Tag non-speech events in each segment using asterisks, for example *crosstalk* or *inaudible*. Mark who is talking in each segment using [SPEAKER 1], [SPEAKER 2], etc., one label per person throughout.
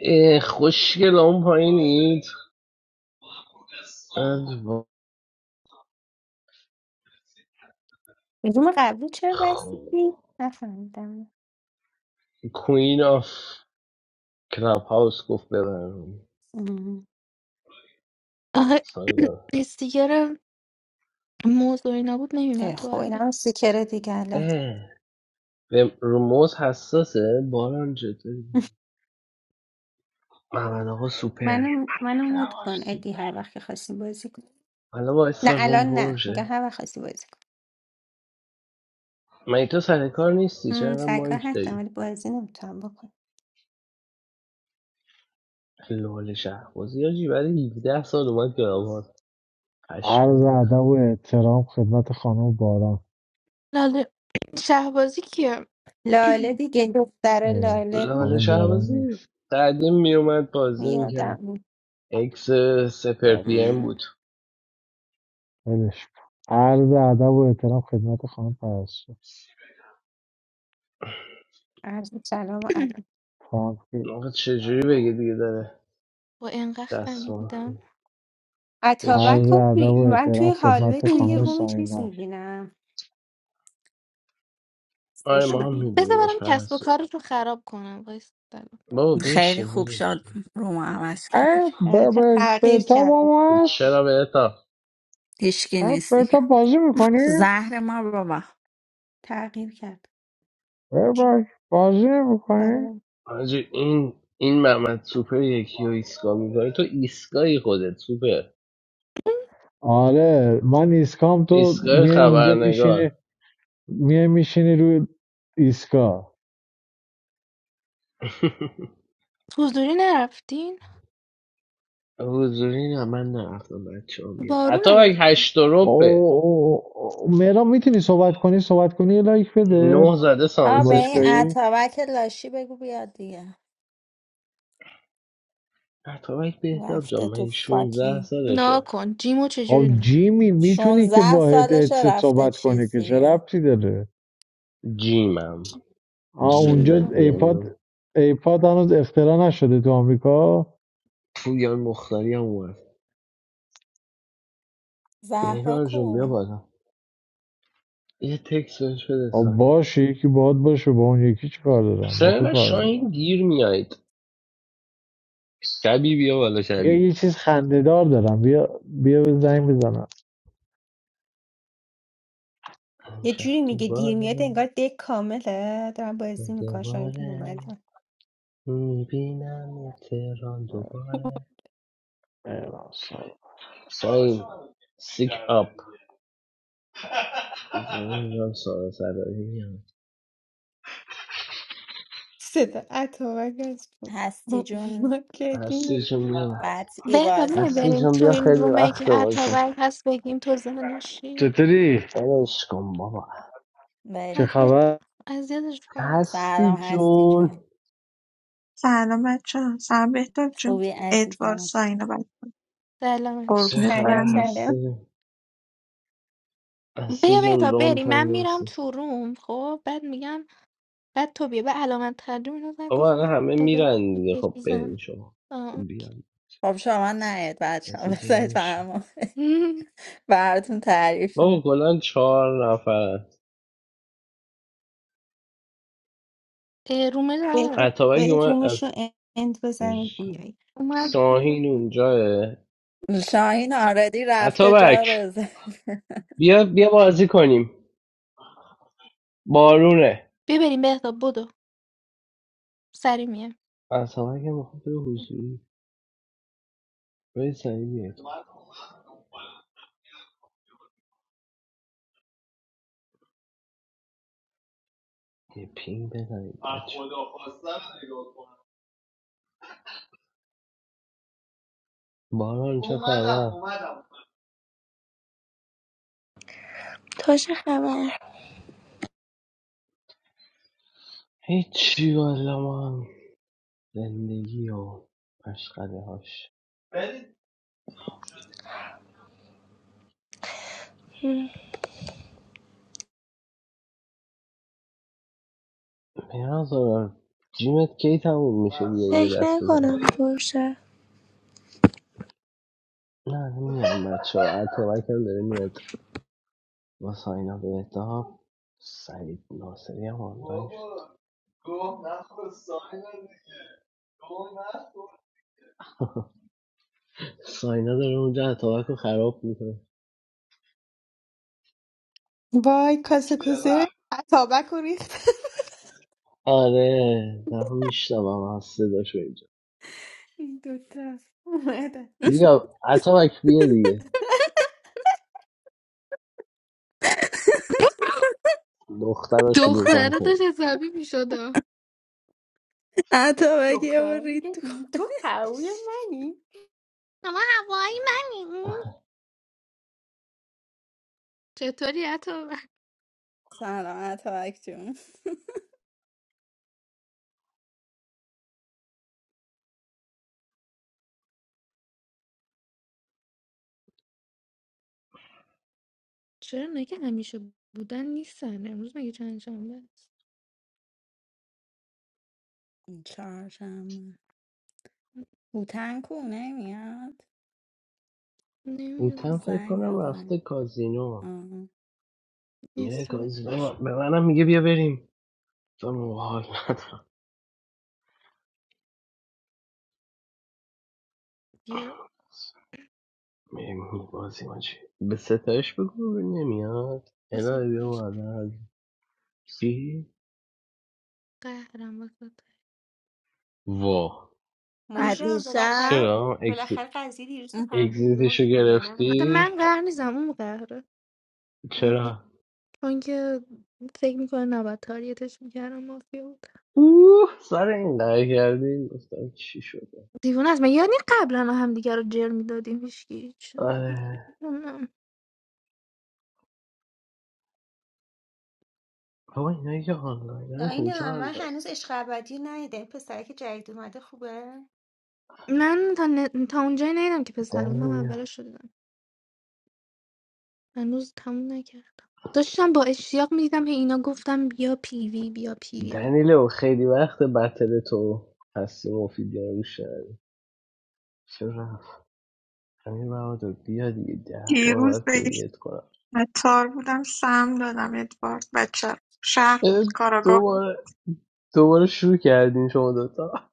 [SPEAKER 1] اه، خوشگل اون پایینید ادوا-
[SPEAKER 2] روم قبلی چرا بستیدی؟
[SPEAKER 1] خب.
[SPEAKER 2] نفهمیدم
[SPEAKER 1] کوین آف کلاب هاوس گفت ببرم
[SPEAKER 2] ام.
[SPEAKER 3] آخه *clears throat*
[SPEAKER 1] سایدا.
[SPEAKER 3] استیکر موضوع اینا بود نمیمد
[SPEAKER 2] اه،
[SPEAKER 3] تو
[SPEAKER 2] خب این
[SPEAKER 3] قلبه
[SPEAKER 2] هم سیکره دیگه الان
[SPEAKER 1] اه، به روموز حساسه باران جدی
[SPEAKER 2] *laughs*
[SPEAKER 1] محمد آقا سوپر
[SPEAKER 2] منو منو
[SPEAKER 1] محمد
[SPEAKER 2] مود
[SPEAKER 1] آقا
[SPEAKER 2] کن ادی
[SPEAKER 1] سوپر
[SPEAKER 2] هر وقت که خواستی بازی کن
[SPEAKER 1] حالا با
[SPEAKER 2] نه
[SPEAKER 1] روم
[SPEAKER 2] الان نه میگم
[SPEAKER 1] پرشه
[SPEAKER 2] هر وقت خواستی بازی کن
[SPEAKER 1] مگه تو سر کار نیستی
[SPEAKER 2] ام،
[SPEAKER 1] چرا
[SPEAKER 2] سرکار
[SPEAKER 1] مایک
[SPEAKER 2] هستم
[SPEAKER 1] داری
[SPEAKER 2] ولی بازی نمیتونم بکن
[SPEAKER 1] لال شهبازی حاجی برای 17 سال اومد کلاب هاوس
[SPEAKER 4] عرض
[SPEAKER 1] پشمام
[SPEAKER 4] ادب
[SPEAKER 1] ریخت.
[SPEAKER 4] و احترام خدمت خانم باران
[SPEAKER 3] لاله شهبازی کیه
[SPEAKER 2] لاله دیگه دختر
[SPEAKER 4] اه،
[SPEAKER 2] لاله
[SPEAKER 1] لال
[SPEAKER 2] بود
[SPEAKER 4] خانم باران
[SPEAKER 1] شهبازی
[SPEAKER 4] نیست
[SPEAKER 1] قدیم میومد بازی میکرد
[SPEAKER 2] یادم بود
[SPEAKER 1] اکس سپر
[SPEAKER 4] بچ
[SPEAKER 1] پی ام بود
[SPEAKER 2] ام،
[SPEAKER 4] ولش کن. عرض ادب و احترام خدمت خانم پرستو
[SPEAKER 2] عرض سلام و
[SPEAKER 3] *clears throat*
[SPEAKER 2] ادب
[SPEAKER 4] خانم که-
[SPEAKER 1] آقا چجوری بگه دیگه داره
[SPEAKER 3] با انقدر
[SPEAKER 1] دستمون
[SPEAKER 3] خمیدیدم
[SPEAKER 1] به
[SPEAKER 4] عرض
[SPEAKER 2] اتابک
[SPEAKER 1] چی
[SPEAKER 2] و
[SPEAKER 4] ادب
[SPEAKER 2] بی-
[SPEAKER 4] و
[SPEAKER 2] من
[SPEAKER 4] احترام
[SPEAKER 2] توی حالوه
[SPEAKER 4] خدمت
[SPEAKER 2] توی یه
[SPEAKER 4] خانم
[SPEAKER 3] اینجا.
[SPEAKER 2] روم چیز
[SPEAKER 4] ساینا
[SPEAKER 2] میبینم
[SPEAKER 1] آره ما
[SPEAKER 2] سشن
[SPEAKER 1] هم
[SPEAKER 3] بذار
[SPEAKER 1] میبینیمش
[SPEAKER 3] برم کسب و
[SPEAKER 1] پرستو
[SPEAKER 3] کارتون خراب کنم وایس
[SPEAKER 1] بابا
[SPEAKER 5] خیلی
[SPEAKER 1] بشین
[SPEAKER 5] خوب
[SPEAKER 1] بشین
[SPEAKER 5] شد رومو عوض کرد
[SPEAKER 4] اه، ب- ب-
[SPEAKER 2] تغییر
[SPEAKER 4] بتا
[SPEAKER 2] کردم
[SPEAKER 4] با
[SPEAKER 1] چرا
[SPEAKER 4] هست
[SPEAKER 1] به اتا؟
[SPEAKER 5] هیچکی
[SPEAKER 4] اه،
[SPEAKER 5] نیست دیگه
[SPEAKER 4] بتا بازی میکنی؟
[SPEAKER 5] زهر ما بابا
[SPEAKER 2] تغییر کرد
[SPEAKER 4] بباش بازی نمیکنی؟
[SPEAKER 2] کارم
[SPEAKER 1] حاجی این این محمد سوپر یکی رو ایسکا میکنه تو ایسکایی خودت سوپر
[SPEAKER 4] آره من ایسکام تو
[SPEAKER 1] ایسکای
[SPEAKER 4] میای اونجا
[SPEAKER 1] خبرنگار
[SPEAKER 4] میشینی میای میشینی روی ایسکا
[SPEAKER 1] *laughs*
[SPEAKER 3] حضوری نرفتین
[SPEAKER 1] حضوری نه من نرفتم بچه ها میره
[SPEAKER 3] بارون الان
[SPEAKER 1] اتابک هشت و ربه
[SPEAKER 4] او مهران میتونی صحبت کنی صحبت کنی یه لایک بده
[SPEAKER 1] نه زده
[SPEAKER 4] تو
[SPEAKER 5] آه به
[SPEAKER 1] سانست
[SPEAKER 5] این
[SPEAKER 1] میشه
[SPEAKER 4] باشگاهی
[SPEAKER 5] اتابک لاشی بگو بیاد دیگه
[SPEAKER 1] اتابک بهتاب جان
[SPEAKER 5] رفته تو
[SPEAKER 1] من 16
[SPEAKER 5] فاکین
[SPEAKER 1] سالشه
[SPEAKER 3] ناکن جیمو
[SPEAKER 4] خب
[SPEAKER 3] چجوری نه
[SPEAKER 4] جیمی میتونی که
[SPEAKER 5] 16
[SPEAKER 4] با هد-
[SPEAKER 5] سالشه
[SPEAKER 4] هدست
[SPEAKER 5] رفته
[SPEAKER 4] صحبت کنی
[SPEAKER 5] چیز
[SPEAKER 4] که چه
[SPEAKER 5] دیگه
[SPEAKER 4] ربطی داره
[SPEAKER 1] جیمم
[SPEAKER 4] آه
[SPEAKER 3] چی
[SPEAKER 1] جی
[SPEAKER 4] اونجا
[SPEAKER 1] زدی
[SPEAKER 4] ایپاد
[SPEAKER 1] یعنی
[SPEAKER 4] ایپاد هنوز اختراع نشده تو آمریکا
[SPEAKER 1] پویان مختاری هم اومد
[SPEAKER 5] زهرا
[SPEAKER 1] نگار جون بیا
[SPEAKER 5] کو
[SPEAKER 1] بالا یه تکس بهش بده
[SPEAKER 4] آه
[SPEAKER 1] سر
[SPEAKER 4] باشه یکی باد باشه با اون یکی چی کار دارم با تو
[SPEAKER 1] سرقه
[SPEAKER 4] کار
[SPEAKER 1] شاهین
[SPEAKER 4] دارم
[SPEAKER 1] دیر میایید شبی بیا بالا
[SPEAKER 4] بیا یه
[SPEAKER 1] شبی
[SPEAKER 4] چیز خندهدار دارم بیا بیا به زنگ بزنم
[SPEAKER 2] یه
[SPEAKER 1] امشب
[SPEAKER 2] جوری میگه دیر میاد
[SPEAKER 1] دوباره
[SPEAKER 2] انگار دک کامله دارم بازی میکنم شاید دیر
[SPEAKER 1] دوباره
[SPEAKER 2] اومدم
[SPEAKER 1] میبینم تهران
[SPEAKER 2] *laughs*
[SPEAKER 1] دوباره
[SPEAKER 4] مهران سلام.
[SPEAKER 1] شاهین سیک اپ نمیدونم سارا سرایی میاد
[SPEAKER 2] صدا اتابک از بود
[SPEAKER 5] هستی جون
[SPEAKER 2] ما
[SPEAKER 1] هستی
[SPEAKER 2] کردیم
[SPEAKER 1] جون بیا
[SPEAKER 5] قطعی
[SPEAKER 3] بهتا
[SPEAKER 1] هستی
[SPEAKER 5] بازیم
[SPEAKER 3] بریم
[SPEAKER 1] جون
[SPEAKER 3] تو
[SPEAKER 1] بیا
[SPEAKER 3] این
[SPEAKER 1] خیلی
[SPEAKER 3] رومه
[SPEAKER 1] وقت
[SPEAKER 3] که
[SPEAKER 1] واسه
[SPEAKER 3] اتابک هست بگیم تو زنشی
[SPEAKER 4] چطوری
[SPEAKER 1] بلش کن بابا
[SPEAKER 4] چه
[SPEAKER 5] بریم
[SPEAKER 3] از
[SPEAKER 4] خبر
[SPEAKER 3] اذیتش کنم
[SPEAKER 1] هستی
[SPEAKER 5] سلام هستی
[SPEAKER 1] جون
[SPEAKER 5] جون
[SPEAKER 6] سلام بچه ها سلام بهتاب جون
[SPEAKER 5] خوبی
[SPEAKER 6] ادوارد
[SPEAKER 5] عزیزم
[SPEAKER 6] ساینا بچه
[SPEAKER 3] سلام
[SPEAKER 1] چه
[SPEAKER 6] قربونت
[SPEAKER 2] سلام
[SPEAKER 1] خبر
[SPEAKER 6] برم
[SPEAKER 2] سلام
[SPEAKER 1] هستی هستی
[SPEAKER 3] بیا
[SPEAKER 1] جون
[SPEAKER 3] بهتا
[SPEAKER 1] لام
[SPEAKER 3] بریم من
[SPEAKER 1] تایم
[SPEAKER 3] میرم
[SPEAKER 1] هستی
[SPEAKER 3] تو روم خب بعد میگم بعد تو بیا به علامت ترجمه اینا زن
[SPEAKER 1] آقا الان
[SPEAKER 3] گفتم
[SPEAKER 1] همه
[SPEAKER 3] خدا
[SPEAKER 1] میرن دیگه خب برین
[SPEAKER 3] چیزم
[SPEAKER 1] شما
[SPEAKER 3] آه.
[SPEAKER 1] بیان
[SPEAKER 5] خب شما نیاید بچه ها
[SPEAKER 1] هستی جمع
[SPEAKER 5] بذارید
[SPEAKER 1] میشه
[SPEAKER 5] برام *laughs* براتون تعریف
[SPEAKER 1] بابا
[SPEAKER 5] می‌کنم.
[SPEAKER 1] کلا چهار نفر
[SPEAKER 3] اه، رومل آه،
[SPEAKER 2] برید
[SPEAKER 1] اتابک
[SPEAKER 2] برید
[SPEAKER 1] اومد
[SPEAKER 2] رومش رو
[SPEAKER 1] از
[SPEAKER 2] اند بزنید بیایید
[SPEAKER 3] اومد
[SPEAKER 1] شاهین اونجاه
[SPEAKER 5] شاهین آردی رفته جا
[SPEAKER 1] اتابک
[SPEAKER 5] رزرو
[SPEAKER 1] بیا بیا بازی کنیم بارونه
[SPEAKER 3] ببریم بهتا بدو سری میه
[SPEAKER 1] اتابک میخواد به حضوری به سریع بیاد. یه پینگ بزنیم بچه باران چه خبر اومدم اومدم
[SPEAKER 7] تا چه خبر
[SPEAKER 1] هیچی والا ما هم زندگی و پشقده هاش
[SPEAKER 7] هم.
[SPEAKER 1] پیران جیمت کی تموم میشه بیا یه
[SPEAKER 7] فکر
[SPEAKER 1] دست بزن
[SPEAKER 7] نکنم باشه
[SPEAKER 1] نه نمیان بچه ها اتوبک هم داره میاد با ساینا بهتاب سعید ناصری هم آنلاین شد ساینا داره اونجا اتوبک رو خراب میکنه
[SPEAKER 2] وای کاسه کوزه اتابک رو ریخت *laughs*
[SPEAKER 1] آره در دارم میشنوم از صداشو اینجا
[SPEAKER 2] این دوتا اومدن
[SPEAKER 1] بیا اتوبک بیا دیگه دختر رو شلوغ
[SPEAKER 3] دختره داشت
[SPEAKER 1] نکنیم
[SPEAKER 3] حسابی میشد
[SPEAKER 5] اتابک یه بار
[SPEAKER 2] دختره
[SPEAKER 5] رید
[SPEAKER 2] میگه
[SPEAKER 5] تو
[SPEAKER 2] تو پاوی
[SPEAKER 5] گوش.
[SPEAKER 2] منی
[SPEAKER 3] اما هوایی منی چطوری اتو
[SPEAKER 5] سلام اتابک جون
[SPEAKER 3] چرا نگه همیشه بودن نیستن امروز مگه چند شنبه است
[SPEAKER 5] چهارشنبه هوتن کو نمیاد
[SPEAKER 1] اوتن
[SPEAKER 3] نمیدونم
[SPEAKER 1] فکر
[SPEAKER 5] زنگ
[SPEAKER 1] کنم
[SPEAKER 5] بزن
[SPEAKER 1] رفته کازینو
[SPEAKER 5] آه.
[SPEAKER 1] میره
[SPEAKER 3] استراحت پیش
[SPEAKER 1] کازینو به منم میگه بیا بریم تو موحال ندارم
[SPEAKER 3] بیا
[SPEAKER 1] مهمونی بازی چی به ستایش بگو نمیاد
[SPEAKER 3] واسه
[SPEAKER 1] الهی بیا
[SPEAKER 3] پیش
[SPEAKER 1] مادر از چی؟
[SPEAKER 3] قهرم واسه
[SPEAKER 1] وا
[SPEAKER 5] از
[SPEAKER 3] *laughs*
[SPEAKER 2] موجم
[SPEAKER 5] دیشب
[SPEAKER 2] بالاخره
[SPEAKER 1] چرا اکس...
[SPEAKER 2] بالاخره قضیه دیروز رو
[SPEAKER 5] اه،
[SPEAKER 2] فهمیدی
[SPEAKER 1] اکزیتشو
[SPEAKER 2] موجم یا نه
[SPEAKER 3] آخه
[SPEAKER 1] گرفتی
[SPEAKER 3] من قهر نیزم اون قهره
[SPEAKER 1] چرا
[SPEAKER 3] چون که فکر میکنه نباید تاریتش میکردم مافیا بود
[SPEAKER 1] اوه سر این قرار کردی گفتم چی شده
[SPEAKER 3] دیوونه است من یعنی قبلا هم دیگه رو جر میدادیم هیچکی چه-
[SPEAKER 1] آره
[SPEAKER 3] نمی‌دونم.
[SPEAKER 1] بابا اینایی که آنلاینن کجا
[SPEAKER 2] داینا
[SPEAKER 1] هم
[SPEAKER 2] من
[SPEAKER 1] پس
[SPEAKER 2] هنوز عشق ابدی رو ندیدم این پسره که جدید اومده خوبه
[SPEAKER 3] من تا, ن... تا اونجایی نیدم که پسرم هم
[SPEAKER 1] دنیل
[SPEAKER 3] اولش رو دیدم هنوز تموم نکردم داشتم با اشتیاق میدیدم هی اینا گفتم بیا پیوی بیا پیوی رو
[SPEAKER 1] دنیلو خیلی وقت بتل تو هستی مفیدی رو شد. چرا رفت امیر بهادر بیا دیگه ده بار
[SPEAKER 6] دیروز
[SPEAKER 1] باید
[SPEAKER 6] بهش
[SPEAKER 1] پینگت کنم
[SPEAKER 6] تار بودم سم دادم ادوارد بچه شهر بود کاراگاه بود
[SPEAKER 1] دوباره دوباره شروع کردین شما دوتا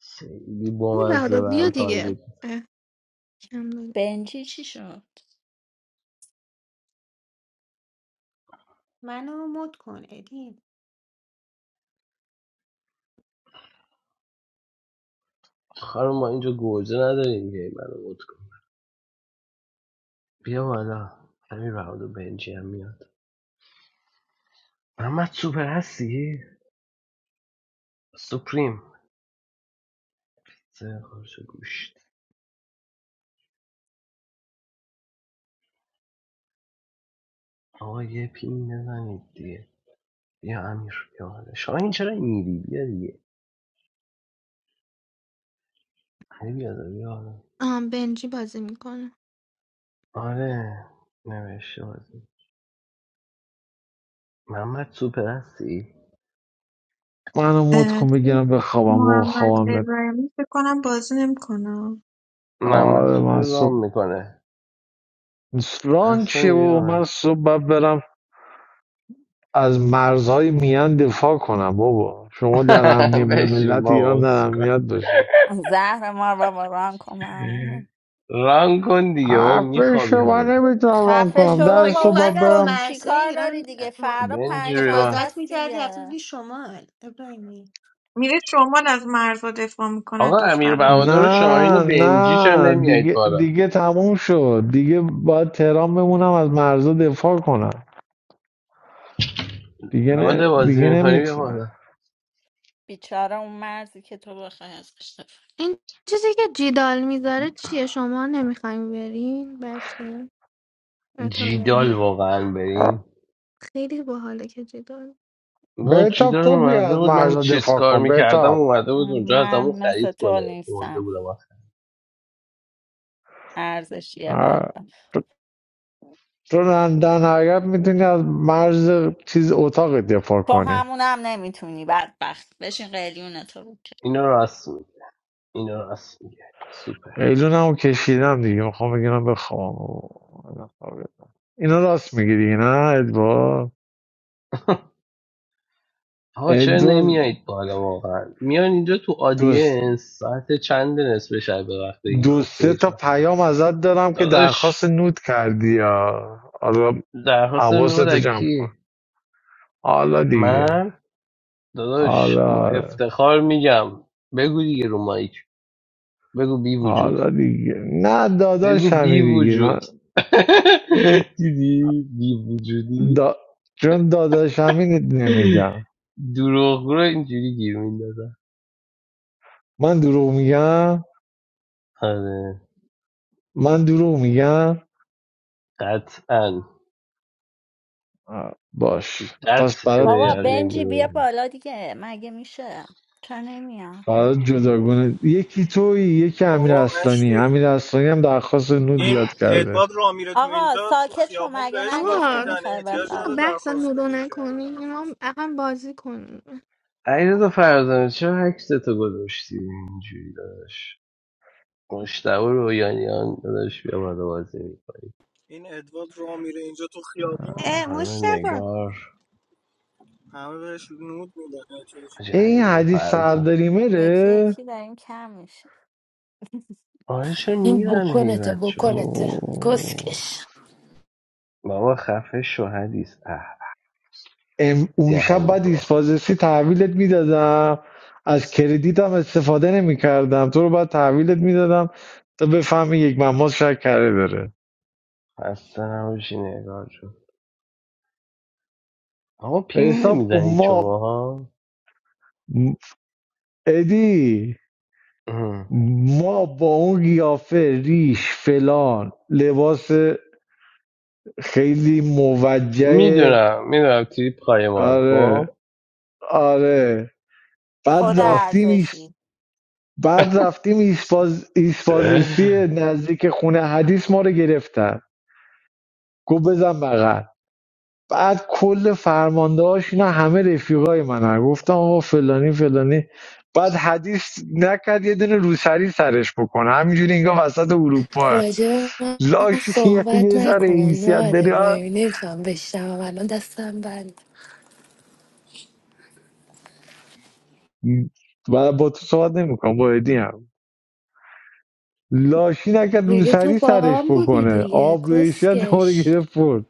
[SPEAKER 1] خیلی
[SPEAKER 3] این
[SPEAKER 1] بامزه
[SPEAKER 3] بهادر
[SPEAKER 1] به
[SPEAKER 3] بیا
[SPEAKER 1] هم
[SPEAKER 3] دیگه
[SPEAKER 1] تارگت
[SPEAKER 3] اه، کم دادم
[SPEAKER 5] بنجی چی شد
[SPEAKER 2] منو مد کن ادین
[SPEAKER 1] خانم ما اینجا گوجه نداریم که این منو مد کن بیا بالا همین راود و بنجی هم میاد محمد سوپر هستی؟ سپریم سه خورش گوشت آقا یه پین بزنید دیگه بیا امیر بیا بالا شاهین چرا این میری بیا دیگه امیر بیا بالا،
[SPEAKER 3] آه بنجی بازی میکنه
[SPEAKER 1] آره نمیشه بازی محمد سوپر هستی؟
[SPEAKER 4] منو مد
[SPEAKER 6] اه،
[SPEAKER 4] کن
[SPEAKER 6] تو
[SPEAKER 4] بگیرم بخوابم با
[SPEAKER 6] محمد
[SPEAKER 4] خوابم میاد.
[SPEAKER 6] ابراهیمی فکر کنم بازی نمیکنه
[SPEAKER 1] محمد
[SPEAKER 4] آره
[SPEAKER 1] سوپر
[SPEAKER 4] من صبح
[SPEAKER 1] رام میکنه
[SPEAKER 4] ران
[SPEAKER 1] اصلا
[SPEAKER 4] چیه بابا
[SPEAKER 1] بیا
[SPEAKER 4] من صبح باید برم از مرزهای میان دفاع کنم بابا شما در امنیت
[SPEAKER 1] *laughs* بشین
[SPEAKER 4] ملت
[SPEAKER 1] ما
[SPEAKER 4] ایران در
[SPEAKER 1] اسکن
[SPEAKER 4] امنیت باشه
[SPEAKER 5] زهر ما بابا ران کنم
[SPEAKER 1] ران کن دیگه بابا
[SPEAKER 4] حرف
[SPEAKER 1] میخوابی
[SPEAKER 4] شما
[SPEAKER 1] حالا
[SPEAKER 4] نمیتونم ران
[SPEAKER 5] خفه
[SPEAKER 2] اون
[SPEAKER 4] کنم
[SPEAKER 5] شو
[SPEAKER 4] در
[SPEAKER 2] موقع که
[SPEAKER 4] صبح
[SPEAKER 5] بابا
[SPEAKER 2] باید
[SPEAKER 4] باید
[SPEAKER 2] از
[SPEAKER 5] اسکل
[SPEAKER 4] برم
[SPEAKER 5] چی
[SPEAKER 2] مرزهای
[SPEAKER 5] کار داری
[SPEAKER 2] ایران
[SPEAKER 5] دیگه فردا
[SPEAKER 1] بنجی
[SPEAKER 5] پنجشنبه
[SPEAKER 1] بیا.
[SPEAKER 2] حفاظت
[SPEAKER 5] است
[SPEAKER 2] میکردی رفته
[SPEAKER 5] دیگه
[SPEAKER 2] بودی شمال ابراهیمی
[SPEAKER 6] میره شمال از مرزا دفاع میکنه
[SPEAKER 1] آقا امیر
[SPEAKER 6] دختر
[SPEAKER 1] بهادر
[SPEAKER 6] اونجا
[SPEAKER 1] و
[SPEAKER 6] دفاع
[SPEAKER 1] شاهین
[SPEAKER 6] می‌کنه.
[SPEAKER 1] و
[SPEAKER 4] نه
[SPEAKER 1] بنجی چرا
[SPEAKER 4] نه
[SPEAKER 1] نمیایید
[SPEAKER 4] دیگه
[SPEAKER 1] بالا
[SPEAKER 4] دیگه تموم شد دیگه باید تهران بمونم از مرزها دفاع کنم دیگه نه
[SPEAKER 1] لاده
[SPEAKER 4] دیگه
[SPEAKER 1] بازی میکنی بیا بالا
[SPEAKER 4] نمیتونم
[SPEAKER 5] بیچاره اون مرزی که تو بخوای ازش دفع.
[SPEAKER 3] این چیزی که جیدال میذاره چیه شما نمیخوایم برین بچه
[SPEAKER 1] جیدال
[SPEAKER 3] اتابک
[SPEAKER 1] واقعا بریم
[SPEAKER 3] خیلی باحاله که جدال
[SPEAKER 1] نه
[SPEAKER 4] بهتاب
[SPEAKER 1] جیدال
[SPEAKER 4] تو بیا
[SPEAKER 1] اومده
[SPEAKER 4] از
[SPEAKER 1] بود من
[SPEAKER 4] مرزها
[SPEAKER 1] چیز
[SPEAKER 4] دفاع
[SPEAKER 1] کار
[SPEAKER 4] کن
[SPEAKER 1] میکردم
[SPEAKER 4] بهتاب
[SPEAKER 1] اومده بود اونجا از همون
[SPEAKER 5] من مثل
[SPEAKER 1] خرید
[SPEAKER 5] تو
[SPEAKER 1] کنه اومده
[SPEAKER 5] نیستم
[SPEAKER 1] بودم آخر.
[SPEAKER 5] ارزش یه
[SPEAKER 4] آه.
[SPEAKER 5] بدبخت
[SPEAKER 4] چون در نهایت میتونی از مرز چیز اتاقت دفاع
[SPEAKER 5] با
[SPEAKER 4] کنی
[SPEAKER 5] همونم نمیتونی بدبخت بشین قلیون تو رو که.
[SPEAKER 1] اینو راست میگه اینو راست میگه سوپر
[SPEAKER 4] قیلون هم کشیدم دیگه میخوام بگیرم بخوام اینا راست میگیری نه ادوار
[SPEAKER 1] *laughs* آقا چرا
[SPEAKER 4] ادوار
[SPEAKER 1] نمیایید بالا واقعا میان اینجا تو
[SPEAKER 4] دو,
[SPEAKER 1] آدینس ساعت چند نصف شب به وقت
[SPEAKER 4] دو
[SPEAKER 1] ایران
[SPEAKER 4] سه
[SPEAKER 1] سه
[SPEAKER 4] تا
[SPEAKER 1] چهار
[SPEAKER 4] پیام ازت دارم که درخواست
[SPEAKER 1] داداش
[SPEAKER 4] نود کردی یا حالا
[SPEAKER 1] درخواست
[SPEAKER 4] حواستو جمع کن
[SPEAKER 1] نورکی
[SPEAKER 4] حالا دیگه
[SPEAKER 1] من داداش با
[SPEAKER 4] حالا
[SPEAKER 1] افتخار میگم بگو دیگه رو مایک بگو بی وجود
[SPEAKER 4] حالا دیگه نه داداش
[SPEAKER 1] بگو بی
[SPEAKER 4] همین دیگه
[SPEAKER 1] وجود
[SPEAKER 4] من
[SPEAKER 1] *laughs* دیدی بی وجودی
[SPEAKER 4] دا... چون داداش همین نمیگم
[SPEAKER 1] دروغ رو اینجوری گیر میندازم
[SPEAKER 4] من دروغ میگم
[SPEAKER 1] آره
[SPEAKER 4] من دروغ میگم
[SPEAKER 1] قطعا
[SPEAKER 4] آه، باش پس
[SPEAKER 1] قطع
[SPEAKER 4] برات
[SPEAKER 1] به
[SPEAKER 5] بابا بنجی بیا
[SPEAKER 1] یقین
[SPEAKER 5] بالا دیگه مگه میشه چرا نمیاد
[SPEAKER 4] برات جداگونه یکی توی یکی امیر
[SPEAKER 8] بابا مشتی
[SPEAKER 4] اصلانی امیر اصلانی هم درخواست نود
[SPEAKER 8] این
[SPEAKER 4] زیاد کرده
[SPEAKER 8] ادوارد رامیره تو
[SPEAKER 5] آقا
[SPEAKER 8] اینجا تو
[SPEAKER 5] ساکت شو
[SPEAKER 8] خیابون
[SPEAKER 5] مگه
[SPEAKER 8] بهش نود
[SPEAKER 5] نگفتی
[SPEAKER 3] آقا
[SPEAKER 8] میدن
[SPEAKER 5] میخوای
[SPEAKER 8] احتیاج
[SPEAKER 3] آقا
[SPEAKER 8] نداره
[SPEAKER 5] بخوابی
[SPEAKER 3] بحث
[SPEAKER 8] درخواست
[SPEAKER 3] نورو
[SPEAKER 8] بده که
[SPEAKER 3] نکنیم ما اقام بازی کنیم
[SPEAKER 1] علیرضا فرزانه چرا عکس تو گذاشتی اینجوری داداش مشتبه رویانیان داداش بیا بالا بازی می‌کنه.
[SPEAKER 8] این ادوارد رامیره اینجا تو خیابون
[SPEAKER 2] اه
[SPEAKER 1] خانم
[SPEAKER 2] مشتبه
[SPEAKER 1] نگار
[SPEAKER 8] همه بهش نود میدن احتیاج
[SPEAKER 1] حاجی
[SPEAKER 8] نداره.
[SPEAKER 4] این
[SPEAKER 1] علیرضا
[SPEAKER 4] حدیث
[SPEAKER 1] فرزان
[SPEAKER 4] سرداری
[SPEAKER 5] یکی
[SPEAKER 4] مره
[SPEAKER 5] یکی داریم کم میشه
[SPEAKER 1] آره چرا
[SPEAKER 9] این
[SPEAKER 1] میرن هی
[SPEAKER 9] بکنته
[SPEAKER 1] بچه
[SPEAKER 9] بکنته
[SPEAKER 4] اوه.
[SPEAKER 9] کسکش
[SPEAKER 1] بابا خفه شو حدیث اه
[SPEAKER 4] ام اون شب
[SPEAKER 1] دهنی
[SPEAKER 4] بعد
[SPEAKER 1] تو آخه.
[SPEAKER 4] ایسپازسی تحویلت میدادم از کردیتم استفاده نمیکردم تو رو بعد تحویلت میدادم تا بفهمی یک مماز شکره داره
[SPEAKER 1] خسته نباشی نگار جون آقا پینگ
[SPEAKER 4] حساب کن
[SPEAKER 1] نمیزنید
[SPEAKER 4] ما
[SPEAKER 1] شماها
[SPEAKER 4] ادی
[SPEAKER 1] اه.
[SPEAKER 4] ما با اون قیافه ریش فلان لباس خیلی موجه
[SPEAKER 1] میدونم میدونم تریپ قایمال
[SPEAKER 4] آره
[SPEAKER 1] خب
[SPEAKER 4] آره
[SPEAKER 1] *laughs*
[SPEAKER 5] خود
[SPEAKER 4] بعد
[SPEAKER 1] آه.
[SPEAKER 4] رفتیم ایس-
[SPEAKER 5] ارزشی
[SPEAKER 4] بعد رفتیم ایسپاز ایسپازسی نزدیک خونه حدیث ما رو گرفتن گفت بزن بغل بعد کل فرماندهاش اینا همه رفیقای منن گفتم آقا فلانی فلانی بعد حدیث نکرد یه دونه روسری سرش بکنه همینجوری انگار وسط اروپا
[SPEAKER 9] راجع به من
[SPEAKER 4] لاش *laughs* یه
[SPEAKER 9] صحبت
[SPEAKER 4] یه ذره
[SPEAKER 9] نکن
[SPEAKER 4] حیثیت
[SPEAKER 9] نه
[SPEAKER 4] داری آه.
[SPEAKER 9] ابراهیمی چم بشنوم الان دستم بند
[SPEAKER 4] و با تو صحبت نمیکنم با ادی هم لاشی نکرد
[SPEAKER 9] دیگه تو
[SPEAKER 4] روسری
[SPEAKER 9] با
[SPEAKER 4] سرش
[SPEAKER 9] هم بودی
[SPEAKER 4] بکنه
[SPEAKER 9] دیگه
[SPEAKER 4] آب رو حیثیت ما رو
[SPEAKER 9] کسکش
[SPEAKER 4] گرفت برد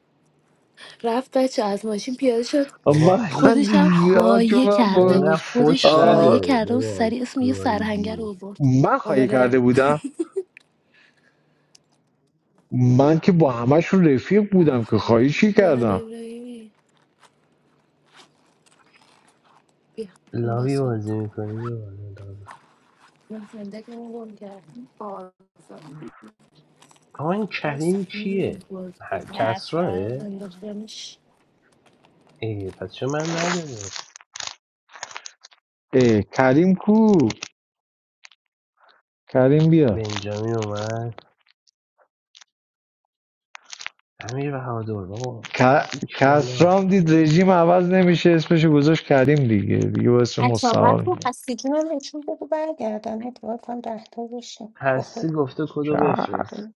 [SPEAKER 9] رفت بچه از ماشین پیاده شد
[SPEAKER 1] بابا
[SPEAKER 4] من من
[SPEAKER 1] حدیث
[SPEAKER 9] خودش هم
[SPEAKER 4] زیاد چون
[SPEAKER 9] خایه
[SPEAKER 4] من
[SPEAKER 9] کرده
[SPEAKER 4] با-
[SPEAKER 1] اینقدر
[SPEAKER 9] بود خودش
[SPEAKER 1] فوش
[SPEAKER 4] آه،
[SPEAKER 9] خایه
[SPEAKER 1] نده
[SPEAKER 9] کرده بود
[SPEAKER 1] بابا
[SPEAKER 9] سریع اسم یه سرهنگر
[SPEAKER 1] گایدی
[SPEAKER 9] رو برد
[SPEAKER 4] من خواهی
[SPEAKER 9] آره
[SPEAKER 4] کرده بودم من که با همشون رفیق بودم که خواهی چی
[SPEAKER 9] مهد
[SPEAKER 4] کردم
[SPEAKER 9] ابراهیمی بیا این
[SPEAKER 1] لابی
[SPEAKER 9] باز کن
[SPEAKER 1] بازی میکنی یا والا لابی
[SPEAKER 9] من زندگی رو گم کردم آره
[SPEAKER 1] آقا این
[SPEAKER 9] باز
[SPEAKER 1] کریم
[SPEAKER 9] نمیدونم
[SPEAKER 1] کیه
[SPEAKER 9] باز
[SPEAKER 1] ه-
[SPEAKER 5] چه
[SPEAKER 9] بیزم.
[SPEAKER 1] کسراه
[SPEAKER 5] اسرار دیگه
[SPEAKER 9] انداختمش
[SPEAKER 1] ای پس چون من نداره
[SPEAKER 4] اه کریم کو کریم بیا
[SPEAKER 1] بنجامین اومد امیر بهادر بابا
[SPEAKER 4] ک-
[SPEAKER 1] بسیک بالا
[SPEAKER 4] کسرام دید رژیم عوض نمیشه اسمشو گذاشت کریم دیگه دیگه با اسم
[SPEAKER 2] اتابک
[SPEAKER 4] مستعار میگه
[SPEAKER 2] رو هستی که من بهشون بگو برگردن اتفاق هم دهتا بشه با
[SPEAKER 1] هستی
[SPEAKER 2] خود
[SPEAKER 1] گفته کدو
[SPEAKER 4] چه-
[SPEAKER 1] بفرست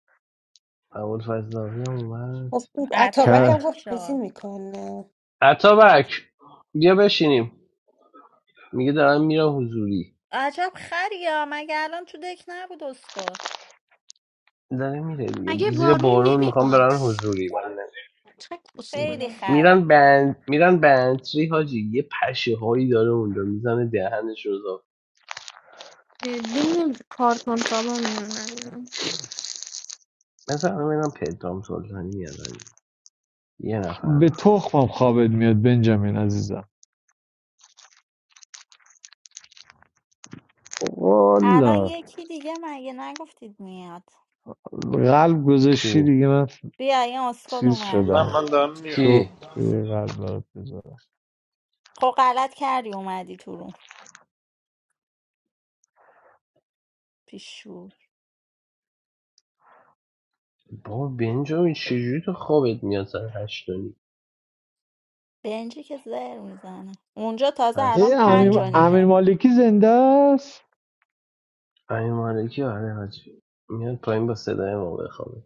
[SPEAKER 1] اول فضلاوی هم اومد
[SPEAKER 2] گفت اتابک
[SPEAKER 5] اتابک
[SPEAKER 2] هم
[SPEAKER 4] ک-
[SPEAKER 5] چی
[SPEAKER 2] گفت بازی
[SPEAKER 5] شد
[SPEAKER 2] میکنه
[SPEAKER 1] عطابک بیا بشینیم میگه دارم میرم حضوری
[SPEAKER 5] عجب خریا مگه الان تو دک نبود اسکو
[SPEAKER 1] داره میره دیگه
[SPEAKER 3] اگه
[SPEAKER 1] زیر
[SPEAKER 3] بارون
[SPEAKER 1] بارون میخوام
[SPEAKER 3] نمیاد
[SPEAKER 1] برن حضوری من
[SPEAKER 3] چه
[SPEAKER 5] خیلی
[SPEAKER 3] کسخوله
[SPEAKER 5] خره
[SPEAKER 1] میرن بند میرن بنتری حاجی یه پشه هایی داره اونجا میزنه دهنش رو
[SPEAKER 3] دین کارتون کابا میمونن
[SPEAKER 1] مثلا منم پدرام سلطانی میاد حاجی. یه نفر
[SPEAKER 4] به
[SPEAKER 1] داخل
[SPEAKER 4] تخمم خوابت میاد بنجامین عزیزم
[SPEAKER 5] الان
[SPEAKER 4] والا
[SPEAKER 5] یکی دیگه مگه نگفتید میاد
[SPEAKER 4] قلب گذاشتی
[SPEAKER 1] کی
[SPEAKER 4] دیگه من
[SPEAKER 5] بیا این اسکل
[SPEAKER 4] چیز
[SPEAKER 5] اومد
[SPEAKER 4] شدم
[SPEAKER 10] Namandaamir.
[SPEAKER 4] شد
[SPEAKER 1] کی
[SPEAKER 4] به یه قلب برات بذارم
[SPEAKER 5] خب غلط کردی اومدی تو روم بیشور
[SPEAKER 1] با بنجامین چجوری تو خوابت میاد سر هشتونی
[SPEAKER 5] بنجی که زر میزنه اونجا تازه
[SPEAKER 4] ای
[SPEAKER 5] الان
[SPEAKER 1] هستی
[SPEAKER 5] پنج
[SPEAKER 4] امین
[SPEAKER 5] و
[SPEAKER 4] امین
[SPEAKER 5] نیمه
[SPEAKER 4] مالکی زنده است
[SPEAKER 1] امیر مالکی آره حاجی میاد پایین با صدای ما بخوابه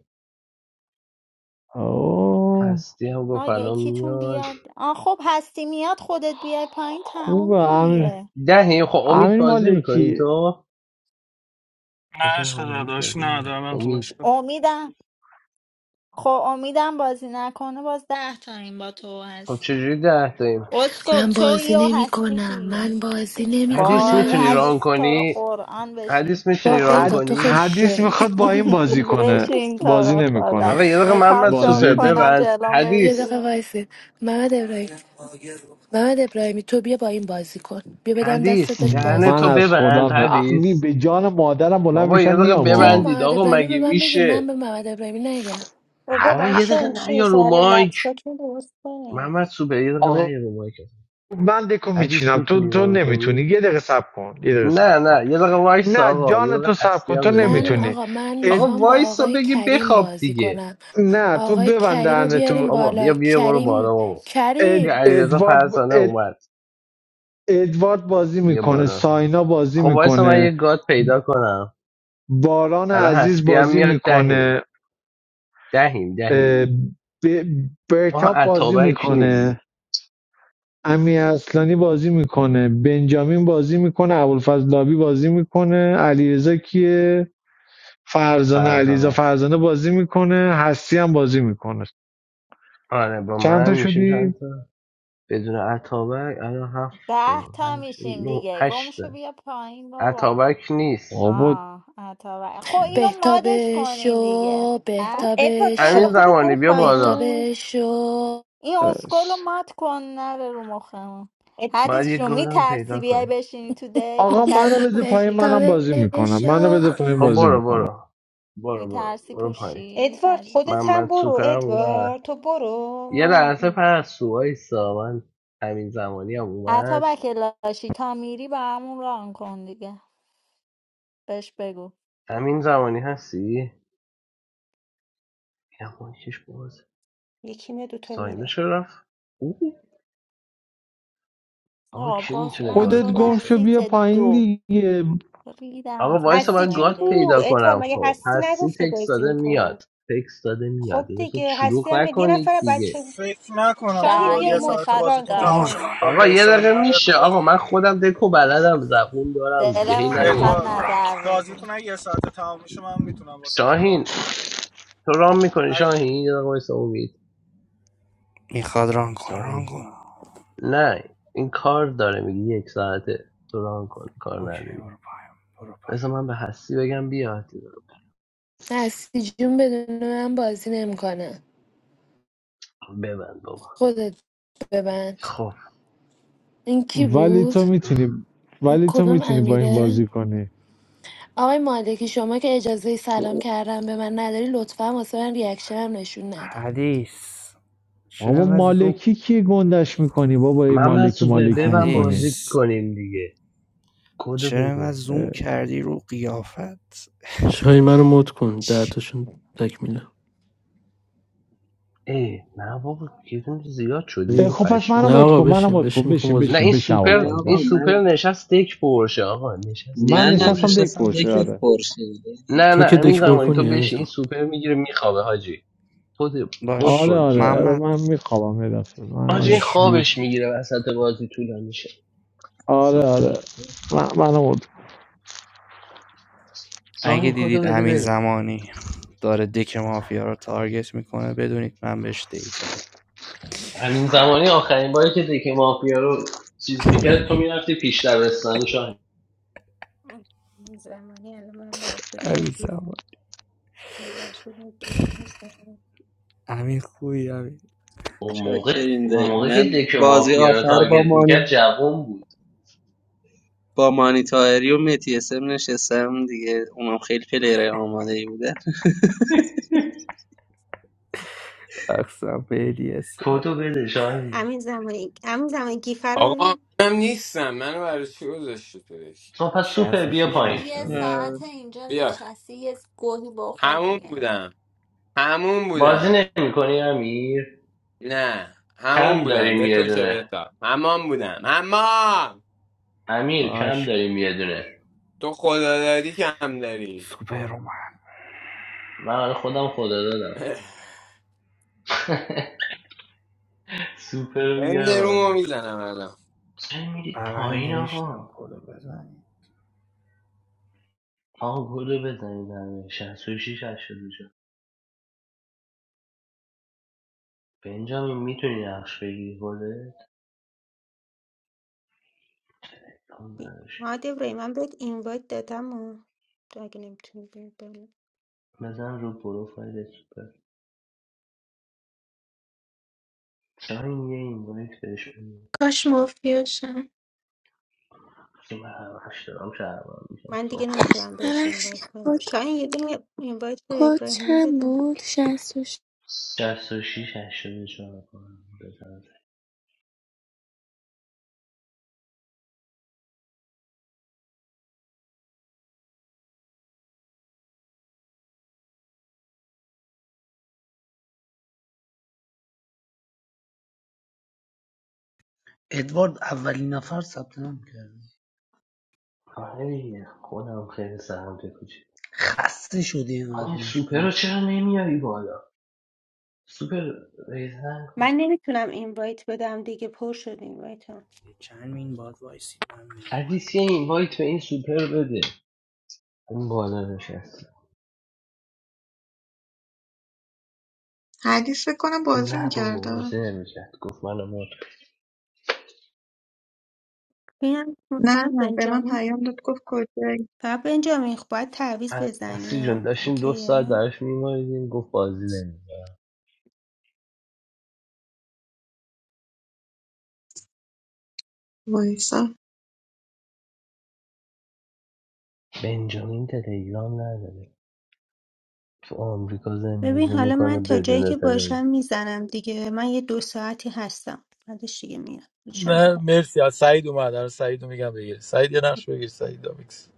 [SPEAKER 4] آه
[SPEAKER 1] هستی هم
[SPEAKER 5] آه
[SPEAKER 1] گفت الان
[SPEAKER 5] یکیتون
[SPEAKER 1] میاد
[SPEAKER 5] بیاد آه خب هستی میاد خودت بیای پایین تموم
[SPEAKER 4] خوبه امین
[SPEAKER 5] دیگه
[SPEAKER 1] دهه خب امید
[SPEAKER 4] امین
[SPEAKER 1] بازی میکنی
[SPEAKER 4] مالکی
[SPEAKER 1] تو
[SPEAKER 8] نه
[SPEAKER 1] مثلا
[SPEAKER 8] عشق
[SPEAKER 1] امید
[SPEAKER 8] داداش
[SPEAKER 1] بازی
[SPEAKER 8] نه
[SPEAKER 1] میکنه
[SPEAKER 8] دارم تو
[SPEAKER 1] امید
[SPEAKER 8] باشگاه
[SPEAKER 5] امیدم خب امیدم بازی نکنه باز ده تا این با تو
[SPEAKER 1] خب
[SPEAKER 5] هست
[SPEAKER 1] چجوری ده داریم
[SPEAKER 5] اسکو
[SPEAKER 9] من
[SPEAKER 5] تو
[SPEAKER 9] بازی
[SPEAKER 5] یو
[SPEAKER 9] نمی
[SPEAKER 5] هستی
[SPEAKER 9] کنم
[SPEAKER 5] دیگه
[SPEAKER 9] من بازی نمی
[SPEAKER 1] حدیث
[SPEAKER 5] وای
[SPEAKER 1] میتونی
[SPEAKER 9] کنم
[SPEAKER 1] ران
[SPEAKER 5] حدیث تو رو
[SPEAKER 1] کنی
[SPEAKER 5] قرآن بشین
[SPEAKER 1] حدیث میتونی
[SPEAKER 9] با
[SPEAKER 1] ران
[SPEAKER 4] حد...
[SPEAKER 9] بهتاب تو خیلی
[SPEAKER 1] کنی؟
[SPEAKER 4] حدیث
[SPEAKER 9] شوی *laughs*
[SPEAKER 4] میخواد با این بازی
[SPEAKER 5] *laughs*
[SPEAKER 4] کنه
[SPEAKER 5] بشین تو
[SPEAKER 4] بازی
[SPEAKER 5] رو خدا
[SPEAKER 4] نمیکنه
[SPEAKER 1] آقا یه دقیقه
[SPEAKER 5] میخوام
[SPEAKER 1] محمد
[SPEAKER 5] شو
[SPEAKER 1] سوپر
[SPEAKER 4] بازی دیگه
[SPEAKER 5] کنم
[SPEAKER 1] ببند
[SPEAKER 5] جلوم بری
[SPEAKER 9] یه
[SPEAKER 1] حدیث
[SPEAKER 9] دقیقه
[SPEAKER 5] بیرون
[SPEAKER 9] وایسی محمد ابراهیم محمد ابراهیمی تو بیا با این بازی کن بیا بدم دستت
[SPEAKER 1] حدیث
[SPEAKER 9] باش
[SPEAKER 1] دهن
[SPEAKER 9] بازی
[SPEAKER 4] من
[SPEAKER 1] تو
[SPEAKER 9] کنی
[SPEAKER 4] از
[SPEAKER 1] ببند
[SPEAKER 4] خودم می-
[SPEAKER 1] حدیث
[SPEAKER 4] به جان مادرم بلند
[SPEAKER 1] بابا یه
[SPEAKER 4] میشم
[SPEAKER 1] دقیقه
[SPEAKER 4] میام
[SPEAKER 9] چرا
[SPEAKER 4] ها.
[SPEAKER 1] ببندید
[SPEAKER 9] محمد
[SPEAKER 1] آقا
[SPEAKER 9] ابراهیمی به
[SPEAKER 1] مگه
[SPEAKER 9] من بگه من
[SPEAKER 1] میشه
[SPEAKER 9] به محمد ابراهیمی نگم
[SPEAKER 2] بابا
[SPEAKER 4] ه-
[SPEAKER 1] آقا یه
[SPEAKER 4] ه-
[SPEAKER 2] بچه
[SPEAKER 1] دقیقه نه
[SPEAKER 2] همیشه
[SPEAKER 1] یا رو
[SPEAKER 2] زهر
[SPEAKER 1] مایک
[SPEAKER 2] لبساتون درست کنین
[SPEAKER 1] محمد سوپر یه دقیقه نه
[SPEAKER 4] آقا
[SPEAKER 1] یا رو مایک
[SPEAKER 4] من دکو
[SPEAKER 1] حدیث
[SPEAKER 4] میچینم تو
[SPEAKER 1] میتونی
[SPEAKER 4] تو
[SPEAKER 1] ران
[SPEAKER 4] نمیتونی
[SPEAKER 1] کنی؟
[SPEAKER 4] یه دقیقه صبر کن یه دقیقه صبر
[SPEAKER 1] نه
[SPEAKER 4] کن
[SPEAKER 1] نه یه دقیقه وایس
[SPEAKER 4] نه
[SPEAKER 1] آقا یه
[SPEAKER 4] جان تو
[SPEAKER 1] دقیقه
[SPEAKER 4] صبر
[SPEAKER 1] هستی
[SPEAKER 4] کن
[SPEAKER 1] هم
[SPEAKER 4] تو
[SPEAKER 1] داره
[SPEAKER 9] من
[SPEAKER 1] میاد
[SPEAKER 4] نمیتونی
[SPEAKER 9] آقا من
[SPEAKER 1] آقا
[SPEAKER 4] اد...
[SPEAKER 9] میخوام با
[SPEAKER 1] وایسا
[SPEAKER 9] آقای
[SPEAKER 1] بگی
[SPEAKER 9] کریم
[SPEAKER 1] بخواب
[SPEAKER 9] بازی
[SPEAKER 1] دیگه
[SPEAKER 9] کنم
[SPEAKER 4] نه تو
[SPEAKER 9] آقای کریم رو
[SPEAKER 4] ببندن
[SPEAKER 9] بیاریم
[SPEAKER 4] تو
[SPEAKER 1] بابا
[SPEAKER 9] بالا
[SPEAKER 1] بیا بیا برو
[SPEAKER 9] کریم
[SPEAKER 1] بالا بابا
[SPEAKER 4] اد...
[SPEAKER 9] کریم
[SPEAKER 1] بیا علیرضا
[SPEAKER 4] ادوارد ب-
[SPEAKER 1] فرزانه
[SPEAKER 4] اد...
[SPEAKER 1] اومد
[SPEAKER 4] ادوارد بازی
[SPEAKER 1] یه
[SPEAKER 4] میکنه
[SPEAKER 1] بالا
[SPEAKER 4] ساینا بازی
[SPEAKER 1] خب وایسا من یه
[SPEAKER 4] میکنه
[SPEAKER 1] گاد پیدا کنم
[SPEAKER 4] باران
[SPEAKER 1] الان
[SPEAKER 4] عزیز
[SPEAKER 1] هستی هم
[SPEAKER 4] بازی
[SPEAKER 1] میاد دهیم
[SPEAKER 4] میکنه
[SPEAKER 1] دهیم دهیم
[SPEAKER 4] اه،
[SPEAKER 1] آها
[SPEAKER 4] برکاپ بازی
[SPEAKER 1] اتابک
[SPEAKER 4] میکنه
[SPEAKER 1] نیست
[SPEAKER 4] امی اصلانی بازی میکنه بنجامین بازی میکنه ابوالفضلابی بازی میکنه علیرضا کیه فرزانه
[SPEAKER 1] فرزانه
[SPEAKER 4] علیرضا
[SPEAKER 1] است
[SPEAKER 4] فرزانه بازی میکنه هستی هم بازی میکنه
[SPEAKER 1] آره با
[SPEAKER 4] چند
[SPEAKER 1] من
[SPEAKER 4] تا
[SPEAKER 1] میشیم
[SPEAKER 4] شدی
[SPEAKER 1] چند تا بدون اتابک الان هفت
[SPEAKER 5] ده
[SPEAKER 1] تا،
[SPEAKER 5] تا
[SPEAKER 1] هشت
[SPEAKER 5] میشیم
[SPEAKER 1] نو
[SPEAKER 5] دیگه گمشو
[SPEAKER 1] هشته
[SPEAKER 5] بیا پایین بابا
[SPEAKER 1] اتابک نیست
[SPEAKER 4] بابا
[SPEAKER 5] آه عطا و- خب اینو
[SPEAKER 9] بهتاب
[SPEAKER 5] مادش کنین دیگه
[SPEAKER 9] شو
[SPEAKER 2] اما
[SPEAKER 9] بهتاب
[SPEAKER 2] ادوار تو حالا
[SPEAKER 1] همین
[SPEAKER 9] شو
[SPEAKER 2] خودت
[SPEAKER 1] زمانی
[SPEAKER 2] برو
[SPEAKER 1] بیا بالا
[SPEAKER 2] پایین
[SPEAKER 9] بهتاب شو
[SPEAKER 5] این اسکل رو
[SPEAKER 4] بس.
[SPEAKER 5] مات کن نره رو مخمون
[SPEAKER 1] باید یه
[SPEAKER 5] حدیث رو
[SPEAKER 1] گادم پیدا
[SPEAKER 5] میترسی بیای
[SPEAKER 1] کنی
[SPEAKER 5] بشینی تو دک
[SPEAKER 4] آقا
[SPEAKER 5] میترسی
[SPEAKER 4] منو بده پایین منم
[SPEAKER 5] پوشی
[SPEAKER 9] بهتاب
[SPEAKER 4] بازی میکنم منو
[SPEAKER 9] شو
[SPEAKER 4] بده پایین
[SPEAKER 1] خب
[SPEAKER 4] بازی
[SPEAKER 1] برو
[SPEAKER 4] میکنم
[SPEAKER 1] برو برو برو
[SPEAKER 5] میترسی
[SPEAKER 1] برو پایین
[SPEAKER 5] پوشی
[SPEAKER 2] ادوارد
[SPEAKER 5] حدیث
[SPEAKER 2] خودت هم
[SPEAKER 1] محمد
[SPEAKER 2] برو
[SPEAKER 1] سوپرم اومد
[SPEAKER 2] ادوارد تو برو
[SPEAKER 1] یه
[SPEAKER 2] ما
[SPEAKER 1] لحظه پر وایسا من همین زمانی هم
[SPEAKER 5] عطا
[SPEAKER 1] اومد
[SPEAKER 5] بکلاشی تا میری با همون ران کن دیگه بهش بگو
[SPEAKER 1] همین زمانی هستی؟ یه مایکش باز
[SPEAKER 2] یکی میاد دوتا
[SPEAKER 1] ساینا
[SPEAKER 2] میره
[SPEAKER 1] چرا رفت او آقا
[SPEAKER 5] آه
[SPEAKER 1] کی
[SPEAKER 5] باز
[SPEAKER 1] میتونه
[SPEAKER 5] من
[SPEAKER 1] گاد
[SPEAKER 4] خودت گم
[SPEAKER 5] شدم
[SPEAKER 1] وایسه
[SPEAKER 4] شو
[SPEAKER 5] سیت
[SPEAKER 4] بیا پایین
[SPEAKER 5] دو
[SPEAKER 4] دیگه
[SPEAKER 5] ریدم
[SPEAKER 1] آقا
[SPEAKER 5] تو
[SPEAKER 1] وایسه
[SPEAKER 5] این
[SPEAKER 2] هستی
[SPEAKER 1] من
[SPEAKER 2] جون
[SPEAKER 1] گاد
[SPEAKER 2] بو
[SPEAKER 1] پیدا
[SPEAKER 5] زندگی
[SPEAKER 2] ادوارد
[SPEAKER 1] کنم
[SPEAKER 2] مگه
[SPEAKER 1] خب
[SPEAKER 2] هستی
[SPEAKER 1] هستی
[SPEAKER 2] نگفته
[SPEAKER 1] تکس
[SPEAKER 2] بازی
[SPEAKER 1] داده
[SPEAKER 2] میکنم
[SPEAKER 1] میاد تکس داده میاد
[SPEAKER 2] خب
[SPEAKER 1] یه دقیقه
[SPEAKER 2] دیگه هستی
[SPEAKER 1] شلوغ
[SPEAKER 2] هم میاد. یه
[SPEAKER 1] نکنید
[SPEAKER 2] نفر
[SPEAKER 1] دیگه
[SPEAKER 2] بچه
[SPEAKER 8] فکر نکنم تو
[SPEAKER 2] شاهین
[SPEAKER 8] با
[SPEAKER 2] بیا
[SPEAKER 8] یه
[SPEAKER 5] شاهین
[SPEAKER 2] مد...
[SPEAKER 8] ساعت
[SPEAKER 5] میخواد
[SPEAKER 2] ران
[SPEAKER 8] بازیتون
[SPEAKER 2] کن
[SPEAKER 5] گاد
[SPEAKER 8] تمام
[SPEAKER 11] مود
[SPEAKER 8] شه
[SPEAKER 2] شاهین
[SPEAKER 5] شه
[SPEAKER 8] من
[SPEAKER 11] کن
[SPEAKER 8] گاد
[SPEAKER 1] آقا یه
[SPEAKER 8] وایسام
[SPEAKER 1] دقیقه
[SPEAKER 8] نه
[SPEAKER 1] میشه آقا
[SPEAKER 8] ادوارد
[SPEAKER 1] من خودم دکو بلدم زبون دارم دیگه هی
[SPEAKER 5] دلمون
[SPEAKER 11] منو
[SPEAKER 1] نیایید
[SPEAKER 11] مود
[SPEAKER 5] میخواد
[SPEAKER 1] رو
[SPEAKER 8] ادوارد
[SPEAKER 11] کن ران
[SPEAKER 5] نظر
[SPEAKER 1] مایک
[SPEAKER 11] کنم
[SPEAKER 5] بدی
[SPEAKER 8] بازیتون اگه یه ساعت تمام میشه من میتونم واسهتون ران
[SPEAKER 1] شاهین
[SPEAKER 8] کنم
[SPEAKER 1] تو رام میکنی
[SPEAKER 8] اگه
[SPEAKER 1] شاهین یه دقیقه وایسه امید
[SPEAKER 11] میخواد ران کن ران
[SPEAKER 1] شاهین
[SPEAKER 11] کن
[SPEAKER 1] نه این کار داره میگی یک ساعته تو رام کن کار
[SPEAKER 11] اوکی
[SPEAKER 1] نداری
[SPEAKER 11] برو پایم برو پایم
[SPEAKER 1] مثلا من به هستی بگم بیاد
[SPEAKER 9] هستی جون بدون من بازی نمیکنه
[SPEAKER 1] ببند بابا
[SPEAKER 9] خودت ببند
[SPEAKER 1] خب
[SPEAKER 9] این کی
[SPEAKER 4] ولی
[SPEAKER 9] بود
[SPEAKER 4] تو میتونی
[SPEAKER 9] این
[SPEAKER 4] ولی تو
[SPEAKER 9] کدوم
[SPEAKER 4] میتونی با این
[SPEAKER 9] امیره
[SPEAKER 4] بازی کنی
[SPEAKER 9] آقای مالکی شما که اجازه سلام کردم به من نداری لطفا واسه من ریاکشن هم نشون نده
[SPEAKER 11] حدیث چرا
[SPEAKER 4] بابا
[SPEAKER 11] اینقدر
[SPEAKER 4] مالکی
[SPEAKER 11] زوم
[SPEAKER 4] کی گندش میکنی بابا ای
[SPEAKER 1] محمد
[SPEAKER 4] مالکی
[SPEAKER 1] سوپر
[SPEAKER 4] مالکی
[SPEAKER 1] ببن
[SPEAKER 11] حدیث
[SPEAKER 4] میکنی
[SPEAKER 1] بازی کنیم دیگه کدو
[SPEAKER 11] چرا اینقدر
[SPEAKER 1] بده
[SPEAKER 11] زوم کردی رو قیافت
[SPEAKER 12] شاهین منو مد کن ده تاشون تکمیله
[SPEAKER 1] ای نه بابا گیریم زیاد شدیم
[SPEAKER 12] بری؟
[SPEAKER 4] خب پس منو
[SPEAKER 12] نه
[SPEAKER 1] پشمام
[SPEAKER 4] مد
[SPEAKER 12] آقا
[SPEAKER 4] کن منو
[SPEAKER 12] بشین
[SPEAKER 4] مد کن
[SPEAKER 12] بشین میخوام
[SPEAKER 4] بشین
[SPEAKER 12] بازی
[SPEAKER 1] نه
[SPEAKER 4] بشین
[SPEAKER 1] این
[SPEAKER 12] کنم
[SPEAKER 4] بشین
[SPEAKER 1] سوپر
[SPEAKER 13] نه
[SPEAKER 4] اول
[SPEAKER 1] این
[SPEAKER 13] آقا
[SPEAKER 4] بشین
[SPEAKER 1] سوپر
[SPEAKER 13] من
[SPEAKER 1] نشست دک پرشه آقا نشست
[SPEAKER 4] من
[SPEAKER 1] دک
[SPEAKER 13] منم
[SPEAKER 4] نشستم
[SPEAKER 1] پرشه
[SPEAKER 4] دک
[SPEAKER 13] نشستم
[SPEAKER 4] پروشه
[SPEAKER 13] دکت
[SPEAKER 4] آره
[SPEAKER 13] خورشید یعنی
[SPEAKER 1] نه
[SPEAKER 12] تو
[SPEAKER 1] نه
[SPEAKER 12] که
[SPEAKER 1] همین
[SPEAKER 12] دک پر
[SPEAKER 1] زمانی تو
[SPEAKER 12] کنی
[SPEAKER 1] بشی این
[SPEAKER 12] همیزا
[SPEAKER 1] سوپر میگیره میخوابه حاجی تو ده- مد
[SPEAKER 11] باش
[SPEAKER 4] آره
[SPEAKER 1] کن
[SPEAKER 4] آره
[SPEAKER 1] سوپر
[SPEAKER 4] آره
[SPEAKER 1] رو
[SPEAKER 11] محمد
[SPEAKER 4] من میخوابم یه دفعه من
[SPEAKER 1] حاجی
[SPEAKER 4] یه
[SPEAKER 1] این
[SPEAKER 4] دفعه
[SPEAKER 11] باش
[SPEAKER 4] بیهوش
[SPEAKER 1] خوابش
[SPEAKER 11] محمد
[SPEAKER 1] میگیره
[SPEAKER 4] میشم
[SPEAKER 1] وسط بازی طول میشه
[SPEAKER 4] آره
[SPEAKER 1] سوپر رو
[SPEAKER 4] آره
[SPEAKER 1] مد
[SPEAKER 4] من
[SPEAKER 1] کن
[SPEAKER 4] منو مد
[SPEAKER 11] اگه
[SPEAKER 1] سامین کدو
[SPEAKER 11] دیدید
[SPEAKER 1] بده
[SPEAKER 11] امین
[SPEAKER 1] بریم
[SPEAKER 11] زمانی داره دک مافیا رو تارگت میکنه بدونید من بهش دیتا دادم
[SPEAKER 1] همین زمانی آخرین باری که دک مافیا رو چیز میکرد تو میرفتی پیش دبستانی
[SPEAKER 2] امین زمانی الان من برات بدون
[SPEAKER 11] امین
[SPEAKER 2] گیف
[SPEAKER 11] زمان
[SPEAKER 2] من براش بدون گیف نیستم.
[SPEAKER 11] امین خوبی امین
[SPEAKER 1] اون موقع
[SPEAKER 13] شاکرین
[SPEAKER 1] اون
[SPEAKER 13] دایی
[SPEAKER 1] موقع که
[SPEAKER 13] من
[SPEAKER 11] عشق.
[SPEAKER 1] دک
[SPEAKER 13] بازی
[SPEAKER 1] مافیا رو
[SPEAKER 13] آخر با
[SPEAKER 1] تارگت میکرد
[SPEAKER 13] مانی
[SPEAKER 1] جوون بود
[SPEAKER 13] با مانی تاهری و متی اسم نشستم دیگه اونم خیلی پلیره آماده ای بودن
[SPEAKER 11] رقصم به الیاس
[SPEAKER 1] تو تو بده شاهین.
[SPEAKER 2] امین زمانی امین زمانی گیف رو
[SPEAKER 14] آقا
[SPEAKER 2] ببین.
[SPEAKER 14] منم نیستم منو برای چی گذاشتی تو دک؟
[SPEAKER 1] خب پس سوپر بیا
[SPEAKER 11] 66
[SPEAKER 5] خب
[SPEAKER 1] پایین
[SPEAKER 5] یه
[SPEAKER 11] 80
[SPEAKER 13] اه،
[SPEAKER 5] ساعت اینجا
[SPEAKER 14] بیا
[SPEAKER 5] نشستی یه گوهی بخور
[SPEAKER 14] همون
[SPEAKER 5] دیگه
[SPEAKER 14] بودم همون
[SPEAKER 1] بازی
[SPEAKER 14] بودم
[SPEAKER 1] نمیکنی امیر
[SPEAKER 14] نه همون
[SPEAKER 1] کم
[SPEAKER 14] بودم
[SPEAKER 1] داریم
[SPEAKER 14] به
[SPEAKER 1] یه
[SPEAKER 14] تو چه
[SPEAKER 1] دونه
[SPEAKER 14] بهتا همان بودم همان
[SPEAKER 1] امیر کم
[SPEAKER 11] باش
[SPEAKER 1] داریم یه دونه
[SPEAKER 14] تو خدادادی که هم داری
[SPEAKER 11] سوپرمن
[SPEAKER 1] من برای خودم خدا دادم
[SPEAKER 14] *laughs*
[SPEAKER 1] *laughs* سوپر رو بیار
[SPEAKER 14] اندرومو
[SPEAKER 1] بالا
[SPEAKER 14] میزنم الان
[SPEAKER 1] چرا میرید
[SPEAKER 11] بغل
[SPEAKER 1] پایین
[SPEAKER 11] نوشتم
[SPEAKER 1] آقا
[SPEAKER 11] کدو بزنی
[SPEAKER 1] آقا گلو بزنید همه 66 84 بنجامین میتونی نقش بگیری گله؟ امکان
[SPEAKER 2] بی-
[SPEAKER 1] نداره.
[SPEAKER 2] هادی ابراهیم من بهت اینوایت دادم و تو اگه نمیتونی بیای
[SPEAKER 1] بزن رو پروفایل سوپر چرا یه این بهش بده
[SPEAKER 3] کاش مافیاشم
[SPEAKER 1] وقتی من هر وقت دارم شهرم میشم
[SPEAKER 2] من دیگه
[SPEAKER 1] صاف شد
[SPEAKER 2] نمیتونم بهش اینوایت
[SPEAKER 7] ببخشید
[SPEAKER 2] بدم
[SPEAKER 7] کد
[SPEAKER 2] شاید یه دونه اینوایت به
[SPEAKER 7] کد
[SPEAKER 2] ابراهیم
[SPEAKER 7] چند
[SPEAKER 2] بدم
[SPEAKER 7] بود شستش
[SPEAKER 1] شست و شیش هشتاد و چهار کنم بزنم
[SPEAKER 15] ادوارد اولین نفر ثبت نام کرد
[SPEAKER 1] آره دیگه خودم خیلی سرم تکوچی
[SPEAKER 15] خسته شده
[SPEAKER 1] آقا
[SPEAKER 15] اینقدر
[SPEAKER 1] این سوپر رو
[SPEAKER 15] میخونی
[SPEAKER 1] چرا نمیاری بالا سوپر ریزن کن
[SPEAKER 2] من نمیتونم اینوایت بدم دیگه پر شد اینوایتم
[SPEAKER 11] چند مین باد وایسی من میام
[SPEAKER 1] عزیز یه اینوایت به این سوپر رو بده این بالا نشست
[SPEAKER 6] حدیث فکر کنم بازی
[SPEAKER 1] نه بابا
[SPEAKER 6] میکرده
[SPEAKER 1] بازی نمیکرد گفت منو مرد
[SPEAKER 2] ببینم
[SPEAKER 6] نه
[SPEAKER 2] آقا
[SPEAKER 6] نه به من
[SPEAKER 2] بنجامین
[SPEAKER 6] پیام داد گفت کجایی
[SPEAKER 2] فقط بنجامین خب باید تعویض
[SPEAKER 1] اصلی جون
[SPEAKER 2] بزنیم
[SPEAKER 1] داشتیم دو ساعت
[SPEAKER 2] اوکیه
[SPEAKER 1] درش میماریدیم گفت بازی نمیکرد
[SPEAKER 6] وایسا
[SPEAKER 1] بنجامین تلگرام نداره تو آمریکا
[SPEAKER 2] ببین
[SPEAKER 1] زندگی
[SPEAKER 2] حالا
[SPEAKER 1] میکنه
[SPEAKER 2] من تا جایی
[SPEAKER 1] بدون
[SPEAKER 2] که
[SPEAKER 1] تلگرام
[SPEAKER 2] باشم میزنم دیگه من یه دو ساعتی هستم بعدش دیگه میام انشالله
[SPEAKER 16] نه
[SPEAKER 2] که-
[SPEAKER 16] مرسی از سعید اومد الان سعید رو میگم بگیر سعید یه نقش بگیر سعید دامیکس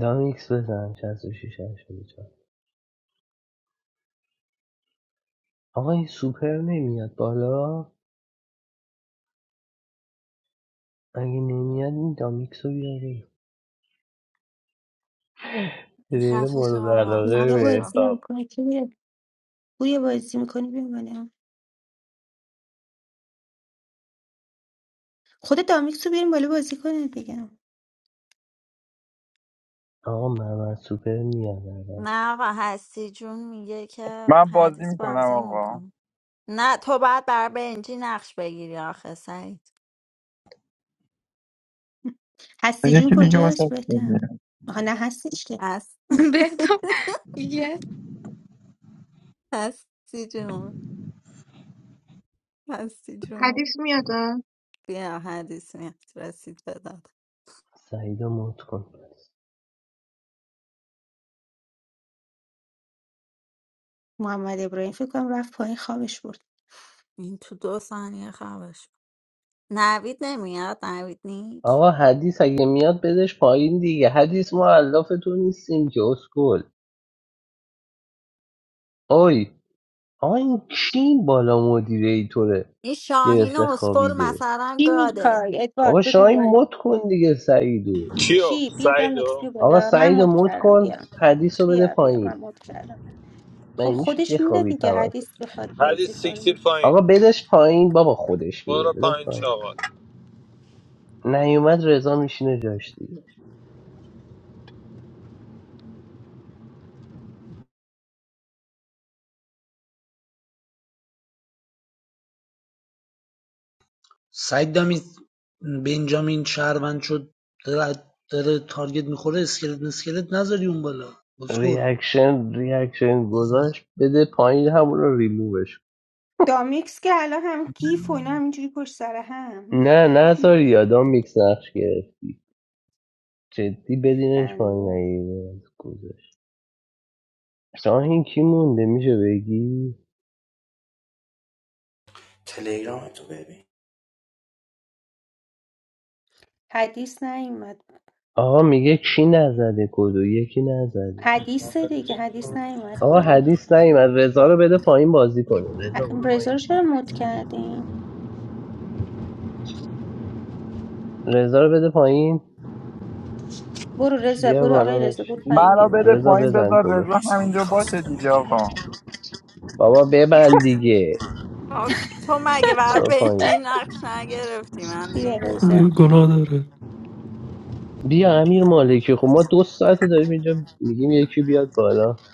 [SPEAKER 1] دامیکس بزن 66 84 آقا این سوپر نمیاد بالا اگه نمیاد این دامیکس رو بیاره پلیر
[SPEAKER 5] خفه شو
[SPEAKER 1] مورد
[SPEAKER 5] آقا
[SPEAKER 1] علاقه
[SPEAKER 2] پوریا
[SPEAKER 5] خفه
[SPEAKER 1] به
[SPEAKER 5] شو
[SPEAKER 2] بازی
[SPEAKER 1] حساب
[SPEAKER 2] نمیکنه کی میره پوریا بازی میکنی بیا بالا خود دامیکس رو بیاریم بالا بازی کنه بگم
[SPEAKER 1] آقا محمد سوپر میاد الان
[SPEAKER 5] نه و هستی جون میگه که
[SPEAKER 17] من بازی
[SPEAKER 5] حدیث
[SPEAKER 17] میکنم
[SPEAKER 5] بازی
[SPEAKER 17] آقا
[SPEAKER 5] میکن نه تو باید بر بنجی نقش بگیری آخه سعید
[SPEAKER 2] هستی جون
[SPEAKER 17] یکی دیگه
[SPEAKER 2] کجاست
[SPEAKER 17] واسه
[SPEAKER 2] بهتم
[SPEAKER 17] بگیر.
[SPEAKER 2] آها نه هستیش که
[SPEAKER 5] هست
[SPEAKER 3] بهتاب
[SPEAKER 5] *laughs*
[SPEAKER 3] یه
[SPEAKER 5] هستی جون هستی جون
[SPEAKER 6] حدیث میاد
[SPEAKER 5] بیا حدیث میاد رسید بداد
[SPEAKER 1] سعید رو موت کن
[SPEAKER 2] محمد ابراهیم فکر کنم رفت پایین خوابش برد
[SPEAKER 5] این تو دو ثانیه خبش نوید نمیاد نوید نیک
[SPEAKER 1] آقا حدیث اگه میاد بدش پایین دیگه حدیث ما علافتون نیستیم که اسکل آی آقا این کی بالا مدیریتوره
[SPEAKER 5] این شاهین
[SPEAKER 1] گرفته
[SPEAKER 5] اسکل
[SPEAKER 1] خوابیده
[SPEAKER 5] مثلا
[SPEAKER 2] چی
[SPEAKER 5] گاده
[SPEAKER 2] میخوای
[SPEAKER 1] بابا
[SPEAKER 2] ادوارد
[SPEAKER 1] شما
[SPEAKER 2] بگو
[SPEAKER 1] این
[SPEAKER 2] بان
[SPEAKER 1] مد کن دیگه سعیدو
[SPEAKER 10] Kyo,
[SPEAKER 2] چی بیا دامیکس
[SPEAKER 10] Saidu.
[SPEAKER 2] بیا
[SPEAKER 1] آقا
[SPEAKER 2] بالا من
[SPEAKER 1] سعیدو
[SPEAKER 2] مد
[SPEAKER 1] موت
[SPEAKER 2] کردم
[SPEAKER 1] کن
[SPEAKER 2] بیا
[SPEAKER 1] حدیث رو بده
[SPEAKER 2] بیا بیا
[SPEAKER 1] پایین
[SPEAKER 2] من مد کردم خب
[SPEAKER 1] مگه میشه
[SPEAKER 2] خودش میده
[SPEAKER 1] بخوابید
[SPEAKER 2] دیگه
[SPEAKER 1] همتون
[SPEAKER 2] حدیث بخواد
[SPEAKER 10] Hadis
[SPEAKER 2] بازی کنه
[SPEAKER 10] sixty-five.
[SPEAKER 1] آقا بدش پایین بابا خودش میره
[SPEAKER 10] Bara
[SPEAKER 1] بدش
[SPEAKER 10] five.
[SPEAKER 1] پایین
[SPEAKER 10] Chawat.
[SPEAKER 1] نیومد رضا میشینه جاش دیگه
[SPEAKER 15] سعید دامی بنجامین شهروند شد داره, داره تارگت میخوره اسکلت مسکلت نذاری اون بالا بسکل
[SPEAKER 1] ریاکشن ریاکشن گذاشت بده پایین همون رو ریمووش کن.
[SPEAKER 2] دامیکس که الان هم گیف و اینا همینجوری پشت سر هم
[SPEAKER 1] نه نذار یادم میکس نقش گرفت جدی بدینش پایین
[SPEAKER 2] خنده
[SPEAKER 1] نگیره گذاشت شاهین کی مونده میشه بگی
[SPEAKER 11] تلگرام تو ببین
[SPEAKER 2] حدیث نیومد
[SPEAKER 1] آقا میگه کی نزده کدو یکی نزده
[SPEAKER 2] حدیث دیگه حدیث نیومد
[SPEAKER 1] آقا
[SPEAKER 2] بالا
[SPEAKER 1] حدیث نیومد رضا رو بده پایین بازی کنه
[SPEAKER 2] ه-
[SPEAKER 1] رضا برو
[SPEAKER 2] رضا
[SPEAKER 1] پایین
[SPEAKER 2] رو چرا مود کردین
[SPEAKER 1] رضا رو بده پایین
[SPEAKER 2] برو رضا
[SPEAKER 1] بیا
[SPEAKER 2] برو آقای
[SPEAKER 1] بالا بش
[SPEAKER 2] رضا برو پایین بیا
[SPEAKER 17] منو بده
[SPEAKER 2] بالا
[SPEAKER 1] رضا
[SPEAKER 17] پایین
[SPEAKER 2] بازی
[SPEAKER 1] بزن
[SPEAKER 17] بذار
[SPEAKER 2] کن
[SPEAKER 11] بابا
[SPEAKER 1] کدو
[SPEAKER 17] رضا
[SPEAKER 11] رضا
[SPEAKER 17] همینجا
[SPEAKER 11] میخواست
[SPEAKER 17] باشه دیگه
[SPEAKER 11] کمکم
[SPEAKER 17] آقا
[SPEAKER 1] بابا ببند دیگه
[SPEAKER 5] آه، تو مگه بر
[SPEAKER 1] برو
[SPEAKER 5] بنجی
[SPEAKER 1] پایین
[SPEAKER 5] نقش نگرفتی من
[SPEAKER 2] بیا
[SPEAKER 5] نمیفهمم
[SPEAKER 2] رضا
[SPEAKER 12] خدایی گناه داره
[SPEAKER 1] بیا امیر مالکی خب ما دو ساعته داریم اینجا میگیم یکی بیاد بالا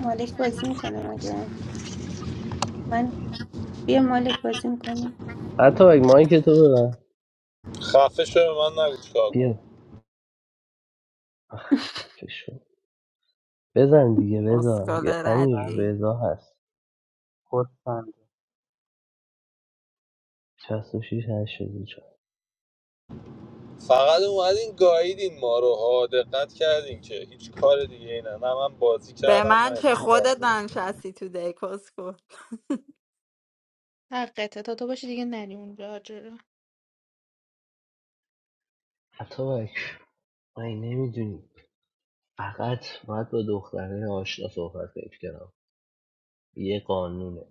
[SPEAKER 2] مالک بازی میکنه مگه من بیا مالک بازی میکنه
[SPEAKER 1] حتی اگه مایک تو ببن
[SPEAKER 10] Xafesho, man, na guchkaa.
[SPEAKER 1] بیا آخ، خفه شو. بزن دیگه رضا
[SPEAKER 5] اسکال
[SPEAKER 1] یه امیر
[SPEAKER 5] ردی
[SPEAKER 1] رضا هست
[SPEAKER 18] خرسنده
[SPEAKER 1] 66 84
[SPEAKER 10] Fagadu wadin. Gaidin maro. Haad. Qat khyadin ke. Hich karadiyeena. Namam baad. Hich
[SPEAKER 5] به من
[SPEAKER 10] kharamayet.
[SPEAKER 5] چه خودت ننشستی تو دیکوس کن
[SPEAKER 3] *laughs* حقته تا تو باشی دیگه نری اونجا جلو
[SPEAKER 1] حتی من نمیدونی فقط باید با دختره آشنا صحبت فکر کنم یه قانونه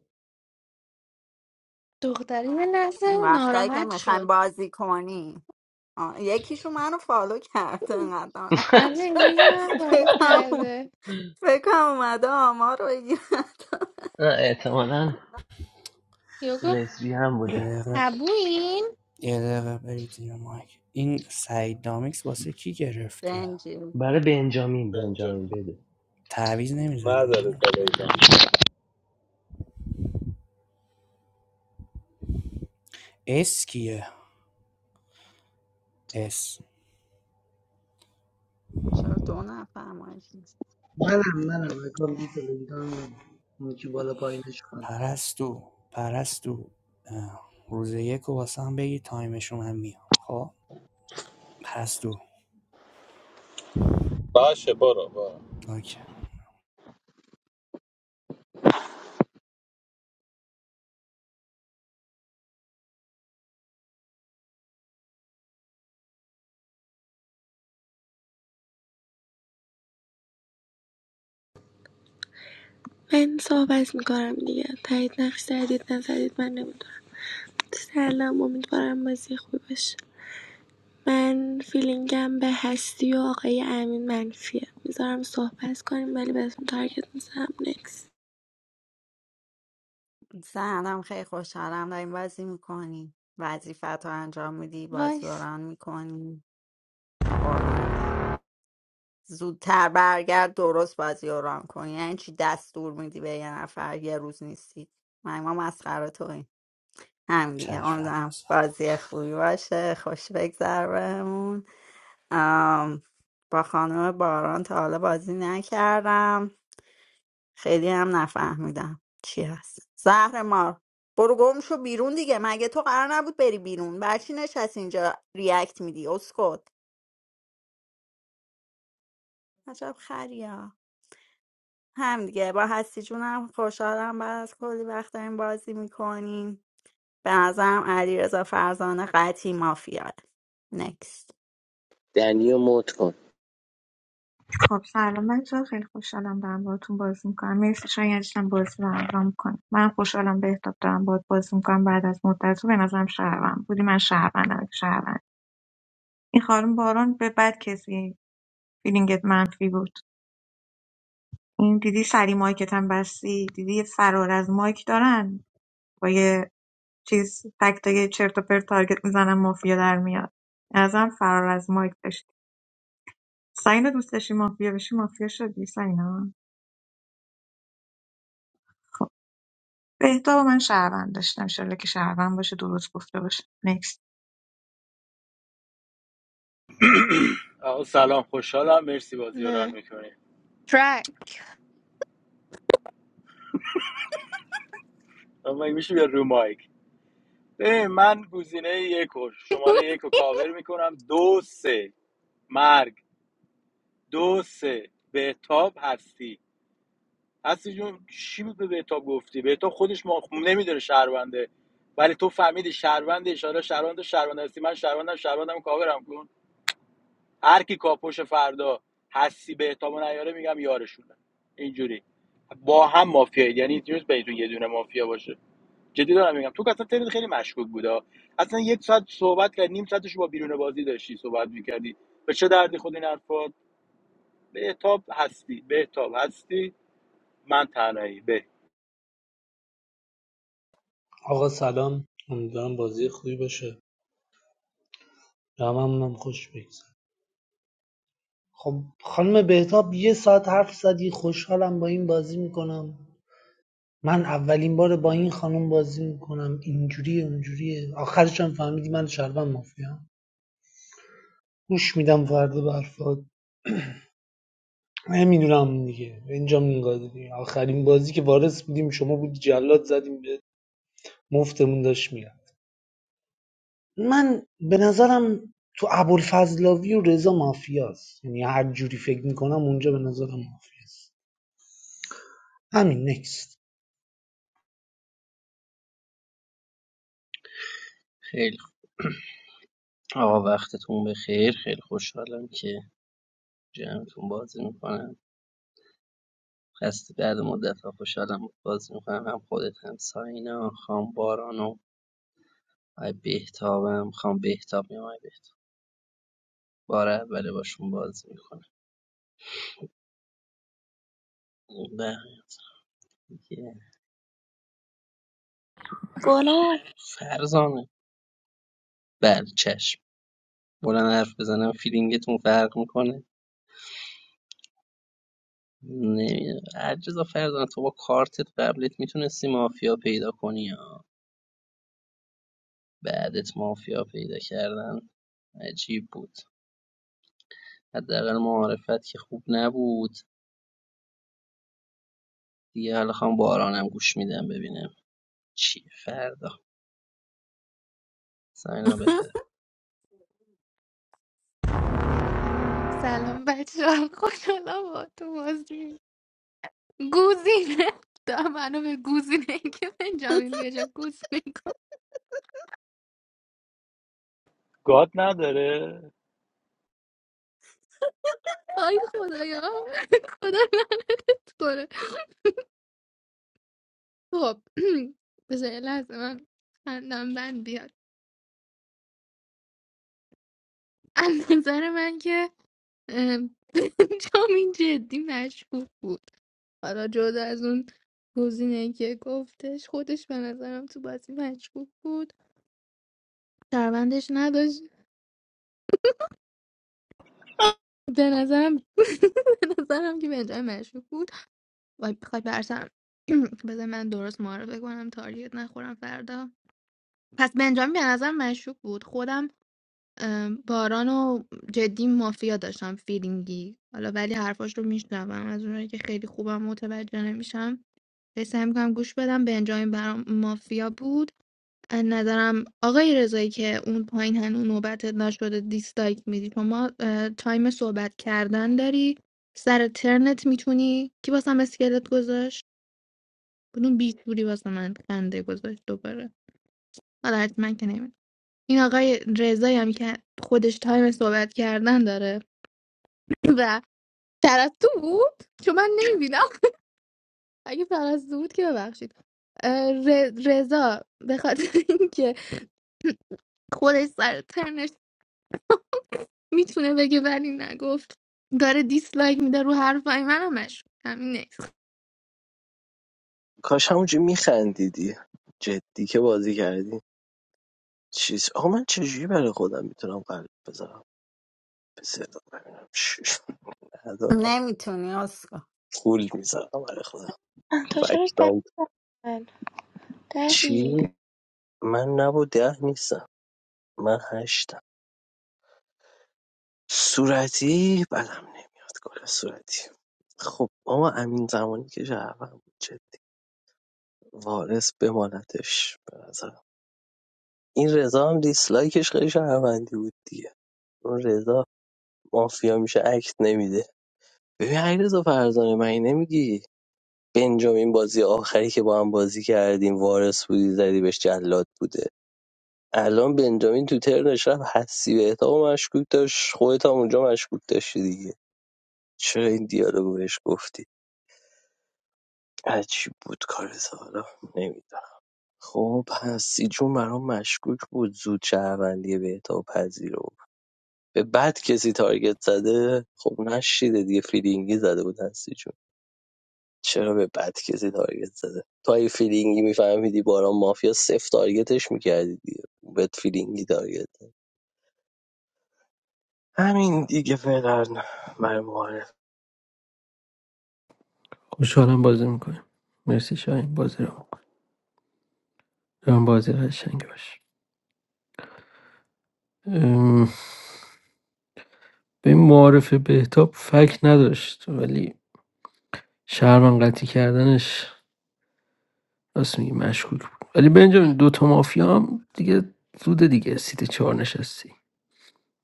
[SPEAKER 3] دختری یه لحظه
[SPEAKER 5] وقتایی که
[SPEAKER 3] ناراحت
[SPEAKER 5] میخوایم
[SPEAKER 3] شد
[SPEAKER 5] بازی کنی آه، یکیشون منو فالو کرده انقدر ناراحت
[SPEAKER 3] من
[SPEAKER 5] شد.
[SPEAKER 3] رنگی هم پایین
[SPEAKER 5] فکرم اوم-
[SPEAKER 3] کرده
[SPEAKER 5] فکرم اومده آمار رو بگیرد
[SPEAKER 1] نه، احتمالاً
[SPEAKER 3] یا گفت
[SPEAKER 1] لسبی هم
[SPEAKER 11] یه
[SPEAKER 1] بوده
[SPEAKER 11] دقیقه
[SPEAKER 3] هبوین
[SPEAKER 11] یه دقیقه برید زیر مایک این سعید دامیکس واسه کی گرفته
[SPEAKER 5] رنجی
[SPEAKER 1] برای بنجامین
[SPEAKER 10] Benjam.
[SPEAKER 1] بنجامین بده
[SPEAKER 11] تعویز نمیزنه
[SPEAKER 10] Maadare telegam.
[SPEAKER 11] اس کیه اس
[SPEAKER 5] چرا دو نفر مایشید
[SPEAKER 15] منم منم اکانتی تلگرام اون که بالا پایینش خط داره
[SPEAKER 11] پرستو پرستو اه. روز یک و واسه هم بگی تایمشو من میام خب پرستو
[SPEAKER 10] Baash bara bar.
[SPEAKER 11] اوکی
[SPEAKER 7] من صحبت میکنم دیگه تایید نقش زدید نزدید من نمیدونم سلام امیدوارم بازی خوبی باشه من فیلینگم به هستی و آقای امین منفیه میذارم صحبت کنیم ولی بهتون تارگت میزنم نکس
[SPEAKER 5] سهنم خیلی خوشحالم داریم بازی میکنی وظیفت رو انجام میدی بازی رو
[SPEAKER 3] وایس
[SPEAKER 5] ران میکنی قربونت زودتر برگرد درست بازی رو ران کنی یعنی چی دستور میدی به یه نفر یه روز نیستی من ما مسخره تو این هم دیگه
[SPEAKER 11] چشم
[SPEAKER 5] امیدوارم
[SPEAKER 11] بازم
[SPEAKER 5] بازی خوبی باشه خوش بگذر بهمون آم، با خانم باران تا حالا بازی نکردم خیلی هم نفهمیدم چی هست زهر مار برو گم شو بیرون دیگه مگه تو قرار نبود بری بیرون برچی نشست اینجا ریاکت میدی اسکت عجب خریه هم دیگه با هستی جونم خوشحالم بعد از کلی وقت داریم بازی میکنیم به نظرم علیرضا فرزانه قطعی مافیاد نکست
[SPEAKER 1] دنیو موت کن.
[SPEAKER 6] خب سلام بچه خیلی خوشحالم دارم باهاتون بازی میکنم مرسی شاید عزیزم بازی برام رام میکنم من خوشحالم بهتاب دارم باهات بازی میکنم بعد از مدت تو به نظرم شهروند بودی من شهروندم شهروند این خانم باران به بد کسی فیلینگت منفی بود این دیدی سری مایکت هم بستی دیدی یه فرار از مایک دارن با یه چیز تک تا یه چرت و پرت تارگت میزنن مافیا در میاد ازم فرار از مایک داشتی سینا دوست داشتی مافیا بشی مافیا شدی سینا بهتاب و من شهروند داشتم انشالله که شهروند باشه درست گفته باشه نکست
[SPEAKER 16] آقا سلام خوشحالم مرسی بازی رو ران
[SPEAKER 3] نه
[SPEAKER 16] میکنی
[SPEAKER 3] ترک
[SPEAKER 16] مگه میشه بیا رو مایک ببین من گزینه یک رو
[SPEAKER 3] *laughs*
[SPEAKER 16] شماره یک رو کاور میکنم دو سه مرگ دو سه بهتاب هستی هستی جون چی بود به بهتاب گفتی بهتاب خودش ما نمیدونه شهرونده ولی تو فهمیدی شهرونده اشاره شهرونده شهرونده هستی من شهروندم شهروندم رو کاورم کن هر کی کاپوش فردا حسی به احتمال نیاره میگم یارشونه اینجوری با هم مافیایی یعنی هیچ روز بینتون یه دونه مافیا باشه جدی دارم میگم تو که اصلا ترین خیلی مشکوک بودا اصلا یک ساعت صحبت کرد نیم ساعتش با بیرون بازی داشتی صحبت میکردی به چه دردی خود این حرفات بهتاب هستی به تاب هستی من تنهایی به
[SPEAKER 15] آقا سلام امیدوارم بازی خوبی باشه هممونم خوش بگذره خب خانم بهتاب یه ساعت حرف زدی خوشحالم با این بازی میکنم من اولین بار با این خانم بازی میکنم اینجوریه اونجوریه آخرش هم فهمیدی من شهروند مافیا گوش میدم فردا به حرفات نمیدونم دیگه اینجا میگادی آخرین بازی که وارث بودیم شما بود جلاد زدیم به مفتمون داشت میرفت من به نظرم تو ابوالفضلاوی و رضا مافیاست یعنی هر جوری فکر میکنم اونجا به نظرم مافیاست همین نکست
[SPEAKER 13] *laughs* خیلی خوب. آقا وقتتون بخیر خیلی خوشحالم که جمعتون بازی میکنم خسته بعد مدت ها خوشحالم بازی میکنم هم خودت هم ساینا خام بارانو آی بهتابم خام بهتاب میام آی بهتاب بار اوله باشون بازی میکنم و دیگه.
[SPEAKER 7] گلر
[SPEAKER 13] فرزانه بله چشم بلند حرف بزنم فیلینگتون فرق میکنه نمیدونم عجزا فرزانه تو با کارتت قبلت میتونستی مافیا پیدا کنی یا بعدت مافیا پیدا کردن عجیب بود حداقل معارفت که خوب نبود دیگه حالا خواهم بارانم گوش میدم ببینم چی فردا سینا
[SPEAKER 5] *laughs*
[SPEAKER 13] بفر
[SPEAKER 3] اوکی. اه، سلام بچه ها خوشحالا *laughs* با تو بازی گوزینه دا منو به گوزینه این که بنجامین به جا گوزینه کن
[SPEAKER 16] گاد نداره
[SPEAKER 3] آی خدایا خدا لعنت کنه خب *clears throat* بذار یه لحظه من خندم بند بیاد از نظر من که اه، *laughs* بنجامین جدی مشکوک بود حالا جدا از اون گزینه که گفتش خودش به نظرم تو بازی مشکوک بود شهروندش نداشت به نظرم *laughs* به نظرم که بنجامین مشکوک بود وای بخوای برسم *clears throat* بذار من درست معرفه کنم تاریت نخورم فردا پس بنجامین به نظرم مشکوک بود خودم ام، باران و جدی مافیا داشتم فیلینگی حالا ولی حرفاش رو میشنوم از اونایی که خیلی خوبم متوجه نمیشم سعی میکنم گوش بدم بنجامین برام مافیا بود از نظرم آقای رضایی که اون پایین هنوز نوبت نشده دیسلایک میدی شما اه، تایم صحبت کردن داری سر ترنت میتونی کی واسم اسکلت گذاشت بدون بیتوری واسه من خنده گذاشت دوباره حالا حتما که نمید این آقای رضایی هم که خودش تایم صحبت کردن داره *laughs* و پرستو بود چون من نمیبینم اگه پرستو بود که ببخشید اه، ر- رضا به خاطر اینکه خودش سر ترنش میتونه بگه ولی نگفت داره دیسلایک میده رو حرفای منم مشکوک همین نیست
[SPEAKER 1] کاش همونجا میخندیدی جدی که بازی کردی چیز آقا من چجوری برای خودم میتونم قلب بذارم به صدا ببینم شش ندارم
[SPEAKER 5] نمیتونی اسکو
[SPEAKER 1] پول میذارم برای خودم
[SPEAKER 7] تو چرا ده
[SPEAKER 1] فکرام
[SPEAKER 7] من
[SPEAKER 1] چی
[SPEAKER 7] دهی
[SPEAKER 1] من نبود ده نیستم من هشتم صورتی بدم نمیاد گل صورتی خب اما امین زمانی که شهروند بود جدی وارث بمانتش به نظرم این رضا هم دیسلایکش خیلی شهروندی بود دیگه اون رضا مافیا میشه اکت نمیده ببین علیرضا فرزانه من این نمیگی بنجامین بازی آخری که با هم بازی کردیم وارث بودی زدی بهش جلاد بوده الان بنجامین تو ترنش رفت حسی به و مشکوک داشت خودت هم اونجا مشکوک داشتی دیگه چرا این دیالوگو بهش گفتی عجیب بود کار حالا نمیدونم خب حسی جون برام مشکوک بود زود شهروندی بهتاب پذیرو به بد کسی تارگت زده خب نشیده دیگه فیلینگی زده بود حسی جون. چرا به بد کسی تارگت زده تو اگه فیلینگی میفهمیدی باران مافیا صفر تارگتش میکردی دیگه بهت فیلینگی تارگت زد. همین دیگه فعلا برای معارف
[SPEAKER 12] خوشحالم بازی میکنیم مرسی شاهین بازی رو هم بازی قشنگ باش ام، به معارف بهتاب فکر نداشت ولی شهرمن قطعی کردنش راست میگی مشکوک بود ولی بنجامین دوتا مافیا هم دیگه زوده دیگه سیت چهار نشستی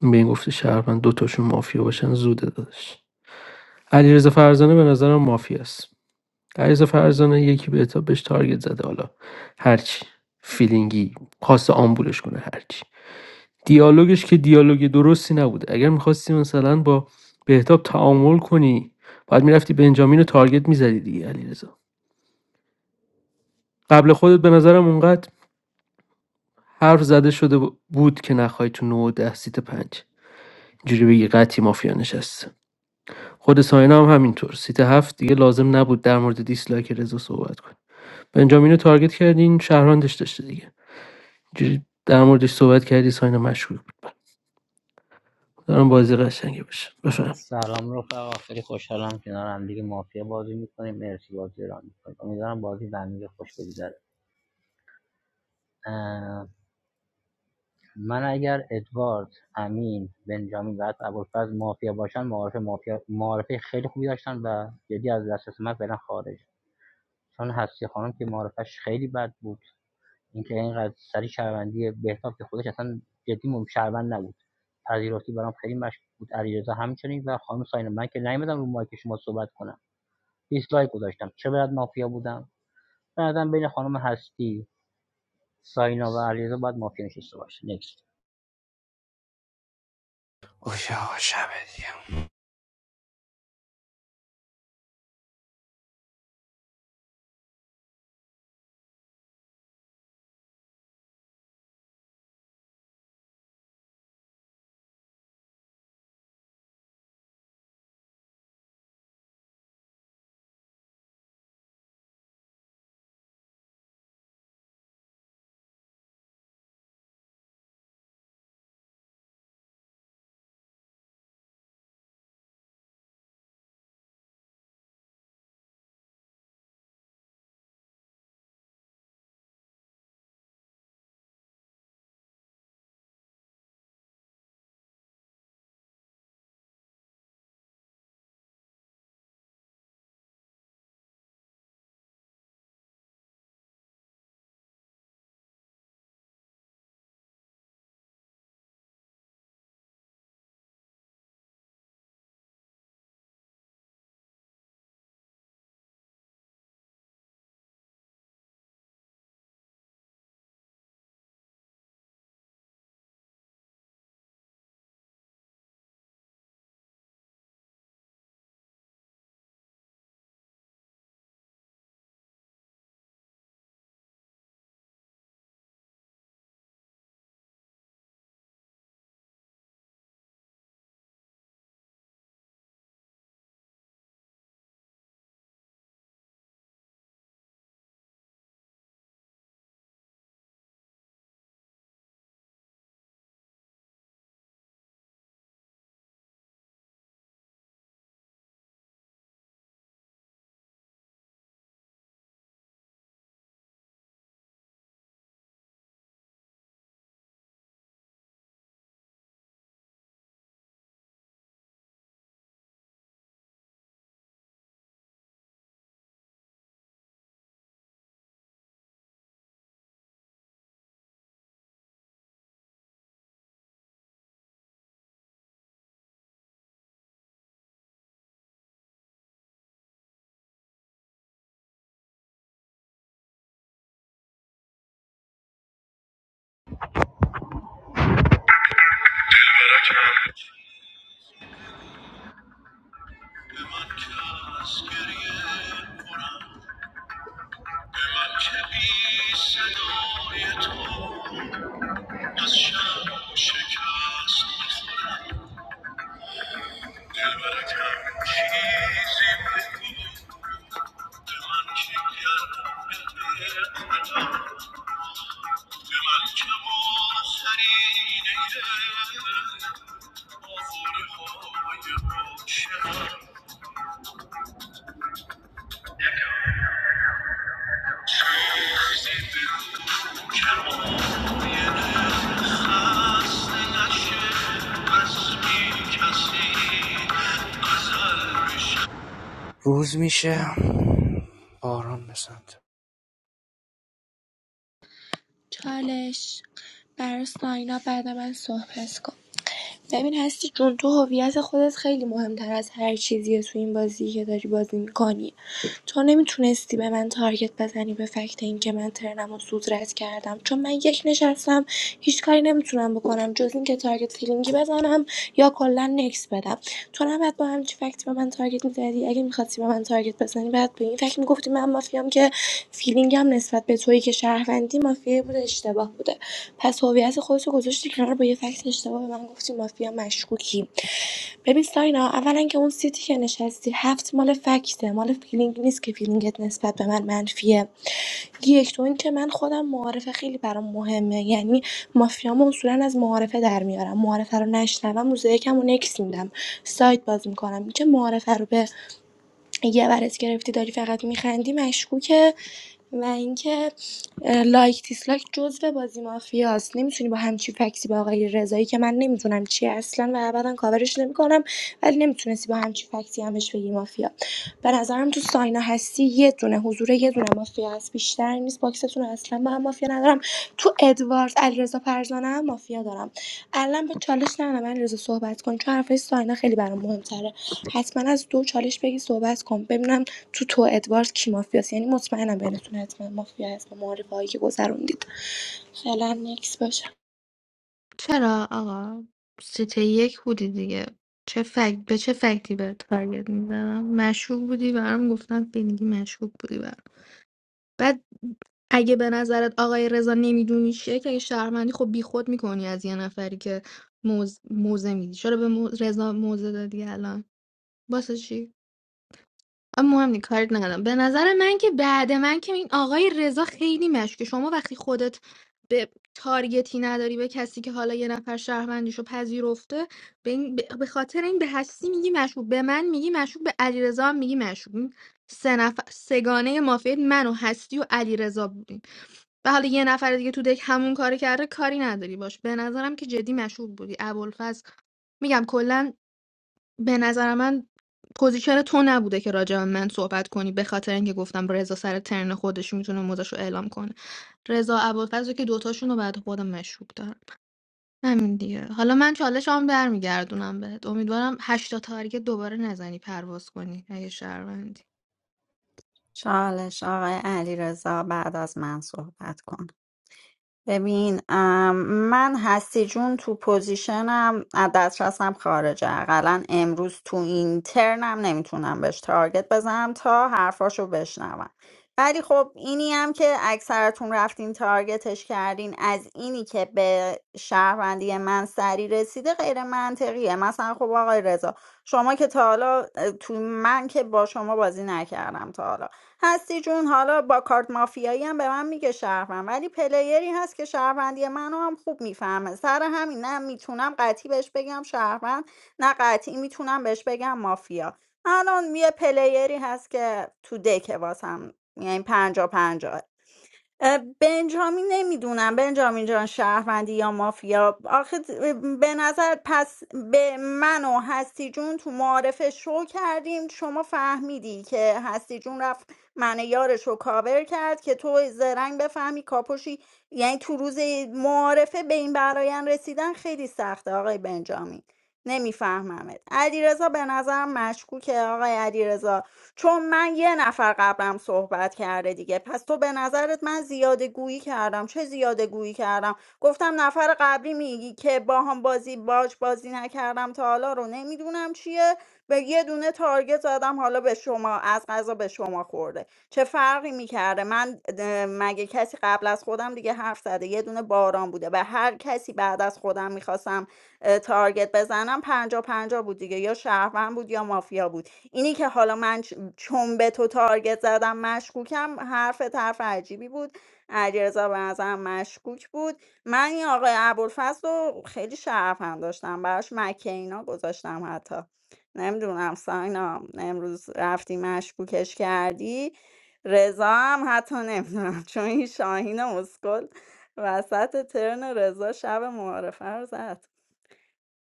[SPEAKER 12] این به این گفته شهروند دوتاشون مافیا باشن زوده داداش علیرضا فرزانه به نظرم مافیاست علیرضا فرزانه یکی به تا بهش تارگت زده حالا هرچی فیلینگی خاص آمبولش کنه هرچی دیالوگش که دیالوگ درستی نبوده اگر میخواستی مثلا با بهتاب تعامل کنی باید میرفتی بنجامین رو تارگت میزدی دیگه علیرضا قبل خودت به نظرم حرف زده شده بود که نخوای تو 9 و 10 سیت 5 اینجوری بگی قطعی مافیا نشسته خود ساینا هم همینطور سیت هفت دیگه لازم نبود در مورد دیسلایک رضا صحبت کنه بنجامین رو تارگت کردین شهراندش داشته دیگه اینجوری در موردش صحبت کردی ساینا مشکوک بود دارم بازی قشنگی بشه بفهم
[SPEAKER 18] سلام رفقا خیلی خوشحالم کنار هم دیگه مافیا بازی میکنیم مرسی بازی ران میکنیم امیدوارم بازی به هم دیگه خوش بگذره اه، من اگر ادوارد امین بنجامین و حتی ابوالفضل مافیا باشن معارف مافیا معارفه خیلی خوبی داشتن و جدی از دسترس من فعلا خارج چون هستی خانم که معارفش خیلی بد بود اینکه اینقدر سری شهروندی بهتاب که خودش اصلا جدی مم شهروند نبود پذیرفتی برام خیلی مشکوک بود علیرضا همچنین و خانم ساینا من که نیومدم رو مایک شما صحبت کنم دیسلایک گذاشتم چه باید مافیا بودم به نظرم بین خانم هستی ساینا و علیرضا باید مافیا نشسته باشه نکست
[SPEAKER 11] اوکی شب دیگه
[SPEAKER 19] Thank you. Hasna shehazbi kasi azalbi.
[SPEAKER 11] روز میشه باران بسند
[SPEAKER 7] چالش برای ساینا بعد من صحبت کن ببین هستی جون تو هویت خودت خیلی مهمتر از هر چیزیه تو این بازی که داری بازی میکنی تو نمیتونستی به من تارگت بزنی به فکت این که من ترنم و سود رد کردم چون من یک نشستم هیچ کاری نمیتونم بکنم جز اینکه تارگت فیلینگی بزنم یا کلا نکس بدم تو نباید با همچی فکت به من تارگت میزدی اگه میخواستی به من تارگت بزنی بعد به این فکت میگفتی من مافیام که فیلینگم نسبت به تویی که شهروندی مافیا بوده اشتباه بوده پس هویت خودتو گذاشتی کنار با یه فکت اشتباه به من گفتی مافیا مشکوکی ببین ساینا اولا که اون سیتی که نشستی هفت مال فکته مال فیلینگ نیست که فیلینگت نسبت به من منفیه یک تو این که من خودم معارفه خیلی برام مهمه یعنی مافیام اصولا از معارفه در میارم معارفه رو نشنوم روز یکم و نکس میدم سایت باز میکنم اینکه معارفه رو به یه برات گرفتی داری فقط میخندی مشکوکه و اینکه اه، لایک دیسلایک جزء بازی مافیاست نمیتونی با همچی فکسی به آقای رضایی که من نمیدونم چیه اصلا و ابدا کاورش نمیکنم ولی نمیتونستی با همچی فکسی همش بگی مافیا به نظرم تو ساینا هستی یه دونه حضور یه دونه مافیا هست بیشتر نیست باکستون رو اصلا با هم مافیا ندارم تو ادوارد علیرضا فرزانه هم مافیا دارم الان به چالش نه من رضا صحبت کن چون حرفای ساینا خیلی برام مهمتره حتما از دو چالش بگی صحبت کن ببینم تو تو ادوارد کی مافیاست یعنی مطمئنم بینتون حتما مافیا هست با معارفه هایی که گذروندید فعلا نکس باشه
[SPEAKER 3] چرا آقا سیته یک بودی دیگه چه فکت به چه فکتی به تارگت میزنم مشکوک بودی برام گفتن بینگی مشکوک بودی برام بعد اگه به نظرت آقای رضا نمیدونی چیه که اگه شهرمندی خب بیخود میکنی از یه نفری که موز موزه میدی چرا به مو- رضا موزه دادی الان واسه چی آه، مهم نی کار ندارم به نظر من که بعد من که این آقای رضا خیلی مشکه شما وقتی خودت به تارگتی نداری به کسی که حالا یه نفر شهروندیشو پذیرفته به, این- به به خاطر این به هستی میگی مشکوک به من میگی مشکوک به علیرضا هم میگی مشکوک این سه نفر سگانه مافیا من و هستی و علیرضا بودیم و حالا یه نفر دیگه تو دک همون کارو کرده کاری نداری باش به نظرم که جدی مشکوک بودی ابوالفضل میگم کلا به نظر من پوزیشن تو نبوده که راجع به من صحبت کنی به خاطر اینکه گفتم رضا سر ترن خودش میتونه موزش اعلام کنه رضا ابوالفضل که دوتاشون رو بعد خودم مشروب دارم همین دیگه حالا من چالش هم برمیگردونم بهت امیدوارم هشتا تارگت دوباره نزنی پرواز کنی اگه شهروندی
[SPEAKER 5] چالش آقای علیرضا بعد از من صحبت کن ببین ام، من هستی جون تو پوزیشنم از دسترسم خارجه اقلا امروز تو این ترنم نمیتونم بهش تارگت بزنم تا حرفاشو بشنوم ولی خب اینی هم که اکثرتون رفتین تارگتش کردین از اینی که به شهروندی من سری رسیده غیر منطقیه مثلا خب آقای رضا شما که تا حالا اه، تو من که با شما بازی نکردم تا حالا هستی جون حالا با کارت مافیایی هم به من میگه شهروند ولی پلیری هست که شهروندی منو هم خوب میفهمه سر همین نه میتونم قطعی بهش بگم شهروند نه قطعی میتونم بهش بگم مافیا الان یه پلیری هست که تو دکه واسم یعنی پنجا پنجاه اه، بنجامین نمیدونم بنجامین جان شهروندی یا مافیا آخه به نظر پس به من و هستی جون تو معارفه شو کردیم شما فهمیدی که هستی جون رفت من یارش رو کاور کرد که تو زرنگ بفهمی کاپوشی یعنی تو روز معارفه به این برایان رسیدن خیلی سخته آقای بنجامین نمیفهممت علیرضا به نظرم مشکوکه آقای علیرضا چون من یه نفر قبلم صحبت کرده دیگه پس تو به نظرت من زیاده گویی کردم چه زیاده گویی کردم گفتم نفر قبلی میگی که با هم بازی باج بازی نکردم تا حالا رو نمیدونم چیه به یه دونه تارگت زدم حالا به شما از غذا به شما خورده چه فرقی میکرده من اه، مگه کسی قبل از خودم دیگه حرف زده یه دونه باران بوده به هر کسی بعد از خودم میخواستم تارگت بزنم پنجا پنجا بود دیگه یا شهروند بود یا مافیا بود اینی که حالا من چ- چون به تو تارگت زدم مشکوکم حرفت حرف عجیبی بود علیرضا به نظرم مشکوک بود من این آقای ابوالفضل رو خیلی شرفم داشتم براش مکه اینا گذاشتم حتی نمیدونم ساینا امروز رفتی مشکوکش کردی رضا هم حتی نمیدونم *laughs* چون این شاهین اسکل وسط ترن رضا شب معارفه رو زد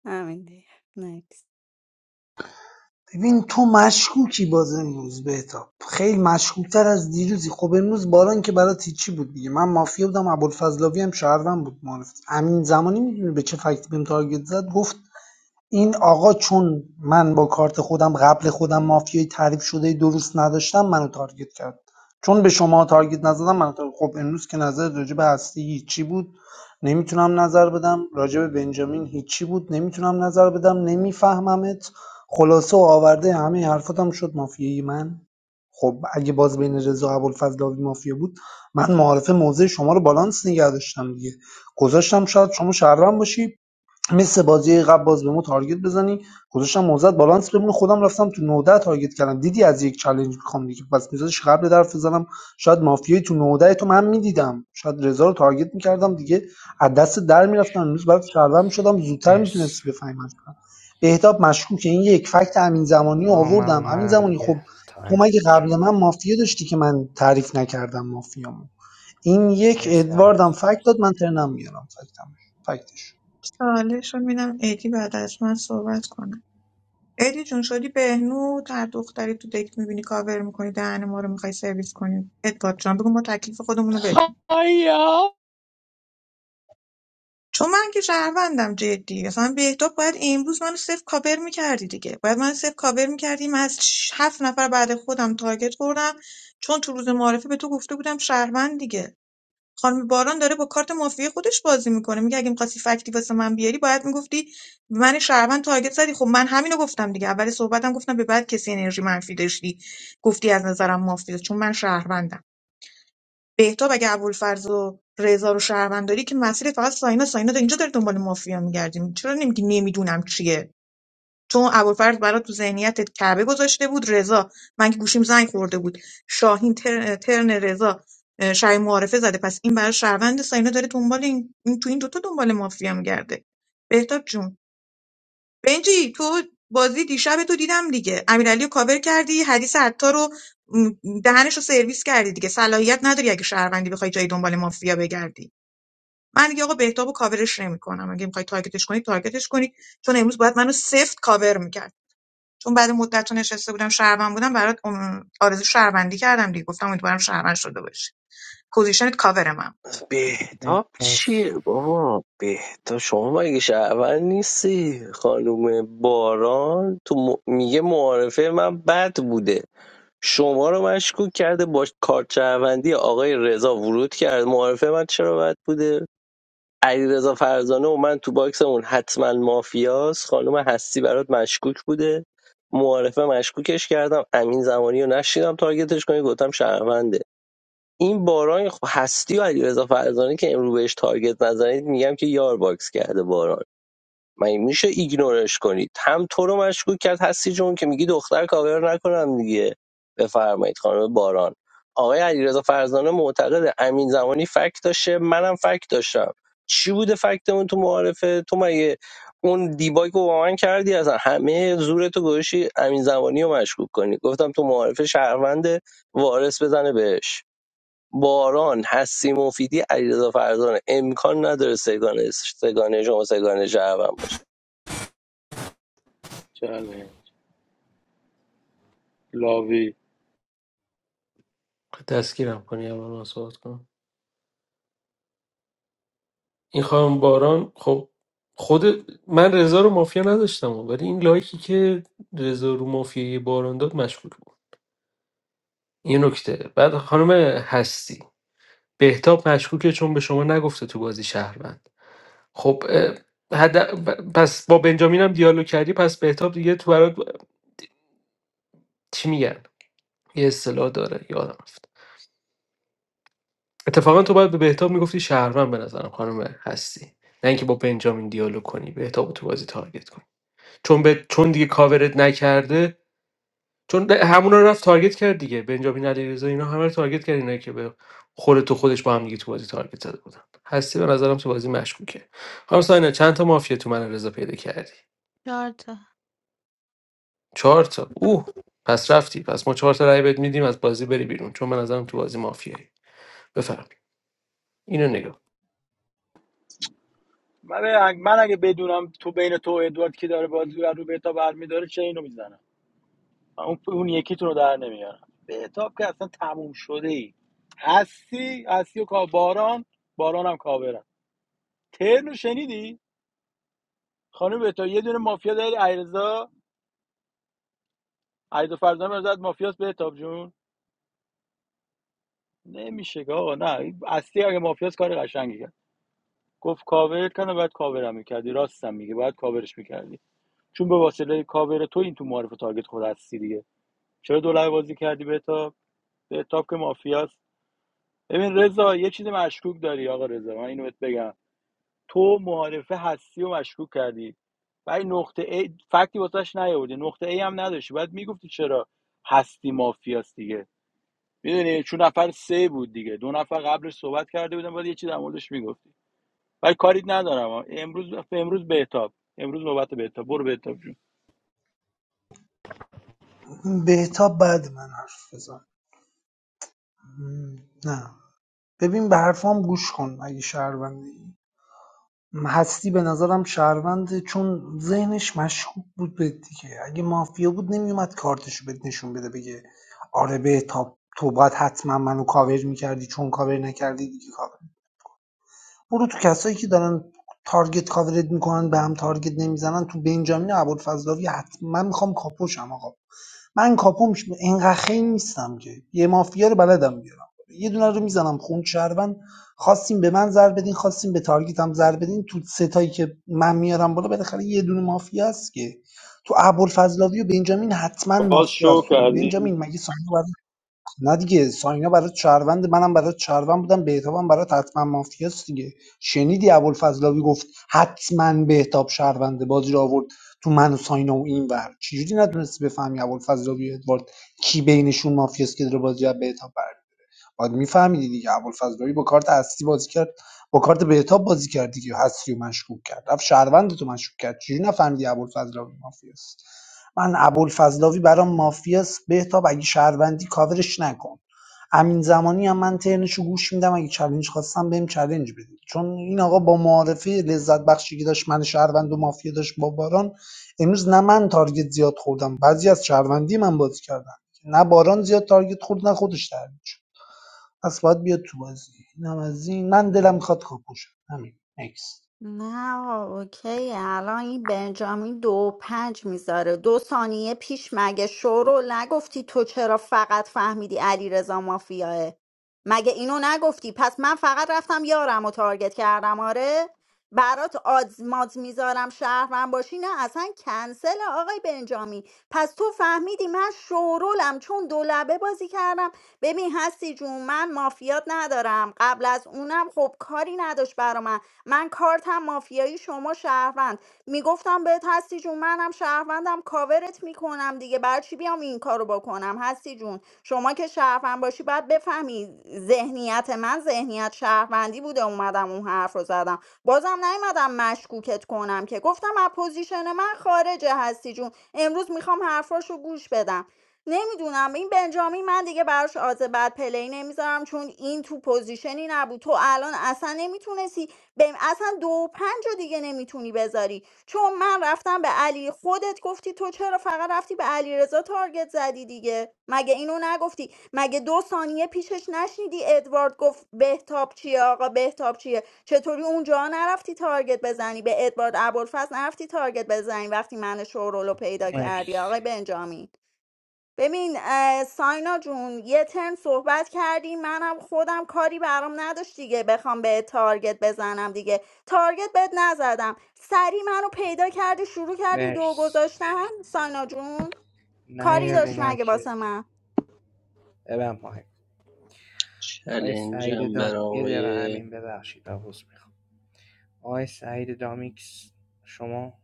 [SPEAKER 5] همین دیگه Next.
[SPEAKER 15] ببین تو مشکوکی باز امروز بهتاب خیلی مشکوکتر از دیروزی خب امروز باران که برات هیچی بود دیگه من مافیا بودم ابوالفضلاوی هم شهروند بود معرفت امین زمانی میدونی به چه فکتی بهم تارگت زد گفت این آقا چون من با کارت خودم قبل خودم مافیای تعریف شده درست نداشتم منو تارگت کرد چون به شما تارگت نزدم منو تارگت خب امروز که نظر راجع به هستی هیچی بود نمیتونم نظر بدم راجع به بنجامین هیچی بود نمیتونم نظر بدم نمیفهممت خلاصه و آورده همه حرفاتم شد مافیای من خب اگه باز بین رضا و ابوالفضل مافیا بود من معارف موضع شما رو بالانس نگه داشتم دیگه گذاشتم شاید شما شهروند باشی مثل بازی قبل باز به ما تارگت بزنی گذاشتم موزت بالانس بمونه خودم رفتم تو نوده تارگت کردم دیدی از یک چالش میخوام دیگه پس میذارش قبل درف بزنم شاید مافیای تو 19 تو من میدیدم شاید رضا رو تارگت میکردم دیگه از دست در میرفتم امروز برات شردم میشدم زودتر
[SPEAKER 11] مرسی
[SPEAKER 15] میتونستی بفهمی بهتاب مشکوکه این یک فکت امین زمانی رو
[SPEAKER 11] آه من
[SPEAKER 15] آوردم امین
[SPEAKER 11] اومدم
[SPEAKER 15] زمانی
[SPEAKER 11] دیگه
[SPEAKER 15] خب تو
[SPEAKER 11] تایم
[SPEAKER 15] مگه
[SPEAKER 11] میگیرم
[SPEAKER 15] قبل من مافیا داشتی که من تعریف نکردم مافیامو این یک
[SPEAKER 11] مرسی علی
[SPEAKER 15] ادواردم
[SPEAKER 11] مرسی
[SPEAKER 15] فکت داد من ترنم میارم فکتم فکتش
[SPEAKER 6] چالش رو میدم ادی بعد از من صحبت کنم ایدی جون شدی بهنود هر دختری تو دک میبینی کاور میکنی دهن ما رو میخوای سرویس کنی ادوارد جان بگو ما تکلیف خودمون رو بدون
[SPEAKER 1] آیا
[SPEAKER 6] چون من که شهروندم جدی اصلا بهتاب باید امروز منو صفر کاور میکردی دیگه باید من صفر کاور میکردی من از هفت نفر بعد خودم تارگت خوردم چون تو روز معارفه به تو گفته بودم شهروند دیگه خانم باران داره با کارت مافیای خودش بازی میکنه میگه اگه میخواستی فکتی واسه من بیاری باید میگفتی من شهروند تارگت زدی خب من همینو گفتم دیگه اول صحبتم گفتم به بعد کسی انرژی منفی داشتی گفتی از نظرم مافیا چون من شهروندم بهتاب اگه ابوالفرز و رضا رو شهروند داری که مسیر فقط ساینا ساینا تا اینجا داره دنبال مافیا میگردیم چرا نمیگی نمیدونم چیه چون ابوالفضل برات تو ذهنیتت کعبه گذاشته بود رضا من که گوشیم زنگ خورده بود شاهین تر- ترن رضا اه، شاهین معارفه زده پس این برای شهروند ساینا داره دنبال این, این تو این دوتا دنبال مافیا میگرده بهتاب جون بنجی تو بازی دیشب تو دیدم دیگه امیرعلی رو کاور کردی حدیث عطار رو م، دهنش رو سرویس کردی دیگه صلاحیت نداری اگه شهروندی بخوای جای دنبال مافیا بگردی من دیگه آقا بهتاب کاورش نمیکنم اگه میخوای تارگتش کنی تارگتش کنی چون امروز باید منو سفت کاور میکرد چون بعد مدت تو نشسته بودم شهروند بودم برات ام، آرزو شهروندی کردم دیگه گفتم امیدوارم شهروند شده باشی پوزیشنت کاور من
[SPEAKER 1] بهتاب
[SPEAKER 11] مرسی
[SPEAKER 1] چیه بابا بهتاب شما مگه شهرون نیستی خانم باران تو م- میگه معارفه من بد بوده شما رو مشکوک کرده با کارت شهروندی آقای رضا ورود کرد معارفه من چرا بد بوده علیرضا فرزانه و من تو باکس اون حتما مافیاس خانم هستی برات مشکوک بوده معارفه مشکوکش کردم امین زمانی رو نشیدم تارگتش کنی گفتم شهرونده این باران خب هستی و علیرضا فرزانه که امروز بهش تارگت نزنید میگم که یار باکس کرده باران مگه میشه ایگنورش کنید هم تو رو مشکوک کرد هستی جون که میگی دختر کاور نکنم دیگه بفرمایید خانم باران آقای علیرضا فرزانه معتقد امین زمانی فکت داشته منم فکت داشتم چی بوده فکتمون تو معارفه تو مگه اون دیباگ رو با من کردی اصلا همه زورتو گوشی امین زمانی رو مشکوک کنی گفتم تو معارفه شهروند وارث بزنه بهش باران هستی مفیدی علیرضا فرزانه امکان نداره سگانه سگانه شما سگانه شهروند باشه
[SPEAKER 16] چاله لاوی
[SPEAKER 12] تسکیرم کنی اول من صحبت کنم این خانم باران خب خود من رضا رو مافیا نداشتم ولی این لایکی که رضا رو مافیای باران داد مشکوک بود یه نکته بعد خانم هستی بهتاب مشکوکه چون به شما نگفته تو بازی شهروند خب اه، حد... پس با بنجامین هم دیالوگ کردی پس بهتاب دیگه تو برات چی میگن یه اصطلاح داره یادم رفت اتفاقا تو باید به بهتاب میگفتی شهروند به نظرم خانم هستی نه اینکه با بنجامین دیالوگ کنی بهتاب رو تو بازی تارگت کنی چون به... چون دیگه کاورت نکرده چون ده- همونا رو رفت تارگت کرد دیگه بنجامین علیرضا اینا همه رو تارگت کرد اینایی که به خود تو خودش با هم دیگه تو بازی تارگت زده بودن هستی به نظرم تو بازی مشکوکه خانم ساینا چند تا مافیا تو من رضا پیدا کردی
[SPEAKER 3] چهار تا
[SPEAKER 12] چهار تا اوه پس رفتی پس ما چهار تا رای بهت میدیم از بازی بری بیرون چون به نظرم تو بازی مافیایی بفهم اینو نگاه
[SPEAKER 16] من من اگه بدونم تو بین تو و ادوارد کی داره بازی رو به بهتاب برمیداره چه اینو میزنم اون اون یکی تو رو در نمیارم بهتاب که اصلا تموم شده ای هستی هستی و کا باران باران هم کاورم ترنو شنیدی خانم بهتاب یه دونه مافیا داری ایرزا عیدو فرزانه مرزاد مافیاس بهتاب جون نمیشه که آقا نه هستی اگه مافیاس کار قشنگی کرد گفت کاور کنه بعد کاورم میکردی راستم میگه باید کاورش میکردی چون به واسطه کاور تو این تو معرف تارگت خود هستی دیگه چرا دو لبه بازی کردی بهتاب بهتاب که مافیاس ببین رضا یه چیز مشکوک داری آقا رضا من اینو بهت بگم تو معارفه هستی و مشکوک کردی ولی نقطه A فکتی واسش نیاوردی نقطه A هم نداشتی بعد میگفتی چرا هستی مافیاست دیگه میدونی چون نفر سه بود دیگه دو نفر قبلش صحبت کرده بودن بعد یه چیز در موردش میگفتی ولی کاری ندارم آه. امروز امروز بهتاب امروز نوبت بهتاب برو بهتاب جون
[SPEAKER 15] بهتاب بعد من حرف بزن نه ببین به حرفام گوش کن اگه شهروندی هستی به نظرم شهرونده چون ذهنش مشکوک بود به دیگه اگه مافیا بود نمیومد کارتشو بهت نشون بده بگه آره بهتاب تو باید حتما منو کاور میکردی چون کاور نکردی دیگه کاور برو تو کسایی که دارن تارگت کاورت میکنن به هم تارگت نمیزنن تو بنجامین و ابوالفضلاوی حتما میخوام کاپوشم آقا من کاپوم ش- اینقدر خیلی نیستم که یه مافیا رو بلدم بیارم یه دونه رو میزنم خون شهروند خواستیم به من زر بدین خواستیم به تارگیت هم زر بدین تو ستایی که من میارم بالا بالاخره یه دونه مافیا است که تو ابوالفضلاوی و بنجامین حتما
[SPEAKER 16] باز
[SPEAKER 15] مافیا است
[SPEAKER 16] شو
[SPEAKER 15] خب
[SPEAKER 16] کردی
[SPEAKER 15] بنجامین مگه ساینا نه دیگه ساینا برای شهروند منم برای شهروند بودم بهتابم برای حتما مافیاست دیگه شنیدی ابوالفضلاوی گفت حتما بهتاب شهرونده بازی رو آورد تو من و ساینا و این ور چجوری نتونستی بفهمی ابوالفضلاوی و ادوارد کی بینشون مافیاست که داره بازی رو از بهتاب برمی‌داره؟ باید میفهمیدی دیگه ابوالفضلایی با کارت هستی بازی کرد با کارت بهتاب بازی کرد دیگه هستی و مشکوک کرد رفت شهروند تو مشکوک کرد چجوری نفهمیدی ابوالفضلاوی مافیاست من ابوالفضلاوی برام مافیاست بهتاب اگه شهروندی کاورش نکن امین زمانی هم من ترنشو گوش میدم اگه چلنج خواستم بهم چالش بدید چون این آقا با معارفه لذت بخشی که داشت من شهروند و مافیا داشت با باران امروز نه من تارگت زیاد خوردم بعضی از شهروندی من بازی کردن نه باران زیاد تارگت خورد نه خودش ترنج پس باید بیاد تو بازی این هم از این من دلم میخواد کاپوشم همین نکست
[SPEAKER 5] نه آقا، اوکیه الان این بنجامین دو و پنج میذاره دو ثانیه پیش مگه شورو نگفتی تو چرا فقط فهمیدی علی رضا مافیاه مگه اینو نگفتی پس من فقط رفتم یارم و تارگت کردم آره برات آزماز میذارم شهرم باشی نه اصلا کنسل آقای بنجامین پس تو فهمیدی من شورولم چون دو بازی کردم ببین هستی جون من مافیات ندارم قبل از اونم خب کاری نداشت برا من من کارتم مافیایی شما شهروند میگفتم بهت هستی جون منم شهروندم کاورت میکنم دیگه برای چی بیام این کارو بکنم هستی جون شما که شهروند باشی باید بفهمی ذهنیت من ذهنیت شهروندی بوده اومدم اون حرف رو زدم بازم نیومدم مشکوکت کنم که گفتم از پوزیشن من خارجه هستی جون امروز میخوام حرفاشو گوش بدم نمیدونم این بنجامین من دیگه براش آز بعد پلی نمیذارم چون این تو پوزیشنی نبود تو الان اصلا نمیتونستی به اصلا دو و پنج رو دیگه نمیتونی بذاری چون من رفتم به علی خودت گفتی تو چرا فقط رفتی به علی رضا تارگت زدی دیگه مگه اینو نگفتی مگه دو ثانیه پیشش نشنیدی ادوارد گفت بهتاب چیه آقا بهتاب چیه چطوری اونجا نرفتی تارگت بزنی به ادوارد ابوالفضل نرفتی تارگت بزنی وقتی من شورولو پیدا کردی
[SPEAKER 11] مرسی
[SPEAKER 5] آقای بنجامین ببین اه، ساینا جون یه ترم صحبت کردی منم خودم کاری برام نداشت دیگه بخوام به تارگت بزنم دیگه تارگت بهت نزدم سری منو پیدا کردی شروع کردی دو
[SPEAKER 11] مرسی
[SPEAKER 5] گذاشتن ساینا جون
[SPEAKER 11] نه
[SPEAKER 5] کاری
[SPEAKER 11] یه رو
[SPEAKER 5] داشت مگه
[SPEAKER 11] مایک
[SPEAKER 5] واسه من
[SPEAKER 11] ببن مایک آقای سعید
[SPEAKER 13] چلنجم برای
[SPEAKER 11] دام یه
[SPEAKER 13] آقای
[SPEAKER 11] دقیقه همین ببخشید و حوض میخوام آقای سعید دامیکس شما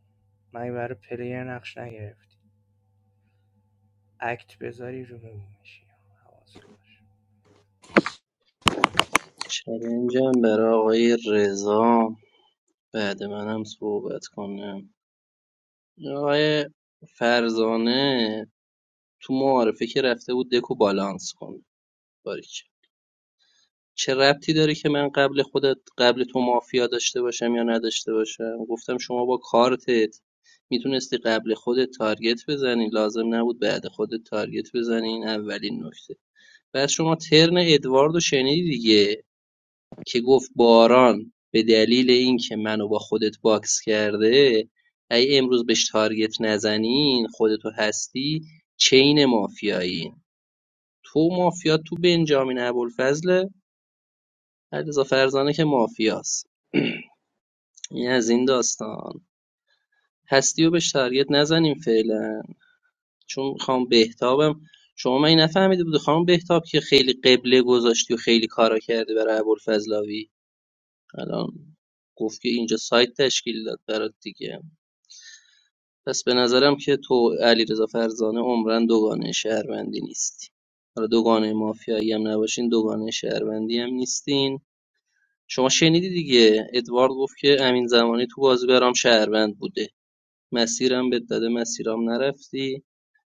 [SPEAKER 11] من برای پلیر نقش نگرفتی اکت بذاری رو میشی حواس باشه
[SPEAKER 13] چلنجم برای آقای رضا بعد منم صحبت کنم آقای فرزانه تو معارفه که رفته بود دکو بالانس کنه باریک چه ربطی داره که من قبل خودت قبل تو مافیا داشته باشم یا نداشته باشم گفتم شما با کارتت میتونستی قبل خودت تارگت بزنی لازم نبود بعد خودت تارگت بزنی این اولین نکته بعد شما ترن ادواردو شنیدی دیگه که گفت باران به دلیل اینکه منو با خودت باکس کرده ای امروز بهش تارگت نزنین خودتو هستی چین مافیایی تو مافیا تو بنجامین ابوالفضل علیرضا فرزانه که مافیاست *clears throat* این از این داستان هستی و بهش تارگت نزنیم فعلا چون خانم بهتابم شما من نفهمیده بود خانم بهتاب که خیلی قبله گذاشتی و خیلی کارا کردی برای ابوالفضلاوی الان گفت که اینجا سایت تشکیل داد برات دیگه پس به نظرم که تو علیرضا فرزانه عمرن دوگانه شهروندی نیستی حالا دوگانه مافیایی هم نباشین دوگانه شهروندی هم نیستین شما شنیدی دیگه ادوارد گفت که امین زمانی تو بازی برام شهروند بوده مسیرم بهت داده مسیرام نرفتی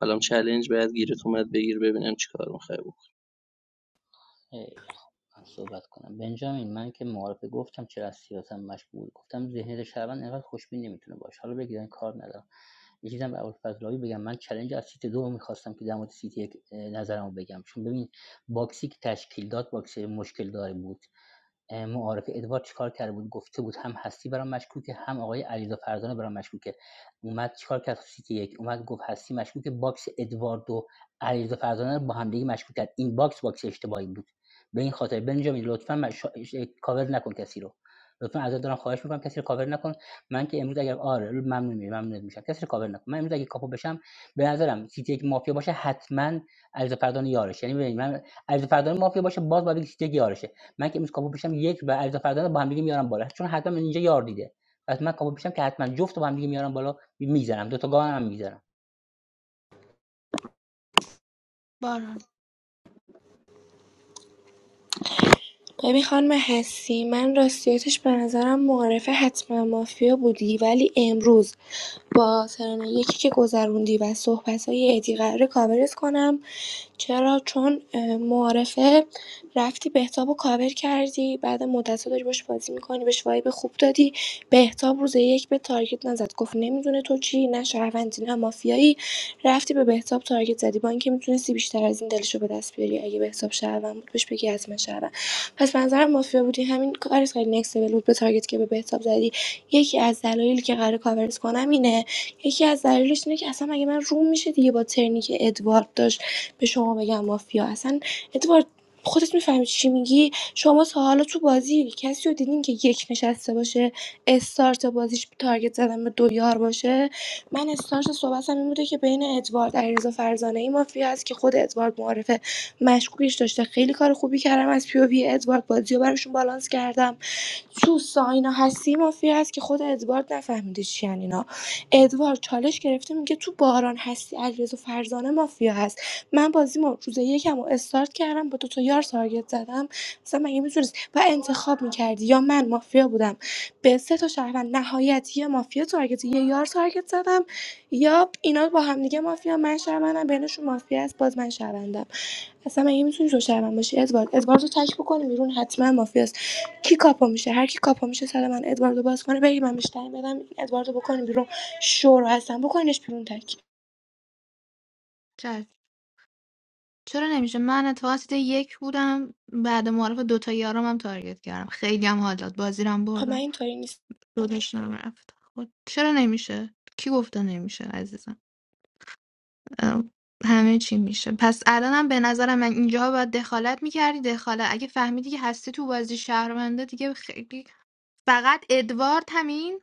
[SPEAKER 13] حالا چلنج باید گیرت اومد بگیر ببینم چیکار میخوای بکن
[SPEAKER 18] خیلی خوب من صحبت کنم بنجامین من که معارفه گفتم چرا از سیاستم مشغول گفتم ذهنیت شهروند انقدر خوشبین نمیتونه باشه حالا بگیرن کار ندارم یه چیزم به ابوالفضلاوی بگم من چلنج از سیت دو میخواستم که در مورد سیت یک اه، نظرمو بگم چون ببین باکسی که تشکیل داد باکسی مشکل داره بود معارفه ادوارد چیکار کرده بود گفته بود هم هستی برام مشکوکه هم آقای علیرضا فرزانه برام مشکوکه اومد چیکار کرد تو سیتی یک اومد گفت هستی مشکوکه باکس ادوارد و علیرضا فرزانه رو با هم دیگه مشکوک کرد این باکس باکس اشتباهی بود به این خاطر بنجامین لطفا مش... کاور نکن کسی رو لطفا ازت دارم خواهش میکنم کسی رو کاور نکن من که امروز اگر آره ممنون میشم ممنون میشم کسی رو کاور نکن من امروز اگه کاپو بشم به نظرم سیتی یک مافیا باشه حتما علیرضا فردان یارش یعنی ببین من علیرضا فردان مافیا باشه باز باید سیتی یک یارشه من که امروز کاپو میشم یک و علیرضا فرزانه رو با هم دیگه میارم بالا چون حتما اینجا یار دیده پس من کاپو میشم که حتما جفت رو با هم دیگه میارم بالا میذارم دو تا گام هم میذارم
[SPEAKER 3] باران
[SPEAKER 7] ببین خانم هستی من راستیتش به نظرم معارف حتما مافیا بودی ولی امروز با ترن یکی که گذروندی و صحبت های ادی قراره کاورت کنم چرا چون اه، معارفه رفتی بهتاب و کاور کردی بعد مدت داری باش بازی میکنی بهش وایب خوب دادی بهتاب روز یک به تارگت نزد گفت نمیدونه تو چی نه شهروندی نه مافیایی رفتی به بهتاب تارگت زدی با اینکه میتونستی بیشتر از این دلشو به دست بیاری اگه بهتاب شهروند بود بهش بگی حتما شهروند پس به نظرم مافیا بودی همین کارت خیلی نکس لول بود به تارگت که به بهتاب زدی یکی از دلایلی که قرار کاورت کنم اینه یکی از دلایلش اینه که اصلا مگه من روم میشه دیگه با ترنی که ادوارد داشت به شما بگم مافیا اصلا ادوارد خودت میفهمی چی میگی شما تا حالا تو بازی کسی رو دیدین که یک نشسته باشه استارت بازیش تارگت زدن به دو یار باشه من استارت صحبتم این بوده که بین ادوارد علیرضا فرزانه مافیا هست که خود ادوارد معرفه مشکوکش داشته خیلی کار خوبی کردم از پی او وی ادوارد بازی رو براشون بالانس کردم تو ساینا هستی مافیا هست که خود ادوارد نفهمیده چی ان اینا ادوارد چالش گرفته میگه تو باران هستی علیرضا فرزانه مافیا هست من بازیمو روز یکم رو استارت کردم با دو تا یار تارگت زدم مثلا مگه میتونی و انتخاب میکردی یا من مافیا بودم به سه تا شهروند نهایت یه مافیا تارگت یه یار تارگت زدم یا اینا با هم دیگه مافیا من شهروندم بینشون مافیا است باز من شهروندم اصلا مگه میتونی تو شهروند باشی ادوارد ادوارد رو تک بکنی بیرون حتما مافیاست کی کاپا میشه هر کی کاپا میشه سر من ادواردو باز کنه بگی من بیشتر بدم این ادواردو بکنی بیرون شور هستم بکنینش بیرون تک
[SPEAKER 3] چشم چرا نمیشه من اتفاقا سیت یک بودم بعد معرف دوتا یارم هم تارگت کردم خیلی هم حال داد بازی رو هم
[SPEAKER 7] خب
[SPEAKER 3] بردم
[SPEAKER 7] من اینطوری نیست
[SPEAKER 3] داداشم رفت خود چرا نمیشه کی گفته نمیشه عزیزم ام، همه چی میشه پس الانم به نظرم من اینجا باید دخالت میکردی دخالت اگه فهمیدی که هستی تو بازی شهرونده دیگه خیلی فقط ادوارد همین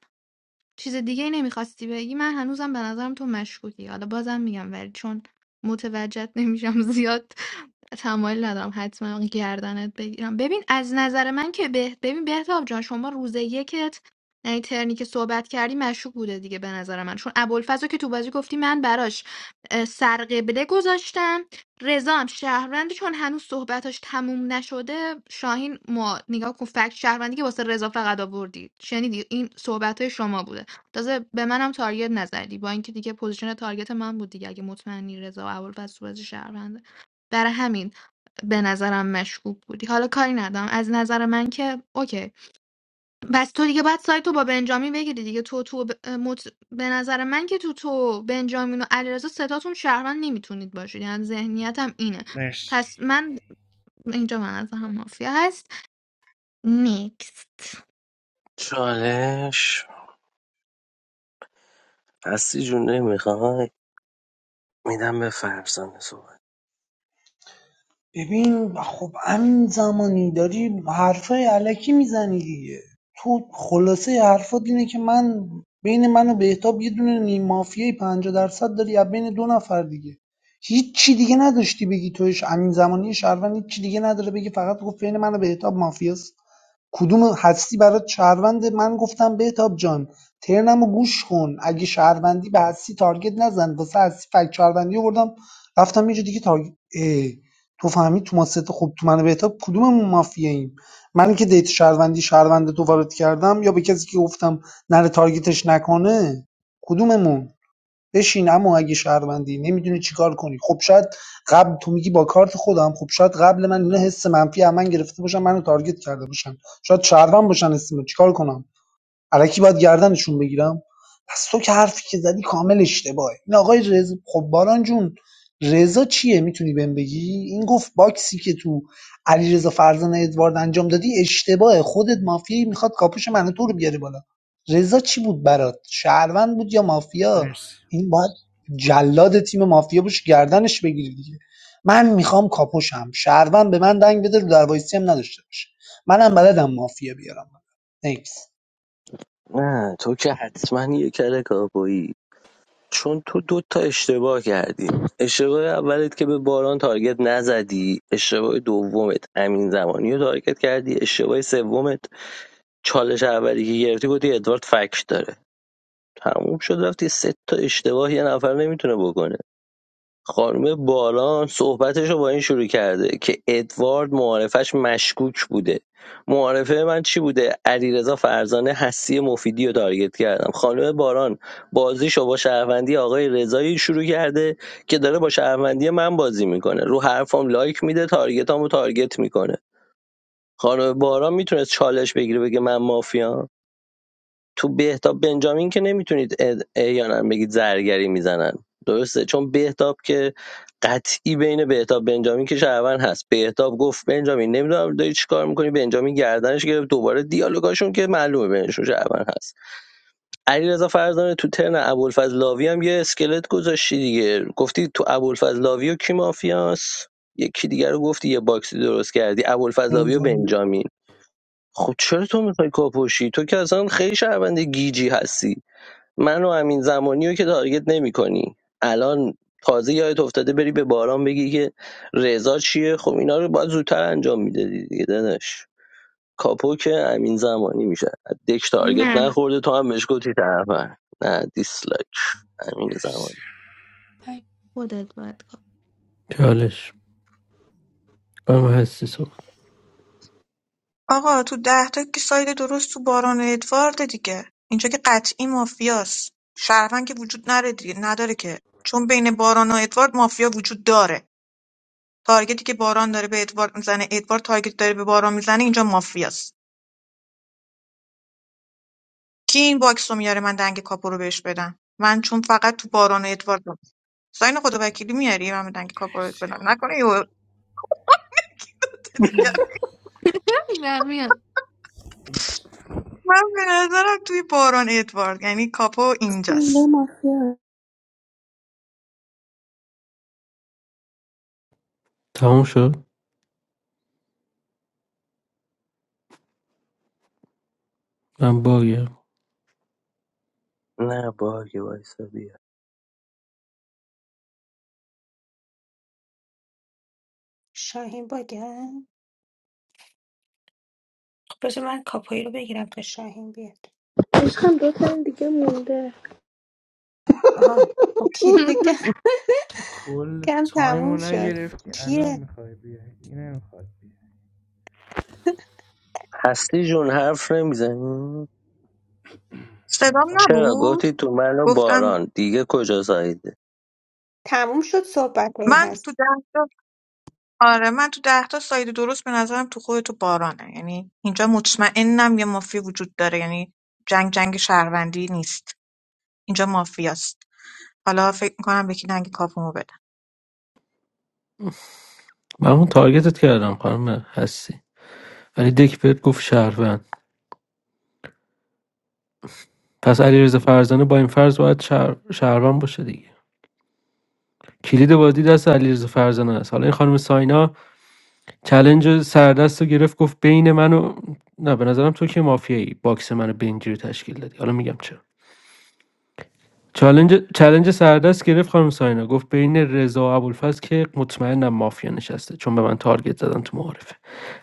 [SPEAKER 3] چیز دیگه ای نمیخواستی بگی من هنوزم به نظرم تو مشکوکی حالا بازم میگم ولی چون متوجهت نمیشم زیاد *laughs* تمایل ندارم حتما گردنت بگیرم ببین از نظر من که به... ببین بهتاب جان شما روز یکت یعنی ترنی که صحبت کردی مشکوک بوده دیگه به نظر من چون ابوالفضل رو که تو بازی گفتی من براش اه، سرقبله گذاشتم رضا هم شهروندی چون هنوز صحبتاش تموم نشده شاهین ما نگاه کن فکت شهروندی که واسه رضا فقط آوردی شنیدی این صحبت شما بوده تازه به منم تارگت نزدی با اینکه دیگه پوزیشن تارگت من بود دیگه اگه مطمئنی رضا و ابوالفضل تو بازی شهرونده برای همین به نظرم مشکوک بودی حالا کاری ندارم از نظر من که اوکی بس تو دیگه بعد سایت تو با بنجامین بگیری دیگه تو تو ب... مط... به نظر من که تو تو بنجامین و علیرضا ستاتون شهروند نمیتونید باشید یعنی ذهنیتم اینه
[SPEAKER 11] مرسی
[SPEAKER 3] پس من اینجا من از هم مافیا هست نیکست
[SPEAKER 1] چالش هستی جون نمیخوای میدم به فرزانه صحبت
[SPEAKER 15] ببین خب همین زمانی داری حرفای علکی میزنی دیگه تو خلاصه حرفات اینه که من بین من و بهتاب یه دونه نیم مافیای پنجاه درصد داری یا بین دو نفر دیگه هیچ چی دیگه نداشتی بگی توش همین زمانی شهروند هیچ چی دیگه نداره بگی فقط گفت بین من و بهتاب مافیاست کدوم هستی برات شهرونده من گفتم بهتاب جان ترنمو گوش کن اگه شهروندی به هستی تارگت نزن واسه هستی فک شهروندی آوردم رفتم اینجا دیگه تارگت اه، تو فهمی تو ما سه تا خب تو من بهتاب کدوممون مافیاییم من که دیت شهروندی شهروند تو وارد کردم یا به کسی که گفتم نره تارگتش نکنه کدوممون بشین اما اگه شهروندی نمیدونی چیکار کنی خب شاید قبل تو میگی با کارت خودم خب شاید قبل من اینا حس منفی از من گرفته باشن منو تارگت کرده باشن شاید شهروند باشن اسم چیکار کنم الکی باید گردنشون بگیرم پس تو که حرفی که زدی کامل اشتباهه این آقای رضا خب باران جون رضا چیه میتونی بهم بگی این گفت باکسی که تو علیرضا فرزانه ادوارد انجام دادی اشتباهه خودت مافیایی میخواد کاپوش من تو رو بیاره بالا رضا چی بود برات شهروند بود یا مافیا
[SPEAKER 11] مرسی
[SPEAKER 15] این باید جلاد تیم مافیا باشه گردنش بگیری دیگه من میخوام کاپوشم شهروند به من دنگ بده رو دروایسی هم نداشته باشه منم بلدم مافیا بیارم نکس
[SPEAKER 1] نه تو که حتما یه کل کاپویی چون تو دو تا اشتباه کردی اشتباه اولت که به باران تارگت نزدی اشتباه دومت امین زمانی رو تارگت کردی اشتباه سومت چالش اولی که گرفتی بودی ادوارد فک داره تموم شد رفتی سه تا اشتباه یه نفر نمیتونه بکنه خانم باران صحبتش رو با این شروع کرده که ادوارد معارفش مشکوک بوده معارفه من چی بوده علیرضا فرزانه هستی مفیدی رو تارگت کردم خانم باران بازیش رو با شهروندی آقای رضایی شروع کرده که داره با شهروندی من بازی میکنه رو حرفام لایک میده تارگتامو تارگت میکنه خانم باران میتونست چالش بگیره بگه من مافیام تو بهتاب بنجامین که نمیتونید احیانا بگید زرگری میزنن درسته چون بهتاب که قطعی بین بهتاب بنجامین که شهروند هست بهتاب گفت بنجامین نمیدونم داری چی کار میکنی بنجامین گردنش گرفت دوباره دیالوگاشون که معلومه بینشون شهروند هست علیرضا فرزانه تو ترن ابوالفضل لاوی هم یه اسکلت گذاشتی دیگه گفتی تو ابوالفضل لاوی و کی مافیاس یکی دیگر رو گفتی یه باکسی درست کردی ابوالفضل لاوی و بنجامین خب چرا تو میخوای کاپوشی تو که اصلا خیلی شهروند گیجی هستی من و امین زمانی رو که تارگت نمی کنی الان تازه یادت افتاده بری به باران بگی که رضا چیه خب اینا رو باید زودتر انجام میدادی دیگه داداش کاپو که امین زمانی میشه دک تارگت
[SPEAKER 3] نه
[SPEAKER 1] نخورده تو هم بهش گفتی طرفن نه دیسلایک امین
[SPEAKER 11] مرسی
[SPEAKER 1] زمانی
[SPEAKER 3] خودت باید کار
[SPEAKER 12] چالش خانم هستی صحبت
[SPEAKER 6] آقا تو ده تا که ساید درست تو باران ادوارد دیگه اینجا که قطعی مافیاست شهروند که وجود نره دیگه نداره که چون بین باران و ادوارد مافیا وجود داره تارگتی که باران داره به ادوارد میزنه ادوارد تارگت داره به باران میزنه اینجا مافیاست کی این باکس رو میاره من دنگ کاپو رو بهش بدم من چون فقط تو باران و ادوارد رو ساین خدا وکیلی میاری من دنگ کاپو
[SPEAKER 11] مرسی.
[SPEAKER 6] رو بدم نکنه
[SPEAKER 3] کنی.
[SPEAKER 6] دیگه
[SPEAKER 3] نه میگم میام.
[SPEAKER 6] من به نظرم توی باران ادوارد یعنی کاپو
[SPEAKER 7] نه
[SPEAKER 6] اینجاست
[SPEAKER 7] مافیا
[SPEAKER 12] تموم شد من باگم
[SPEAKER 1] نه باگه وایسا بیا
[SPEAKER 2] شاهین باگه خب بذار من کاپایی رو بگیرم تا شاهین بیاد
[SPEAKER 7] عشقم دو تا دیگه مونده
[SPEAKER 2] آها خب کیه
[SPEAKER 3] *laughs*
[SPEAKER 2] بگم
[SPEAKER 11] کل
[SPEAKER 2] کم تموم
[SPEAKER 11] تایمو
[SPEAKER 2] شد
[SPEAKER 11] نگرفتی الان
[SPEAKER 2] کیه
[SPEAKER 11] میخوای بیای این نمیخواد بیای
[SPEAKER 1] هستی جون حرف نمیزنی
[SPEAKER 6] صدام
[SPEAKER 11] نفر
[SPEAKER 1] چرا
[SPEAKER 6] نبود
[SPEAKER 1] گفتی تو من و
[SPEAKER 6] گفتم
[SPEAKER 1] باران دیگه کجا زایده
[SPEAKER 2] تموم شد صحبت
[SPEAKER 6] من تو
[SPEAKER 2] هست
[SPEAKER 6] ده تا آره من تو ده تا ساید درست به نظرم تو خود تو بارانه یعنی اینجا مطمئنم یه مافیا وجود داره یعنی جنگ جنگ شهروندی نیست اینجا مافیاست حالا فکر میکنم به کی دنگ کاپومو بدم
[SPEAKER 12] من اون تارگتت کردم خانم هستی ولی دک بهت گفت شهروند پس علیرضا فرزانه با این فرض باید شهر... شهروند باشه دیگه کلید بازی دست علیرضا فرزانه است حالا این خانم ساینا چلنج سردست رو گرفت گفت بین من و نه به نظرم تو که مافیایی باکس منو بنجی رو تشکیل دادی حالا میگم چرا چلنج چلنج سردست گرفت خانم ساینا گفت بین رضا و ابوالفضل که مطمئنم مافیا نشسته چون به من تارگت زدن تو معارفه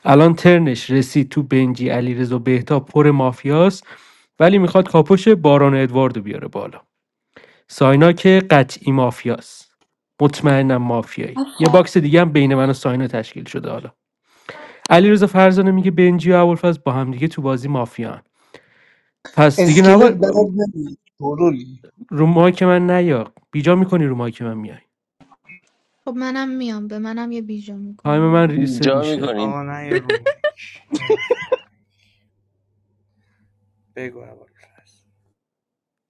[SPEAKER 12] الان ترنش رسید تو بنجی علیرضا بهتا پر مافیاست ولی میخواد کاپوش باران ادواردو بیاره بالا ساینا که قطعی مافیاست مطمئنم مافیایی یه
[SPEAKER 7] آفرین
[SPEAKER 12] باکس دیگه هم بین من و ساینا تشکیل شده حالا علیرضا فرزانه میگه بنجی و ابوالفضل با هم دیگه تو بازی مافیان پس دیگه
[SPEAKER 15] اسکلت
[SPEAKER 12] نباید
[SPEAKER 15] بلد نمیاد شورولی
[SPEAKER 12] رو مایک من نیا بیجا میکنی رو مایک من میای
[SPEAKER 3] خب منم میام به منم یه بیجا
[SPEAKER 12] تایم من
[SPEAKER 3] میکنی
[SPEAKER 12] ریست
[SPEAKER 1] اینجا
[SPEAKER 12] میشه
[SPEAKER 1] میکنین
[SPEAKER 11] آقا نه یه رو مایک نه بگو اول فصل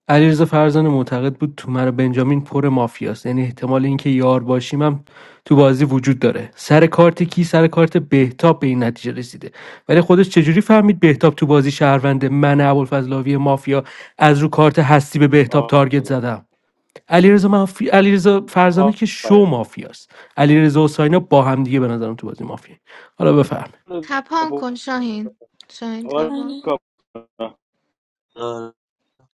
[SPEAKER 12] علیرضا فرزانه معتقد بود تو من و بنجامین پر مافیاست یعنی احتمال اینکه یار باشیم هم تو بازی وجود داره سر کارت کی سر کارت بهتاب به این نتیجه رسیده ولی خودش چجوری فهمید بهتاب تو بازی شهرونده من ابوالفضل لاوی مافیا از رو کارت هستی به بهتاب تارگت زدم علیرضا مافی... علیرضا فرزانه که شو
[SPEAKER 16] آفرین.
[SPEAKER 12] مافیاست علیرضا و ساینا با هم دیگه به نظرم تو بازی مافیا حالا بفهم
[SPEAKER 3] تپان کن شاهین شاهین
[SPEAKER 16] آقا
[SPEAKER 3] تپان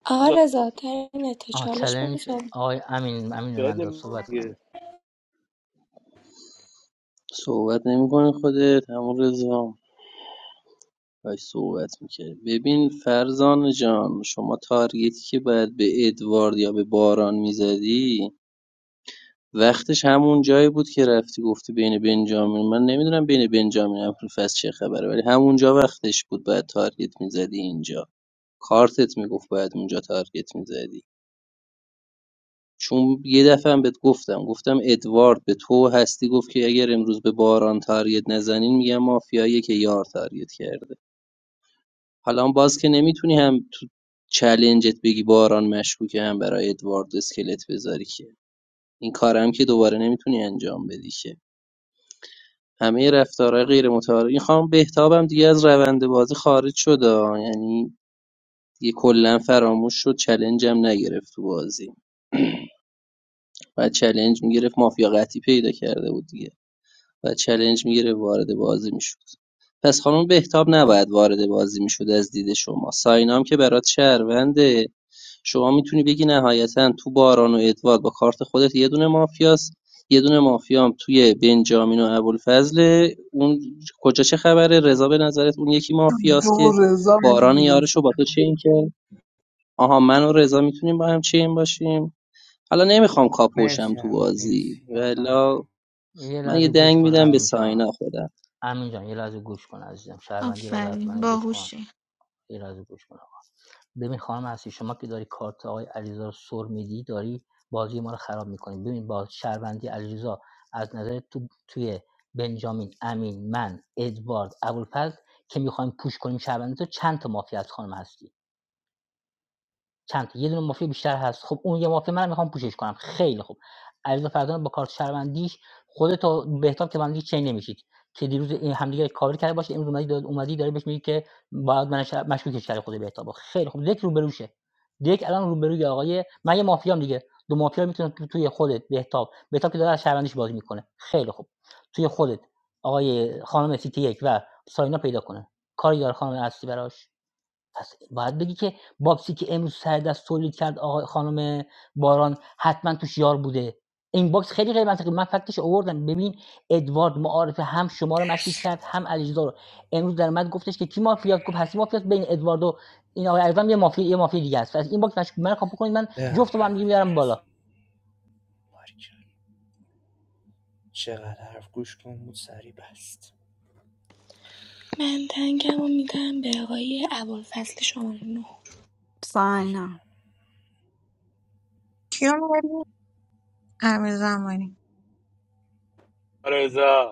[SPEAKER 7] آقا
[SPEAKER 16] رضا
[SPEAKER 7] رضا ترنته
[SPEAKER 18] آه
[SPEAKER 7] چالش بده
[SPEAKER 18] چالش
[SPEAKER 7] صحبت
[SPEAKER 18] آقای امین امین من داد
[SPEAKER 16] بده
[SPEAKER 18] صحبت
[SPEAKER 16] دیگه.
[SPEAKER 18] کنم
[SPEAKER 13] صحبت نمیکنه خودت همون رضا باهاش صحبت میکرد ببین فرزان جان شما تارگتی که باید به ادوارد یا به باران میزدی وقتش همون جایی بود که رفتی گفتی بین بنجامین من نمیدونم بین بنجامین ابوالفضل چه خبره ولی همونجا وقتش بود باید تارگت میزدی اینجا کارتت میگفت باید اونجا تارگت میزدی چون یه دفعه هم بهت گفتم گفتم ادوارد به تو هستی گفت که اگر امروز به باران تارگت نزنین میگم مافیایی که یار تارگت کرده حالا هم باز که نمیتونی هم تو چلنجت بگی باران مشکوکه هم برای ادوارد اسکلت بذاری که این کارم که دوباره نمیتونی انجام بدی که همه رفتارهای غیر متعارف این خانم بهتابم دیگه از روند بازی خارج شد یعنی دیگه کلا فراموش شد چلنجم نگرفت تو بازی *clears throat* و چلنج میگرفت مافیا قطعی پیدا کرده بود دیگه و چلنج می‌گرفت وارد بازی میشد پس خانم بهتاب نباید وارد بازی میشد از دید شما ساینام که برات شهرونده شما میتونی بگی نهایتا تو باران و ادوارد با کارت خودت یه دونه مافیاست یه دونه مافیام توی بنجامین و ابوالفضل اون کجا چه خبره رضا به نظرت اون یکی
[SPEAKER 15] جو
[SPEAKER 13] مافیاست
[SPEAKER 15] و
[SPEAKER 13] که
[SPEAKER 15] رضا
[SPEAKER 13] باران
[SPEAKER 15] میدونی
[SPEAKER 13] یارش رو با تو چین کرد آها من و رضا میتونیم با هم چین باشیم حالا نمیخوام کاپوشم
[SPEAKER 11] مرسی
[SPEAKER 13] تو
[SPEAKER 11] همین
[SPEAKER 13] بازی
[SPEAKER 11] مرسی نفر
[SPEAKER 13] ولا
[SPEAKER 18] یه
[SPEAKER 13] من یه
[SPEAKER 18] لحظه گوش
[SPEAKER 13] دنگ
[SPEAKER 18] کن
[SPEAKER 13] میدم به
[SPEAKER 18] امین جان
[SPEAKER 13] ساینا خودم
[SPEAKER 18] امین جان یه لحظه گوش کن عزیزم شهروندی لازم لحظه
[SPEAKER 3] آفرین
[SPEAKER 18] حتما گوش کن
[SPEAKER 3] باهوشی
[SPEAKER 18] یه لحظه گوش کن آقا ببین خانم هستی شما که داری کارت آقای علیرضا رو سر میدی داری بازی ما رو خراب میکنی ببین با شهروندی علیرضا از نظر تو توی بنجامین امین من ادوارد ابوالفضل که میخوایم پوش کنیم شهروندی تو چند تا مافیا از خانم هستی چند تا یه دونه مافیا بیشتر هست خب اون یه مافیا منم میخوام پوشش کنم خیلی خوب علیرضا فرزانه با کارت شهروندیش خودت و بهتاب که با هم دیگه چین نمیشید که دیروز این همدیگه کاور کرده باشه امروز اومدی داد اومدی داره بهش میگه که باید من مشکوکش کرده خود بهتاب خیلی خوب دک روبروشه دک الان روبروی آقای من یه مافیام دیگه دو مافیا میتونن تو توی خودت بهتاب بهتاب که داره از شهروندیش بازی میکنه خیلی خوب توی خودت آقای خانم سیتی یک و ساینا پیدا کنه کاری داره خانم اصلی براش پس باید بگی که باکسی که امروز سر دست تولید کرد آقای خانم باران حتما توش یار بوده این باکس خیلی غیر منطقی بود. من فکتش آوردم ببین ادوارد معارفه هم شما رو مشکوک کرد
[SPEAKER 11] مرسی
[SPEAKER 18] هم علیرضا رو امروز در اومد گفتش که کی مافیات گفت هستی مافیات بین ادوارد و این آقای علیرضا هم یه مافیا یه مافیا دیگه است پس این باکس مشکوک من کاپ کنید من
[SPEAKER 11] ببن
[SPEAKER 18] جفت با هم دیگه
[SPEAKER 11] مایکو دیگه
[SPEAKER 18] میارم بالا
[SPEAKER 11] رسون باریکلا. چقدر حرف گوش کن بود سری بست
[SPEAKER 7] من تنگم و میدم به آقای ابوالفضل شماره نه
[SPEAKER 11] اوکی
[SPEAKER 5] ساینا
[SPEAKER 6] کیو می‌بری؟ امیر زمانی
[SPEAKER 16] رضا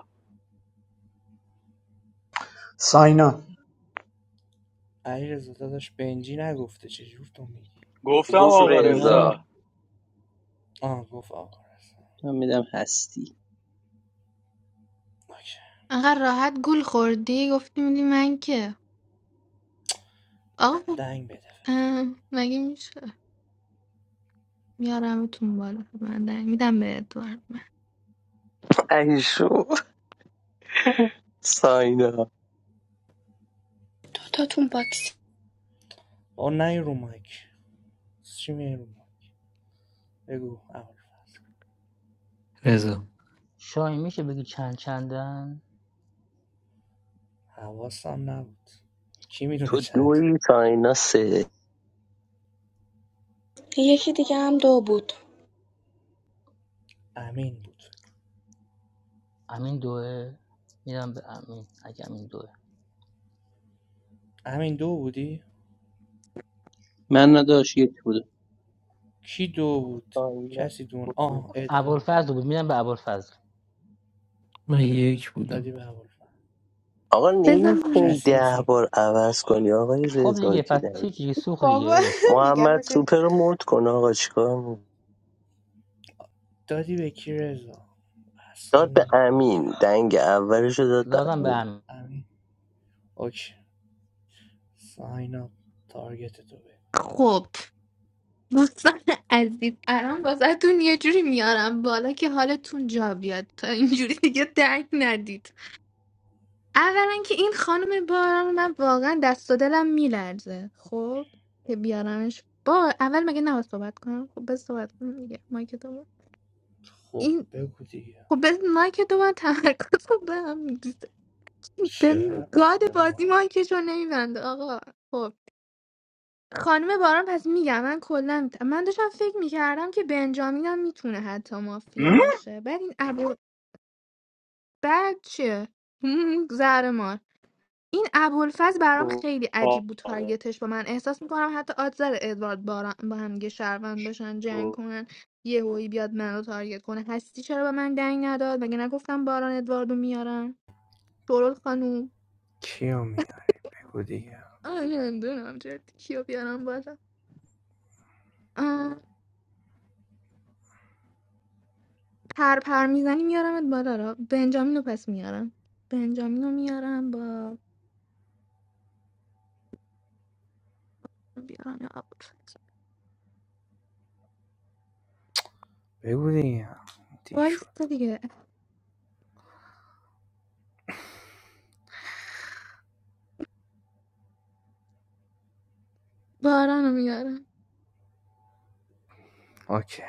[SPEAKER 15] ساینا
[SPEAKER 11] علی رزا داداش بنجی نگفته چجور تو میگی
[SPEAKER 16] گفتم
[SPEAKER 1] گفت
[SPEAKER 16] آقا
[SPEAKER 1] رضا
[SPEAKER 13] من
[SPEAKER 16] رضا
[SPEAKER 11] آه گفت آقا رزا
[SPEAKER 13] من میدم هستی
[SPEAKER 11] اوکی
[SPEAKER 3] انقدر راحت گول خوردی گفتی میدی من که آقا
[SPEAKER 11] دنگ بده فقط.
[SPEAKER 3] اه، مگه میشه میارمتون بالا من در- میدم به ادوارد
[SPEAKER 1] ایشو ساینا
[SPEAKER 7] دوتاتون باکس
[SPEAKER 11] آه نه یه رو مایک چی میای رو مایک بگو اول فصل
[SPEAKER 12] رضا
[SPEAKER 18] شاهین میشه بگی چند چندن
[SPEAKER 11] حواسم نبود کی میدونه
[SPEAKER 1] تو
[SPEAKER 11] چند
[SPEAKER 1] دوی تا اینا سه
[SPEAKER 7] یکی دیگه هم دو بود
[SPEAKER 11] امین بود
[SPEAKER 18] امین دوه میدم به امین اگه امین دوه
[SPEAKER 11] امین دو بودی
[SPEAKER 13] من نداشت یک بودم
[SPEAKER 11] کی دو بود
[SPEAKER 1] تا اینا
[SPEAKER 11] کسی دون
[SPEAKER 1] سه.
[SPEAKER 11] آه ادوارد
[SPEAKER 18] ابوالفضل بود میدم به ابوالفضل
[SPEAKER 12] من یک
[SPEAKER 11] دادی
[SPEAKER 12] بودم
[SPEAKER 11] به ابوالفضل
[SPEAKER 1] آقا
[SPEAKER 3] بزن من.
[SPEAKER 1] نمیتونی
[SPEAKER 11] کسی مثل
[SPEAKER 1] ده بار عوض کنی آقای
[SPEAKER 18] خب
[SPEAKER 1] رضا
[SPEAKER 18] دیگه
[SPEAKER 1] که
[SPEAKER 18] پس
[SPEAKER 1] دنگ
[SPEAKER 18] هیچ سوخ
[SPEAKER 2] بابا
[SPEAKER 18] دیگه ولش کن
[SPEAKER 2] *laughs* میگم
[SPEAKER 1] محمد
[SPEAKER 2] مثل
[SPEAKER 1] سوپر رو مرد کن آقا چیکار می‌کنی؟
[SPEAKER 11] دادی به کی رضا
[SPEAKER 1] داد به
[SPEAKER 11] اعصابمون خورد
[SPEAKER 1] امین
[SPEAKER 11] کردی
[SPEAKER 1] دنگ اولش رو داد به
[SPEAKER 18] دادم به
[SPEAKER 1] امین
[SPEAKER 18] امین
[SPEAKER 11] امین اوکی ساین اپ تارگت تو بگو دیگه
[SPEAKER 3] خب دوستان عزیز الان واسهتون یه جوری میارم بالا که حالتون جا بیاد تا اینجوری دیگه درک ندید اولا که این خانم باران من واقعا دست و دلم میلرزه خب که بیارمش با اول مگه نباید صحبت کنم خب بس صحبت کنم دیگه مایک تو با-
[SPEAKER 11] خب
[SPEAKER 3] این
[SPEAKER 11] بگو دیگه
[SPEAKER 3] خب بس مایک تو من تمرکز رو به هم می‌ریزه.
[SPEAKER 11] چه
[SPEAKER 3] ببین،
[SPEAKER 11] ربطی
[SPEAKER 3] گاد
[SPEAKER 11] به
[SPEAKER 3] بازی
[SPEAKER 11] ما
[SPEAKER 3] مایکش رو نمیبنده آقا خب خانم باران پس میگم من کلا من داشتم فکر میکردم که بنجامینم میتونه حتی مافیا باشه بعد این ابو بعد چیه *laughs* زهر مار این ابوالفضل برام خیلی عجیب بود تارگتش با من احساس میکنم حتی آدزر ادوارد باران با هم دیگه شهروند باشن جنگ کنن یه هویی بیاد منو تارگت کنه هستی چرا به من دنگ نداد مگه نگفتم باران ادواردو میارم شورل خانوم
[SPEAKER 11] کیو میاری بگو دیگه
[SPEAKER 3] آه نمیدونم جدی کیو بیارم بالا آه، پر پر میزنی میارمت بالا را بنجامینو پس میارم بنجامینو میارم با بیارم یا ابوالفضل
[SPEAKER 11] بگو دیگه دیر
[SPEAKER 3] وایستا
[SPEAKER 11] شد
[SPEAKER 3] دیگه بارانو میارم
[SPEAKER 11] اوکی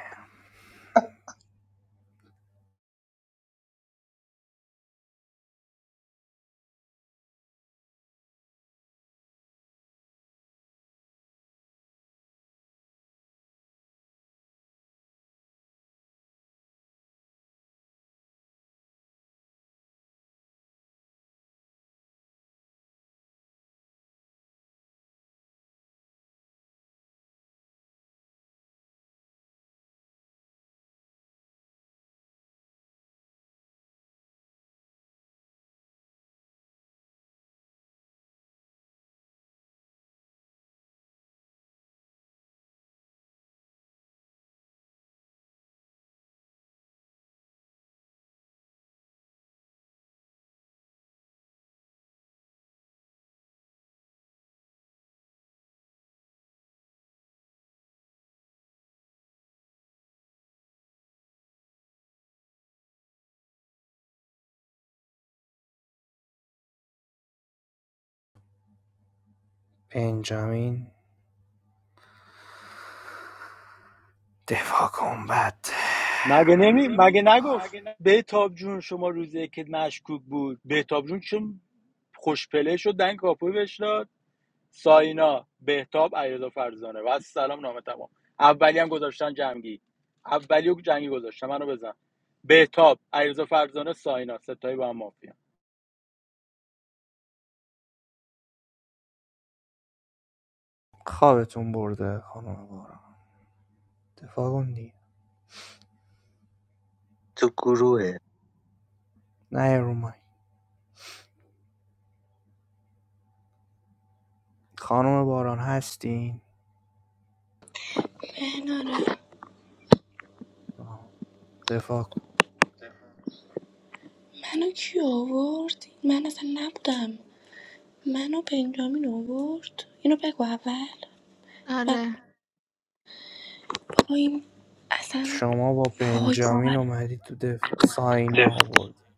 [SPEAKER 11] بنجامین دفاع کن بد
[SPEAKER 16] مگه نمی مگه نگفت بهتاب جون شما روزی که مشکوک بود بهتاب جون چون خوشپله شد دنگ کاپوی بهش داد ساینا بهتاب علیرضا فرزانه و از سلام نامه تمام اولی هم گذاشتن جنگی اولی و جنگی گذاشتن منو بزن بهتاب علیرضا فرزانه ساینا ستایی با هم مافیا
[SPEAKER 11] خوابتون برده خانم باران دفاع کن دیگه
[SPEAKER 1] تو گروه
[SPEAKER 11] نه رو مایک. خانم باران هستین
[SPEAKER 7] مهناره
[SPEAKER 11] دفاع کن
[SPEAKER 7] منو کی آورد من اصلا نبودم منو بنجامین آورد اینو بگو اول و
[SPEAKER 3] آره
[SPEAKER 7] بابا این اصلا
[SPEAKER 11] شما با
[SPEAKER 7] وای
[SPEAKER 11] بنجامین
[SPEAKER 7] باور
[SPEAKER 11] اومدی تو دفاع ساینا آورده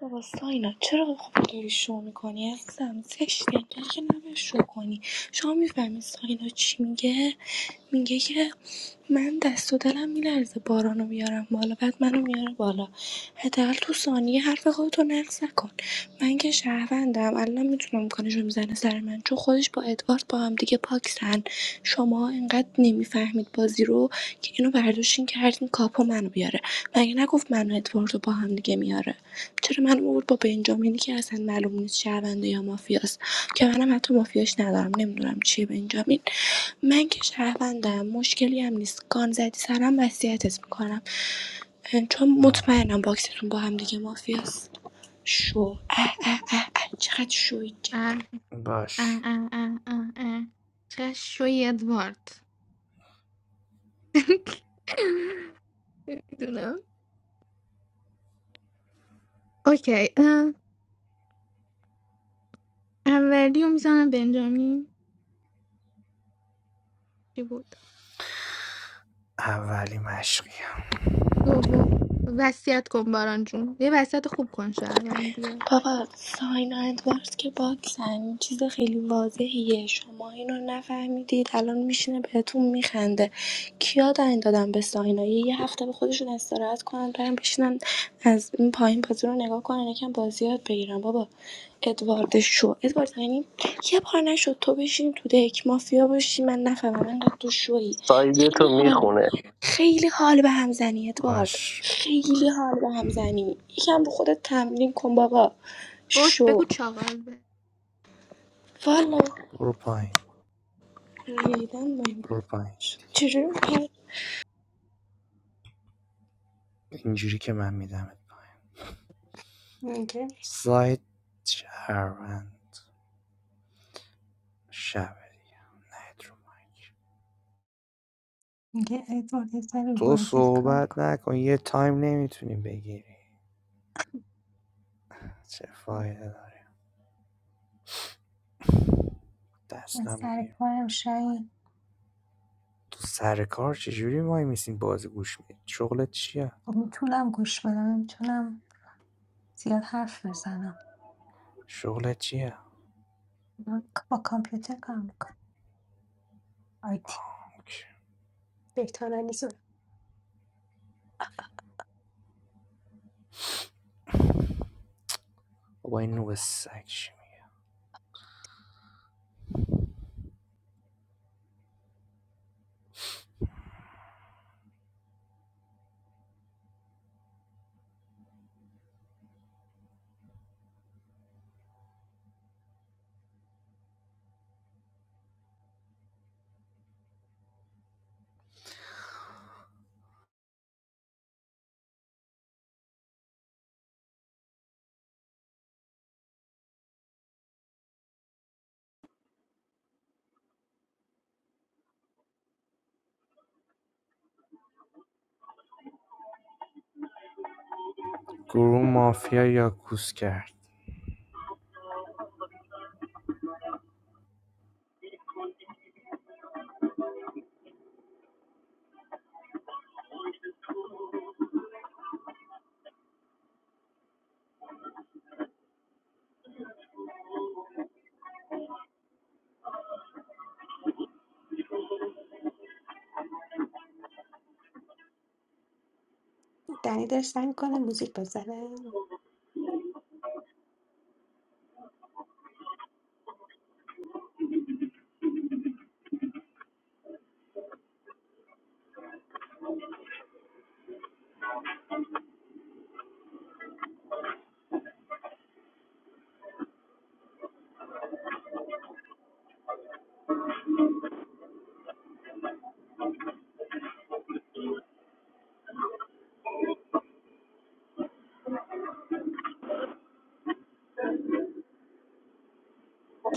[SPEAKER 7] بابا ساینا چرا خب داری شو میکنی عزیزم زشته اینطوری که نباید شو کنی شما میفهمی ساینا چی میگه میگه که من دست و دلم میلرزه بارانو بیارم بالا بعد منو میاره بالا حداقل تو ثانیه حرف خودتو نقص نکن من که شهروندم الان میتونم کنه رو میزنه سر من چون خودش با ادوارد با هم دیگه پاکسن شما انقدر نمیفهمید بازی رو که اینو برداشتین کردین کاپو منو بیاره مگه نگفت منو ادواردو با هم دیگه میاره چرا منو آورد با بنجامینی که اصلا معلوم نیست شهرونده یا مافیاست که منم حتی مافیاش ندارم نمیدونم چیه بنجامین من که شهروندم مشکلی هم نیست گان زدی سرم وصیتت میکنم چون
[SPEAKER 11] آه.
[SPEAKER 7] مطمئنم باکستون با هم دیگه مافیاست شو اه اه اه اه چقدر شوید
[SPEAKER 3] آره. А,
[SPEAKER 11] باش
[SPEAKER 3] а, а, а, *laughs* а. شوی ادوارد میدونم اوکی اه، اولی رو میزنم بنجامین چی بود
[SPEAKER 11] اولی مشقی هم.
[SPEAKER 3] دوم وصیت کن باران جون یه وصیت خوب کن شهروندی ها
[SPEAKER 7] بابا ساین و ادوارد که باکسن این چیز خیلی واضحیه شما اینو نفهمیدید الان میشینه بهتون میخنده کیا دارین دادن به ساینا یه یه هفته به خودشون استراحت کنن برن بشینن از این پایین بازی رو نگاه کنن یکم بازی یاد بگیرن بابا ادوارد شو ادوارد یعنی یه بار نشد تو بشین تو دک مافیا باشی من نفهمم انقدر تو شویی
[SPEAKER 1] سایده
[SPEAKER 7] خیلی
[SPEAKER 1] تو
[SPEAKER 7] حال می‌کنم.
[SPEAKER 1] میخونه
[SPEAKER 7] خیلی حال به هم زنی ادوارد
[SPEAKER 11] باش
[SPEAKER 7] خیلی حال به هم زنی یکم رو خودت تمرین کن بابا
[SPEAKER 3] باش
[SPEAKER 7] شو
[SPEAKER 3] بگو چاقال به
[SPEAKER 7] والا
[SPEAKER 11] برو پایین
[SPEAKER 7] ریدن با این
[SPEAKER 11] برو پایین
[SPEAKER 7] چجوری می‌کنی؟
[SPEAKER 11] اینجوری که من میدمت پایین
[SPEAKER 2] میگه
[SPEAKER 11] سایت شهروند شبه نهید رو
[SPEAKER 2] میگه ادوارد یه سر رو
[SPEAKER 11] تو
[SPEAKER 2] بازدید کار
[SPEAKER 11] صحبت
[SPEAKER 2] کن
[SPEAKER 11] نکن یه تایم نمیتونی بگیری چه فایده داره
[SPEAKER 2] من
[SPEAKER 11] دستم
[SPEAKER 2] سر
[SPEAKER 11] گیر
[SPEAKER 2] کارم شاید
[SPEAKER 11] تو سر کار چجوری وای میسین بازی گوش میدی شغلت چیه
[SPEAKER 2] خب میتونم گوش بدم نمیتونم زیاد حرف بزنم
[SPEAKER 11] شغلت چیه
[SPEAKER 2] من با کامپیوتر کار میکنم آیتی
[SPEAKER 11] اوکی.
[SPEAKER 2] بهتر نیست
[SPEAKER 11] بابا این نوب سگ چی می‌گی؟ گروه مافیا یاکوس کرد
[SPEAKER 2] دنی داره سعی میکنه موزیک بزنه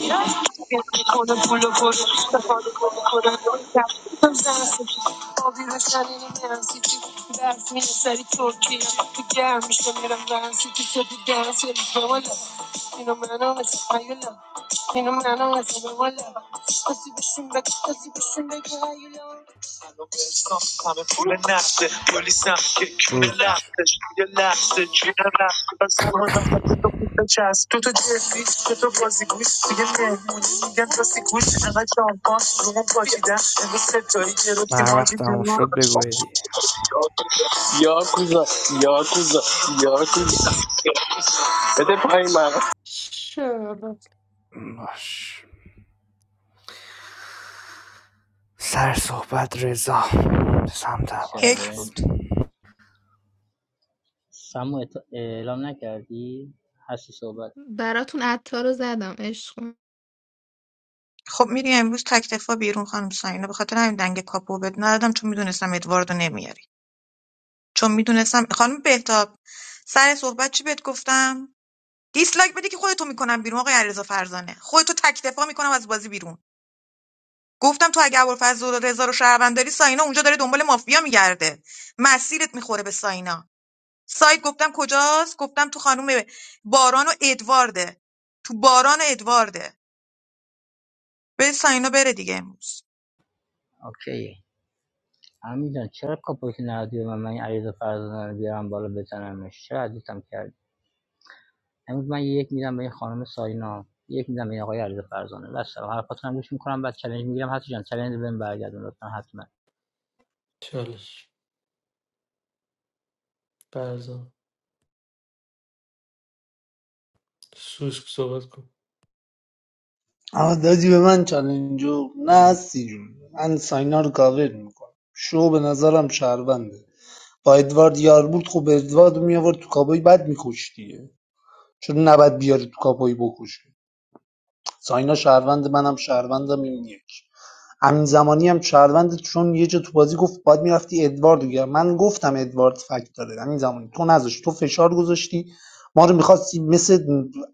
[SPEAKER 1] Fenomenal, fenomenal. Nasıl düşünmek, nasıl düşünmek hayal. الان حساب همه پول نقده پلیسم که کونه
[SPEAKER 11] روز میشه
[SPEAKER 1] لختش یه لحظه جونه رفته و زمان هم به تو پیش چست تو تو جدی تو تو بازی گوش دیگه مهمونی میگن راستی گوش انقدر شامپان رومون پاکیدن امروز ستایی گرفتیم
[SPEAKER 11] هر
[SPEAKER 1] حاجی
[SPEAKER 11] وقت تموم
[SPEAKER 1] جون
[SPEAKER 11] شد بگو دیگه
[SPEAKER 1] این مقام
[SPEAKER 2] شب
[SPEAKER 11] باش سر صحبت رضا سمت
[SPEAKER 6] یک
[SPEAKER 18] چاله
[SPEAKER 6] بود
[SPEAKER 11] ابوالفضل
[SPEAKER 18] سمو ات- اعلام نکردی هستی صحبت
[SPEAKER 3] براتون عطار رو زدم عشق کن.
[SPEAKER 6] خب میری امروز تک دفاع بیرون خانم ساینا به خاطر همین دنگ کاپو بد ندادم چون میدونستم ادواردو نمیاری چون میدونستم خانم بهتاب سر صحبت چی بهت گفتم دیسلایک بدی که خودتو میکنم بیرون آقای علیرضا فرزانه خودتو تک دفاع میکنم از بازی بیرون گفتم تو اگه ابوالفضل و رضا رو شهروند داری ساینا اونجا داره دنبال مافیا میگرده مسیرت میخوره به ساینا سایت گفتم کجاست گفتم تو خانم باران و ادوارده تو باران و ادوارده به ساینا بره دیگه امروز
[SPEAKER 18] اوکی امین جان چرا کاپوش نردی و من من این عریض فرزانه رو بیارم بالا بزنمش چرا عزیزم کردی امروز من یک میدم به این خانم ساینا یک میدم به این آقای عریض فرزانه بس سلام حرفاتون هم گوش میکنم بعد چالش میگیرم هستی جان چالش بهم برگردون لطفا
[SPEAKER 12] چالش فرزان سوسک صحبت کن
[SPEAKER 15] اما دادی به من چالنجو نه هستی جون من ساینا رو کاور میکنم شو به نظرم شهرونده با ادوارد یار بود خب ادوارد میآورد تو کابوی بد میکش چون نباید بیاری تو کابوی بکشه ساینا شهروند منم شهروندم این یک امین زمانی هم شهرونده چون یه جا تو بازی گفت باید میرفتی ادواردو گرفت من گفتم ادوارد فکت داره امین زمانی تو نذاشت تو فشار گذاشتی ما رو میخواستی مثل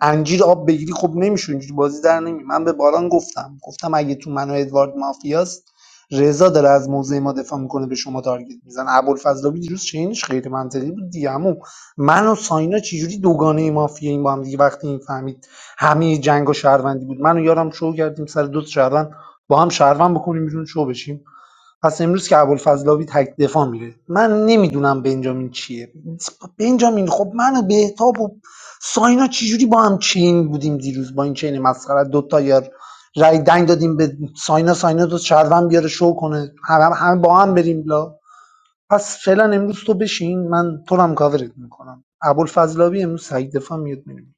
[SPEAKER 15] انجیر آب بگیری خب نمیشه اینجوری بازی در نمی من به باران گفتم گفتم اگه تو من و ادوارد مافیاست رضا داره از موضع ما دفاع میکنه به شما تارگت میزن ابوالفضلاوی دیروز چینش خیلی منطقی بود دیگه عمو. من و ساینا چجوری دوگانه مافیا این با هم دیگه وقتی این فهمید همه جنگ و شهروندی بود من و یارم شو کردیم سر دو تا شهروند با هم شهروند بکنیم بیرون شو بشیم پس امروز که ابوالفضلاوی تک دفاع میره من نمیدونم بنجامین چیه بنجامین خب من و بهتاب و ساینا چجوری با هم چین بودیم دیروز با این چین مسخره دو تا یار رای دنگ دادیم به ساینا ساینا دو شهروند بیاره شو کنه همه هم با هم بریم لا پس فعلا امروز تو بشین من تو رو هم کاورت میکنم ابوالفضلاوی امروز تک دفاع میاد میریم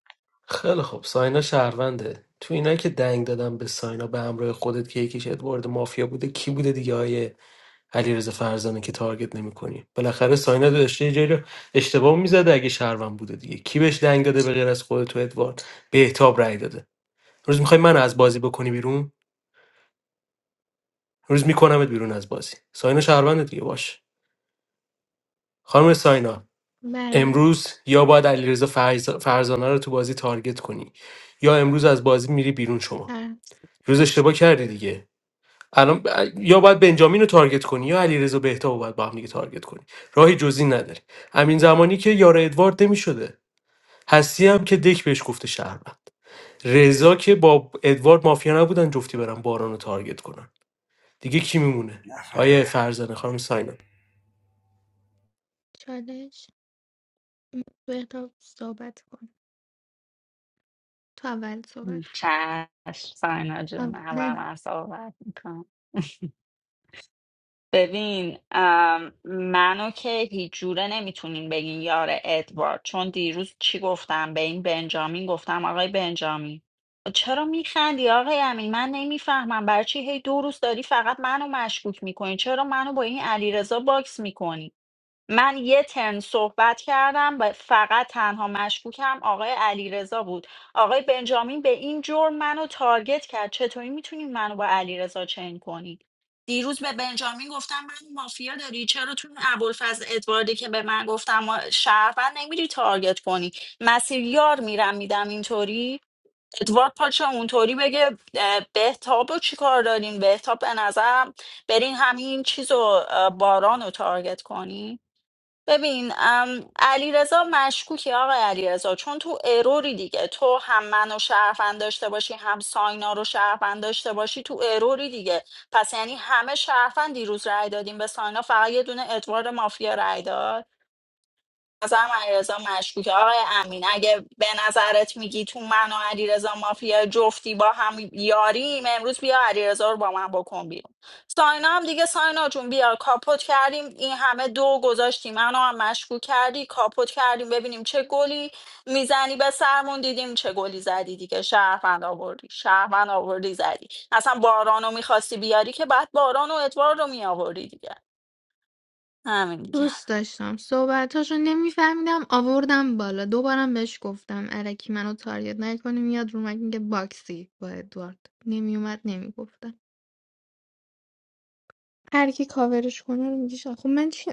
[SPEAKER 12] خیلی خب ساینا شهرونده تو اینا که دنگ دادم به ساینا به همراه خودت که یکیش ادوارد مافیا بوده کی بوده دیگه آیه علیرضا فرزانه که تارگت نمیکنی بالاخره ساینا داشته یه جایی رو اشتباه میزده اگه شهروند بوده دیگه کی بهش دنگ داده به غیر از خودت تو ادوارد بهتاب رأی داده روز میخوای من از بازی بکنی بیرون روز میکنمت بیرون از بازی ساینا شهروند دیگه باش خانم ساینا
[SPEAKER 3] بله
[SPEAKER 12] امروز یا باید علیرضا فرز... فرزانه رو تو بازی تارگت کنی یا امروز از بازی میری بیرون شما
[SPEAKER 3] هر
[SPEAKER 12] روز اشتباه کردی دیگه الان ب- یا باید بنجامین رو تارگت کنی یا علیرضا بهتا رو باید با هم دیگه تارگت کنی راهی جزی نداری همین زمانی که یار ادوارد نمیشده هستی هم که دک بهش گفته شهروند رضا که با ادوارد مافیا نبودن جفتی برن باران رو تارگت کنن دیگه کی میمونه آیه
[SPEAKER 11] نفر
[SPEAKER 12] فرزانه خانم ساینا
[SPEAKER 3] چالش تو اقتا صحبت کن تو اول صحبت کن
[SPEAKER 5] چشم ساینا جون اول
[SPEAKER 3] اول
[SPEAKER 5] من صحبت می‌کنم. ببین ام، منو که هیچ جوره نمیتونین بگین یار ادوارد چون دیروز چی گفتم به این بنجامین گفتم آقای بنجامین خب چرا میخندی آقای امین من نمیفهمم برای چی هی دو روز داری فقط منو مشکوک میکنی چرا منو با این علیرضا باکس میکنی من یه ترن صحبت کردم و فقط تنها مشکوکم آقای علیرضا بود آقای بنجامین به این جرم منو تارگت کرد چطوری میتونی منو با علیرضا چین کنی دیروز به بنجامین گفتم من مافیا داری چرا تو اون ابوالفضل ادواردی که به من گفتم ما- شهروند نمیری تارگت کنی مسیر یار میرم میدم اینطوری ادوارد پاچه اونطوری بگه اه، بهتاب و چیکار دارین بهتاب به نظرم برین همین چیز و باران رو تارگت کنین ببین علی رضا مشکوکی آقای علی رضا، چون تو اروری دیگه تو هم منو شرفن داشته باشی هم ساینا رو شرفن داشته باشی تو اروری دیگه پس یعنی همه شرفن دیروز رای دادیم به ساینا فقط یه دونه ادوار مافیا رای داد نظرم علیرضا مشکوکه آقای امین اگه به نظرت میگی تو من و علیرضا مافیا جفتی با هم یاریم امروز بیا علیرضا رو با من بکن بیرون ساینا هم دیگه ساینا جون بیا کاپوت کردیم این همه دو گذاشتی منو هم مشکوک کردی کاپوت کردیم ببینیم چه گلی میزنی به سرمون دیدیم چه گلی زدی دیگه شهروند آوردی شهروند آوردی زدی اصلا بارانو میخواستی بیاری که بعد باران و ادوار رو میآوردی دیگه همین دیگه
[SPEAKER 3] دوست داشتم صحبتاشو نمیفهمیدم آوردم بالا دوبارم بهش گفتم الکی منو تارگت نکنی میاد رو مگه میگه باکسی با ادوارد نمیومد نمیگفتم هر کی کاورش کنه رو میگه شا- خب من چی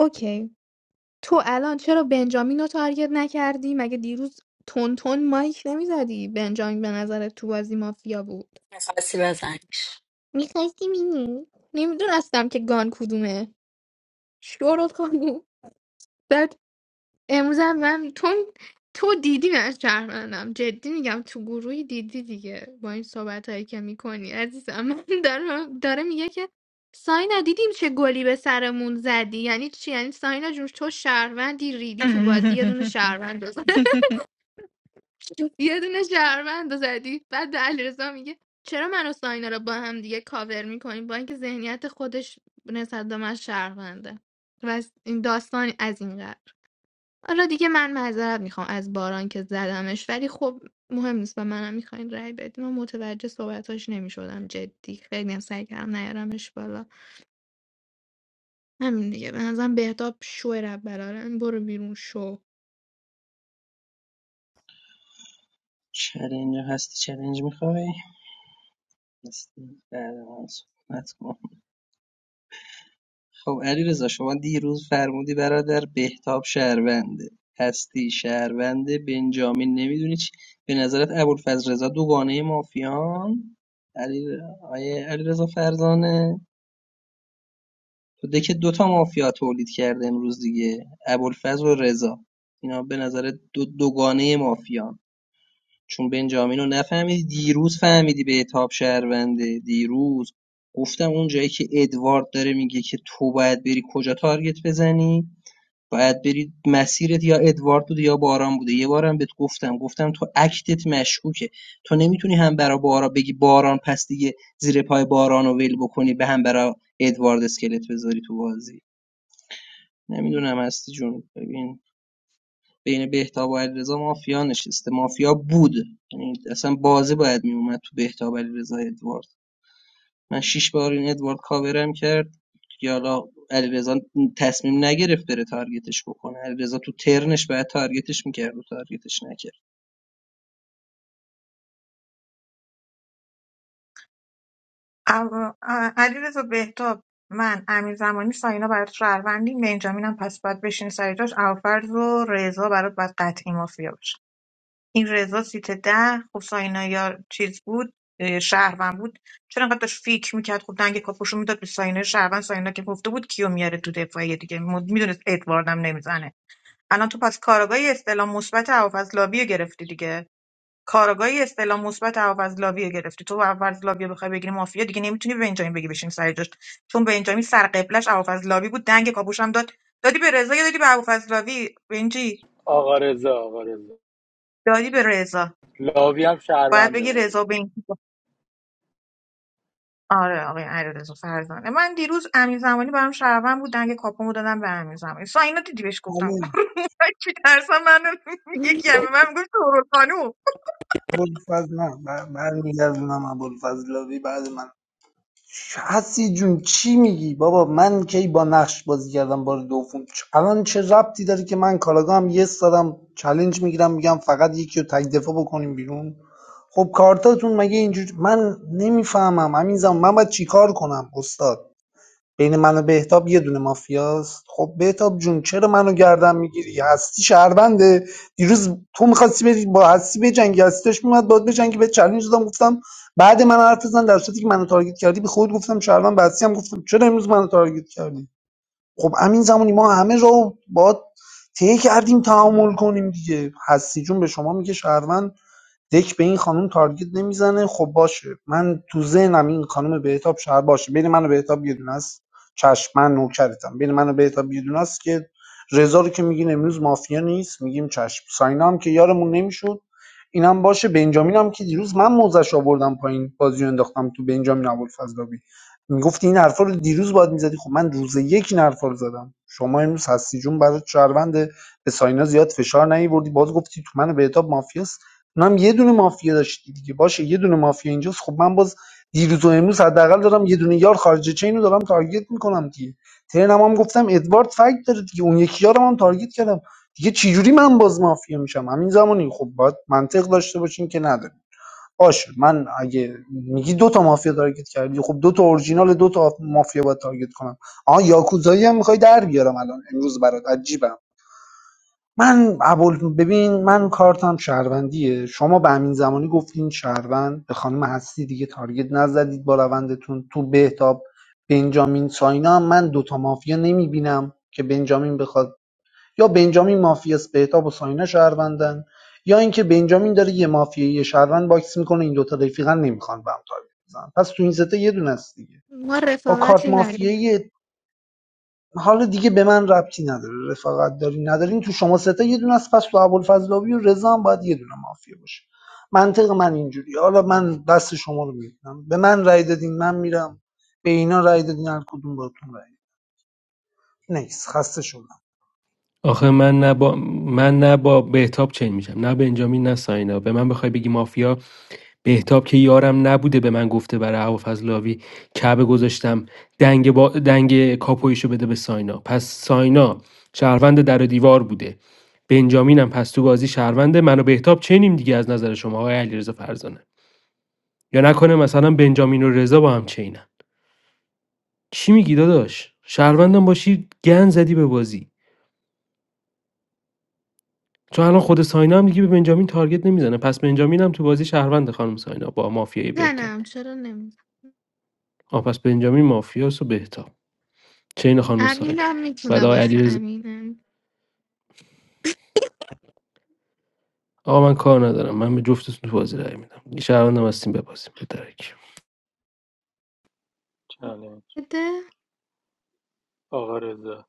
[SPEAKER 3] اوکی تو الان چرا بنجامین رو تارگت نکردی مگه دیروز تون تون مایک نمیزدی بنجامین به نظر تو بازی مافیا بود
[SPEAKER 5] میخواستی بزنیش
[SPEAKER 3] میخواستی مینی نمیدونستم که گان کدومه شروع کنی امروزم من تو تو دیدی من شهروندم جدی میگم تو گروهی دیدی دیگه با این صحبت هایی که میکنی عزیزم من داره, داره میگه که ساینا دیدیم چه گلی به سرمون زدی یعنی چی یعنی ساینا جون تو شهروندی ریدی تو بازی یه دونه
[SPEAKER 5] *laughs*
[SPEAKER 3] شهروند رو زد-
[SPEAKER 5] *laughs*
[SPEAKER 3] *laughs* یه دونه شهروند رو زدی بعد به علیرضا میگه چرا من و ساینا رو با هم دیگه کاور میکنیم با اینکه ذهنیت خودش نسبت به من شهرونده و از این داستان از این قبیل حالا دیگه من معذرت میخوام از باران که زدمش ولی خب مهم نیست و منم میخواین رأی بدین و متوجه صحبتاش نمیشدم جدی خیلی هم سعی کردم نیارمش بالا همین دیگه به نظرم بهتاب شو رب برارن برو بیرون شو
[SPEAKER 13] چلنج هستی چلنج میخوای هستی بعد من صحبت کن خب علیرضا شما دیروز فرمودی برادر بهتاب شهرونده هستی شهرونده بنجامین نمیدونی چی به نظرت ابوالفضل رضا دوگانه مافیان علی آیه علیرضا فرزانه تو دک دوتا مافیا تولید کرده امروز دیگه ابوالفضل و رضا اینا به نظر دو دوگانه مافیان چون بنجامین رو نفهمیدی دیروز فهمیدی به اتاب شهرونده دیروز گفتم اون جایی که ادوارد داره میگه که تو باید بری کجا تارگت بزنی باید بری مسیرت یا ادوارد بوده یا باران بوده یه بارم بهت گفتم گفتم تو اکتت مشکوکه تو نمیتونی هم برا باران بگی باران پس دیگه زیر پای باران رو ول بکنی به هم برا ادوارد اسکلت بذاری تو بازی نمیدونم هستی جون ببین بین بهتاب و علیرضا مافیا نشسته مافیا بود یعنی اصلا بازه باید میومد تو بهتاب علیرضا ادوارد من شش بار این ادوارد کاورم کرد که حالا علیرضا تصمیم نگرفت بره تارگتش بکنه علیرضا تو ترنش باید تارگتش میکرد و تارگتش نکرد
[SPEAKER 6] عوا- ا- علیرضا بهتاب من امیر زمانی ساینا برات شهروندین بنجامینم پس باید بشین سر جاش فرض و رضا برات باید قطعی مافیا باشه این رضا سیت ده خب ساینا یا چیز بود اه، شهروند بود چرا انقدر داشت فیک میکرد خب دنگ کاپوشو میداد به ساینا شهروند ساینا که گفته بود کیو میاره تو دفاعی دیگه میدونست ادواردم نمیزنه الان تو پس کارگاهی استعلام مثبت هوافضل لابی رو گرفتی دیگه کارگاهی استعلام مثبت هوفضلاویه گرفتی تو هوفضلاویه بخوای بگیری مافیا دیگه نمیتونی به بنجامین بگی بشین سر جاش چون بنجامین سر قبلش هوفضلاوی بود دنگ کاپوش هم داد دادی به رضا یا دادی به هوفضلاوی بنجی
[SPEAKER 16] آقا رضا آقا رضا
[SPEAKER 6] دادی به رضا
[SPEAKER 16] لاوی هم
[SPEAKER 6] باید
[SPEAKER 16] شهرونده
[SPEAKER 6] بگی
[SPEAKER 16] ولی
[SPEAKER 6] رضا بنجی آره آقای علیرضا فرزانه من دیروز امین زمانی برام شهروند بود دنگ کاپومو دادم به امین زمانی ساینا دیدی بهش گفتم
[SPEAKER 15] بله
[SPEAKER 6] *laughs* چی ترسم من *laughs*
[SPEAKER 3] *laughs*
[SPEAKER 6] یکی هم به من میگفت خانوم
[SPEAKER 15] فضل نه بر- برمیگردونم ابوالفضلاوی بعد من حسی جون چی میگی بابا من کی با نقش بازی کردم بار دوم چ- الان چه ربطی داره که من کاراگاه هم یه دادم چلنج میگیرم میگم فقط یکی رو تک دفاع بکنیم بیرون خب کارتاتون مگه اینجور من نمیفهمم همین زمان من باید چیکار کنم استاد بین من و بهتاب یه دونه مافیاست خب بهتاب جون چرا منو گردن میگیری هستی شهرونده دیروز تو میخواستی بری با هستی بجنگی هستی داشت میومد باید بجنگی به چالش دادم گفتم بعد من حرف بزن در صورتی که منو تارگت کردی به خود گفتم شهروند به هستی هم گفتم چرا امروز منو تارگت کردی خب همین زمانی ما همه رو با طی کردیم تعامل کنیم دیگه هستی جون به شما میگه شهروند دک به این خانم تارگت نمیزنه خب باشه من تو ذهنم این خانم بهتاب شهر باشه بین من و بهتاب یه دونه است چشم من نوکرتم بین من و بهتاب یه دونه است که رضا رو که میگین امروز مافیا نیست میگیم چشم ساینا هم که یارمون نمیشد اینم باشه بنجامین هم که دیروز من موزش آوردم پایین بازی رو انداختم تو بنجامین ابوالفضلاوی میگفتی این حرفا رو دیروز باید میزدی خب من روز یک این حرفا رو زدم شما امروز هستی جون برای شهروند به ساینا زیاد فشار نیوردی باز گفتی تو من بهتاب مافیاست اونم یه دونه مافیا داشتی دیگه باشه یه دونه مافیا اینجاست خب من باز دیروز و امروز حداقل دارم یه دونه یار خارج چین رو دارم تارگت میکنم دیگه ترنم هم گفتم ادوارد فکت داره دیگه اون یکی یارم هم تارگت کردم دیگه چجوری من باز مافیا میشم همین زمانی خب باید منطق داشته باشین که نداره باشه من اگه میگی دو تا مافیا تارگت کردی خب دو تا اورجینال دو تا مافیا باید تارگت کنم آها یاکوزایی هم میخوای در بیارم الان امروز برات عجیبم من ابوال ببین من کارتم شهروندیه شما به همین زمانی گفتین شهروند به خانم هستی دیگه تارگت نزدید با روندتون تو بهتاب بنجامین ساینا هم من دوتا مافیا نمیبینم که بنجامین بخواد یا بنجامین مافیاست بهتاب و ساینا شهروندن یا اینکه بنجامین داره یه مافیا یه شهروند باکس میکنه این دوتا رفیقا نمیخوان به هم تارگت بزنن پس تو این سته یه دونه است دیگه
[SPEAKER 3] ما
[SPEAKER 15] با کارت
[SPEAKER 3] رفاقتی نداریم
[SPEAKER 15] مافیایی حالا دیگه به من ربطی نداره رفاقت دارین ندارین تو شما سه تا یه دونه است پس تو ابوالفضلاوی و رضا هم باید یه دونه مافیا باشه منطق من اینجوری حالا من دست شما رو میبینم به من رأی دادین من میرم به اینا رأی دادین هر کدوم باتون رأی داد. نیست خسته شدم *laughs*
[SPEAKER 12] آخه من نه با من نه با بهتاب چین میشم نه بنجامین نه ساینا به من بخوای بگی مافیا بهتاب که یارم نبوده به من گفته برای هوافز لاوی کعبه گذاشتم دنگ با دنگ کاپویشو بده به ساینا پس ساینا شهروند در و دیوار بوده بنجامینم پس تو بازی شهرونده من و بهتاب چینیم دیگه از نظر شما آقای علیرضا فرزانه یا نکنه مثلا بنجامین و رضا با هم چینم چی میگی داداش شهروندم باشی گن زدی به بازی چون الان خود ساینا هم دیگه به بنجامین تارگت نمیزنه پس بنجامین هم تو بازی شهروند خانم ساینا با مافیای بهتاب
[SPEAKER 3] زنم چرا نمیزن
[SPEAKER 12] آ پس بنجامین مافیاس و بهتاب چین خانم ساینا
[SPEAKER 3] امینم
[SPEAKER 12] بعد
[SPEAKER 3] میتونه
[SPEAKER 12] آقای
[SPEAKER 3] باشه
[SPEAKER 12] علیرضا
[SPEAKER 3] امینم
[SPEAKER 12] آقا من کار ندارم من به جفتتون تو بازی رای میدم یه شهروندم هستیم ببازیم به درک
[SPEAKER 16] چالش
[SPEAKER 3] بده
[SPEAKER 16] آقا رضا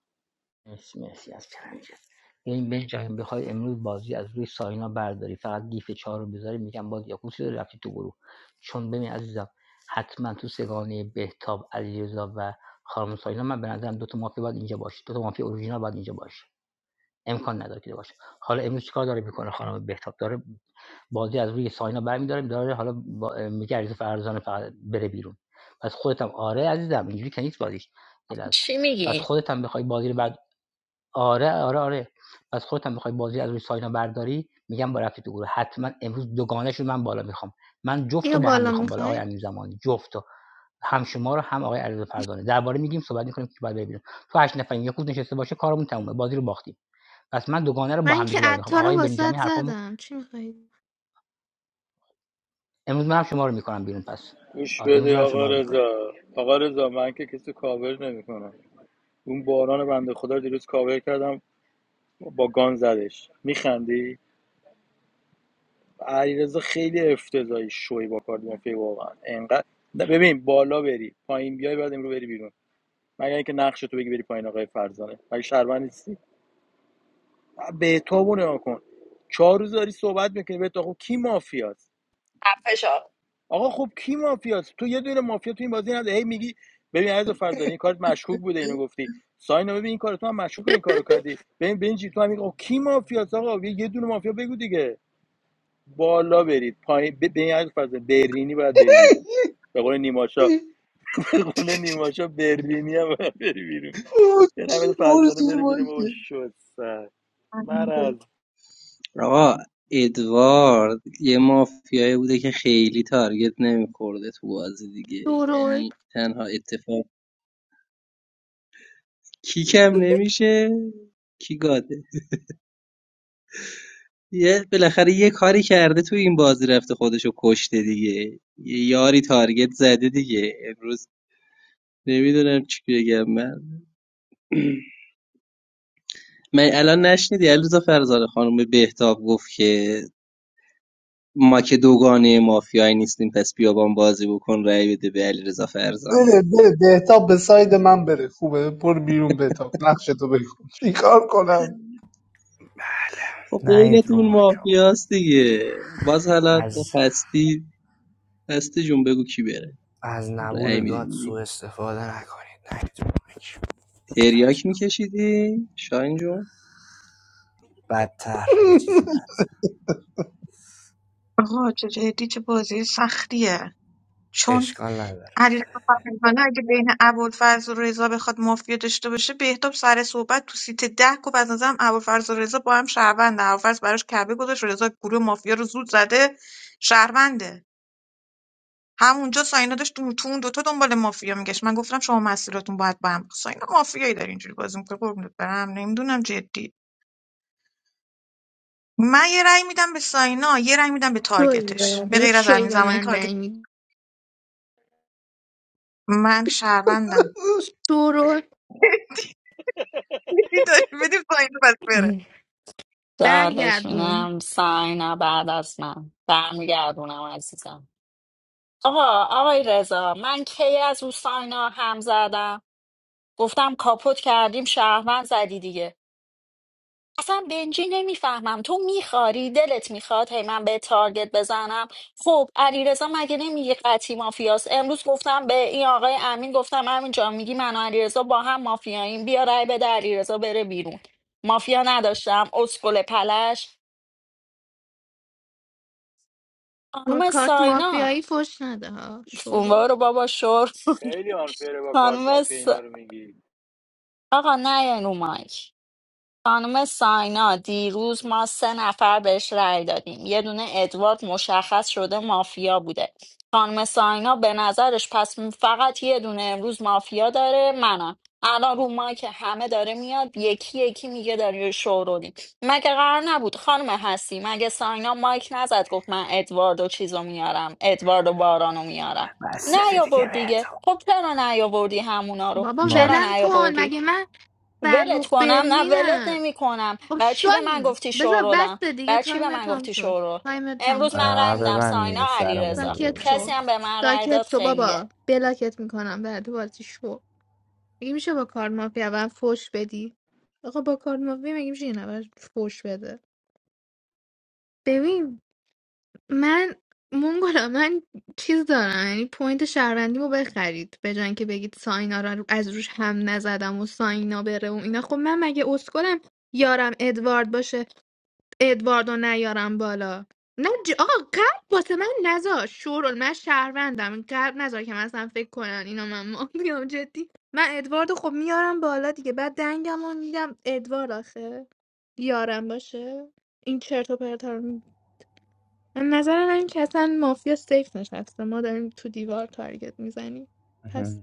[SPEAKER 18] مرسی مرسی از چلنجت یعنی بنجامین بخوای امروز بازی از روی ساینا برداری فقط گیف چهار رو بذاری میگم باز یاکوسی داری رفتی تو گروه چون ببین عزیزم حتما تو سگانه بهتاب علیرضا و خانم ساینا من به نظرم دو تا مافیا باید اینجا باشه دو تا مافیا اورجینال باید اینجا باشه امکان نداره که باشه حالا امروز چیکار داره میکنه خانم بهتاب داره بازی از روی ساینا برمیداره داره حالا میگه علیرضا فرزانه فقط بره بیرون پس خودت هم آره عزیزم اینجوری که نیست بازیش یه لحظه
[SPEAKER 5] چی
[SPEAKER 18] پس
[SPEAKER 5] میگی؟
[SPEAKER 18] خودت هم بخوای بازی رو آره، آره، آره. پس خودت هم بخوای بازی از روی ساینا برداری میگم با رفتی تو گروه حتما امروز دوگانه‌شو من بالا میخوام من جفت
[SPEAKER 3] یا
[SPEAKER 18] رو با هم
[SPEAKER 3] بالا
[SPEAKER 18] میخوام بالا آقای
[SPEAKER 3] میخوای
[SPEAKER 18] امین زمانی جفت هم شما رو هم آقای علیرضا فردانی درباره میگیم صحبت میکنیم که بعد ببینیم تو هشت نفریم یک کوز نشسته باشه کارمون تمومه بازی رو باختیم پس من دوگانه رو با
[SPEAKER 3] من
[SPEAKER 18] هم
[SPEAKER 3] که
[SPEAKER 18] دیگه بالا میخوام
[SPEAKER 3] عطا رو
[SPEAKER 18] آقای بنجامی
[SPEAKER 3] واسط
[SPEAKER 18] حرفامو
[SPEAKER 3] زدم چی میخوایی
[SPEAKER 18] امروز منم شما رو میکنم بیرون پس
[SPEAKER 16] گوش
[SPEAKER 18] آره امروز
[SPEAKER 16] بده
[SPEAKER 18] منم
[SPEAKER 16] آقا
[SPEAKER 18] شما رو میکنم
[SPEAKER 16] رضا آقا رضا من که کسی کاور نمیکنم اون باران بنده خدا دیروز کاور کردم با گان زدش میخندی علیرضا خیلی افتضاحی شوی با کارد مافیا واقعا انقدر نه ببین بالا بری پایین بیای بعد امرو بری بیرون مگر اینکه نقش تو بگی بری پایین آقای فرزانه مگه شهروند نیستی به تو نگاه کن چهار روز داری صحبت میکنی به تو خب کی مافیاست
[SPEAKER 5] فشار
[SPEAKER 16] آقا خب کی مافیاست تو یه دونه مافیا تو این بازی نداره هی میگی ببین عزیز فرزانه این کارت مشکوک بوده اینو گفتی ساینا ببین این کار تو هم مشکوک این کارو کردی ببین بنجی تو هم این کی مافیاست آقا یه یه دونه مافیا بگو دیگه بالا برید پایین ببین عزیز فرزانه برینی باید بری بیرون به قول نیماشا *laughs* به قول نیماشا برینی هم باید بری بیرون یه نمید
[SPEAKER 15] برو
[SPEAKER 16] فرزانه
[SPEAKER 15] زیر
[SPEAKER 16] بره بیرون بابا
[SPEAKER 15] مایکه.
[SPEAKER 16] شد سر مرض
[SPEAKER 13] آقا ادوارد یه مافیایی بوده که خیلی تارگت نمیخورده تو بازی دیگه
[SPEAKER 3] شورول
[SPEAKER 13] یعنی تنها اتفاق کیکم نمیشه کی گاده یه بالاخره یه کاری کرده تو این بازی رفته خودشو کشته دیگه یه یاری تارگت زده دیگه امروز نمیدونم چی بگم من *clears throat* من الان نشنیدی علیرضا فرزانه خانم به بهتاب گفت که ما که دوگانه مافیایی نیستیم پس بیابان بازی بکن رأی بده به علیرضا
[SPEAKER 15] بره
[SPEAKER 13] فرزانه
[SPEAKER 15] بره بهتاب به ساید من بره خوبه برو بیرون بهتاب نقشه تو بگو چیکار کنم
[SPEAKER 11] بله
[SPEAKER 13] خب
[SPEAKER 11] نهید رو
[SPEAKER 13] بینتون
[SPEAKER 11] مایک
[SPEAKER 13] مافیاست دیگه باز حالا
[SPEAKER 11] از
[SPEAKER 13] هستی هستی جون بگو کی بره
[SPEAKER 11] از
[SPEAKER 13] رأی
[SPEAKER 11] نبود گاد
[SPEAKER 13] میدیم دیگه
[SPEAKER 11] سوء استفاده نکنید نهید رو مایک بچه
[SPEAKER 13] تریاک میکشیدی شاین جون
[SPEAKER 11] بدتر یه چیزی بد
[SPEAKER 6] آقا چه جدی چه بازی سختیه چون
[SPEAKER 11] اشکال نداره
[SPEAKER 6] علیرضا فرزانه اگه بین ابوالفضل و رضا بخواد مافیا داشته باشه بهتاب سر صحبت تو سیت ده گفت از نظرم ابوالفضل و رضا با هم شهروند ابوالفضل براش کعبه گذاشت رضا گروه مافیا رو زود زده شهرونده همونجا ساینا داشت تو تو اون دوتا دنبال مافیا میگشت من گفتم شما مسیراتون باید با هم ساینا مافیایی داره اینجوری بازی میکنه قربونت برم نمیدونم جدی من یه رأی میدم به ساینا یه رأی میدم به
[SPEAKER 3] شوی به
[SPEAKER 6] تارگتش به
[SPEAKER 3] من
[SPEAKER 6] غیر از
[SPEAKER 3] شوی
[SPEAKER 6] همین
[SPEAKER 3] به
[SPEAKER 6] زمانی
[SPEAKER 3] من
[SPEAKER 6] تارگت
[SPEAKER 3] رأی
[SPEAKER 6] من شهروندم
[SPEAKER 3] میدی
[SPEAKER 6] *laughs* داری بدیم ساینا بس بره
[SPEAKER 5] سوالش
[SPEAKER 3] برگردون
[SPEAKER 5] میدم ساینا بعد از من برمیگردونم عزیزم آقا آقای رضا من کی از او ساینا هم زدم گفتم کاپوت کردیم شهروند زدی دیگه اصلا بنجی نمیفهمم تو میخاری دلت میخواد هی من به تارگت بزنم خب علیرضا مگه نمیگه قطعی مافیاست امروز گفتم به این آقای امین گفتم امین جان میگی من و علیرضا با هم مافیاییم بیا رای بده علیرضا بره بیرون مافیا نداشتم اسکل پلش
[SPEAKER 3] با
[SPEAKER 5] خانم
[SPEAKER 3] کارت
[SPEAKER 5] ساینا
[SPEAKER 3] مافیایی فش نده ها شروع
[SPEAKER 5] وارو بابا شور
[SPEAKER 16] خیلی آنفیره
[SPEAKER 5] *laughs*
[SPEAKER 16] با کارت
[SPEAKER 5] خانم
[SPEAKER 16] مافیا
[SPEAKER 5] س...
[SPEAKER 16] اینا رو میگی
[SPEAKER 5] آقا نه رو مایک خانم ساینا دیروز ما سه نفر بهش رأی دادیم یه دونه ادوارد مشخص شده مافیا بوده خانم ساینا به نظرش پس فقط یه دونه امروز مافیا داره منم الان رو ما که همه داره میاد یکی یکی میگه داری شورولی مگه قرار نبود خانم هستی مگه ساینا مایک نزد گفت من ادواردو چیزو میارم ادواردو بارانو میارم
[SPEAKER 11] بسته دیگه
[SPEAKER 5] نیاورد
[SPEAKER 11] بهت
[SPEAKER 5] دیگه خب چرا نیاوردی همونا رو
[SPEAKER 3] بابا
[SPEAKER 5] چرا
[SPEAKER 3] ولم
[SPEAKER 11] باش
[SPEAKER 3] کن
[SPEAKER 5] نیاوردی
[SPEAKER 3] مگه من
[SPEAKER 5] ولت
[SPEAKER 3] فرخ
[SPEAKER 5] کنم نه ولت
[SPEAKER 3] برلینم
[SPEAKER 5] نمی کنم
[SPEAKER 3] خب
[SPEAKER 5] بر چی به من
[SPEAKER 3] شایی
[SPEAKER 5] گفتی
[SPEAKER 3] بذار
[SPEAKER 5] شورولم
[SPEAKER 3] بس دیگه
[SPEAKER 5] بر چی به
[SPEAKER 3] تایم
[SPEAKER 5] من
[SPEAKER 3] تام
[SPEAKER 5] گفتی
[SPEAKER 3] شد
[SPEAKER 5] شورول
[SPEAKER 3] تایم تام
[SPEAKER 5] امروز
[SPEAKER 3] شد
[SPEAKER 5] من
[SPEAKER 11] آه،
[SPEAKER 5] رای میدم
[SPEAKER 11] ببند
[SPEAKER 5] ساینا
[SPEAKER 11] دیگه سرمون رو
[SPEAKER 5] علیرضا.
[SPEAKER 3] ساکت
[SPEAKER 5] کسی
[SPEAKER 3] شو
[SPEAKER 5] هم
[SPEAKER 11] بردی
[SPEAKER 5] به من رای
[SPEAKER 3] ساکت
[SPEAKER 5] داد
[SPEAKER 3] شو
[SPEAKER 5] خنگه
[SPEAKER 3] بابا بلاکت میکنم بعد بازی شو مگه میشه با کارت مافیا و فش بدی آقا با کارت مافیا مگه میشه یه نفر فش بده ببین من مونگولا من چیز دارم یعنی پوینت شهروندیمو بخرید به جای اینکه بگید ساینا رو از روش هم نزدم و ساینا بره و اینا خب من مگه اسکلم یارم ادوارد باشه ادوارد رو نیارم بالا نه ج... آقا قلب واسه من نزار شورول من شهروندم قلب نزار که مثلا فکر کنن اینا من ما میام جدی من ادوارد رو خب میارم بالا دیگه بعد دنگم رو میدم ادوارد آخه یارم باشه این چرت و پرتا رو نظر من که اصلا مافیا سیف نشسته ما داریم تو دیوار تارگت میزنیم پس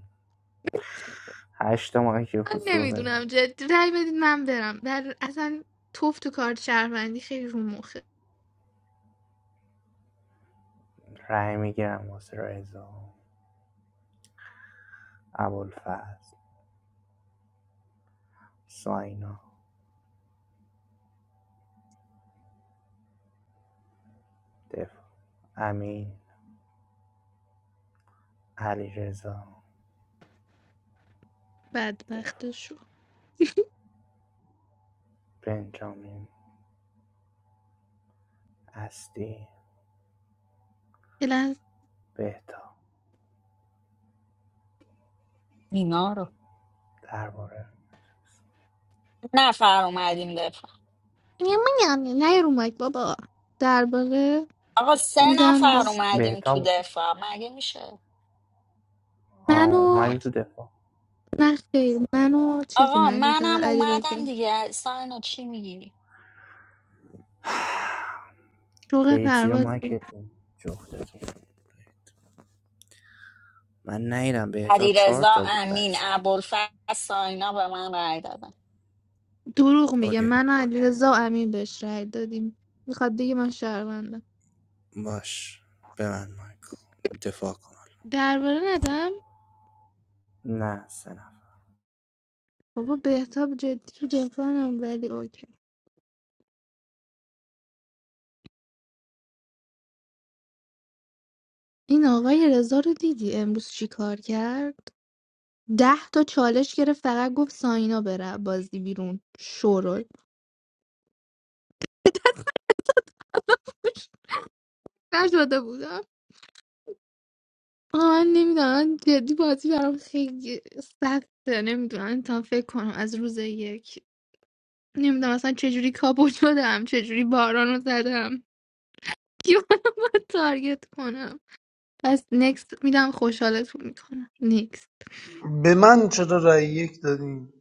[SPEAKER 11] هشت ماهی که
[SPEAKER 3] من
[SPEAKER 11] حضور
[SPEAKER 3] نمیدونم
[SPEAKER 11] بزن
[SPEAKER 3] جدی رأی بدید من برم در اصلا توف تو کارت شهروندی خیلی رو مخه
[SPEAKER 11] رأی میگیرم واسه رضا ابوالفضل ساینا دفاع امین علیرضا دفاع
[SPEAKER 3] بدبختشو
[SPEAKER 11] بنجامین اصلی
[SPEAKER 3] یه لحظه
[SPEAKER 11] بهتاب
[SPEAKER 5] اینا رو
[SPEAKER 11] درباره
[SPEAKER 5] نفر اومدیم دفاع
[SPEAKER 3] یه من- نه رو مایک بابا درباره
[SPEAKER 5] آقا سه
[SPEAKER 3] میدم به
[SPEAKER 5] نفر اومدیم تو
[SPEAKER 11] بهتاب
[SPEAKER 5] دفاع مگه میشه
[SPEAKER 11] آه،
[SPEAKER 3] منو
[SPEAKER 11] اومدی تو دفاع
[SPEAKER 3] نه خیر منو چیز
[SPEAKER 5] آقا
[SPEAKER 3] اومدیم فقط
[SPEAKER 5] منم
[SPEAKER 3] علی
[SPEAKER 5] اومدم
[SPEAKER 3] رزا
[SPEAKER 5] دیگه ساینا چی میگیری
[SPEAKER 3] شوق
[SPEAKER 11] برید زیر
[SPEAKER 3] پرواز
[SPEAKER 11] مایکتون جفتتون من نیدم بهتاب چهار
[SPEAKER 5] علیرضا
[SPEAKER 11] تا بود
[SPEAKER 5] امین
[SPEAKER 11] بچه
[SPEAKER 5] ابوالفضل ساینا به من رای دادن
[SPEAKER 3] دروغ میگه
[SPEAKER 11] اوکی
[SPEAKER 3] من علی رزا و امین بهش رأی دادیم میخواد دیگه من شهروندم
[SPEAKER 11] باش ببند مایکو دفاع کن
[SPEAKER 3] درباره ندم
[SPEAKER 11] نه سه نفر
[SPEAKER 3] بابا بهتاب جدی تو دفاعم ولی اوکی این آقای رضا رو دیدی امروز چی کار کرد ده تا چالش گرفت فقط گفت ساینا بره بازی بیرون شورل نشده بودم آه، من نمیدونم جدی بازی برام خیلی سخته نمیدونم تا فکر کنم از روز یک نمیدونم اصلا چجوری کابو شدم چجوری باران رو زدم کیو باید تارگت کنم پس نکست میدم خوشحالتون میکنم نکست
[SPEAKER 15] *laughs* به من چرا رأی یک دادین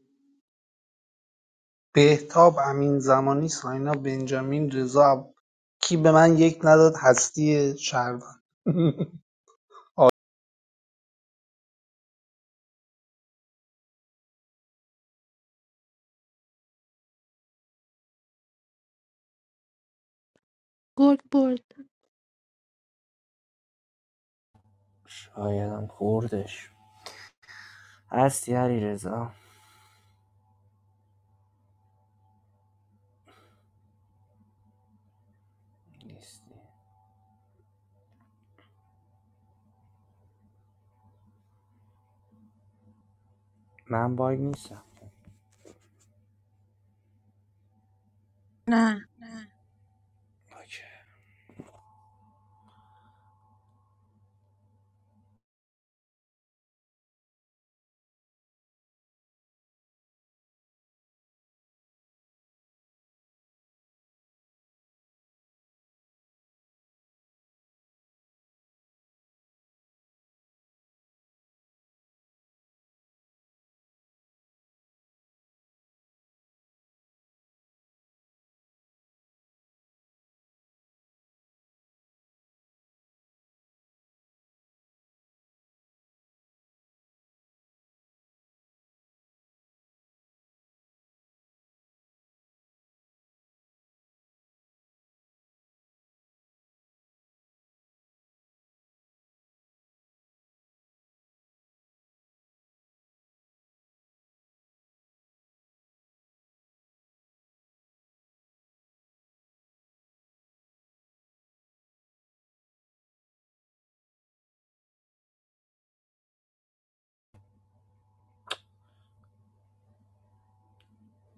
[SPEAKER 15] بهتاب امینزمانی ساینا بنجامین رضا کی به من یک نداد هستی شهروند *laughs*
[SPEAKER 3] گرگ برد
[SPEAKER 11] شایدم خوردش هستی علی رضا نیستی من باگ نیستم
[SPEAKER 6] نه
[SPEAKER 11] اوکی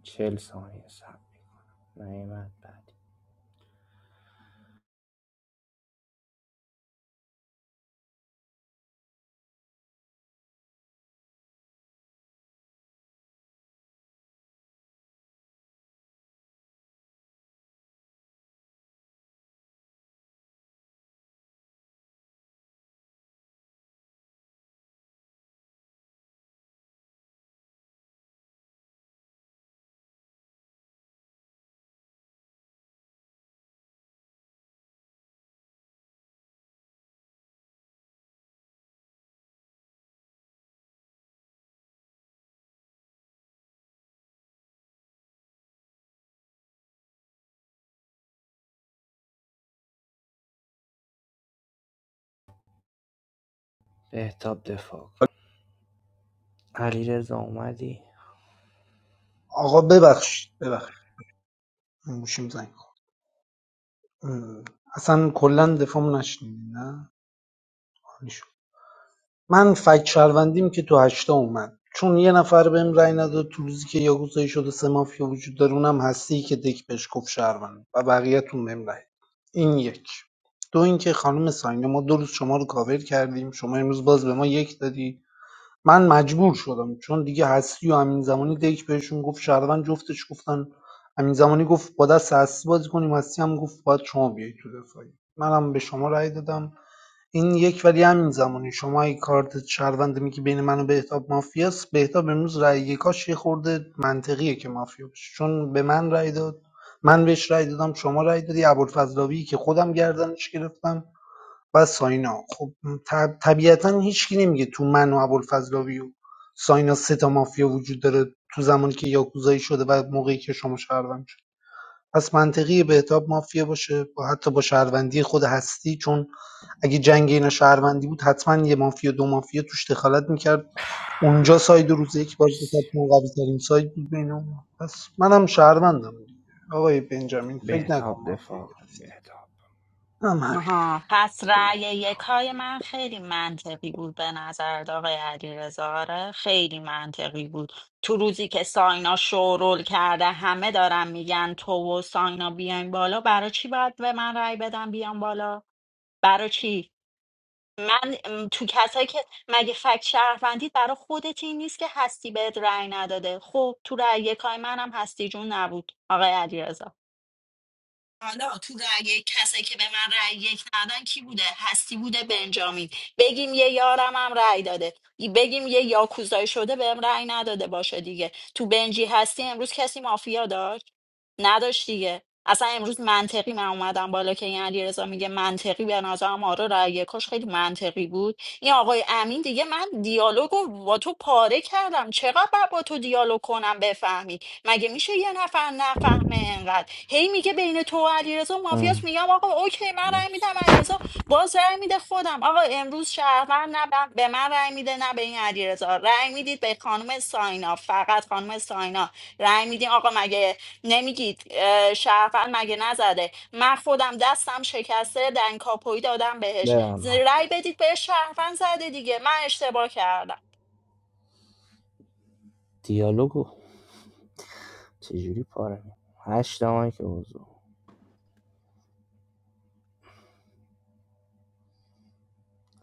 [SPEAKER 11] چل ثانیه سب نیمت بعدی بهتاب دفاع کن. علیرضا اومدی آقا
[SPEAKER 15] آقا
[SPEAKER 11] ببخشید
[SPEAKER 15] ببخشید ببخشید
[SPEAKER 11] ببخشید
[SPEAKER 15] این گوشیم زنگ خورد اصلا کلا دفاعمو نشنیدین نه عالی شد. من فک شهروندیم که تو هشتا اومد چون یه نفر بهم رأی نداد تو روزی که یاگوزایی شده سه مافیا وجود داره اونم هستی که دک بهش گفت شهروند و بقیه‌تون بهم رأی این یک دو اینکه خانم ساینا ما دو روز شما رو کاور کردیم شما امروز باز به ما یک دادی من مجبور شدم چون دیگه هستی و امین زمانی دیک بهشون گفت شهروند جفتش گفتن امین زمانی گفت با دست هستی بازی کنیم هستی هم گفت باید شما بیایید تو دفاعی منم به شما رأی دادم این یک ولی همین زمانی شما اگه کارت شهروند میگی بین من و بهتاب مافیاست بهتاب امروز رأی یکاش یه خورده منطقیه که مافیا باشه چون به من رأی داد من بهش رأی دادم شما رأی دادی ابوالفضلاوی که خودم گردنش گرفتم و ساینا خب طب- طبیعتا هیچکی نمیگه تو من و ابوالفضلاوی و ساینا سه تا مافیا وجود داره تو زمانی که یاکوزایی شده و موقعی که شما شهروند شد پس منطقی بهتاب مافیا باشه با حتی با شهروندی خود هستی چون اگه جنگ اینا شهروندی بود حتما یه مافیا دو مافیا توش دخالت میکرد اونجا ساید روز یک باز میکرد
[SPEAKER 11] مرسی
[SPEAKER 15] ما قوی ترین ساید بود بین اون پس منم شهروندم دیگه. آقای بنجامین فکر نکن
[SPEAKER 11] بهتاب
[SPEAKER 15] مافیا
[SPEAKER 11] دفاع
[SPEAKER 15] گرفت.
[SPEAKER 11] کن بهتاب
[SPEAKER 15] هم همین
[SPEAKER 5] آها پس رأی یک
[SPEAKER 11] بهتاب
[SPEAKER 5] های من خیلی منطقی بود به نظر آقای علیرضا آره خیلی منطقی بود تو روزی که ساینا شورول کرده همه دارن میگن تو و ساینا بیاین بالا برای چی باید به من رأی بدم بیام بالا برای چی من م، تو کسایی که مگه فکت شهروندی برای خودت این نیست که هستی بهت رأی نداده خب تو رأی یکای منم هستی جون نبود آقای علیرضا حالا تو رأی کسی که به من رأی یک ندادن کی بوده هستی بوده بنجامین بگیم یه یارم هم رأی داده بگیم یه یاکوزایی شده بهم رأی نداده باشه دیگه تو بنجی هستی امروز کسی مافیا داشت نداشت دیگه اصلا امروز منطقی من اومدم بالا که این علیرضا میگه منطقی به نظرم آره رأی یکاش خیلی منطقی بود این آقای امین دیگه من دیالوگو رو با تو پاره کردم چقدر باید با تو دیالوگ کنم بفهمی مگه میشه یه نفر نفهمه انقدر هی میگه بین تو و علیرضا
[SPEAKER 11] ام،
[SPEAKER 5] مافیاس میگم آقا اوکی من رأی میدم
[SPEAKER 11] مرسی
[SPEAKER 5] علیرضا باز رأی میده خودم آقا امروز شهروند نه به به من رأی میده نه به این علیرضا رأی میدید به خانم ساینا فقط خانم ساینا رأی میدین آقا مگه نمیگید اه، شهروند مگه نزده من خودم دستم شکسته دنگ کاپوی دادم بهش
[SPEAKER 11] برم
[SPEAKER 5] ز-
[SPEAKER 11] من
[SPEAKER 5] رأی
[SPEAKER 11] کنی
[SPEAKER 5] بدید به شهروند زده دیگه من اشتباه کردم
[SPEAKER 11] دیالوگو چجوری پاره می هشت دمایی که حضور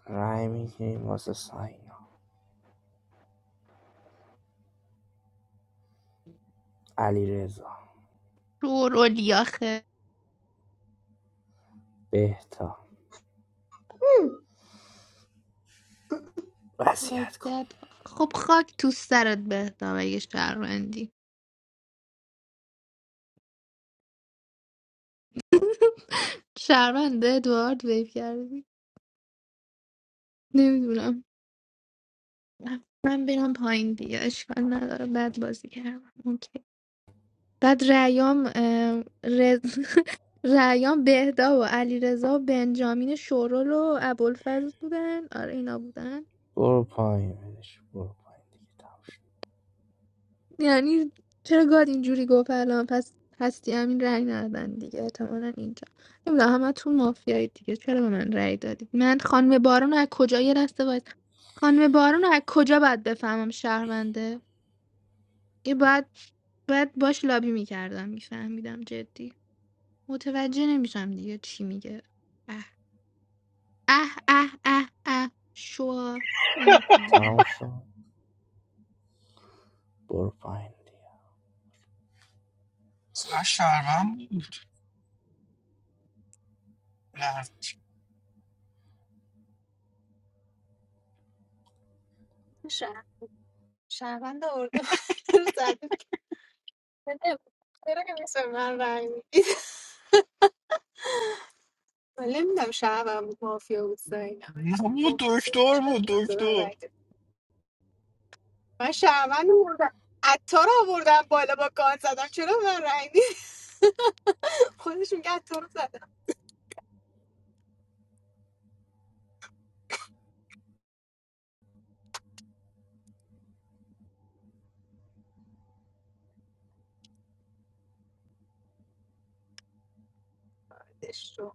[SPEAKER 11] رای میگیریم واسه ساینا علیرضا
[SPEAKER 3] شورلی آخه
[SPEAKER 11] بهتاب وصیت کن
[SPEAKER 3] وضعیت خب خاک تو سرت بهتم اگه شهروندی شهرونده ادوارد ویف کردی نمیدونم من برم پایین دیگه اشکال نداره بد بازی کردم اوکی بعد رعیام اه، رز... *laughs* رعیام بهدا و علی و بنجامین شورل و ابوالفضل بودن آره اینا بودن
[SPEAKER 11] برو پایین بدش برو پایین دیگه تموم شد
[SPEAKER 3] یعنی چرا گاد اینجوری گفت الان پس هستی همین رأی ندادن دیگه احتمالا اینجا نمیدونم همه تون مافیایی دیگه چرا به من رأی دادید من خانم بارون رو از کجا یه دسته باید خانم بارون رو از کجا باید بفهمم شهرونده یه باید باید باش لابی میکردم میفهمیدم جدی متوجه نمیشم دیگه چی میگه اه اه اه اه اه شو نرفتم باید.
[SPEAKER 11] تموم شد برو پایین دیگه
[SPEAKER 8] نه شرمم بود
[SPEAKER 2] شب- شهروند آورده *laughs* رو زده بده. چرا که میشه من رنگ میدید من نمیدونم شهروند بود مافیا بود ساینا بامزه بود.
[SPEAKER 8] دکتر
[SPEAKER 2] چرا
[SPEAKER 8] بود
[SPEAKER 2] به من
[SPEAKER 8] دکتر
[SPEAKER 2] رنگ داد؟ من شهروند بردم عطار آوردم بالا با گان زدم چرا به من رنگ خودش میگه از تو رو زدم ادش رو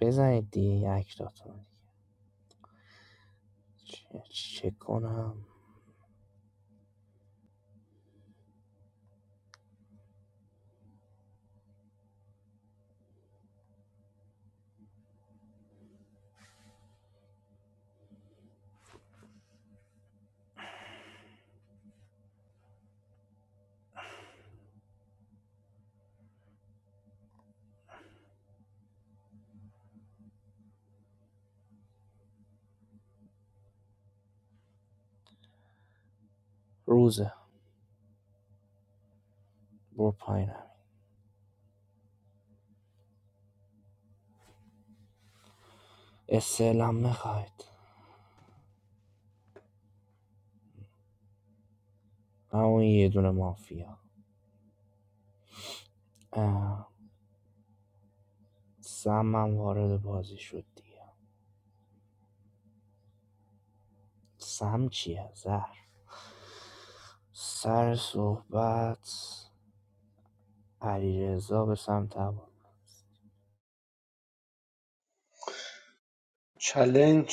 [SPEAKER 11] بزنید دیگه یک داتون. چه, چه کنم روزه برو پایین همین. استعلام میخواید همون یه دونه مافیا اه، سم هم وارد بازی شد دیگه سم چیه زهر سر صحبت علیرضا به سمت هوا
[SPEAKER 15] چلنج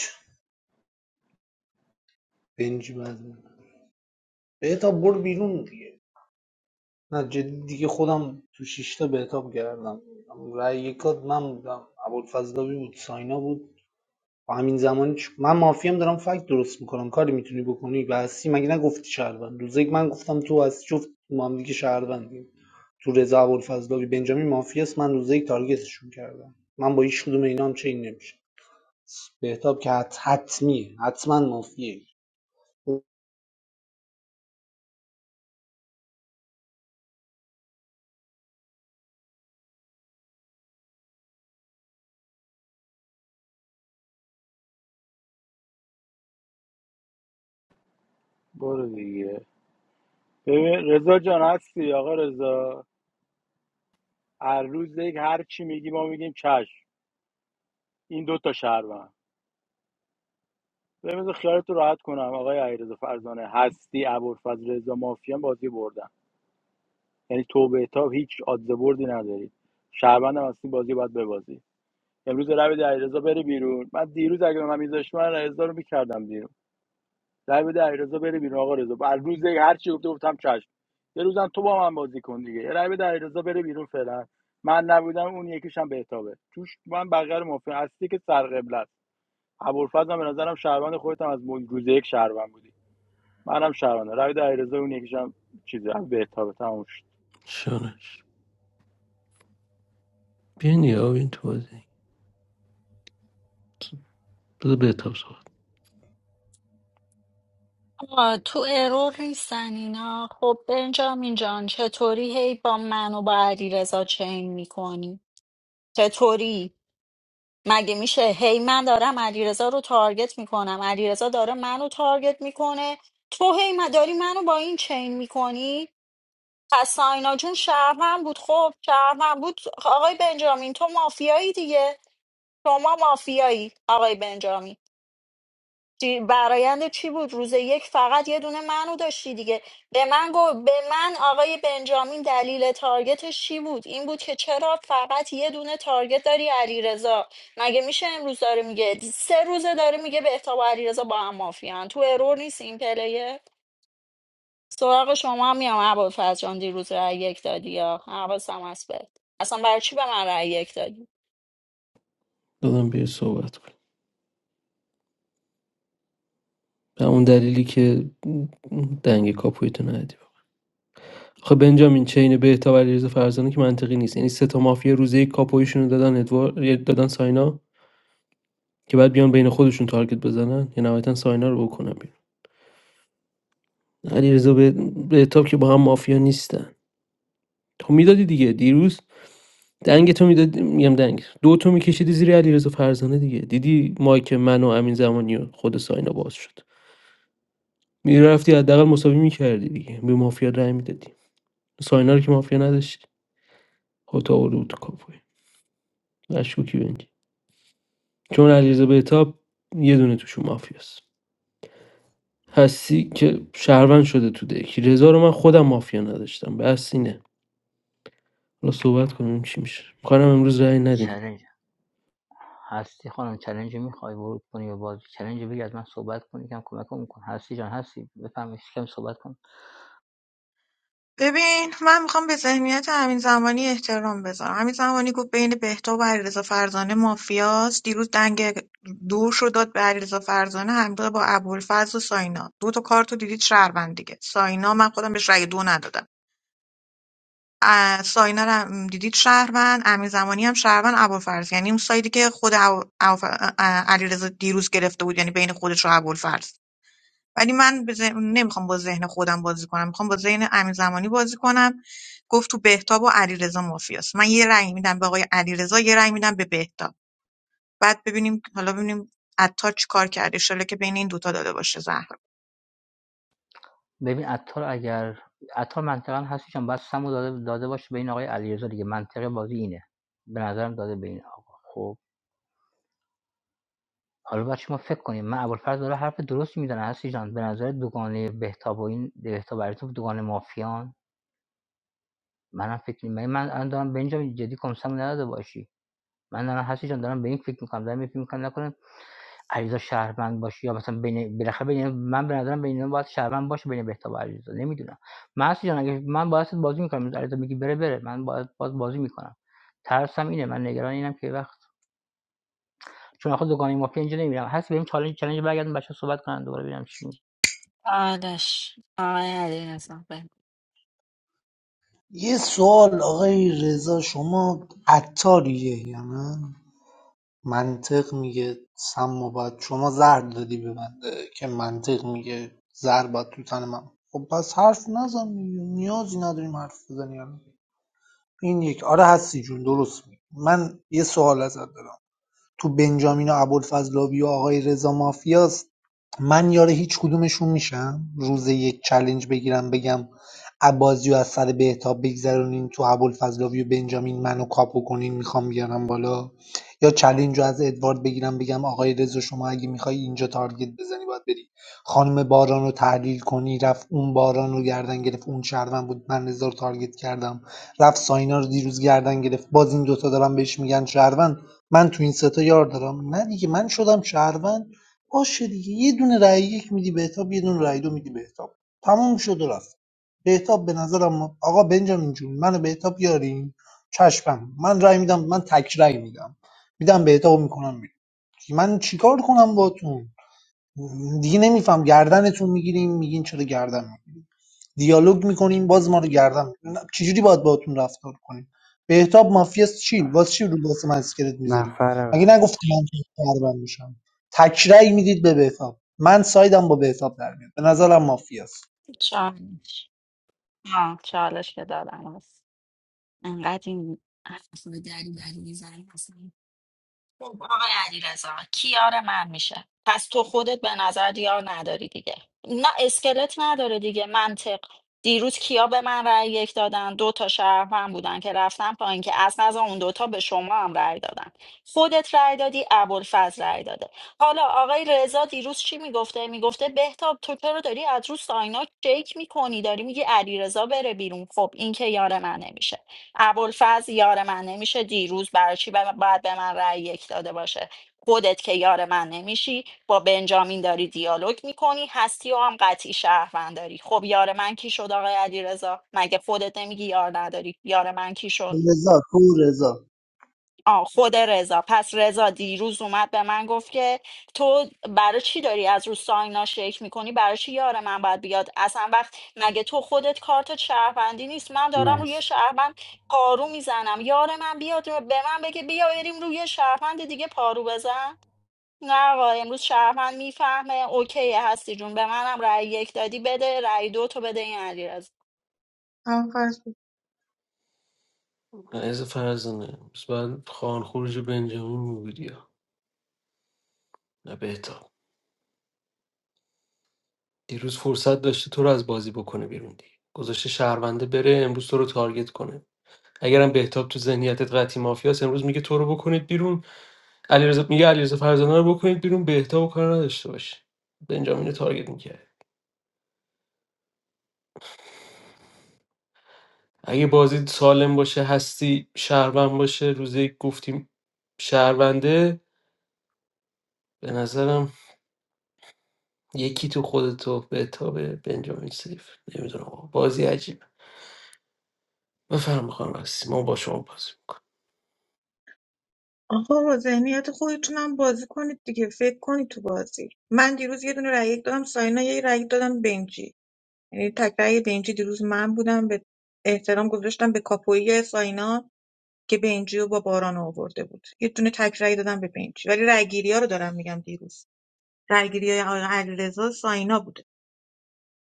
[SPEAKER 15] بنجی بعد بهتاب برو بیرون دیگه نه جدی دیگه خودم تو شیشتا بهتاب گردم رای یکات من بودم ابوالفضلاوی بود ساینا بود با همین زمانی چ- من مافیام دارم فکت درست میکنم کاری میتونی بکنی و هستی مگه نگفتی شهروند روز یک من گفتم تو هستی جفت ما هم دیگه شهروندیم تو رضا ابوالفضلاوی بنجامین مافیاست من روز یک تارگتشون کردم من با هیچ کدوم اینا هم چین نمیشه بهتاب که حت- حتمیه حتما مافیه
[SPEAKER 16] برو دیگه ببین رضا جان هستی آقا رضا هر روز یک هر چی میگی ما میگیم چش این دو تا شهروند بمیز خیالت رو راحت کنم آقای علیرضا فرزانه هستی ابوالفضل رضا مافیان بازی بردن یعنی تو به تا هیچ آدز بردی نداری شهروند هم هستی بازی باید ببازی امروز رای بده علیرضا بره بیرون من دیروز اگه به من میذاشت من علیرضا رو میکردم بیرون رای بده علیرضا بره بیرون آقا رضا هر روز یک هر چی گفته گفتم چش یه روزم تو با من بازی کن دیگه یه رای بده علیرضا بره بیرون فعلا من نبودم اون یکیشم هم بهتابه توش من بغیر مافیا هستی که سرقبله ابوالفضل هم به نظرم شهروند خودت هم از مول- روز یک شهروند بودی منم شهروند رای در علیرضا اون یکیشم چیز به اتابه تموم شد
[SPEAKER 12] شانش بیاین یا این تو بازی بذار بهتاب صحبت
[SPEAKER 5] آه، تو ارور نیستن اینا خب بنجامین جان چطوری هی با من و با علیرضا چین میکنی چطوری مگه میشه هی من دارم علیرضا رو تارگت میکنم علیرضا داره منو تارگت میکنه تو هی من- داری منو با این چین میکنی پس ساینا جون شهروند بود خب شهروند بود آقای بنجامین تو مافیایی دیگه شما مافیایی آقای بنجامین چی- برایند چی بود روز یک فقط یه دونه منو داشتی دیگه به من گو به من آقای بنجامین دلیل تارگتش چی بود این بود که چرا فقط یه دونه تارگت داری علیرضا مگه میشه امروز داره میگه سه روزه داره میگه بهتاب و علیرضا با هم مافیان تو ارور نیست این پلیه سراغ شما هم میام ابوالفضل جان دیروز رای یک دادی یا حواسم هست بهت اصلا برای چی به من رای یک دادی
[SPEAKER 12] دادم بیا صحبت کن به اون دلیلی که دنگ کاپویتو ندی خب بنجامین چین بهتاب علیرضا فرزانه که منطقی نیست یعنی سه تا مافیا روزه یک کاپویشون رو دادن ادوار دادن ساینا که بعد بیان بین خودشون تارگت بزنن یا نهایتا ساینا رو بکنن بیرون علیرضا به به تاب که با هم مافیا نیستن تو میدادی دیگه دیروز دنگ تو میدادی میگم دنگ دو تو میکشیدی زیر علیرضا فرزانه دیگه دیدی مایک من و امین زمانی و خود ساینا باز شد میرفتی حداقل مساوی میکردی دیگه به مافیا رأی میدادی ساینا رو که مافیا نداشتی خود آورده بود تو کاپوی مشکوکی بنجی چون علیرضا به تاب یه دونه توشون مافیاست هستی که شهروند شده تو دک رضا رو من خودم مافیا نداشتم بس اینه حالا صحبت کنیم چی میشه کارم امروز رأی ندیم
[SPEAKER 18] چالش هستی خانم چالش میخوای ورود کنی به بازی چالش بگی از من صحبت کنی کم کمکمون کن هستی جان هستی بفهمی کم صحبت کن
[SPEAKER 6] ببین من میخوام به ذهنیت همین زمانی احترام بذارم همین زمانی گفت بین بهتا و علیرضا فرزانه مافیاست دیروز دنگ دوش رو داد به علیرضا فرزانه همراه با ابوالفضل و ساینا دو تا کارت رو دیدید شهروند دیگه ساینا من خودم بهش رأی دو ندادم اه، ساینا رو هم دیدید شهروند امین زمانی هم شهروند ابوالفضل یعنی اون سایدی که خود ابو- ابو- اه، علیرضا دیروز گرفته بود یعنی بین خودش و ابوالفضل ولی من به ذهن- نمیخوام با ذهن خودم بازی کنم میخوام با ذهن امین زمانی بازی کنم گفت تو بهتاب و علیرضا مافیاست من یه رأی میدم به آقای علیرضا یه رأی میدم به بهتاب بعد ببینیم حالا ببینیم عطار چی کار کرده انشالله که بین این دوتا داده باشه زهر
[SPEAKER 18] ببین عطار اگر عطار منطقا هستی چون باید سمو داده, داده باشه به این آقای علیرضا دیگه منطقه بازی اینه به نظرم داده به این آقا خب حالا باید شما فکر کنیم من ابوالفضل داره حرف درستی میزنه هستی جان به نظر دوگانه بهتاب و این بهتاب و علیرضا دوگانه مافیان منم فکر نیم من من دارم به اینجا جدی کنسم نداده باشی من دارم هستی جان دارم به این فکر میکنم دارم این فکر میکنم نکنه علیرضا شهروند باشه یا مثلا بین بالاخره بین من به نظرم بین اینا باید شهروند باشه بین بهتاب و علیرضا نمیدونم محسود جان اگه من باید بازی میکنم علیرضا میگی بره بره من باید باز بازی میکنم ترسم اینه من نگران اینم که وقت چون خود دوگانه مافیا اینجا نمیرم هست بریم چالش چالش برگردم بچه‌ها صحبت کنن دوباره ببینم چی
[SPEAKER 5] چالش آقای علی رزا بگو.
[SPEAKER 15] یه سوال آقای رضا شما عطاریه یا نه منطق میگه سم و بد شما زهر دادی به بنده که منطق میگه زهر باید تو تن من خب پس حرف نزن دیگه. نیازی نداریم حرف بزنی الان. این یک آره هستی جون درست میگی من یه سوال ازت دارم تو بنجامین و ابوالفضلاوی و آقای رضا مافیاست من یاره هیچ کدومشون میشم روز یک چلنج بگیرم بگم عبازی از سر بهتاب بگذرونین تو ابوالفضلاوی و بنجامین منو کاپو کنین میخوام بیارم بالا یا چلنج رو از ادوارد بگیرم بگم آقای رضا شما اگه میخوای اینجا تارگت بزنی باید بری خانم باران رو تحلیل کنی رفت اون باران رو گردن گرفت اون شهروند بود من رضا رو تارگت کردم رفت ساینا رو دیروز گردن گرفت باز این دوتا دارن بهش میگن شهروند من تو این ستا یار دارم نه دیگه من شدم شهروند باشه دیگه یه دونه رأی یک میدی بهتاب یه دونه رأی دو میدی بهتاب تموم شد و رفت بهتاب به نظرم آقا بنجامین جون منو بهتاب یاریم چشمم من رأی میدم من تک رأی میدم میدم بهتاب میکنم بیرون. من چیکار کنم باتون دیگه نمیفهم گردنتون میگیریم میگین چرا گردن میگیریم دیالوگ میکنیم باز ما رو گردن می‌کنین. نه، چجوری باید باهاتون رفتار کنیم بهتاب مافیاست چی واسه چی رو واسه من اسکلت میذاری
[SPEAKER 11] نفر
[SPEAKER 15] مگه
[SPEAKER 11] بعد
[SPEAKER 15] نگفتی من که پربند میشم تکرای میدید به بهتاب من سایدم با بهتاب در میاد به نظرم مافیاست
[SPEAKER 5] چالش آه چالش که دادم هست انقدر این حرف دری بری میزنی خب آقای علیرضا کیار من میشه پس تو خودت به نظر دیار نداری دیگه نه اسکلت نداره دیگه منطق دیروز کیا به من رأی یک دادن دو تا شهروند بودن که رفتن پایین که از نظر اون دوتا به شما هم رأی دادن خودت رأی دادی ابوالفضل رأی داده حالا آقای رضا دیروز چی میگفته میگفته بهتاب تو چرا داری از رو ساینا چک میکنی داری میگی علیرضا بره بیرون خب این که یار من نمیشه ابوالفضل یار من نمیشه دیروز برای چی ب- باید به من رأی یک داده باشه خودت که یار من نمیشی با بنجامین داری دیالوگ میکنی هستی و هم قطعی شهروند داری خب یار من کی شد آقای علیرضا مگه خودت نمیگی یار نداری یار من کی شد
[SPEAKER 15] رضا تو رضا
[SPEAKER 5] آه خود رضا پس رضا دیروز اومد به من گفت که تو برای چی داری از رو ساینا شیک میکنی برای چی یار من باید بیاد اصلا وقت مگه تو خودت کارت شهروندی نیست من دارم روی
[SPEAKER 11] مرسی
[SPEAKER 5] شهروند پارو میزنم یار من بیاد به من بگه بیا بریم روی شهروند دیگه پارو بزن نه آقا امروز شهروند میفهمه اوکی هستی جون به منم رأی یک دادی بده رأی دو تو بده این علیرضا
[SPEAKER 6] تمام فرض بود.
[SPEAKER 12] عزیز فرزانه بس بعد خان خروج بنجامین میبودی ها. نه بهتاب دیروز فرصت داشته تو رو از بازی بکنه بیرون دیگه گذاشته شهرونده بره امروز تو رو تارگت کنه اگرم بهتاب تو ذهنیتت قطعی مافیاس امروز میگه تو رو بکنید بیرون علیرضا میگه علیرضا فرزانه رو بکنید بیرون بهتاب و کار نداشته باشه بنجامین رو تارگت می‌کرد اگه بازی سالم باشه هستی شهروند باشه روز یک گفتیم شهرونده به نظرم یکی تو خودتو به تابه بنجامین سیف نمیدونم آقا. بازی عجیب بفرم میخوام هستی ما با شما بازی میکنم
[SPEAKER 6] آقا با ذهنیت خودتونم بازی کنید دیگه فکر کنید تو بازی من دیروز یه دونه رای یک دادم ساینا یه رای دادم بنجی یعنی تک رأی بنجی دیروز من بودم به احترام گذاشتم به کاپویی ساینا که بنجی رو با باران آورده بود یه دونه تک رأی دادم به بنجی ولی رأیگیری رو دارم میگم دیروز رأیگیری آقای علیرضا ساینا بوده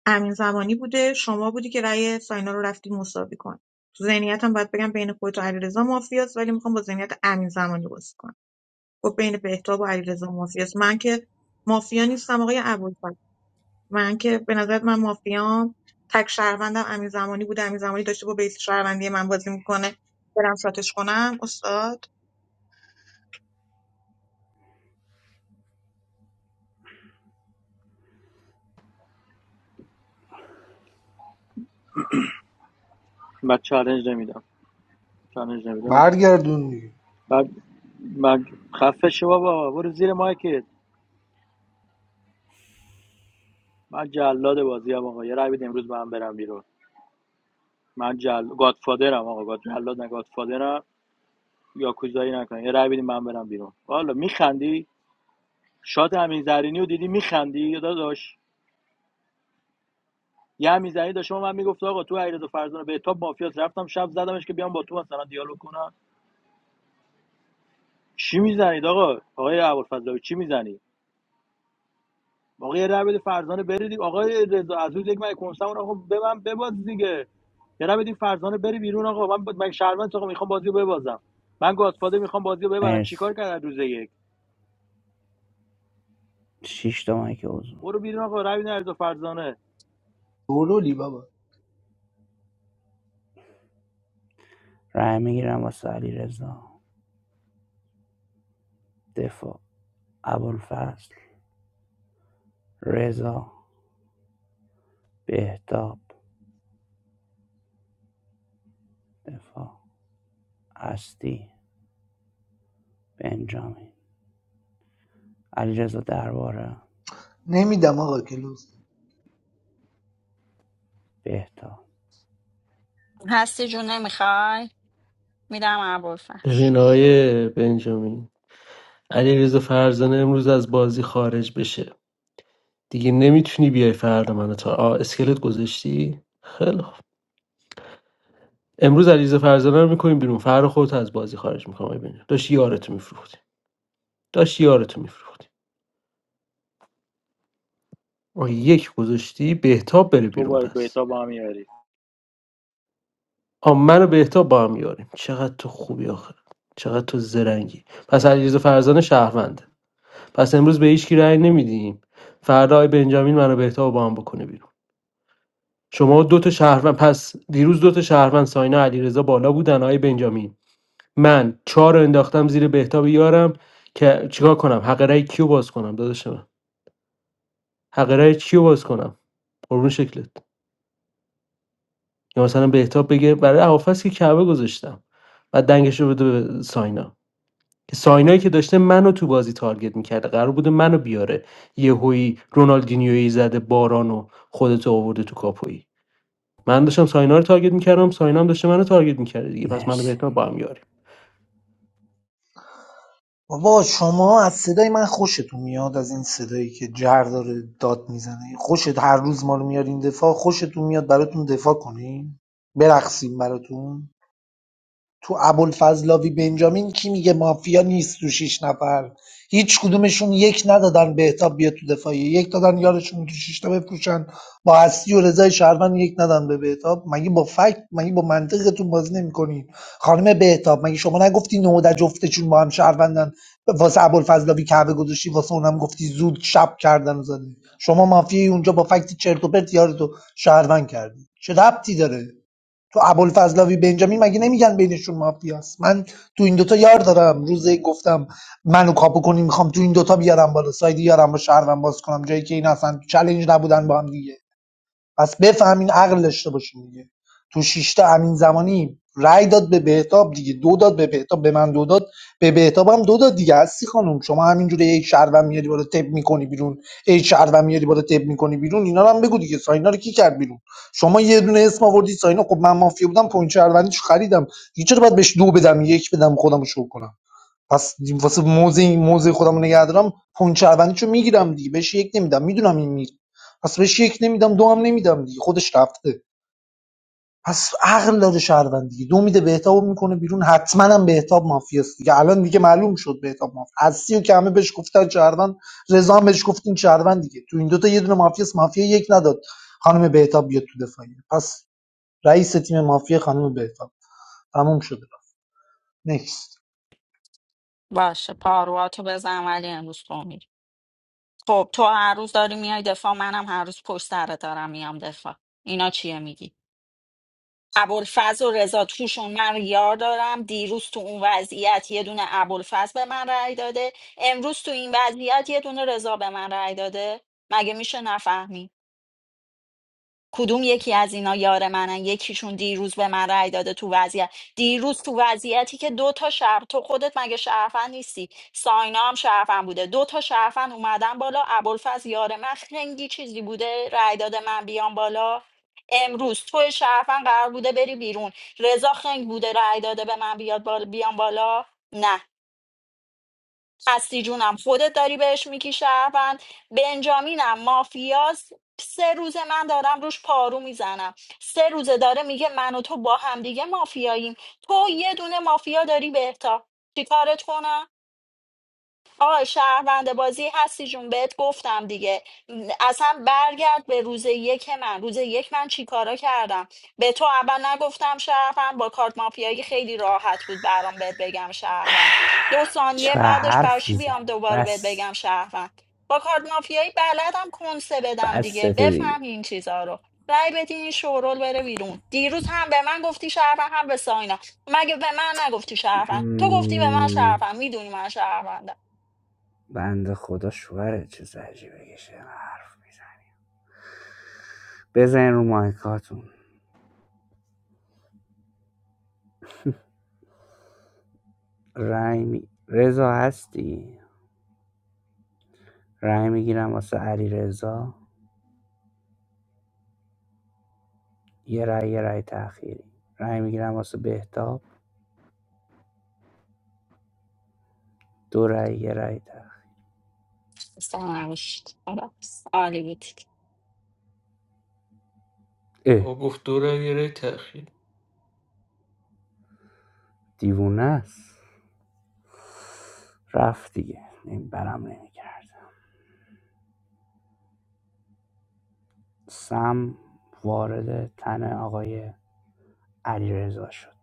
[SPEAKER 6] امین زمانی بوده شما بودی که رأی ساینا رو رفتی مساوی کن تو ذهنیتم باید بگم بین خودت و علیرضا مافیاست ولی میخوام با ذهنیت امین زمانی بازی کنم خب بین بهتاب و علیرضا مافیاست من که مافیا نیستم آقای ابوالفضل من که به نظرت من مافیام تک شهروندم امین زمانی بوده امین زمانی داشته با بیس شهروندی من بازی میکنه برم شاتش کنم استاد
[SPEAKER 16] من چالنج نمیدم چالنج نمیدم
[SPEAKER 15] برگردون دیگه
[SPEAKER 16] بعد من خفه شو بابا برو زیر مایکت من جلاد بازی ام آقا یه رای بده امروز من برم بیرون من جل گادفادرم آقا گاد جلاد نه گادفادرم یا کوزایی نکن یه رای بده من برم بیرون والا میخندی شاد همین زرینی رو دیدی میخندی یا داداش یه همیزنی داشت به من میگفت آقا تو علیرضا فرزانه به تاب مافیاس رفتم شب زدمش که بیام با تو مثلا دیالوگ کنم چی میزنید آقا آقای ابوالفضلاوی چی میزنی آقا یه ربد فرزانه برید آقای رضا از روز یک من کنسم آقا به من بباز دیگه یه ربد فرزانه بری بیرون آقا من من شهروند آقا میخوام بازیو رو ببازم من گادفادر میخوام بازیو رو ببرم چیکار
[SPEAKER 11] مرسی
[SPEAKER 16] کرد روز یک
[SPEAKER 11] شیش تا مایک حضور
[SPEAKER 16] برو بیرون آقا ربد علیرضا فرزانه
[SPEAKER 15] دورولی بابا
[SPEAKER 11] رای میگیرم واسه علی رضا دفاع ابوالفضل رضا بهتاب دفاع هستی بنجامین علیرضا درباره
[SPEAKER 15] نمیدم آقا کلوز
[SPEAKER 11] بهتا
[SPEAKER 5] هستی جون نمیخوای میدم ابوالفضل
[SPEAKER 12] ببین آقای بنجامین علیرضا فرزانه امروز از بازی خارج بشه دیگه نمیتونی بیای فردا منو تا آه اسکلت گذاشتی خیلی خوب امروز علیرضا فرزانه رو میکنیم بیرون فردا خودت از بازی خارج میکنم آقای بنجامین داشت یارتو میفروختی داشت یارتو میفروختی آه یک گذاشتی بهتاب بره
[SPEAKER 16] تو
[SPEAKER 12] بیرون
[SPEAKER 16] با
[SPEAKER 12] پس
[SPEAKER 16] بهتاب با هم میاری
[SPEAKER 12] آ من و بهتاب با هم یاریم چقدر تو خوبی آخه چقدر تو زرنگی پس علیرضا فرزانه شهرونده پس امروز به هیچ کی رأی نمیدیم فردا آقای بنجامین منو بهتاب با هم بکنه بیرون شما دو تا شهروند پس دیروز دو تا شهروند ساینا علیرضا بالا بودن آقای بنجامین من چهار رو انداختم زیر بهتاب یارم که چیکار کنم حق رأی کیو باز کنم داداش من حق رأی کیو باز کنم قربون شکلت یا مثلا بهتاب بگه برای هافس که کعبه گذاشتم و دنگش رو بده به ساینا که ساینایی که داشته منو تو بازی تارگت میکرده قرار بوده منو بیاره یهویی رونالدینیویی زده بارانو خودت خودتو آورده تو کاپویی من داشتم ساینا رو تارگت میکردم ساینا هم داشته منو تارگت میکرده دیگه پس منو
[SPEAKER 11] مرسی
[SPEAKER 12] بهتاب با هم یاریم
[SPEAKER 15] بابا شما از صدای من خوشتون میاد از این صدایی که جر داره داد میزنه خوشت هر روز ما رو میارین دفاع خوشتون میاد براتون دفاع کنیم برقصیم براتون تو ابوالفضلاوی بنجامین کی میگه مافیا نیست تو شیش نفر هیچ کدومشون یک ندادن بهتاب بیاد تو دفاعیه یک دادن یارشون تو شیش تا بفروشن با اصلی و رضای شهروند یک ندادن به بهتاب مگه با فکت مگه با منطقتون بازی نمیکنین خانم بهتاب مگه شما نگفتی نودا جفتشون با هم شهروندن واسه ابوالفضلاوی کعبه گذاشتی واسه اونم گفتی زود شب کردن و زدی شما مافیای اونجا با فکت چرت و پرت یارتو شهروند کردی چه ربطی داره تو ابوالفضلاوی بنجامین مگه نمیگن بینشون مافیاست من تو این دوتا یار دارم روزه گفتم منو کاپو کنی میخوام تو این دوتا بیارم بالا ساید یارم با شهرم باز کنم جایی که این اصلا چلنج نبودن با هم دیگه پس بفهمین عقل داشته باشین دیگه تو شش تا امین زمانی رأی داد به بهتاب دیگه دو داد به بهتاب به من دو داد به بهتاب هم دو داد دیگه هستی خانم شما همینجوری یک شهروند میاری بالا تپ میکنی بیرون یک شهروند میاری بالا تپ میکنی بیرون اینا رو هم بگو دیگه ساینا رو کی کرد بیرون شما یه دونه اسم آوردی ساینا خب من مافیا بودم پوینت شهروندیش خریدم دیگه چرا باید بهش دو بدم یک بدم خودم رو شو کنم پس واسه موزه موزه خودم رو نگه دارم پونچ رو میگیرم دیگه بهش یک نمیدم میدونم این میره پس بهش یک نمیدم دو هم نمیدم دیگه خودش رفته پس عقل داره شهروند دیگه دو میده بهتاب میکنه بیرون حتما هم بهتاب مافیاست دیگه الان دیگه معلوم شد بهتاب مافیا هستی و که همه بهش گفتن شهروند رضا هم بهش گفت این شهروند دیگه تو این دوتا یه دونه مافیاست مافیا یک نداد خانم بهتاب بیاد تو دفاعیه پس رئیس تیم مافیا خانم بهتاب تموم شده نیکست
[SPEAKER 5] باشه پارواتو بزن ولی امروز تو میری خب تو هر روز داری میای دفاع منم هر روز پشت سرت دارم میام دفاع اینا چیه میگی ابوالفضل و رضا توشون من یار دارم دیروز تو اون وضعیت یه دونه ابوالفضل به من رأی داده امروز تو این وضعیت یه دونه رضا به من رأی داده مگه میشه نفهمی کدوم یکی از اینا یار منن یکیشون دیروز به من رأی داده تو وضعیت دیروز تو وضعیتی که دو تا شهر تو خودت مگه شرفن نیستی ساینا هم شرفن بوده دو تا شرفن اومدن بالا ابوالفضل یار من خنگی چیزی بوده رأی داده من بیام بالا امروز تو شرفن قرار بوده بری بیرون رضا خنگ بوده رأی داده به من بیاد بالا بیام بالا نه هستی جونم خودت داری بهش میگی شهروند بنجامینم مافیاس سه روزه من دارم روش پارو میزنم سه روزه داره میگه من و تو با هم دیگه مافیاییم تو یه دونه مافیا داری بهتا چیکارت کنم آه شهروند بازی هستی جون بهت گفتم دیگه اصلا برگرد به روز یک من روز یک من چی چیکارا کردم به تو اول نگفتم شهروند با کارت مافیایی خیلی راحت بود برام بهت بگم شهروند دو ثانیه
[SPEAKER 11] چه
[SPEAKER 5] بعدش
[SPEAKER 11] حرف
[SPEAKER 5] برشی بیام
[SPEAKER 11] میزنی
[SPEAKER 5] دوباره بهت
[SPEAKER 11] بس
[SPEAKER 5] بگم شهروند با کارت مافیایی بلدم کنسه بدم
[SPEAKER 11] بس
[SPEAKER 5] دیگه
[SPEAKER 11] ست دیگه
[SPEAKER 5] بفهم این چیزا رو رای بدین این شورول بره بیرون دیروز هم به من گفتی شهروند هم به ساینا مگه به من نگفتی شهروند تو گفتی به من
[SPEAKER 11] بند
[SPEAKER 5] شهروند میدونی من شهروندم
[SPEAKER 11] خدا شوهره چه زجی بکشه حرف میزنه بزن رو مایکاتون رای می... رضا هستی رای میگیرم واسه علی رضا یه رای یه رای تأخیری رای میگیرم واسه بهتاب دو رای یه رای تأخیر
[SPEAKER 5] سرنوشت خلاص عالی بودید
[SPEAKER 11] اه
[SPEAKER 12] خب گفت دو رای یه رای تأخیر
[SPEAKER 11] دیوونه است رفت دیگه این برم نمیگرد سم وارد تن آقای علی رضا شد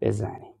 [SPEAKER 11] بزنید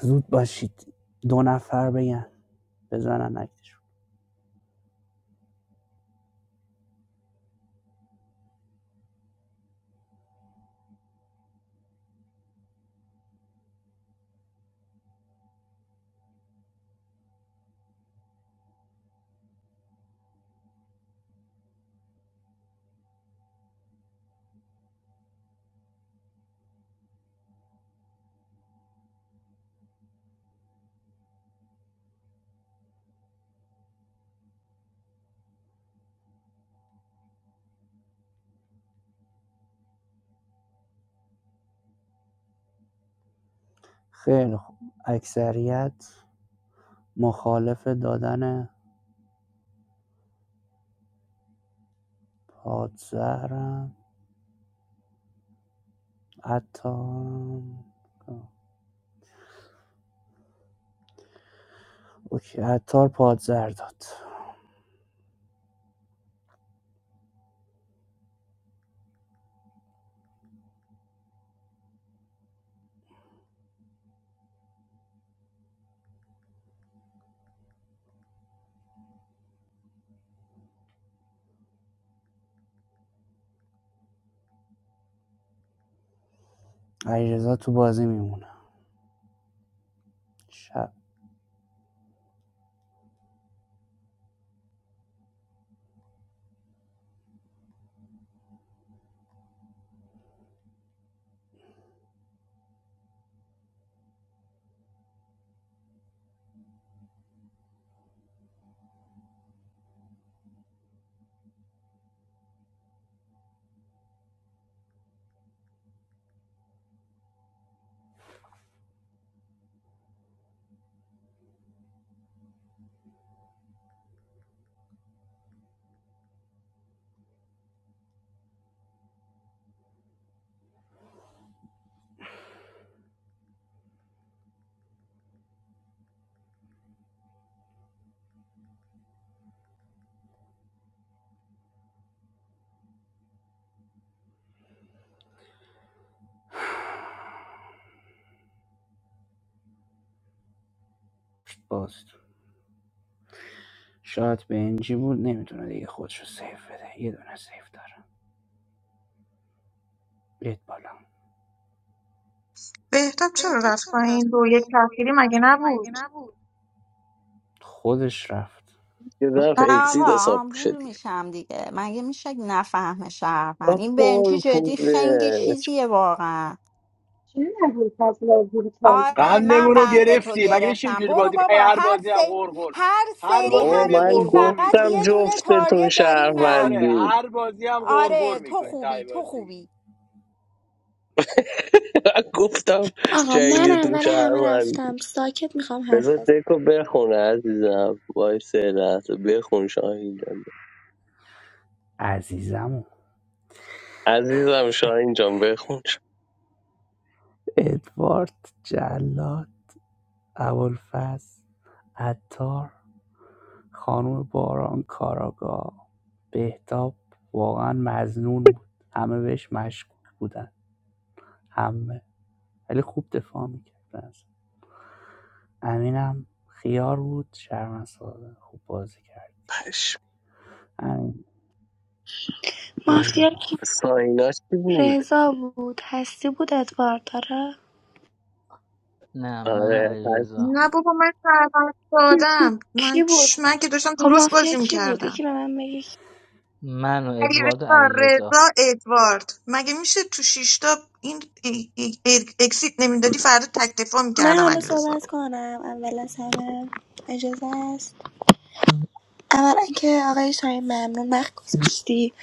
[SPEAKER 11] زود باشید دو نفر بگن بزنن اکتشون خیلی خوب اکثریت مخالف دادن پادزهرم عطار اوکی عطار پادزهر داد علیرضا تو بازی میمونه شب باز شاید بنجی بود نمیتونه دیگه خودشو سیف بده یه دونه سیف داره بیت بالا
[SPEAKER 6] بهتاب چرا
[SPEAKER 11] بهتاب
[SPEAKER 6] رفت
[SPEAKER 11] چرا
[SPEAKER 6] پایین
[SPEAKER 11] رفت
[SPEAKER 6] دو یک
[SPEAKER 11] پایین روی
[SPEAKER 6] تأخیری مگه
[SPEAKER 11] تفکیری مگه
[SPEAKER 6] نبود
[SPEAKER 11] نبود خودش رفت
[SPEAKER 1] یه طرف
[SPEAKER 5] نه
[SPEAKER 1] اکسید
[SPEAKER 5] آقا
[SPEAKER 1] حساب میشه
[SPEAKER 5] آمبول
[SPEAKER 1] دیگه
[SPEAKER 5] میشم دیگه مگه میشه نفهمه شهروند این بنجی
[SPEAKER 1] پر
[SPEAKER 5] جدی خنگی
[SPEAKER 1] پوله
[SPEAKER 5] چیزیه واقعا
[SPEAKER 2] چی ابوالفضل آزوری کرد
[SPEAKER 5] آره من
[SPEAKER 16] قندمون رو
[SPEAKER 5] قنده تو
[SPEAKER 16] گرفتی مگه میشه
[SPEAKER 5] گرفتم
[SPEAKER 16] اینجوری
[SPEAKER 5] برو
[SPEAKER 16] بازی هی
[SPEAKER 5] بابا
[SPEAKER 16] هر
[SPEAKER 5] هر
[SPEAKER 16] بازی هم
[SPEAKER 5] سری
[SPEAKER 16] غرغر
[SPEAKER 5] هر
[SPEAKER 16] هر
[SPEAKER 5] سری
[SPEAKER 16] بازی
[SPEAKER 1] بابا
[SPEAKER 16] هم یه
[SPEAKER 5] همینی
[SPEAKER 1] من
[SPEAKER 16] غرغر
[SPEAKER 5] فقط
[SPEAKER 1] گفتم
[SPEAKER 5] یه
[SPEAKER 16] میکنی
[SPEAKER 5] دونه
[SPEAKER 1] جفتتون
[SPEAKER 5] تارگت دارین من
[SPEAKER 16] آره
[SPEAKER 1] شهروندیم
[SPEAKER 16] هر بازی هم غرغر
[SPEAKER 5] آره تو
[SPEAKER 16] میکنی
[SPEAKER 5] خوبی
[SPEAKER 16] تای
[SPEAKER 5] تو
[SPEAKER 16] بازی
[SPEAKER 5] خوبی
[SPEAKER 1] *laughs* من گفتم
[SPEAKER 7] آقا من
[SPEAKER 1] جنگتون
[SPEAKER 7] اول همه رفتم ساکت میخوام حرف
[SPEAKER 1] بذار
[SPEAKER 7] بزنم
[SPEAKER 1] دکو بخونه عزیزم وای سه لحظه بخون شاهین جان
[SPEAKER 11] عزیزمو
[SPEAKER 1] عزیزم شاهین جان بخون
[SPEAKER 11] ادوارد جلاد ابوالفضل عطار خانم باران کاراگاه بهتاب واقعا مزنون بود همه بهش مشکوک بودن همه ولی خوب دفاع میکرد امینم خیار بود شرمن خوب بازی کرد
[SPEAKER 1] چش.
[SPEAKER 11] همین برد
[SPEAKER 7] مافیا کی
[SPEAKER 11] مافیا
[SPEAKER 1] ساینا چی بود
[SPEAKER 7] رضا بود هستی بود ادوارد داره
[SPEAKER 18] نه من و
[SPEAKER 1] آره هست
[SPEAKER 18] علیرضا
[SPEAKER 6] نه بابا من سربست دادم
[SPEAKER 7] کی
[SPEAKER 6] من
[SPEAKER 7] بود
[SPEAKER 6] چ- من که داشتم
[SPEAKER 7] خب
[SPEAKER 6] درست
[SPEAKER 7] مافیا
[SPEAKER 6] بازی
[SPEAKER 7] کی بود یکی
[SPEAKER 6] میکردم
[SPEAKER 7] به من بگی
[SPEAKER 18] من و
[SPEAKER 6] علی
[SPEAKER 18] ادوارد و
[SPEAKER 6] رضا
[SPEAKER 18] علیرضا
[SPEAKER 6] رضا ادوارد مگه میشه تو شیشتا این ای- ای- ای- اکسیت نمیدادی فردا تک دفاع
[SPEAKER 7] من
[SPEAKER 6] میکردم
[SPEAKER 7] حالا
[SPEAKER 6] علی رضا
[SPEAKER 7] صحبت
[SPEAKER 6] رو
[SPEAKER 7] کنم اول از همه اجازه است اولا که آقای شاهین ممنون وقت گذاشتی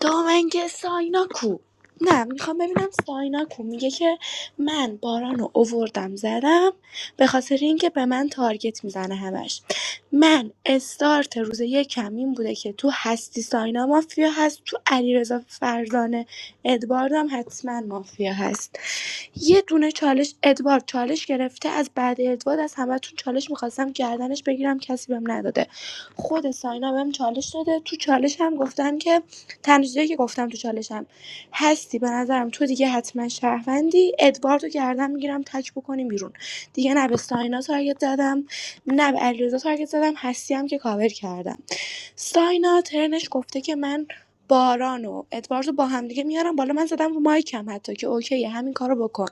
[SPEAKER 7] دوما که ساینا کو نه میخوام ببینم ساینا کو میگه که من باران رو اووردم زدم به خاطر اینکه به من تارگت میزنه همش من استارت روز یکم این بوده که تو هستی ساینا مافیا هست تو علیرضا فرزانه ادواردم حتما مافیا هست یه دونه چالش ادوارد چالش گرفته از بعد ادوارد از همتون چالش میخواستم گردنش بگیرم کسی بهم نداده خود ساینا بهم چالش داده تو چالش هم گفتم که تنها چیزایی که گفتم تو چالشم هستی به نظرم تو دیگه حتما شهروندی ادواردو گردن میگیرم تک بکنیم بیرون دیگه نه به ساینا تارگت زدم نه به علیرضا تارگت زدم هستی هم که کاور کردم ساینا ترنش گفته که من باران و ادواردو با هم دیگه میارم بالا من زدم رو مایکم حتی که اوکیه همین کارو بکن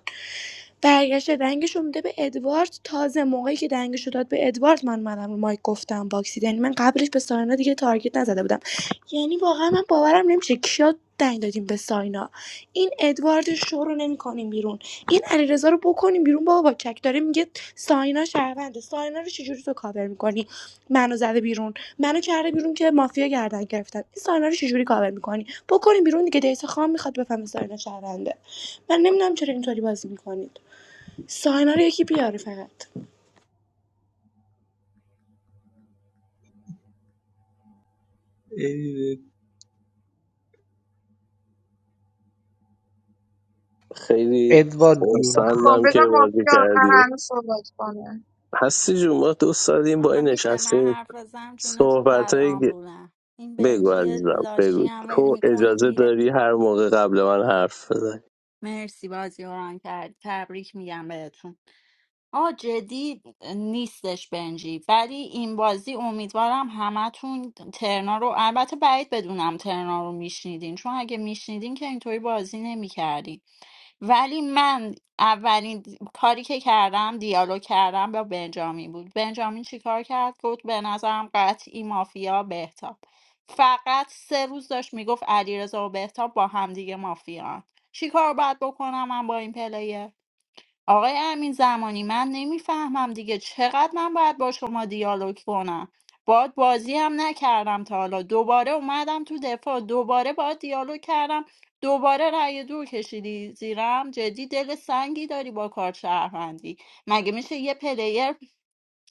[SPEAKER 7] برگشته دنگش رو میده به ادوارد تازه موقعی که دنگش رو داد به ادوارد من منم رو مایک گفتم باکسید یعنی من قبلش به ساینا دیگه تارگت نزده بودم یعنی واقعا من باورم نمیشه کیا دنگ دادیم به ساینا این ادوارد شو رو نمیکنیم بیرون این علیرضا رو بکنیم بیرون بابا با چک داره میگه ساینا شهرونده ساینا رو چجوری تو کاور میکنی منو زده بیرون منو کرده بیرون که مافیا گردن گرفتن این ساینا رو چجوری کاور میکنی بکنیم بیرون دیگه دیتا خام میخواد بفهمه ساینا شهرونده من نمیدونم چرا اینطوری بازی میکنید ساینا رو یکی بیاره فقط
[SPEAKER 13] ای
[SPEAKER 1] خیلی
[SPEAKER 15] ادوارد جون
[SPEAKER 6] بکن،
[SPEAKER 1] خورسندم
[SPEAKER 6] بذار
[SPEAKER 1] که بازی
[SPEAKER 6] مافیا آخر
[SPEAKER 1] کردی
[SPEAKER 6] همه صحبت کنه
[SPEAKER 1] هستی جون ما دوست داریم با
[SPEAKER 5] آه،
[SPEAKER 1] این
[SPEAKER 5] میشه من
[SPEAKER 1] نشستیم
[SPEAKER 5] حرف بزنم جون تو
[SPEAKER 1] صحبت
[SPEAKER 5] بعد
[SPEAKER 1] های
[SPEAKER 5] آمبولم این
[SPEAKER 1] بگو
[SPEAKER 5] بنجی
[SPEAKER 1] عزیزم
[SPEAKER 5] لاشی
[SPEAKER 1] بگو
[SPEAKER 5] هم ول
[SPEAKER 1] تو
[SPEAKER 5] میکنه
[SPEAKER 1] اجازه
[SPEAKER 5] میره
[SPEAKER 1] داری هر موقع قبل من حرف بزنی
[SPEAKER 5] مرسی بازی رو ران کرد تبریک میگم بهتون آه جدی نیستش بنجی ولی این بازی امیدوارم همتون ترنا رو البته بعید بدونم ترنا رو میشنیدین چون اگه میشنیدین که اینطوری بازی نمیکردین ولی من اولین کاری که کردم دیالوگ کردم با بنجامین بود بنجامین چیکار کرد گفت به نظرم قطعی مافیا بهتاب فقط سه روز داشت میگفت علیرضا و بهتاب با همدیگه مافیان چیکار باید بکنم من با این پلیر آقای امین زمانی من نمیفهمم دیگه چقدر من باید با شما دیالوگ کنم باد بازی هم نکردم تا حالا دوباره اومدم تو دفاع دوباره باید دیالوگ کردم دوباره رأی دور کشیدی زیرم جدی دل سنگی داری با کار شهروندی مگه میشه یه پلیر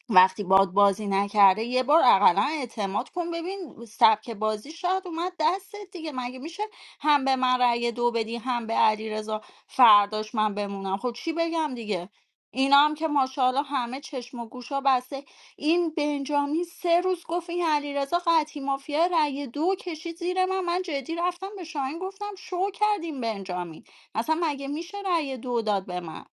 [SPEAKER 5] وقتی باد بازی نکرده یه بار اقلا اعتماد کن ببین سبک بازی شاید اومد دستت دیگه مگه میشه هم به من رأی دو بدی هم به علی رضا، فرداش من بمونم خب چی بگم دیگه اینا هم که ماشاءالله همه چشم و گوشا بسته این بنجامین سه روز گفت این علیرضا قطعی مافیا رأی دو کشید زیر من من جدی رفتم به شاهین گفتم شو کردیم بنجامین اصلا مگه میشه رأی دو داد به من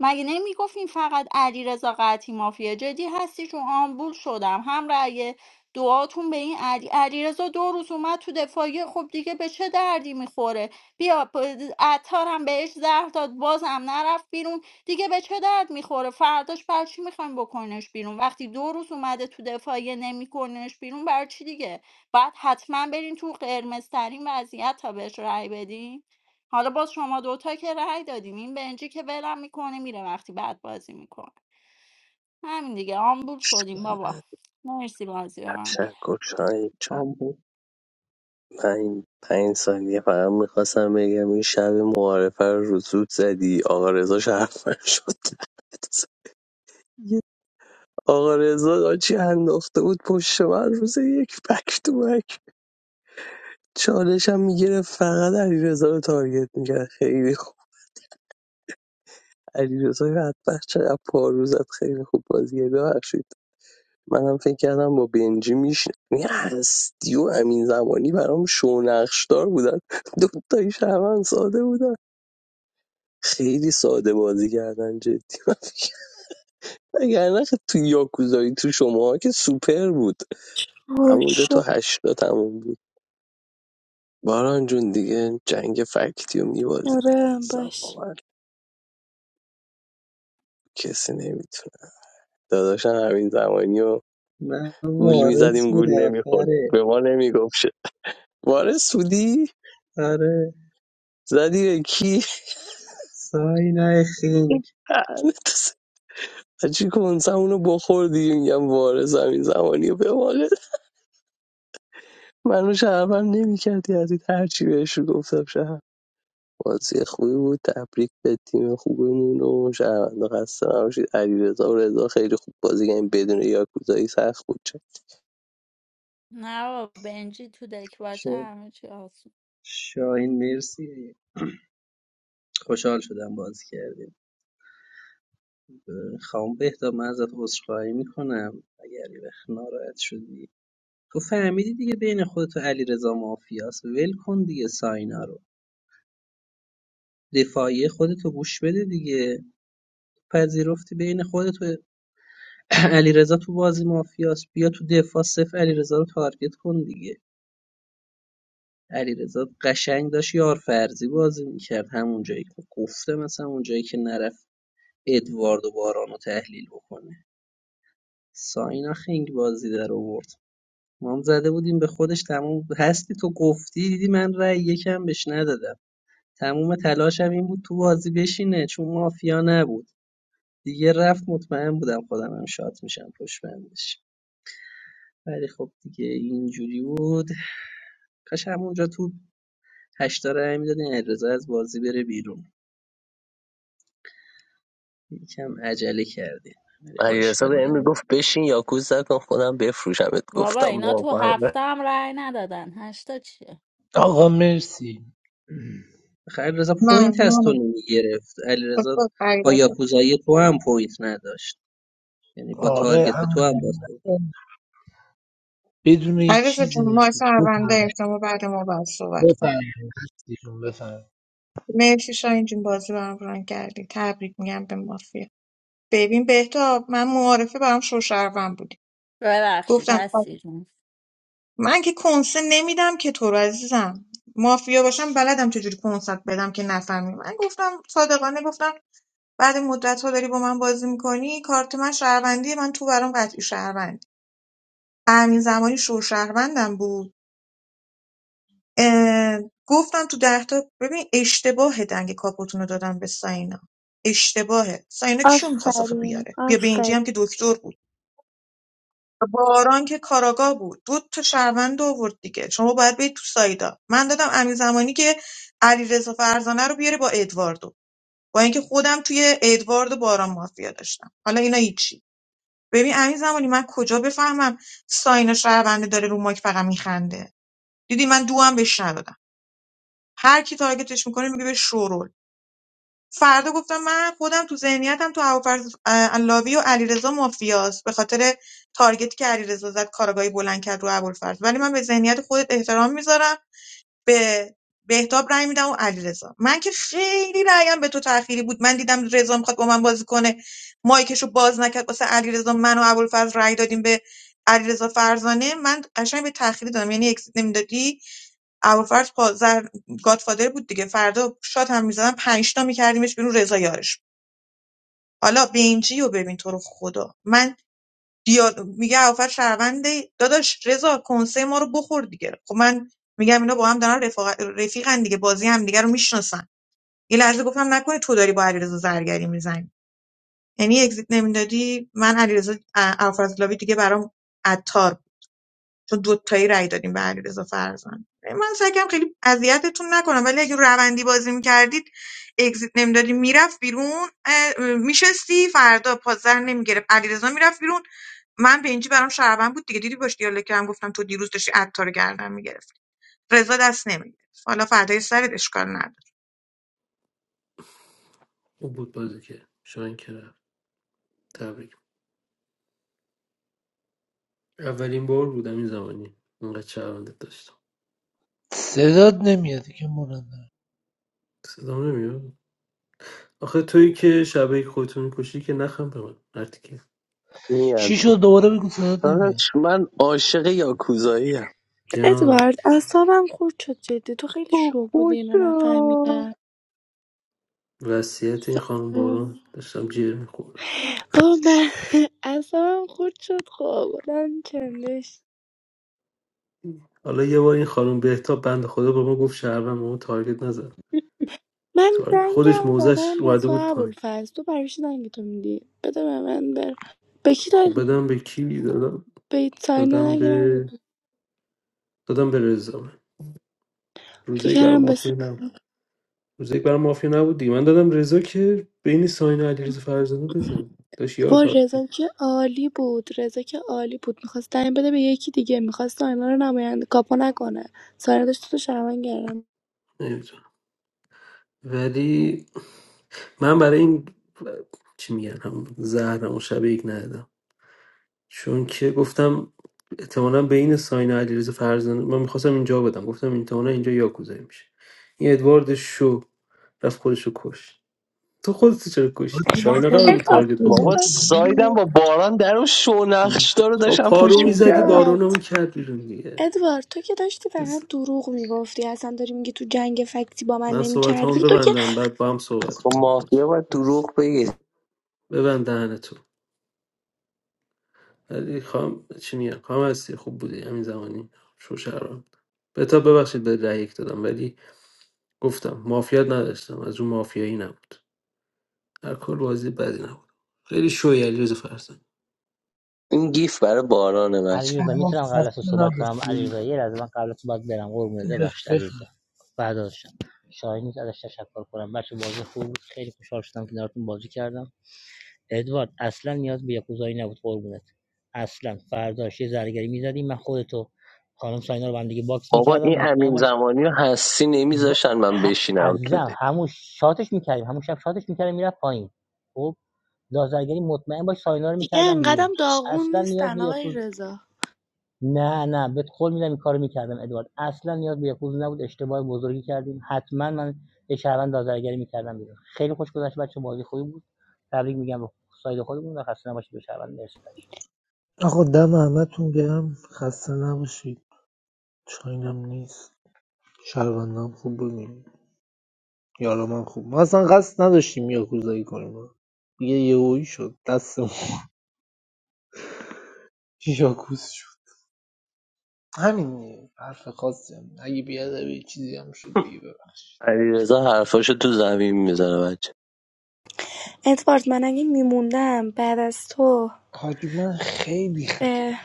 [SPEAKER 5] مگه نمیگفتین فقط علیرضا قطعی مافیا جدی هستی چون آمبول شدم هم رأی دعاتون به این علی علیرضا دو روز اومد تو دفاعی خب دیگه به چه دردی میخوره بیا پ- عطار هم بهش زهر داد بازم نرفت بیرون دیگه به چه درد میخوره فرداش بر چی میخوایم بکنش بیرون وقتی دو روز اومده تو دفاعی نمیکنش بیرون بر چی دیگه باید حتما برین تو قرمزترین وضعیت تا بهش رأی بدین حالا باز شما دوتا که رأی دادین این بنجی که ولم میکنه میره وقتی بعد بازی میکنه همین دیگه آمبول شدیم بابا مرسی بازی رنگ
[SPEAKER 1] تشکر شاهین
[SPEAKER 13] بابا.
[SPEAKER 1] پنج, پنج ثانیه فقط میخواستم بگم این شب معارفه رو رو زود زدی آقا رضا شرفن شد دهنت سرویس. آقا رضا چی انداخته بود پشت من روز یک بک تو بک چالشم میگیره فقط علی رضا رو تارگت میکرد خیلی خوب علی رضا بدبخت چقدر پارو زد خیلی خوب بازیه ببخشید منم فکر کردم با بنجی میشن هستی و امین زمانی برام شونقشدار بودن دوتایی شهروند ساده بودن خیلی ساده بازی کردن جدی *laughs* من فکر- وگرنه خ- تو یاکوزایی تو شما که سوپر بود همونجا تو هشتا تموم بود باران جون دیگه جنگ فکتیو میبازی دیگه
[SPEAKER 7] آره
[SPEAKER 1] عزیزم با
[SPEAKER 7] باش
[SPEAKER 1] کسی نمیتونه داداشم همین زمانی و
[SPEAKER 13] من
[SPEAKER 1] گول
[SPEAKER 13] وارث
[SPEAKER 1] میزدیم گول
[SPEAKER 13] بودم
[SPEAKER 1] نمیخورد
[SPEAKER 13] آره
[SPEAKER 1] به ما نمیگفت شد وارث بودی؟
[SPEAKER 13] آره
[SPEAKER 1] زدی به کی؟
[SPEAKER 13] ساینا خینگ
[SPEAKER 1] *laughs* لعنت سر. چی کنسم اونو بخور دیگه میگم وارث همین زمانی و به ما منو شهروند نمیکرد یزید هرچی بهش رو گفتم شهر بازی خوبی بود تبریک به تیم خوبمون و شهرونده خسته نباشید علیرضا و رضا خیلی خوب بازی کردن بدون یاکوزایی سخت بود چه
[SPEAKER 5] نه بابا بنجی تو دک باشه
[SPEAKER 13] شد
[SPEAKER 5] همه چی آسون
[SPEAKER 13] شاین مرسی خوشحال شدم بازی کردیم خواهم بهتا من ازت عذرخواهی میکنم اگر یه وقت ناراحت شدی تو فهمیدی دیگه بین خودتو علی رضا مافیاس ول کن دیگه ساینا رو دفاعی خودتو گوش بده دیگه پذیرفتی بین خودتو *clears throat* علی رضا تو بازی مافیاس بیا تو دفاع صفر علی رضا رو تارگت کن دیگه علیرضا قشنگ داشت یار فرضی بازی میکرد همون جایی که گفته مثلا اون جایی که نرفت ادوارد و باران رو تحلیل بکنه ساینا خنگ بازی در آورد ما هم زده بودیم به خودش تمام هستی تو گفتی دیدی من رأی یکم بهش ندادم تموم تلاشم این بود تو بازی بشینه چون مافیا نبود دیگه رفت مطمئن بودم خودم هم شات میشم پشت بندش ولی خب دیگه اینجوری بود کاش همونجا تو هشتا رأی میدادین علیرضا از بازی بره بیرون یکم عجله کردی ولی خب
[SPEAKER 1] علیرضا
[SPEAKER 13] اشکالی
[SPEAKER 1] به امیر
[SPEAKER 13] نداره
[SPEAKER 1] گفت بشین یاکوزا نکن خودم بفروشمت
[SPEAKER 5] بابا
[SPEAKER 1] گفتم
[SPEAKER 5] اینا تو
[SPEAKER 1] باور نه.
[SPEAKER 5] هفته هم رأی ندادن هشتا چیه
[SPEAKER 15] آقا مرسی
[SPEAKER 13] آخه علیرضا
[SPEAKER 6] نه
[SPEAKER 13] پوینت از
[SPEAKER 6] نه
[SPEAKER 13] تو
[SPEAKER 6] نه
[SPEAKER 13] نمیگرفت علیرضا
[SPEAKER 6] خب علی
[SPEAKER 13] با
[SPEAKER 6] رضا
[SPEAKER 13] یاکوزایی تو هم پوینت نداشت یعنی با
[SPEAKER 15] آره
[SPEAKER 13] تارگت به تو هم باز
[SPEAKER 15] همون
[SPEAKER 13] کرد.
[SPEAKER 15] بدون هیچ
[SPEAKER 6] علی رضا
[SPEAKER 15] چیزی
[SPEAKER 6] جون ما
[SPEAKER 15] نشد بفهم
[SPEAKER 6] سرونده احتمال بعد ما باید صحبت کن
[SPEAKER 15] بفهم ایشون بفهم
[SPEAKER 6] مرسی شاهین جون بازی برام ران کردی تبریک میگم به مافیا ببین بهتاب من معارفه برام شوشروم بودی
[SPEAKER 5] ببخشید
[SPEAKER 6] گفتم
[SPEAKER 5] هستی جون
[SPEAKER 6] من که کنسه نمیدم که تو رو عزیزم مافیا باشم بلدم چجوری کنسه بدم که نفهمی من گفتم صادقانه گفتم بعد مدت ها داری با من بازی میکنی کارت من شهروندی من تو برام قطعی شهروند همین زمانی شوشهروندم بود اه، گفتم تو ده تا ببین اشتباه دنگ کاپوتونو دادم به ساینا اشتباهه ساینا کیو میخواست آخه
[SPEAKER 7] آفرین
[SPEAKER 6] بیاره بیا به
[SPEAKER 7] آفرین
[SPEAKER 6] اینجی هم که دکتر بود باران که کاراگاه بود دو تا شهروند آورد دیگه شما باید برید تو سایدا من دادم امین زمانی که علیرضا فرزانه رو بیاره با ادواردو با اینکه خودم توی ادوارد و باران مافیا داشتم حالا اینا هیچی ببین امین زمانی من کجا بفهمم ساینا شهرونده داره رو ماک فقط میخنده دیدی من دوام بهش ندادم هر کی تارگتش میکنه میگه به شورول فردا گفتم من خودم تو ذهنیتم تو هوافرز علاوی و علیرضا مافیاست به خاطر تارگتی که علیرضا زد کارگاهی بلند کرد رو ابوالفضل ولی من به ذهنیت خودت احترام میذارم به بهتاب رأی میدم و علیرضا من که خیلی رأیم به تو تأخیری بود من دیدم رضا میخواد با من بازی کنه مایکشو باز نکرد واسه علیرضا من و ابوالفضل رأی دادیم به علیرضا فرزانه من قشنگ به تأخیری دادم یعنی اکسیت نمیدادی ابوالفضل پازر گادفادر بود دیگه فردا شات هم میزدن پنج تا میکردیمش بیرون رضا یارش حالا بنجی رو ببین تو رو خدا من دیال... میگه ابوالفضل شهرونده داداش رضا کنسه ما رو بخور دیگه خب من میگم اینا با هم دارن رفاق... رفیقن دیگه بازی هم دیگه رو میشناسن یه لحظه گفتم نکنه تو داری با علیرضا زرگری میزنی یعنی اگزیت نمیدادی من علیرضا ابوالفضل دیگه برام عطار چون دوتایی رأی دادیم به علیرضا فرزند من سعی کردم خیلی اذیتتون نکنم ولی اگه روندی بازی میکردید اگزیت نمیدادی میرفت بیرون میشستی فردا پازر نمیگرفت علیرضا میرفت بیرون من به اینجی برام شربن بود دیگه دیدی باش دیالوگ کردم گفتم تو دیروز داشتی عطار رو گردن میگرفت رضا دست نمیگرفت حالا فردای سرت اشکال نداره
[SPEAKER 12] اون بود بازی که شاین که رفت تبریک اولین بار بودم این زمانی اینقدر شهروندت داشتم
[SPEAKER 15] صدات نمیاد که مولانه
[SPEAKER 12] صدام نمیاد آخه تویی که شبکه خودتو میکشی که نخم به من مرتیکه
[SPEAKER 1] این از
[SPEAKER 15] چی
[SPEAKER 1] این.
[SPEAKER 15] شد دوباره بگو صدات نمیاد
[SPEAKER 1] داداش، من عاشق یاکوزایی ام
[SPEAKER 12] جان
[SPEAKER 7] ادوارد اعصابم خورد شد جدی تو خیلی
[SPEAKER 1] اوه،
[SPEAKER 7] شو بودی اینو
[SPEAKER 1] خدا
[SPEAKER 7] نفهمیدم
[SPEAKER 12] وصیت این خانم باران داشتم جیر میخوردم
[SPEAKER 7] خب من *laughs* اعصابم خورد شد خب آدم چندش
[SPEAKER 12] حالا یه بار این خانم بهتاب بند خدا به ما گفت شهروند به ما تارگت نزد
[SPEAKER 7] من
[SPEAKER 12] تارگت خودش
[SPEAKER 7] دنگم رو
[SPEAKER 12] موزش
[SPEAKER 7] دادم به
[SPEAKER 12] اومده
[SPEAKER 7] تو
[SPEAKER 12] بود پایین
[SPEAKER 7] ابوالفضل تو برای چی دنگ تو میدی بده به من بر به کی
[SPEAKER 12] خب
[SPEAKER 7] دادی
[SPEAKER 12] بدم به کی دادم
[SPEAKER 7] به ساینا
[SPEAKER 12] دادم
[SPEAKER 7] دنگ
[SPEAKER 12] به
[SPEAKER 7] ندادی
[SPEAKER 12] دادم به رضا من. روزه یک برای
[SPEAKER 7] فکرم بس
[SPEAKER 12] مافیا نبود. روز یک برام مافیا نبود دیگه من دادم رضا که بین ساین و علیرضا فرزانه بزنه داشت یار
[SPEAKER 7] با
[SPEAKER 12] تارت
[SPEAKER 7] رضا که عالی بود رضا که عالی بود میخواست دنگ بده به یکی دیگه میخواست ساینا رو نماینده کاپو نکنه ساینا داشت تو شرمن گردم
[SPEAKER 12] نمیتونم ولی من برای این چی میگن همون زهرم اون شب یک ندادم چون که گفتم احتمالا بین ساین و علیرضا فرزانه من میخواستم اینجا بدم گفتم این احتمالا اینجا یاکوزایی میشه این ادوارد شو رفت خودشو کش تو خودت چرا کشتی
[SPEAKER 15] حاجی ما
[SPEAKER 12] ساینا
[SPEAKER 15] اصلا
[SPEAKER 12] قرار بود
[SPEAKER 7] ادوارد
[SPEAKER 15] قصد
[SPEAKER 12] تارگت
[SPEAKER 7] تو چی
[SPEAKER 1] بابا
[SPEAKER 12] بخوری
[SPEAKER 15] نمی‌کنیم.
[SPEAKER 1] سایدم
[SPEAKER 7] داشتی
[SPEAKER 1] با باران در و شونخش رو
[SPEAKER 12] خب
[SPEAKER 1] داشتم
[SPEAKER 12] پارو
[SPEAKER 1] پوش
[SPEAKER 12] میزدی
[SPEAKER 1] میکردم
[SPEAKER 7] ادوارد
[SPEAKER 12] بارونمون کرد بیرون دیگه
[SPEAKER 7] ادوارد تو که داشتی فقط دروغ میگفتی اصلا داری میگی تو جنگ فکتی با من
[SPEAKER 12] من صحبت هم
[SPEAKER 7] نمیچربی تو که
[SPEAKER 12] ببندم بعد با هم صحبت
[SPEAKER 1] با
[SPEAKER 12] کنیم
[SPEAKER 1] مافیا
[SPEAKER 12] لطفا
[SPEAKER 1] باید
[SPEAKER 12] مرسی.
[SPEAKER 1] دروغ بگی
[SPEAKER 12] ببند دهن تو ولی خواهم چی میگم خواهم هستی خوب بودی همین زمانی شو شهرام بتا ببخشید به رأی یک دادم ولی گفتم مافیا نداشتم از اون مافیایی نبود هر کار بازی بدی نبود خیلی شوی علیرضا فرزانه
[SPEAKER 1] این گیف برای بارانه بچه
[SPEAKER 18] علیرضا
[SPEAKER 15] آقا
[SPEAKER 18] میتونم قبل از تو
[SPEAKER 15] خسته
[SPEAKER 18] صحبت کنم
[SPEAKER 15] نباشید
[SPEAKER 18] علیرضا یه لحظه من قبل از تو باید برم قربونت ببخشید
[SPEAKER 15] بف-
[SPEAKER 18] علیرضا بعد ازشم شاهین نیست ازش تشکر کنم بچه بازی خوب بود خیلی خوشحال شدم که کنارتون بازی کردم ادوارد اصلا نیاز به یکوزایی نبود قربونت اصلا فرداش یه زرگری میزدیم من خودتو خانم ساینا رو با هم دیگه باکس
[SPEAKER 1] بابا
[SPEAKER 18] میکردم
[SPEAKER 1] این
[SPEAKER 18] مطمئن
[SPEAKER 1] امین
[SPEAKER 18] باش
[SPEAKER 1] زمانی رو هستی
[SPEAKER 18] با...
[SPEAKER 1] نمیذاشتن من
[SPEAKER 18] ه...
[SPEAKER 1] بشینم تو
[SPEAKER 18] عزیزم
[SPEAKER 1] دی
[SPEAKER 18] همون شاتش میکردیم همون شب شاتش میکردیم میرفت پایین خب لازرگری مطمئن باش ساینا رو
[SPEAKER 7] دیگه
[SPEAKER 18] میکردم
[SPEAKER 7] انقدرم
[SPEAKER 18] بیرون
[SPEAKER 7] داغون
[SPEAKER 18] اصلا نیاز
[SPEAKER 7] نیستن
[SPEAKER 18] به
[SPEAKER 7] آقای
[SPEAKER 18] یکوز
[SPEAKER 7] رضا
[SPEAKER 18] نه نه بهت قول میدم این کارو میکردم ادوارد اصلا نیاز به یکوز نبود اشتباه بزرگی کردیم حتما من یه شهروند لازرگری میکردم بیرون خیلی خوش گذشت بچه بازی خوبی بود تبریک میگم به ساید خودمون و خسته نباشید به شهروند مرسی بچه‌ها.
[SPEAKER 15] آقا دم همتون گرم خسته نباشید چاینم نیست شهروندم خوب بودیم یارم خوب ما اصلا قصد نداشتیم یاکوزایی کنیم یه یهویی شد دستمون *laughs* یاکوز شد همین دیگه. حرف خاصی هم. اگه بیادبی چیزی هم شد دیگه ببخشید
[SPEAKER 1] علیرضا حرفاشو تو زمین میزنه بچه
[SPEAKER 7] ادوارد من اگه میموندم بعد از تو
[SPEAKER 15] حاجی من خیلی خ...
[SPEAKER 7] به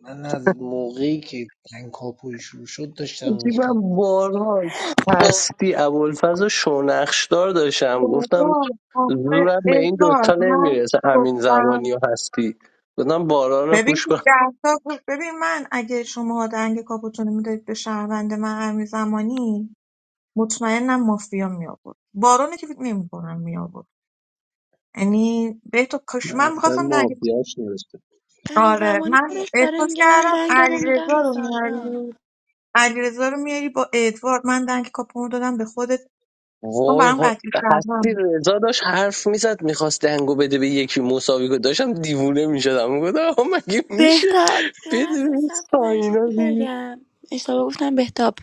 [SPEAKER 15] من از موقعی که جنگ کاپوی شروع شد داشتم
[SPEAKER 1] حاجی
[SPEAKER 15] میخوام
[SPEAKER 1] من باران هستی ابوالفضل و شونخشدار داشتم گفتم
[SPEAKER 6] ادوارد، آخه
[SPEAKER 1] زورم به این دوتا
[SPEAKER 6] ادوارد، من
[SPEAKER 1] نمیرسه امین
[SPEAKER 6] گفتم
[SPEAKER 1] زمانی و هستی گفتم باران رو
[SPEAKER 6] ببین
[SPEAKER 1] پوش
[SPEAKER 6] تو
[SPEAKER 1] کنم
[SPEAKER 6] ده تا گفت- ببین من اگه شما دنگ کاپوتونو میدادید به شهروند من امیر زمانی مطمئنم مافیا می آورد بارون که فکر نمی کنم می آورد یعنی به تو
[SPEAKER 13] من
[SPEAKER 6] کاش من
[SPEAKER 13] اصلا
[SPEAKER 6] میخواستم درگیر
[SPEAKER 13] مافیاش نوشتم
[SPEAKER 7] امیر
[SPEAKER 6] آره
[SPEAKER 7] زمانی
[SPEAKER 6] من
[SPEAKER 7] خودش داره
[SPEAKER 6] احساس
[SPEAKER 7] میگه من
[SPEAKER 6] کردم
[SPEAKER 7] دنگم رو میدم
[SPEAKER 6] علیرضا
[SPEAKER 7] به
[SPEAKER 6] رو
[SPEAKER 7] ساینا
[SPEAKER 6] میاری علیرضا رو میاری با ادوارد من دنگ کاپو دادم به خودت اون
[SPEAKER 1] وای
[SPEAKER 6] برام
[SPEAKER 1] ها
[SPEAKER 6] قطعی شهروند بود.
[SPEAKER 1] رضا داشت حرف میزد میخواست دنگو بده به یکی مساوی کنه داشتم دیوونه میشدم گفتم آقا مگه میشه
[SPEAKER 7] بهتاب یه
[SPEAKER 1] بده
[SPEAKER 7] لحظه
[SPEAKER 1] به این
[SPEAKER 7] صبر کن من یه چیزی
[SPEAKER 1] ساینا دیگه.
[SPEAKER 7] بگم اشتباه گفتم بهتاب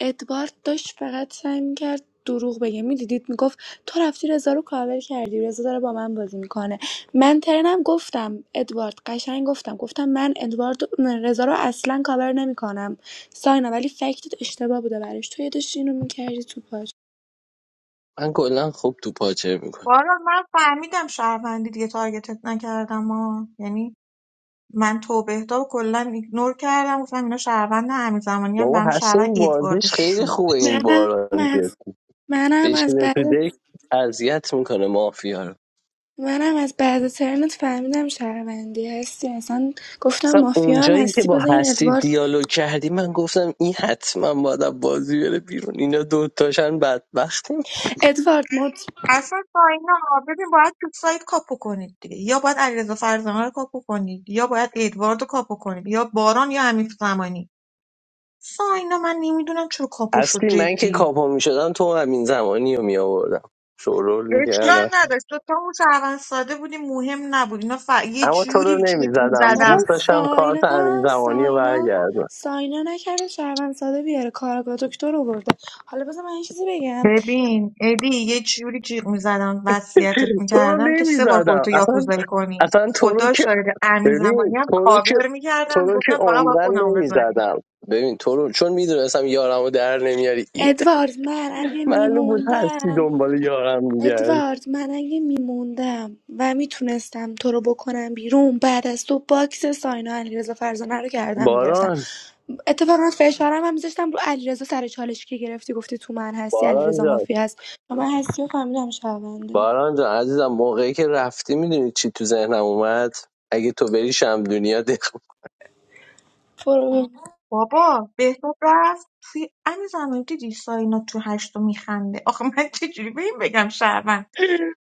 [SPEAKER 7] ادوارد داشت فقط سعی میکرد دروغ بگه میدیدید میگفت تو رفتی رضا رو کاور کردی رضا داره با من بازی میکنه من ترنم گفتم ادوارد قشنگ گفتم گفتم من ادوارد من رضا رو اصلا کاور نمیکنم ساینا ولی فکتت اشتباه بوده برش تو یه داشتی اینو میکردی تو پاش
[SPEAKER 1] من کلا خوب تو پاچه میکنم
[SPEAKER 6] بارون من فهمیدم شهروندی دیگه تارگتت نکردم ها یعنی من تو بهتا و کلا ایگنور کردم گفتم اینا شهروند همین زمانی هم
[SPEAKER 1] بابا
[SPEAKER 6] برام
[SPEAKER 1] هست
[SPEAKER 6] شهروند
[SPEAKER 1] این
[SPEAKER 6] ادوارد
[SPEAKER 1] بازیش خیلی
[SPEAKER 6] شو
[SPEAKER 1] خوبه این
[SPEAKER 7] منم
[SPEAKER 1] باران جد.
[SPEAKER 7] از منم از
[SPEAKER 1] بشینه
[SPEAKER 7] بعد
[SPEAKER 1] تو دک اذیت میکنه مافیا رو
[SPEAKER 7] منم از بعد ترنت فهمیدم شهروندی هستی اصلا گفتم
[SPEAKER 1] اصلا
[SPEAKER 7] مافیا هم
[SPEAKER 1] اونجایی که
[SPEAKER 7] هستی
[SPEAKER 1] با
[SPEAKER 7] بذار این
[SPEAKER 1] هستی
[SPEAKER 7] ادوارد
[SPEAKER 1] دیالوگ کردی من گفتم این حتما باید از بازی بره بیرون اینا دوتاشن بدبختیم
[SPEAKER 7] ادوارد مد
[SPEAKER 6] اصلا با اینا ببین باید تو سایت کاپو کنید دیگه یا باید علیرضا فرزانه رو کاپو کنید یا باید ادوارد رو کاپو کنید یا باران یا حمید زمانی ساینا من نمیدونم چرا کاپو شد
[SPEAKER 1] هستی من که
[SPEAKER 6] جدی
[SPEAKER 1] کاپا میشدم تو همین زمانی رو میآوردم شورول
[SPEAKER 6] اشکال
[SPEAKER 1] میکردم
[SPEAKER 6] نداشت تو تا اون شهروند ساده بودی مهم نبود اینا ف... یه
[SPEAKER 1] اما تو رو
[SPEAKER 6] جوری جیغ
[SPEAKER 1] نمیزدم
[SPEAKER 7] بابا
[SPEAKER 6] میزدم
[SPEAKER 1] دوست داشتم کارت همین
[SPEAKER 7] ساینا
[SPEAKER 1] زمانی رو
[SPEAKER 7] ساینا
[SPEAKER 1] برگردم
[SPEAKER 7] ساینا نکرده شهروند ساده بیاره کارگاه دکتر آورده حالا بذار من یه چیزی بگم
[SPEAKER 6] ببین ادی یه جوری جیغ میزدم وصیتت
[SPEAKER 1] *laughs* تو رو
[SPEAKER 6] میکردم که سه بار
[SPEAKER 1] نمیزدم
[SPEAKER 6] خودتو
[SPEAKER 1] اصلا
[SPEAKER 6] یاکوزایی کنی
[SPEAKER 1] اصلا تو رو
[SPEAKER 6] خدا
[SPEAKER 1] که
[SPEAKER 6] شاید امی
[SPEAKER 1] ببین
[SPEAKER 6] زمانی هم
[SPEAKER 1] تو رو که
[SPEAKER 6] کاور
[SPEAKER 1] تو
[SPEAKER 6] میکردم
[SPEAKER 1] رو که
[SPEAKER 6] گفتم فقط باید
[SPEAKER 1] عمرن
[SPEAKER 6] خودمو بزنی
[SPEAKER 1] نمیزدم ببین تو رو چون میدونستم یارم رو در نمیاری این
[SPEAKER 7] ادوارد من اگه
[SPEAKER 1] *laughs* معلوم بود هستی
[SPEAKER 7] میموندم
[SPEAKER 1] دنبال یارم میگرد
[SPEAKER 7] ادوارد من اگه میموندم و میتونستم تو رو بکنم بیرون بعد از تو باکس ساینا علیرضا فرزانه رو کردم میگرفتم
[SPEAKER 1] باران
[SPEAKER 7] اتفاقا فشارم هم میذاشتم رو علیرضا سر چالش که گرفتی گفتی تو من هستی
[SPEAKER 1] باران
[SPEAKER 7] علیرضا
[SPEAKER 1] جان
[SPEAKER 7] مافی هست و من هستی و فهمیدم شونده
[SPEAKER 1] باران جان عزیزم موقعی که رفتی میدونی چی تو ذهنم اومد اگه تو بری شم دنیا دق
[SPEAKER 7] برو
[SPEAKER 6] بابا بهتاب رفت توی امیر زمانی دیدی ساینا تو هشتم میخنده آخه من چجوری به این بگم شهروند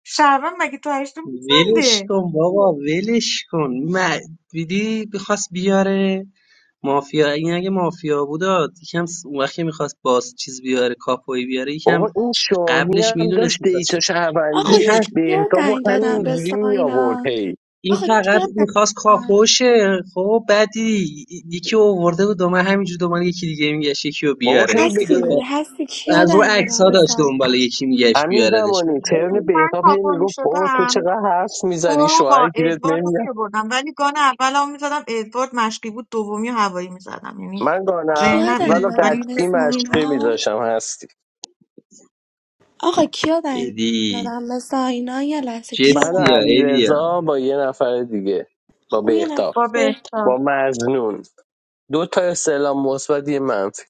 [SPEAKER 6] شهروند مگه تو هشتم
[SPEAKER 13] ولش
[SPEAKER 6] میخنده
[SPEAKER 13] کن بابا ولش کن م- دیدی بخواست بیاره مافیا این اگه مافیا بود آ، یکم س- اون وقت که میخواست باز چیز بیاره کاپوی بیاره یکم
[SPEAKER 1] بابا این شاهین
[SPEAKER 13] قبلش
[SPEAKER 1] هم داشت
[SPEAKER 13] میدونست میخواست
[SPEAKER 1] دیتا
[SPEAKER 13] چیکار
[SPEAKER 7] آقا
[SPEAKER 1] شهروندی
[SPEAKER 13] این هر
[SPEAKER 7] کیا
[SPEAKER 1] بهتاب و
[SPEAKER 7] دنگ دادم به
[SPEAKER 1] همینجوری می آورد
[SPEAKER 7] ساینا
[SPEAKER 1] هی
[SPEAKER 13] این
[SPEAKER 7] آقا
[SPEAKER 13] فقط
[SPEAKER 7] کیا دنگ
[SPEAKER 13] میخواست
[SPEAKER 7] دادم
[SPEAKER 13] کاپوشه خب بعدی یکی رو آورده بود دومه همینجور دنبال یکی دیگه میگشت یکی رو
[SPEAKER 1] بابا
[SPEAKER 13] بیاره
[SPEAKER 1] هی به
[SPEAKER 13] دیگه
[SPEAKER 1] به-
[SPEAKER 7] هستی
[SPEAKER 13] با
[SPEAKER 7] هستی کیا
[SPEAKER 13] از رو
[SPEAKER 7] دنگ
[SPEAKER 13] عکس
[SPEAKER 7] دادم
[SPEAKER 13] ها
[SPEAKER 7] به
[SPEAKER 13] داشت
[SPEAKER 7] ساینا
[SPEAKER 13] دنبال یکی میگشت
[SPEAKER 1] همین
[SPEAKER 13] بیاردش
[SPEAKER 1] زمانی ترن
[SPEAKER 13] معلومه
[SPEAKER 6] ببین من
[SPEAKER 1] بهتاب هی
[SPEAKER 6] کاپو
[SPEAKER 1] میگفت بابا تو
[SPEAKER 6] میشدم
[SPEAKER 1] چقدر حرف میزنی
[SPEAKER 6] برو
[SPEAKER 1] شوهر
[SPEAKER 6] با
[SPEAKER 1] گیرت
[SPEAKER 6] ادوارد رو
[SPEAKER 1] نمیاد
[SPEAKER 6] میبردم ولی گان اول هم میزدم ادوارد مشقی بود دومی و هوایی میزدم یعنی
[SPEAKER 1] من گانه
[SPEAKER 7] کیا
[SPEAKER 6] ذهنم این
[SPEAKER 1] اول
[SPEAKER 7] دنگ
[SPEAKER 1] و
[SPEAKER 6] بود ولی
[SPEAKER 7] دادم
[SPEAKER 6] هیچ
[SPEAKER 7] به
[SPEAKER 1] قطعی مشقی
[SPEAKER 7] ساینا
[SPEAKER 1] میذاشم هستی
[SPEAKER 7] آقا کیا دارین
[SPEAKER 13] ایدی
[SPEAKER 7] دادم مثل اینا یه لحظه کیا
[SPEAKER 1] من و
[SPEAKER 7] دارین
[SPEAKER 13] جستیا
[SPEAKER 1] علی
[SPEAKER 13] ایدیا
[SPEAKER 1] با یه نفر دیگه
[SPEAKER 7] خب
[SPEAKER 1] با
[SPEAKER 7] اون یه لحظه
[SPEAKER 1] بهتاب
[SPEAKER 6] با
[SPEAKER 7] بهت
[SPEAKER 1] با
[SPEAKER 6] بهتاب
[SPEAKER 1] مزنون دو تا استعلام مثبت یه منفی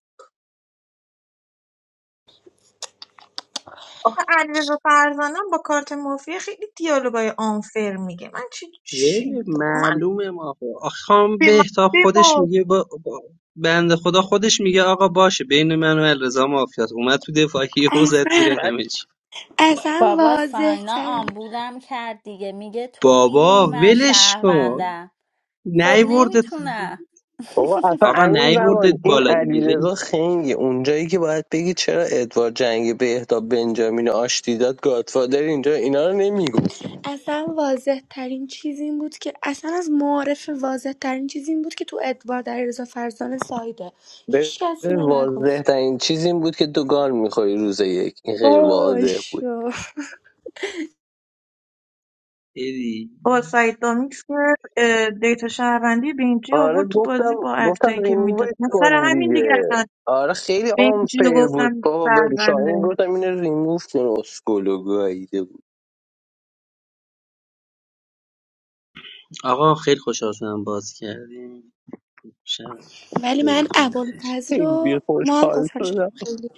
[SPEAKER 6] آخه علیرضا فرزانم با کارت مافیا خیلی دیالوگای آنفر میگه من چی چی
[SPEAKER 13] ولی
[SPEAKER 6] من
[SPEAKER 13] معلومه ما خب. آخه خام
[SPEAKER 6] به
[SPEAKER 13] بهتاب خودش
[SPEAKER 6] من
[SPEAKER 13] میگه با, با بنده خدا خودش میگه آقا باشه بین من و الرضا مافیات اومد تو دفاعیه و زد زیر
[SPEAKER 7] اصلا
[SPEAKER 1] بعد
[SPEAKER 13] همه چی
[SPEAKER 7] اصلا
[SPEAKER 5] بابا
[SPEAKER 7] واضح
[SPEAKER 5] ساینا
[SPEAKER 7] ترین
[SPEAKER 5] آمبولم کرد دیگه میگه تو
[SPEAKER 13] بابا
[SPEAKER 5] میدونی من
[SPEAKER 13] ولش کن
[SPEAKER 5] شهروندم خب
[SPEAKER 13] نیورده
[SPEAKER 5] نمیتونم
[SPEAKER 1] بابا اصلا
[SPEAKER 13] آقا
[SPEAKER 5] *laughs*
[SPEAKER 1] امین
[SPEAKER 13] نیوردت
[SPEAKER 1] زمان این
[SPEAKER 13] بالا دیگه
[SPEAKER 1] علیرضا
[SPEAKER 13] ولی
[SPEAKER 1] خنگه اونجایی که باید بگی چرا ادوار جنگ بهتاب بنجامین آشتی داد گادفادر اینجا اینا رو نمیگفت
[SPEAKER 7] اصلا واضح ترین چیز این بود که اصلا از معارف واضح ترین چیز این بود که تو ادوار در رضا سایده هیچ کس اینو
[SPEAKER 1] واضح
[SPEAKER 7] نگفت
[SPEAKER 1] ترین چیز این بود که تو گال میخوری روز یک این خیلی
[SPEAKER 7] برو
[SPEAKER 1] واضح بود
[SPEAKER 13] ایدی
[SPEAKER 6] بابا سعید دامیکس که، اه، دیتا شهروندی بینجی
[SPEAKER 1] آره
[SPEAKER 6] آورد تو
[SPEAKER 1] گفتم
[SPEAKER 6] بازی با
[SPEAKER 1] گفتم
[SPEAKER 6] اکتایی که
[SPEAKER 1] ریمووش
[SPEAKER 6] میداد سر
[SPEAKER 1] کن
[SPEAKER 6] همین دیگه
[SPEAKER 1] دیگه
[SPEAKER 6] اصلا
[SPEAKER 1] آره خیلی
[SPEAKER 6] بینجی رو
[SPEAKER 1] آنفیر بود
[SPEAKER 6] گفتم
[SPEAKER 1] بابا به شاهین
[SPEAKER 6] شهرونده
[SPEAKER 1] گفتم اینه ریموف کن اسکولو گاییده بود
[SPEAKER 13] آقا خیلی خوشحال شدم باز کردیم شب
[SPEAKER 7] ولی من
[SPEAKER 13] خوبتون بخیر
[SPEAKER 7] ابوالفضل
[SPEAKER 1] خیلی
[SPEAKER 7] و ما هم
[SPEAKER 1] خوشحال
[SPEAKER 7] قفل
[SPEAKER 1] شدم
[SPEAKER 7] شدیم خیلی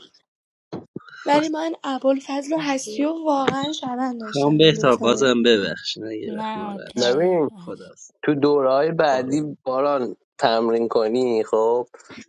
[SPEAKER 7] ولی من ابوالفضل و هستی و واقعا شبن داشتم
[SPEAKER 13] کام
[SPEAKER 7] این
[SPEAKER 13] بهتر
[SPEAKER 7] دوتا رو
[SPEAKER 13] بازم ببخش نه یه وقت
[SPEAKER 5] نه
[SPEAKER 13] ناراحت شد
[SPEAKER 1] ببین
[SPEAKER 5] اوکی
[SPEAKER 13] خداحافظ
[SPEAKER 1] تو دوره های
[SPEAKER 13] خدا
[SPEAKER 1] بعدی باران تمرین کنی خب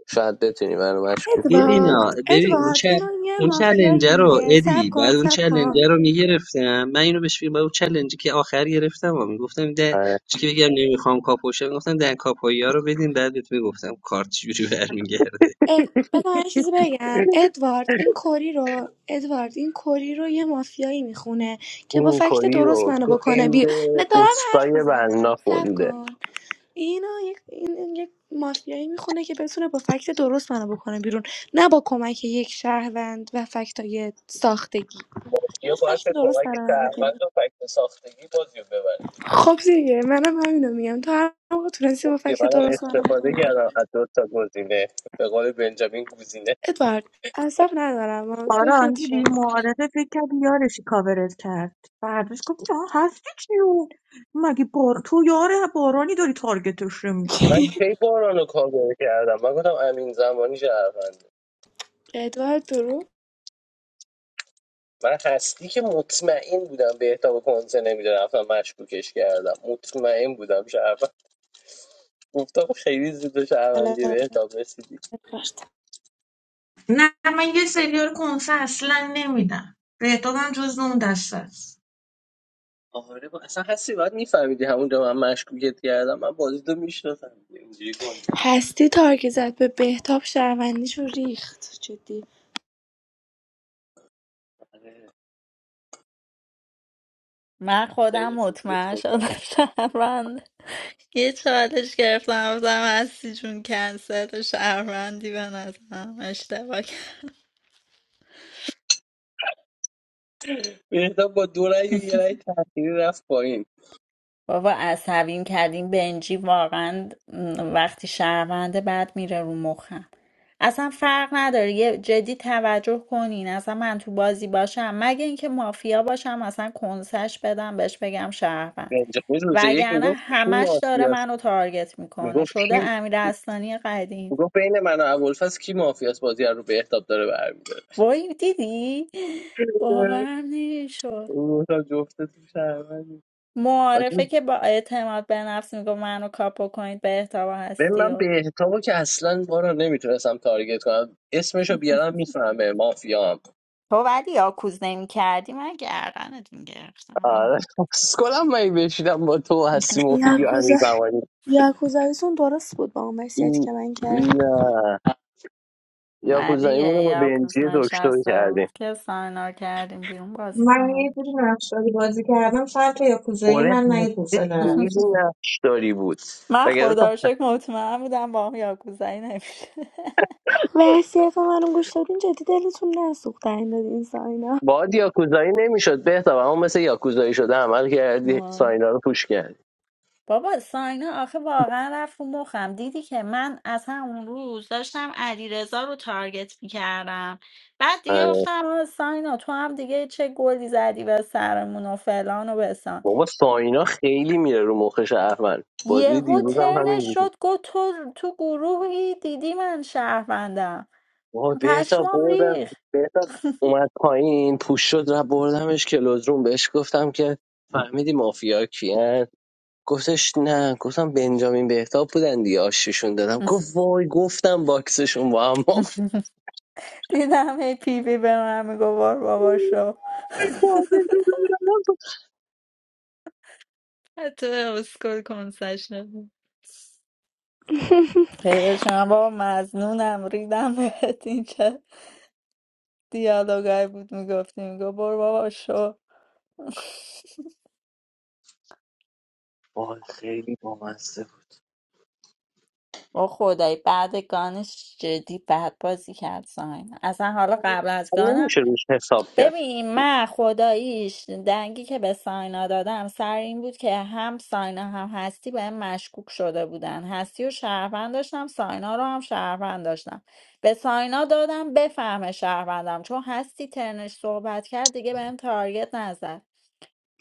[SPEAKER 1] شاید بتونی منو مشکوک کنی
[SPEAKER 13] ببینا
[SPEAKER 7] ادوارد
[SPEAKER 13] ببین اون
[SPEAKER 7] ادوارد
[SPEAKER 13] چه
[SPEAKER 7] اینا یه
[SPEAKER 13] اون
[SPEAKER 7] مافیایی
[SPEAKER 13] چلنجه رو
[SPEAKER 7] دیگه سب
[SPEAKER 13] ادی
[SPEAKER 7] کن
[SPEAKER 13] بعد اون
[SPEAKER 7] سب کن
[SPEAKER 13] چلنجه رو میگرفتم من اینو بهش میگم اون چلنجی که آخر گرفتم و میگفتم ده
[SPEAKER 1] آره.
[SPEAKER 13] چی که بگم نمیخوام کاپوشه میگفتم ده کاپویا رو بدین بعد بهت میگفتم کارت چجوری برمیگرده
[SPEAKER 7] اد... بذار من یه چیزی بگم ادوارد این کوری رو ادوارد این کوری رو یه مافیایی میخونه که با
[SPEAKER 1] این
[SPEAKER 7] فکت
[SPEAKER 1] کلی
[SPEAKER 7] درست
[SPEAKER 1] رو
[SPEAKER 7] منو
[SPEAKER 1] که
[SPEAKER 7] بکنه بی
[SPEAKER 1] خونده
[SPEAKER 7] نه دارم حرف
[SPEAKER 1] اوستای بنا
[SPEAKER 7] میزنم سب
[SPEAKER 1] خونده
[SPEAKER 7] کن اینا یک این یک مافیایی میخونه که بتونه با فکت درست منو بکنه بیرون نه با کمک یک شهروند و فکتای ساختگی یه
[SPEAKER 1] یا باید
[SPEAKER 7] فکت
[SPEAKER 1] به
[SPEAKER 7] درست
[SPEAKER 1] کمک
[SPEAKER 7] برای من
[SPEAKER 1] اول تو فکت ساختگی بازی رو ببره
[SPEAKER 7] خب دیگه منم همینو میگم تو هر موقع تونستی با فکت
[SPEAKER 1] منم
[SPEAKER 7] درست منو
[SPEAKER 1] استفاده
[SPEAKER 7] بکنی
[SPEAKER 1] کردم از دو تا گزینه به قول بنجامین گزینه
[SPEAKER 7] ادوارد عصب ندارم اما
[SPEAKER 6] باران
[SPEAKER 7] ساکت شد
[SPEAKER 6] دیدی معارفه فکر کرد یارشی کاورت کرد بعدش گفت نه هستی چیون مگه بار تو یاره بارانی داری تارگتش رو
[SPEAKER 1] من
[SPEAKER 6] میکنی
[SPEAKER 1] کی باران رو کاور کردم من گفتم امین زمانی شهروند
[SPEAKER 7] ادوارد درو
[SPEAKER 1] من هستی که مطمئن بودم به احتاب کنسه نمیده رفتم مشکوکش کردم مطمئن بودم شهروند گفتم خیلی زود به
[SPEAKER 7] بله،
[SPEAKER 1] شهروندی به احتاب رسیدی
[SPEAKER 7] ادوارد
[SPEAKER 6] نه من یه سریال کنسه اصلا نمیدم بهتابم جز اون دسته است
[SPEAKER 1] آره با... اصلا هستی باید میفهمیدی همونجا من مشکوکت کردم من بازی تو میشناسم اینجوری کنسه نمیده
[SPEAKER 7] هستی تارک زد به بهتاب شهروندیشو ریخت جدی
[SPEAKER 1] آره،
[SPEAKER 5] من خودم
[SPEAKER 1] خیلی خوب ریخت
[SPEAKER 5] مطمئن شدم *laughs* شهروند یه چالش گرفتم گفتم هستی جون کنسل شهروندی به نظرم اشتباه کرد.
[SPEAKER 1] بهتاب با دو رأی و یه رأی تأخیری رفت پایین
[SPEAKER 5] بابا عصبیم کردیم بنجی واقعا م، وقتی شهرونده بعد میره رو مخم اصلا فرق نداره یه جدی توجه کنین اصلا من تو بازی باشم مگه اینکه مافیا باشم اصلا کنسش بدم بهش بگم شهروند
[SPEAKER 1] رنج خود روز یک
[SPEAKER 5] وگرنه
[SPEAKER 1] میگفت کی
[SPEAKER 5] همش داره
[SPEAKER 1] مافیاست
[SPEAKER 5] منو تارگت میکنه
[SPEAKER 1] میگفت
[SPEAKER 5] شده
[SPEAKER 1] کی
[SPEAKER 5] امیر اصلانی قدیم
[SPEAKER 1] میگفت بین من و ابوالفضل کی مافیاست بازی رو بهتاب داره برمیداره
[SPEAKER 5] وای دیدی باورم نمیشد
[SPEAKER 1] اون گفتم جفتتون شهروندی آجا،
[SPEAKER 5] معارفه که با اعتماد به نفس میگو منو کاپو کنید به احتوا
[SPEAKER 1] ببین
[SPEAKER 5] هستی
[SPEAKER 1] من
[SPEAKER 5] و
[SPEAKER 1] بهتابو که اصلا بارا نمیتونستم تارگت کنم اسمشو بیارم میفهمه مافیام
[SPEAKER 5] تو ولی یاکوز نمی کردی من گردنت میگرفتم
[SPEAKER 1] آره اسکلم من بشیدم با تو هستی
[SPEAKER 5] *laughs*
[SPEAKER 1] مفیدی و
[SPEAKER 7] یاکوزا
[SPEAKER 1] امین زمانی
[SPEAKER 7] یاکوزاییتون درست بود با اون وصیتی
[SPEAKER 1] این
[SPEAKER 7] که من کردم
[SPEAKER 1] نه
[SPEAKER 5] نه
[SPEAKER 1] یاکوزاییمون
[SPEAKER 5] دیگه
[SPEAKER 1] رو با بنجی
[SPEAKER 5] یاکوز
[SPEAKER 1] دکتر
[SPEAKER 5] نشسته
[SPEAKER 1] کردیم
[SPEAKER 5] بود که ساینا کردیم بیرون بازی
[SPEAKER 6] من یه
[SPEAKER 5] تموم
[SPEAKER 6] جوری
[SPEAKER 5] شد.
[SPEAKER 6] نقشداری بازی کردم سر تا یاکوزایی
[SPEAKER 1] اوره
[SPEAKER 6] من نه یه حوصله
[SPEAKER 1] خیلی
[SPEAKER 5] *laughs*
[SPEAKER 6] نداشتم
[SPEAKER 1] نقش داری بود
[SPEAKER 5] من خدا رو شکر مطمئن بودم با هم یاکوزایی نمیشه *laughs*
[SPEAKER 7] وصیت منو گوش دادین جدی دلتون نسوخت این دادین ساینا
[SPEAKER 1] باید یاکوزایی نمیشد بهتر اما مثل یاکوزایی شده عمل کردی ساینا رو پوش کردی
[SPEAKER 5] بابا ساینا آخه واقعا رفت رو مخم دیدی که من از همون روز داشتم علیرضا رو تارگت میکردم بعد دیگه
[SPEAKER 1] آره.
[SPEAKER 5] گفتم آه ساینا تو هم دیگه چه گلی زدی به سرمون و فلان و بسان
[SPEAKER 1] بابا ساینا خیلی میره رو مخش احمد بازی
[SPEAKER 5] یهو
[SPEAKER 1] دیروز هم
[SPEAKER 5] ترنش
[SPEAKER 1] همین بود
[SPEAKER 5] شد گفت تو تو گروهی دیدی من شهروندم
[SPEAKER 1] بابا بهتا
[SPEAKER 5] پشمام
[SPEAKER 1] بردم
[SPEAKER 5] ریخ
[SPEAKER 1] بهتا اومد پایین پوش شد و بردمش کلوزروم بهش گفتم که فهمیدی مافیا کیه گفتش نه گفتم بنجامین بهتاب بودن دیگه آششون دادم گفت وای گفتم باکسشون با هم مافیا.
[SPEAKER 5] *laughs* دیدم هی پی پی به من میگو بار بابا شو *laughs* حتی اسکل کنسش
[SPEAKER 7] *laughs*
[SPEAKER 5] پیوشم بابا مزنونم ریدم بهت این چه دیالوگای بود میگفتی میگو برو بابا شو
[SPEAKER 1] وای خیلی بامزه بود
[SPEAKER 5] با خدای بعد گانش جدی بد بازی کرد ساین اصلا حالا قبل از گانم
[SPEAKER 1] نمیشه روش حساب کرد
[SPEAKER 5] ببین من خداییش دنگی که به ساینا دادم سر این بود که هم ساینا هم هستی به مشکوک شده بودن هستی و شهروند داشتم ساینا رو هم شهروند داشتم به ساینا دادم بفهمه شهروندم چون هستی ترنش صحبت کرد دیگه بهم تارگت نزد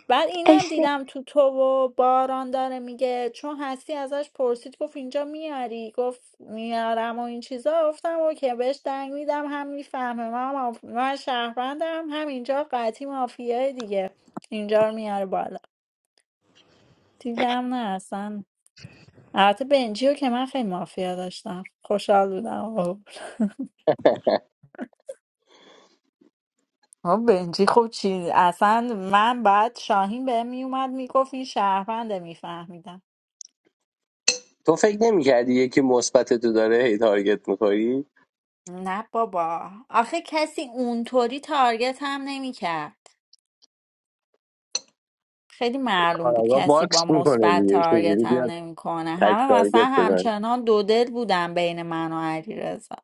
[SPEAKER 5] بعد اینم
[SPEAKER 7] اشته
[SPEAKER 5] دیدم تو تو و باران داره میگه چون هستی ازش پرسید گفت اینجا میاری گفت میارم و این چیزا گفتم اوکی بهش دنگ میدم هم میفهمه من, ماف... من شهروندم هم اینجا قطعی مافیای دیگه اینجا رو میاره بالا دیدم نه اصلا البته بنجی که من خیلی مافیا داشتم خوشحال بودم آقا. آه، بنجی خوب چی اصلا من بعد شاهین به میومد میگفت این شهرونده میفهمیدم
[SPEAKER 1] تو فکر نمیکردی یکی مثبت تو داره هی تارگت میخوری
[SPEAKER 5] نه بابا آخه کسی اونطوری تارگت هم نمیکرد خیلی معلوم بود
[SPEAKER 1] کاراگا
[SPEAKER 5] کسی
[SPEAKER 1] باکس
[SPEAKER 5] با
[SPEAKER 1] میکنه
[SPEAKER 5] مثبت
[SPEAKER 1] دیگه چجوری
[SPEAKER 5] تارگت هم
[SPEAKER 1] بیاد
[SPEAKER 5] نمیکنه
[SPEAKER 1] تک
[SPEAKER 5] همه مثلا
[SPEAKER 1] تارگت بزنه
[SPEAKER 5] همچنان دو دل بودن بین من و علیرضا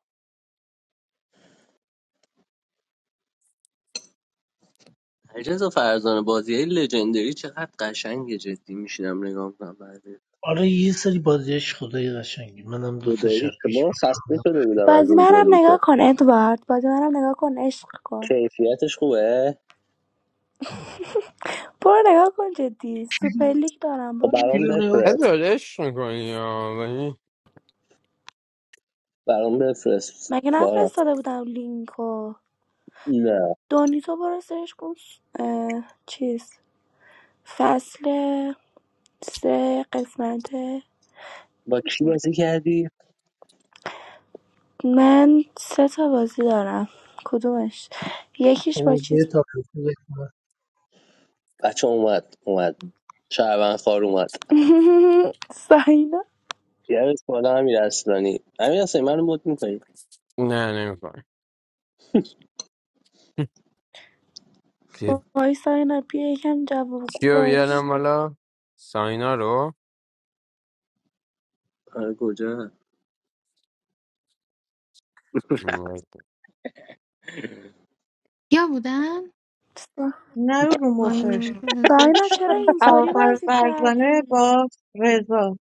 [SPEAKER 1] عجز فرزانه بازی های لژندری چقدر قشنگه جدی میشینم نگاه کنم بعدش.
[SPEAKER 15] آره یه سری بازیش خدای قشنگی منم دو تا
[SPEAKER 1] خداییش
[SPEAKER 15] شب
[SPEAKER 1] که
[SPEAKER 15] پیش
[SPEAKER 1] ما خسته شده بودم از
[SPEAKER 7] بازی
[SPEAKER 1] این
[SPEAKER 7] منم
[SPEAKER 1] گلیکو
[SPEAKER 7] نگاه کن ادوارد بازی منم نگاه کن عشق کن
[SPEAKER 1] کیفیتش خوبه
[SPEAKER 7] برو نگاه کن جدی سوپر لیگ دارم
[SPEAKER 1] خب
[SPEAKER 7] برو
[SPEAKER 1] برام بفرست
[SPEAKER 14] ازادش میکنی یا ولی؟
[SPEAKER 1] برام بفرست
[SPEAKER 7] مگه
[SPEAKER 1] بارم
[SPEAKER 7] نفرستاده بودم لینکو
[SPEAKER 1] نه
[SPEAKER 7] دونی تو برو سرش کن اه، چیز فصل سه قسمت
[SPEAKER 1] با کی بازی کردی
[SPEAKER 7] من سه تا بازی دارم کدومش یکیش با
[SPEAKER 15] او به
[SPEAKER 7] چیز
[SPEAKER 15] تا
[SPEAKER 1] بچه اومد اومد شعبان خار اومد
[SPEAKER 7] *laughs* ساینا
[SPEAKER 1] یعنی بالا امیر اصلانی امیر اصلانی منو مد میکنی
[SPEAKER 14] نه نمیکنی
[SPEAKER 7] وای ساینا بیا یکم جوابگو
[SPEAKER 14] کیو
[SPEAKER 7] باش
[SPEAKER 14] بیارم بالا ساینا رو
[SPEAKER 1] آره کجا
[SPEAKER 3] یا بودن
[SPEAKER 6] نرو رو
[SPEAKER 3] وای
[SPEAKER 6] مخش
[SPEAKER 7] ساینا چرا
[SPEAKER 3] نمی‌دونم.
[SPEAKER 7] اینطوری
[SPEAKER 6] ابوالفضل
[SPEAKER 7] بازی
[SPEAKER 6] فرزانه
[SPEAKER 7] کردی
[SPEAKER 6] با رضا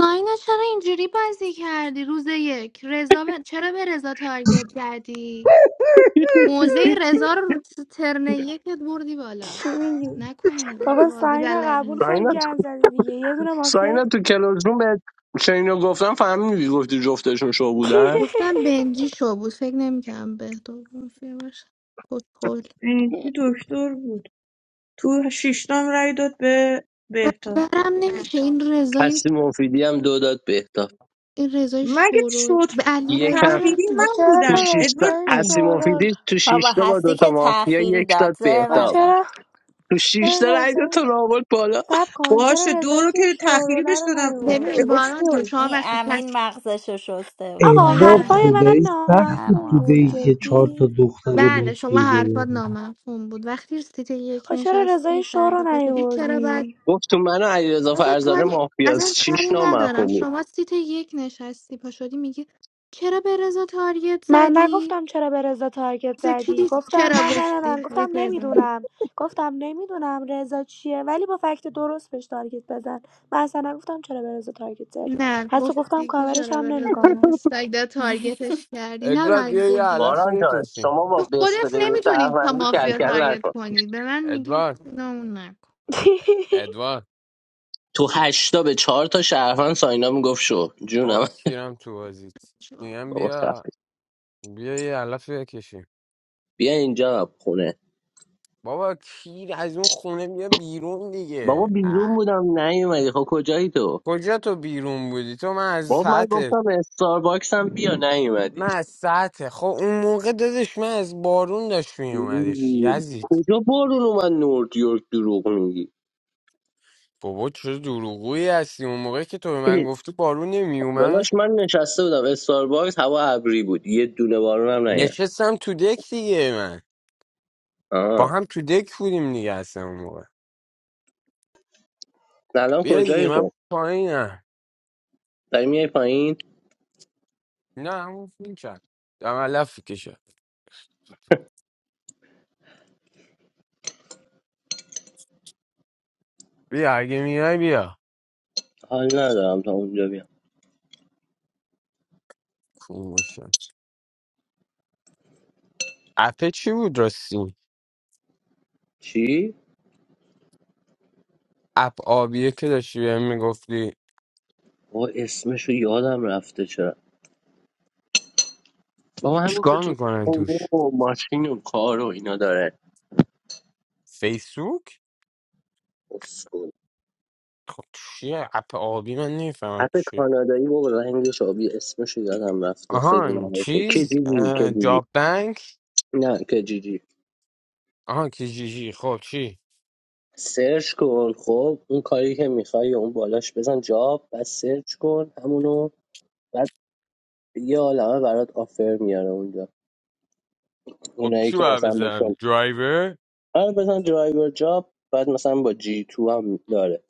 [SPEAKER 3] ناینا چرا اینجوری بازی کردی روز یک رضا به- چرا به رضا تارگت کردی موزه رضا رو تو ترن یکت بردی بالا
[SPEAKER 7] چی میگی
[SPEAKER 3] نکن
[SPEAKER 7] بابا
[SPEAKER 3] بازی
[SPEAKER 7] ساینا
[SPEAKER 3] بلد
[SPEAKER 7] قبول
[SPEAKER 3] نیست
[SPEAKER 7] کن
[SPEAKER 1] ساینا تو
[SPEAKER 7] گن زدی دیگه یه دونه مافیا
[SPEAKER 1] ساینا تو کلاس روم به چینو گفتم فهمیدی گفتی جفتشون شو بودن
[SPEAKER 7] *laughs*
[SPEAKER 3] گفتم بنجی شو بود فکر نمیکنم به تو مافیا باشه کتکل
[SPEAKER 6] مهدی دکتر بود تو شیشتام رای داد به بهتا
[SPEAKER 3] برم نمیشه این رضای
[SPEAKER 1] هستی مفیدی هم دو داد بهتاب
[SPEAKER 3] این رضای
[SPEAKER 6] مگه
[SPEAKER 3] شورول
[SPEAKER 6] شد
[SPEAKER 3] به علی
[SPEAKER 1] یکم
[SPEAKER 3] رضا
[SPEAKER 6] تفکیری
[SPEAKER 7] خب
[SPEAKER 6] من
[SPEAKER 7] چرا
[SPEAKER 1] تو
[SPEAKER 6] بودم
[SPEAKER 1] شیشتا
[SPEAKER 6] ادوارد
[SPEAKER 7] رضای
[SPEAKER 1] هستی
[SPEAKER 6] جون
[SPEAKER 7] شورول
[SPEAKER 1] مفیدی تو شش
[SPEAKER 5] بابا
[SPEAKER 1] شیشتا با
[SPEAKER 5] هستی
[SPEAKER 1] دوتا
[SPEAKER 5] که
[SPEAKER 1] مافیا
[SPEAKER 5] تأخیری
[SPEAKER 1] یک
[SPEAKER 5] داد
[SPEAKER 1] داد
[SPEAKER 5] زر
[SPEAKER 7] خب
[SPEAKER 1] بهتاب
[SPEAKER 5] نزن
[SPEAKER 7] چرا
[SPEAKER 1] تو شیشتا
[SPEAKER 7] چرا
[SPEAKER 1] رای داد تو
[SPEAKER 7] رضای
[SPEAKER 1] رو آورد بالا
[SPEAKER 7] سب کن
[SPEAKER 6] باشه
[SPEAKER 7] چرا
[SPEAKER 6] دو
[SPEAKER 7] رضایی
[SPEAKER 6] رو که
[SPEAKER 7] که
[SPEAKER 6] تخیری
[SPEAKER 7] شوروله
[SPEAKER 6] بهش
[SPEAKER 7] رو
[SPEAKER 6] دادم او-
[SPEAKER 3] ببین
[SPEAKER 7] نیوردی
[SPEAKER 3] باران
[SPEAKER 6] اصول
[SPEAKER 3] جو شما
[SPEAKER 5] این
[SPEAKER 3] وقتی پس
[SPEAKER 5] امین مغزش رو شسته بود
[SPEAKER 7] آقا
[SPEAKER 3] آقا یه
[SPEAKER 15] ادوارد
[SPEAKER 7] حرفای
[SPEAKER 3] لحظه
[SPEAKER 5] وگرنه
[SPEAKER 3] وایسا.
[SPEAKER 7] من
[SPEAKER 15] خدایی سخت
[SPEAKER 5] من
[SPEAKER 15] بود
[SPEAKER 7] نامفهوم
[SPEAKER 15] تو
[SPEAKER 7] بود
[SPEAKER 15] دهی
[SPEAKER 5] مافیا
[SPEAKER 15] که چهار تا
[SPEAKER 7] جدی
[SPEAKER 15] دختر
[SPEAKER 3] بله شما
[SPEAKER 15] مافیا
[SPEAKER 3] حرفات
[SPEAKER 15] ببره
[SPEAKER 3] نامفهوم بود وقتی سیت یک
[SPEAKER 7] خب چرا رضای
[SPEAKER 3] نشستی
[SPEAKER 7] شور رو
[SPEAKER 3] فردا پا شدی چرا بعد
[SPEAKER 7] نیوردی
[SPEAKER 1] گفت تو منو علیرضا
[SPEAKER 3] اصلا
[SPEAKER 1] فرزانه
[SPEAKER 3] کاری اصلا
[SPEAKER 1] مافیاست شش
[SPEAKER 3] کاری
[SPEAKER 1] نامفهوم
[SPEAKER 3] ندارم
[SPEAKER 1] بود
[SPEAKER 3] شما سیت یک نشستی پا شدی میگی چرا به رضا تاریت
[SPEAKER 7] من
[SPEAKER 3] زدی
[SPEAKER 7] نگفتم چرا به رضا تارگت
[SPEAKER 3] ز چی
[SPEAKER 7] زدی
[SPEAKER 3] دیس...
[SPEAKER 7] گفتم
[SPEAKER 3] چرا
[SPEAKER 7] من نه نه نه
[SPEAKER 3] گفتی
[SPEAKER 7] گفتم
[SPEAKER 3] ریپل داریم.
[SPEAKER 7] نمیدونم گفتم نمیدونم رضا چیه ولی با فکت درست بهش تارگت بزن من اصلا نگفتم چرا به رضا تارگت زدی
[SPEAKER 3] نه
[SPEAKER 7] حتی گفتم
[SPEAKER 3] گفتی که
[SPEAKER 7] کاورش
[SPEAKER 3] چرا
[SPEAKER 7] هم
[SPEAKER 3] به رضا
[SPEAKER 7] نمیکنم
[SPEAKER 3] دیستگ ده
[SPEAKER 5] *laughs*
[SPEAKER 3] تارگتش کردی نه
[SPEAKER 14] ادوارد یه
[SPEAKER 3] باید
[SPEAKER 14] یه
[SPEAKER 3] بگی
[SPEAKER 14] علفی
[SPEAKER 1] باران جان
[SPEAKER 14] بکشیم
[SPEAKER 1] شما با
[SPEAKER 3] تو خودت
[SPEAKER 1] بسپلی
[SPEAKER 3] نمیتونی تا
[SPEAKER 1] شهروندی
[SPEAKER 3] مافیا
[SPEAKER 1] کرکر
[SPEAKER 3] تارگت
[SPEAKER 1] نکن
[SPEAKER 3] کنی به من میگی
[SPEAKER 14] ادوارد
[SPEAKER 3] نه اون نکن
[SPEAKER 7] *laughs*
[SPEAKER 14] ادوارد
[SPEAKER 1] تو هشتا به چهار تا شهروند ساینا میگفت شو
[SPEAKER 14] آقا
[SPEAKER 1] جونم
[SPEAKER 14] کیرم تو بازیت میگم
[SPEAKER 1] بابا
[SPEAKER 14] بیا
[SPEAKER 1] خفه
[SPEAKER 14] بیا یه علف بکشیم
[SPEAKER 1] بیا اینجا خونه
[SPEAKER 14] بابا کیر از اون خونه بیا بیرون
[SPEAKER 1] بابا
[SPEAKER 14] دیگه اه.
[SPEAKER 1] بیرون بودم نیومدی خب کجایی تو
[SPEAKER 14] کجا تو بیرون بودی تو من از
[SPEAKER 1] بابا من
[SPEAKER 14] ساعت
[SPEAKER 1] گفتم استارباکس هم بیا نیومدی
[SPEAKER 14] من از ساعت خب اون موقع دادش من از بارون داشت میومدش
[SPEAKER 1] ای،
[SPEAKER 14] یزید
[SPEAKER 1] کجا بارون اومد نورد یورک دروغ میگی
[SPEAKER 14] بابا چه دروغویی هستی اون موقع که تو به من
[SPEAKER 1] ای،
[SPEAKER 14] گفتی بارون نمیومد
[SPEAKER 1] داداش من نشسته بودم استارباکس هوا ابری بود یه دونه بارون هم نیومد
[SPEAKER 14] نشستم تو دک دیگه من با
[SPEAKER 1] آه
[SPEAKER 14] هم تو دک بودیم دیگه اصلا اون موقع
[SPEAKER 1] الان
[SPEAKER 14] بیا دیگه
[SPEAKER 1] کجایی
[SPEAKER 14] من
[SPEAKER 1] خب
[SPEAKER 14] پایینم
[SPEAKER 1] داری میای پایین
[SPEAKER 14] نه اون فیلم کرد دم علف بیا اگه میای بیا
[SPEAKER 1] حال ندارم تا اونجا بیام
[SPEAKER 14] خوب باشه اپه چی بود راستی
[SPEAKER 1] چی
[SPEAKER 14] اپ آبیه که داشتی بهم میگفتی
[SPEAKER 1] بابا اسمش رو یادم رفته چرا بابا همین که
[SPEAKER 14] چیکار
[SPEAKER 1] تو
[SPEAKER 14] میکنن توش
[SPEAKER 1] اوه، ماشین و کار و اینا داره
[SPEAKER 14] فیسبوک خب چیه اپ آبی من نمیفهمم
[SPEAKER 1] اپ
[SPEAKER 14] چیه
[SPEAKER 1] کانادایی بابا رنگش آبی اسمش یادم رفته خیلی
[SPEAKER 14] آها
[SPEAKER 1] معروفه
[SPEAKER 14] چیز
[SPEAKER 1] کجیجی
[SPEAKER 14] اه،
[SPEAKER 1] کجیجی
[SPEAKER 14] جاب بانک
[SPEAKER 1] نه کجیجی
[SPEAKER 14] آها کیجیجی خب چی
[SPEAKER 1] سرچ کن خب اون کاری که میخوای اون بالاش بزن جاب بعد سرچ کن همونو بعد یه عالمه برات آفر میاره اونجا
[SPEAKER 14] خب
[SPEAKER 1] اونایی
[SPEAKER 14] چی
[SPEAKER 1] که
[SPEAKER 14] باید
[SPEAKER 1] مثلا
[SPEAKER 14] بزنم
[SPEAKER 1] بکن
[SPEAKER 14] درایور
[SPEAKER 1] آره بزن درایور جاب بعد مثلا با جی تو هم داره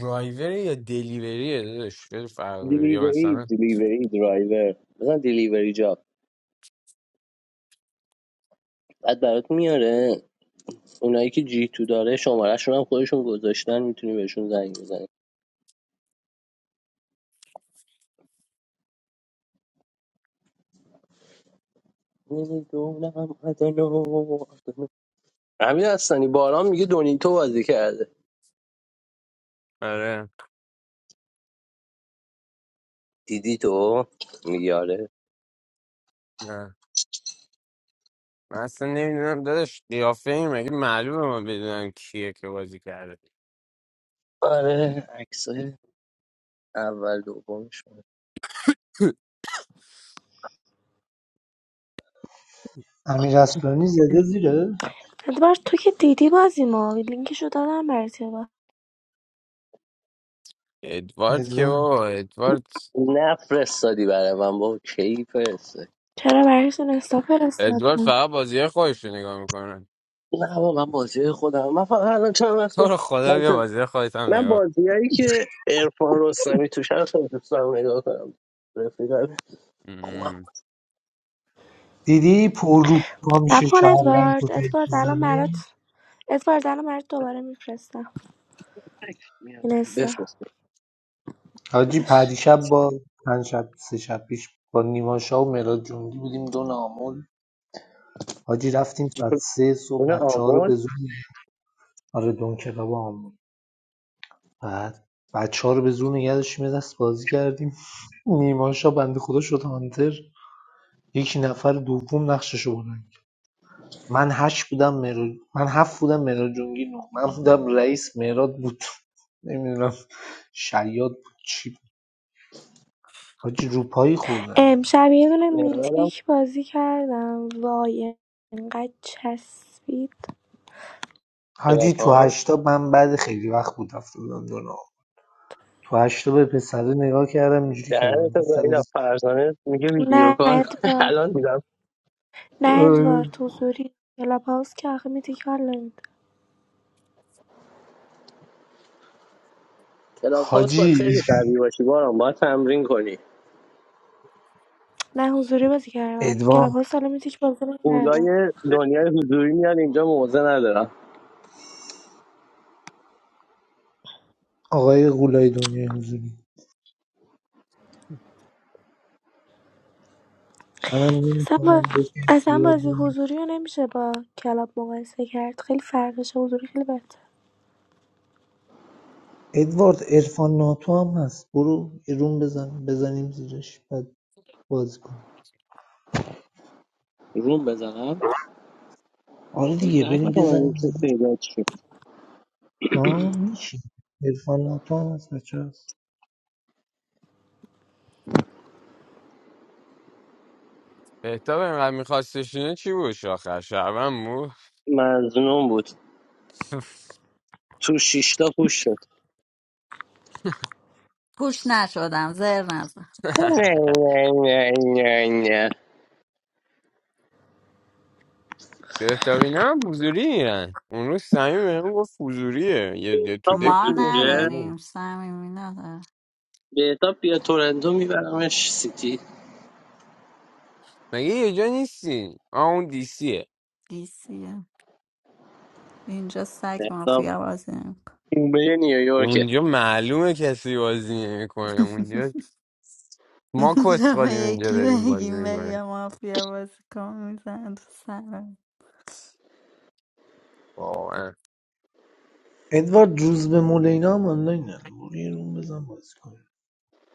[SPEAKER 14] درایور یا دلیوریه داداش خیلی فرق داره. یا
[SPEAKER 1] دیلیوری
[SPEAKER 14] مثلا
[SPEAKER 1] دیلیوری درایور بزن دیلیوری جاب بعد برات میاره اونایی که جی تو داره شمارهشون هم خودشون گذاشتن میتونی بهشون زنگ بزنی نمیدونم عدنو امیر هستنی باران میگه دونیتو بازی کرده
[SPEAKER 14] آره
[SPEAKER 1] دیدی تو میگه آره
[SPEAKER 14] نه من اصلا نمیدونم داداش قیافه این مگه معلومه من بدونم کیه که بازی کرده
[SPEAKER 1] آره عکسای اول دومش
[SPEAKER 14] *laughs*
[SPEAKER 15] امیر اصلانی زده زیره
[SPEAKER 7] ادوارد تو که دیدی بازی ما لینکشو دادم برای تو.
[SPEAKER 14] ادوارد که
[SPEAKER 15] ادوارد
[SPEAKER 14] بابا ادوارد
[SPEAKER 1] نفرستادی برای من با کی فرسته
[SPEAKER 7] چرا برای اینستا
[SPEAKER 14] ادوارد
[SPEAKER 7] فرستادم
[SPEAKER 14] فقط بازی خودش رو نگاه میکنه
[SPEAKER 1] نه با من بازی خودم من فقط الان چند
[SPEAKER 14] تو
[SPEAKER 1] وقته
[SPEAKER 14] رو خدا
[SPEAKER 1] من,
[SPEAKER 14] بیا بازی خودت هم
[SPEAKER 1] من
[SPEAKER 14] نگاه کن
[SPEAKER 1] بازیایی که ارفان رستمی توش هست رو دوست دارم نگاه کنم رفیقم خوبم
[SPEAKER 14] مم.
[SPEAKER 15] دیدی پر رو پا میشه
[SPEAKER 7] نکن
[SPEAKER 15] شهرگن
[SPEAKER 7] ادوارد
[SPEAKER 15] کتک
[SPEAKER 7] ادوارد الان
[SPEAKER 15] میزنه
[SPEAKER 7] برات ادوارد الان برات دوباره میفرستم
[SPEAKER 1] میاره
[SPEAKER 7] اینستا
[SPEAKER 1] بفرست
[SPEAKER 15] حاجی
[SPEAKER 7] باش
[SPEAKER 15] پریشب با چند شب سه شب پیش با نیما شاه و مراد جنگی بودیم دو نامول حاجی رفتیم ساعت سه صبح
[SPEAKER 1] اون
[SPEAKER 15] بچه ها رو
[SPEAKER 1] آمون
[SPEAKER 15] به زور نگ- آره دون کلاب آمون بعد بچه ها رو به زور نگه داشتیم یه دست بازی کردیم نیما شاه بنده خدا شد هانتر یکی نفر دوم نقششو بلند کرد. من هشت بودم مراد من هفت بودم مراد جنگی نه من بودم رئیس مراد بود نمیدونم شیاد بود چی بود حاجی روپایی خوردن
[SPEAKER 7] امشب یه دونه
[SPEAKER 1] مهمانم
[SPEAKER 7] میتیک بازی کردم وای انقدر چسبید
[SPEAKER 15] حاجی تو
[SPEAKER 1] کلاپاس.
[SPEAKER 15] هشتا من بعد خیلی وقت بود رفته بودم دنیا تو هشتا به پسره نگاه کردم اینجوری
[SPEAKER 1] دهنه
[SPEAKER 15] کردم
[SPEAKER 1] تو
[SPEAKER 15] گفتم
[SPEAKER 1] گاهی
[SPEAKER 15] این-
[SPEAKER 1] از فرزانه میگه ویدیو
[SPEAKER 7] نه
[SPEAKER 1] کار کن. *laughs*
[SPEAKER 7] ادوارد
[SPEAKER 1] الان دیدم
[SPEAKER 7] نه
[SPEAKER 15] آره.
[SPEAKER 7] ادوارد حضوری کلاب هاوس که آخه میتیک حال نمیده
[SPEAKER 1] کلاب هاوس باید
[SPEAKER 15] حاجی
[SPEAKER 1] خیلی قوی باشی بارم باید تمرین کنی
[SPEAKER 7] نه حضوری بازی کردم
[SPEAKER 15] ادوارد
[SPEAKER 7] کلاب هاوس حالا میتیک بازی نکردم
[SPEAKER 1] اولای دنیای حضوری میان اینجا موزه ندارم
[SPEAKER 15] آقای غولای دنیای حضوری منم
[SPEAKER 7] اصلا, با...
[SPEAKER 15] نمی‌فهمم دو تا
[SPEAKER 7] اصلا
[SPEAKER 15] دیوار
[SPEAKER 7] بازی
[SPEAKER 15] دارم.
[SPEAKER 7] حضوری رو نمیشه با کلاب مقایسه کرد خیلی فرقشه حضوری خیلی بهتر
[SPEAKER 15] ادوارد ارفان ناتو هم هست برو یه روم بزن بزنیم زیرش بعد بازی کن
[SPEAKER 1] روم بزنم
[SPEAKER 15] آره
[SPEAKER 1] فکر
[SPEAKER 15] دیگه
[SPEAKER 1] نکنم
[SPEAKER 15] بریم
[SPEAKER 1] اون
[SPEAKER 15] بزنیم
[SPEAKER 1] که
[SPEAKER 15] زیرش
[SPEAKER 1] پیدا چی
[SPEAKER 15] آه میشه ارفان ناتو هم هست بچه هست
[SPEAKER 14] بهتاب اینقدر میخواستش اینه چی بود آخر شبم بود
[SPEAKER 1] مظنون بود تو شیشتا پوش شد
[SPEAKER 5] پوش نشدم زر نزن
[SPEAKER 14] *laughs*
[SPEAKER 1] نه نه نه نه نه
[SPEAKER 14] بهتاب اینا هم حضوری میرن اون روز سمیم بهم گفت حضوریه یه یه تو
[SPEAKER 1] بهتاب
[SPEAKER 14] دک
[SPEAKER 5] ما
[SPEAKER 14] بود گفت
[SPEAKER 1] حضوریه
[SPEAKER 14] حضوریه
[SPEAKER 5] نداریم صمیمی نداره
[SPEAKER 1] بهتاب بیا تورنتو میبرمش سیتی
[SPEAKER 14] مگه یه جا نیستی آه اون دیسیه
[SPEAKER 5] دیسیه اینجا سگ
[SPEAKER 1] بهتاب
[SPEAKER 5] مافیا بازی نمی‌کنه.
[SPEAKER 1] اون به نیویورکه
[SPEAKER 14] اونجا معلومه کسی بازی نمیکنه
[SPEAKER 5] *laughs*
[SPEAKER 14] اونجا ما
[SPEAKER 5] *laughs* چرا
[SPEAKER 14] کسخالیم اینجا
[SPEAKER 5] یکی
[SPEAKER 14] داریم بازی
[SPEAKER 5] بگیم بگم
[SPEAKER 14] میکنیم
[SPEAKER 5] مافیا بازی کن میزن تو سرم
[SPEAKER 15] ادوارد روز به مولینا هم آنلاین هم برو یه روم بزن بازی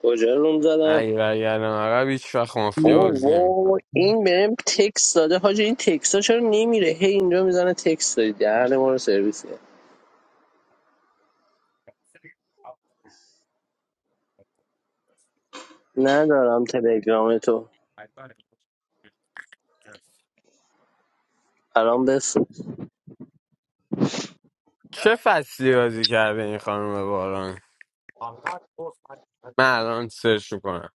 [SPEAKER 1] کجا روم زدم
[SPEAKER 14] اگه برگردم عقب هیچ وقت مافیا
[SPEAKER 15] کن
[SPEAKER 1] وای
[SPEAKER 14] بازی
[SPEAKER 1] وای
[SPEAKER 14] نمیکنم
[SPEAKER 1] این بهم تکس داده حاجی این تکس ها چرا نمیره هی اینجا میزنه تکس دادی دهن ما رو سرویس کرد. ندارم تلگرام تو الان بس
[SPEAKER 14] چه فصلی بازی کرده این خانم باران من الان سرچ میکنم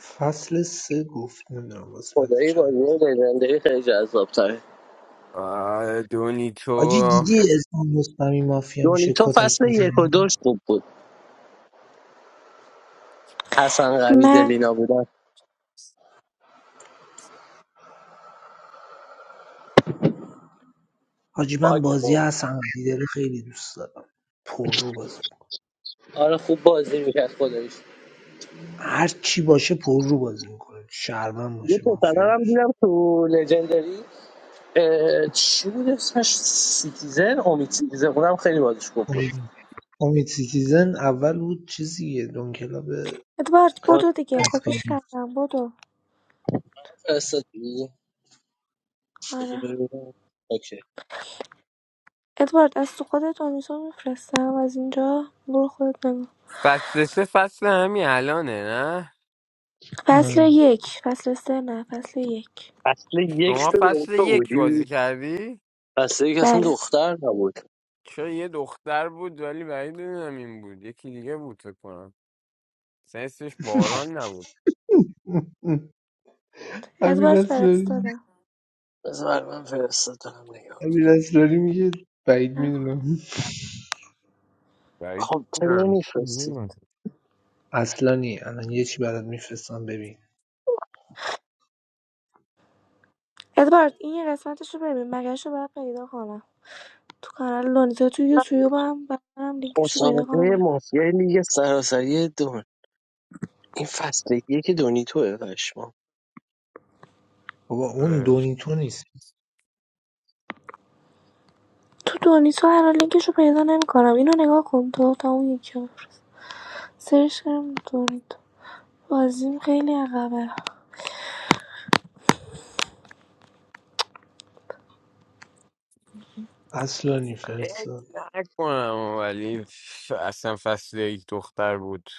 [SPEAKER 15] فصل سه گفت نمیدونم قسمت
[SPEAKER 1] خدایی بازی
[SPEAKER 15] چند
[SPEAKER 1] لژندری خیلی جذاب تره
[SPEAKER 15] حاجی
[SPEAKER 14] دونیتو
[SPEAKER 15] دیدی اسم رستمی مافیا میشه
[SPEAKER 1] تو
[SPEAKER 15] کتک
[SPEAKER 1] فصل یک و
[SPEAKER 15] میزنه
[SPEAKER 1] دوش خوب بود حسن قوی
[SPEAKER 7] من
[SPEAKER 1] دلینا بودن
[SPEAKER 15] حاجی من
[SPEAKER 1] باک
[SPEAKER 15] بازی
[SPEAKER 1] خوب
[SPEAKER 15] حسن دیداره خیلی دوست دارم پر رو بازی میکنه
[SPEAKER 1] آره خوب بازی میکرد خداییش
[SPEAKER 15] هر چی باشه پر رو بازی میکنه شهرمن
[SPEAKER 1] یه
[SPEAKER 15] باشه مافیا
[SPEAKER 1] پسر هم
[SPEAKER 15] باشه
[SPEAKER 1] دیدم تو لژندری اه، چی بود اسمش سیتیزن امید سیتیزن اونم خیلی بازیش خوب بود
[SPEAKER 15] امید امید سیتیزن اول بود چیزیه دونکلا به
[SPEAKER 7] ادوارد
[SPEAKER 1] باز
[SPEAKER 7] بدو دیگه کپیش
[SPEAKER 15] آفتابی
[SPEAKER 7] کردم بدو
[SPEAKER 1] فرستادی بذار
[SPEAKER 7] آره
[SPEAKER 1] ببینم اوکی
[SPEAKER 7] ادوارد از تو خودت آنیسو میفرستم از اینجا برو خودت نگاه
[SPEAKER 14] فصل سه فصل همین الانه نه
[SPEAKER 7] فصل
[SPEAKER 15] آره
[SPEAKER 7] یک فصل سه نه فصل یک
[SPEAKER 1] فصل یک
[SPEAKER 14] شما
[SPEAKER 1] تو
[SPEAKER 14] فصل
[SPEAKER 1] دکتر
[SPEAKER 14] یک بازی
[SPEAKER 1] بودی
[SPEAKER 14] کردی؟
[SPEAKER 1] پس دیگه اصلا
[SPEAKER 7] بله
[SPEAKER 1] دختر نبود
[SPEAKER 14] چون یه دختر بود ولی بعید نمیدونم این بود یکی دیگه بود فکر کنم سنسش باران نبود
[SPEAKER 15] امیر
[SPEAKER 7] ادوارد
[SPEAKER 15] اصلانی
[SPEAKER 7] فرستادم
[SPEAKER 1] بذار برای من فرستادم نگاه
[SPEAKER 15] امیر اصلانی میگه بعید
[SPEAKER 7] نه.
[SPEAKER 15] میدونم
[SPEAKER 14] بعید
[SPEAKER 1] خب تو نمیفرستی
[SPEAKER 14] می‌دونم.
[SPEAKER 15] اصلا نی الان یه چی برات میفرستم ببین
[SPEAKER 7] ادوارد این یه قسمتش رو ببین مگرش رو باید پیدا کنم تو کانال دونیتا تو یوتیوب هم باید برم لینکش رو پیدا
[SPEAKER 1] مسابقه
[SPEAKER 7] کنم
[SPEAKER 1] مافیای لیگ سراسری دون این فصل یک دونی توه پشمام
[SPEAKER 15] بابا اون
[SPEAKER 14] اه.
[SPEAKER 15] دونیتو نیست
[SPEAKER 7] تو دونیتا هر حال لینکش رو پیدا نمیکنم اینو نگاه کن تو تا اون یکی رو بفرست. سرش کردم دونیتا بازیم خیلی عقبه
[SPEAKER 15] اصلانی فرستاد
[SPEAKER 14] فکر نکنم ولی ف- اصلا فصل یک دختر بود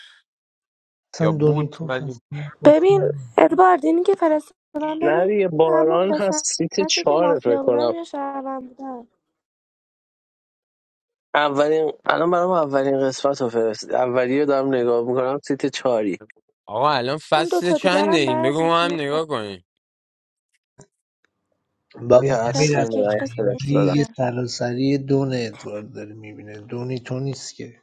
[SPEAKER 14] یا
[SPEAKER 15] اصلا
[SPEAKER 14] بود
[SPEAKER 15] دونیتوف
[SPEAKER 14] ولی
[SPEAKER 15] اصلا بخت
[SPEAKER 7] ببین
[SPEAKER 15] نداره.
[SPEAKER 7] ادوارد اینی که فرستادم
[SPEAKER 1] نه
[SPEAKER 7] ببین
[SPEAKER 1] دیگه
[SPEAKER 7] همون
[SPEAKER 1] باران هست سیت
[SPEAKER 7] قسمتی که
[SPEAKER 1] چهاره فکر
[SPEAKER 7] مافیا بودم
[SPEAKER 1] کنم
[SPEAKER 7] یا شهروند بودم
[SPEAKER 1] اولین الان برام اولین قسمت رو فرست اولی رو دارم نگاه میکنم سیت چهاری
[SPEAKER 14] آقا الان
[SPEAKER 7] اون
[SPEAKER 14] فصل
[SPEAKER 7] دوتا
[SPEAKER 14] چنده
[SPEAKER 7] دیگرم
[SPEAKER 14] این
[SPEAKER 7] بعض
[SPEAKER 14] بگو ما هم
[SPEAKER 7] یوتیوب
[SPEAKER 14] نگاه کنیم
[SPEAKER 15] بابا
[SPEAKER 1] بیا
[SPEAKER 15] ببین
[SPEAKER 7] فصل
[SPEAKER 15] از
[SPEAKER 1] اصلا
[SPEAKER 7] یک
[SPEAKER 1] نه
[SPEAKER 15] این
[SPEAKER 7] قسمت
[SPEAKER 1] فرستادم
[SPEAKER 15] لیگ
[SPEAKER 7] 13
[SPEAKER 15] سراسری دون ادوارد داره میبینه دونی تو نیست که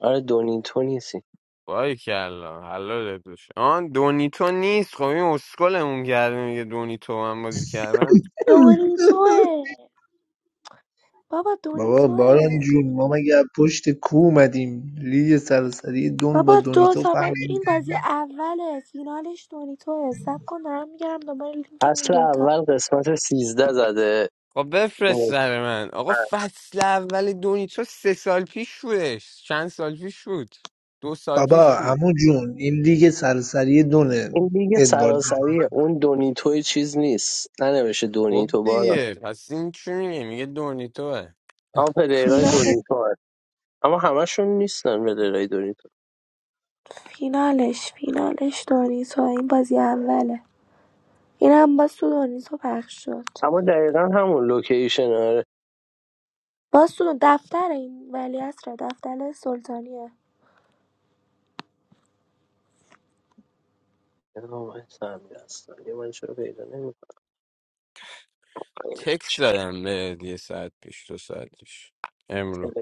[SPEAKER 1] آره دونی تو نیستی
[SPEAKER 14] وای کلا حلالت بشه آن دونیتو نیست خب این اسکلمون کرده میگه دونیتو من بازی کردم
[SPEAKER 7] دونی توه بابا دونی
[SPEAKER 15] بابا باران
[SPEAKER 7] توه
[SPEAKER 15] جون ما مگه از پشت کو اومدیم لیگ سراسری دون با
[SPEAKER 7] بابا دو
[SPEAKER 15] دونیتو
[SPEAKER 7] تا
[SPEAKER 15] فرق
[SPEAKER 7] با- این
[SPEAKER 15] نمی‌کنه.
[SPEAKER 7] بازی اوله فینالش دونی توه سب کن دارم میگرم دوباره لینکمون
[SPEAKER 1] اصل
[SPEAKER 7] دوتا
[SPEAKER 1] اول قسمت سیزده زده
[SPEAKER 14] خب بفرست سر من آقا فصل اول دونیتو سه سال پیش شدش چند سال پیش شد دو سال
[SPEAKER 15] بابا
[SPEAKER 14] پیش شد
[SPEAKER 15] عمو جون این لیگ سراسری دونه
[SPEAKER 1] این لیگ
[SPEAKER 15] ادوارد داره
[SPEAKER 1] سراسریه اون دونیتوی چیز نیست ننوشه
[SPEAKER 14] خب
[SPEAKER 1] دونیتو بارا
[SPEAKER 14] دیگه پس این چی میگه میگه دونیتوه
[SPEAKER 1] اما پلیرای
[SPEAKER 7] فینالش
[SPEAKER 1] دونیتو هست اما همشون نیستن پلیرای دونیتو
[SPEAKER 7] فینالش فینالش دونی توه این بازی اوله این هم باز تو دونی تو پخش شد
[SPEAKER 1] اما دقیقا همون لوکیشن آره
[SPEAKER 7] باز تو دفتر این ولیعصر دفتر سلطانیه
[SPEAKER 1] اینا من سمی هستن یه من چرا پیدا نمیکنم
[SPEAKER 14] تکس دادم به یه ساعت پیش دو ساعت پیش امرو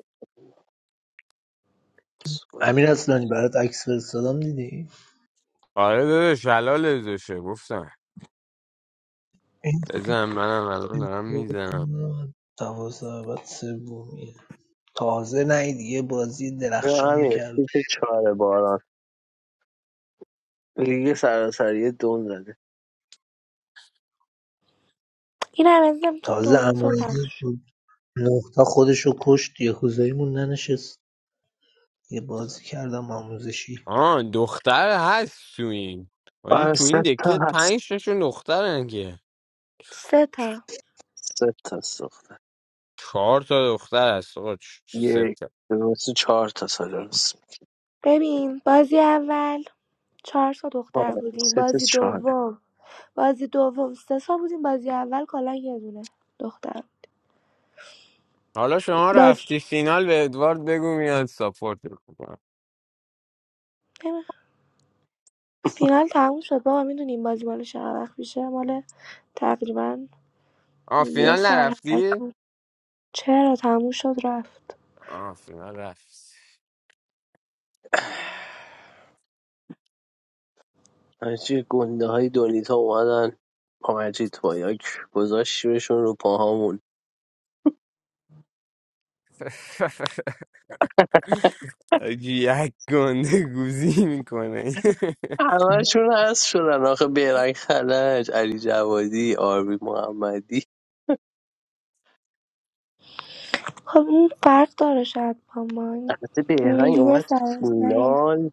[SPEAKER 15] امیر اصلانی برات عکس فرستادم دیدی
[SPEAKER 14] آره داداش حلال داشته گفتم
[SPEAKER 15] این
[SPEAKER 14] بزن منم الان دارم
[SPEAKER 15] فکر
[SPEAKER 14] میزنم
[SPEAKER 15] کنم دوازده بعد سومیه. تازه نه یه بازی
[SPEAKER 1] اینا
[SPEAKER 15] درخشان
[SPEAKER 1] همین
[SPEAKER 15] کرد
[SPEAKER 1] سیت چهار باران لیگ سراسری دون زده
[SPEAKER 7] این هم از تو
[SPEAKER 15] تازه
[SPEAKER 7] دونی تو پخش
[SPEAKER 15] امایدی
[SPEAKER 7] شد.
[SPEAKER 15] نقطه خودشو کشت یه کوزاییمون ننشست یه بازی کردم آموزشی
[SPEAKER 14] آه دختر هست تو این حاجی
[SPEAKER 1] آره
[SPEAKER 14] تو این
[SPEAKER 1] سه تا
[SPEAKER 14] دکه
[SPEAKER 1] هست
[SPEAKER 14] پنج تاشون دخترن که
[SPEAKER 7] سه تا
[SPEAKER 1] سه تا ساختن
[SPEAKER 14] چهار تا دختر هست آقا چ- چ- سه تا.
[SPEAKER 1] یک دو سه چهار تا سال هست
[SPEAKER 7] ببین بازی اول چهار تا دختر
[SPEAKER 1] آره
[SPEAKER 7] بودیم
[SPEAKER 1] سیت
[SPEAKER 7] بازی
[SPEAKER 1] چهار
[SPEAKER 7] دوم بازی دوم سه تا بودیم بازی اول کلا یه دونه دختر
[SPEAKER 14] حالا شما
[SPEAKER 7] باز
[SPEAKER 14] رفتی فینال به ادوارد بگو میاد ساپورت میکنم
[SPEAKER 7] نمی- فینال تموم شد بابا میدونیم بازی مال چقدر وقت میشه مال تقریبا
[SPEAKER 14] آه
[SPEAKER 7] یه
[SPEAKER 14] فینال
[SPEAKER 7] سال
[SPEAKER 14] نرفتی؟
[SPEAKER 7] هست چرا تموم شد رفت
[SPEAKER 14] آه فینال رفت
[SPEAKER 1] حاجی گنده های دولیتا اومدن پامجید با یک گذاشتیمشون رو پاهامون
[SPEAKER 14] *laughs* آجی یک گنده گوزی میکنه
[SPEAKER 1] همهشون هست شدن آخه بهرنگ خلج علی جوادی آربی محمدی
[SPEAKER 7] خب اون فرق داره شاید با ما این
[SPEAKER 1] البته بهرنگ
[SPEAKER 7] لیگ
[SPEAKER 1] اومد
[SPEAKER 7] سراسری
[SPEAKER 1] فینال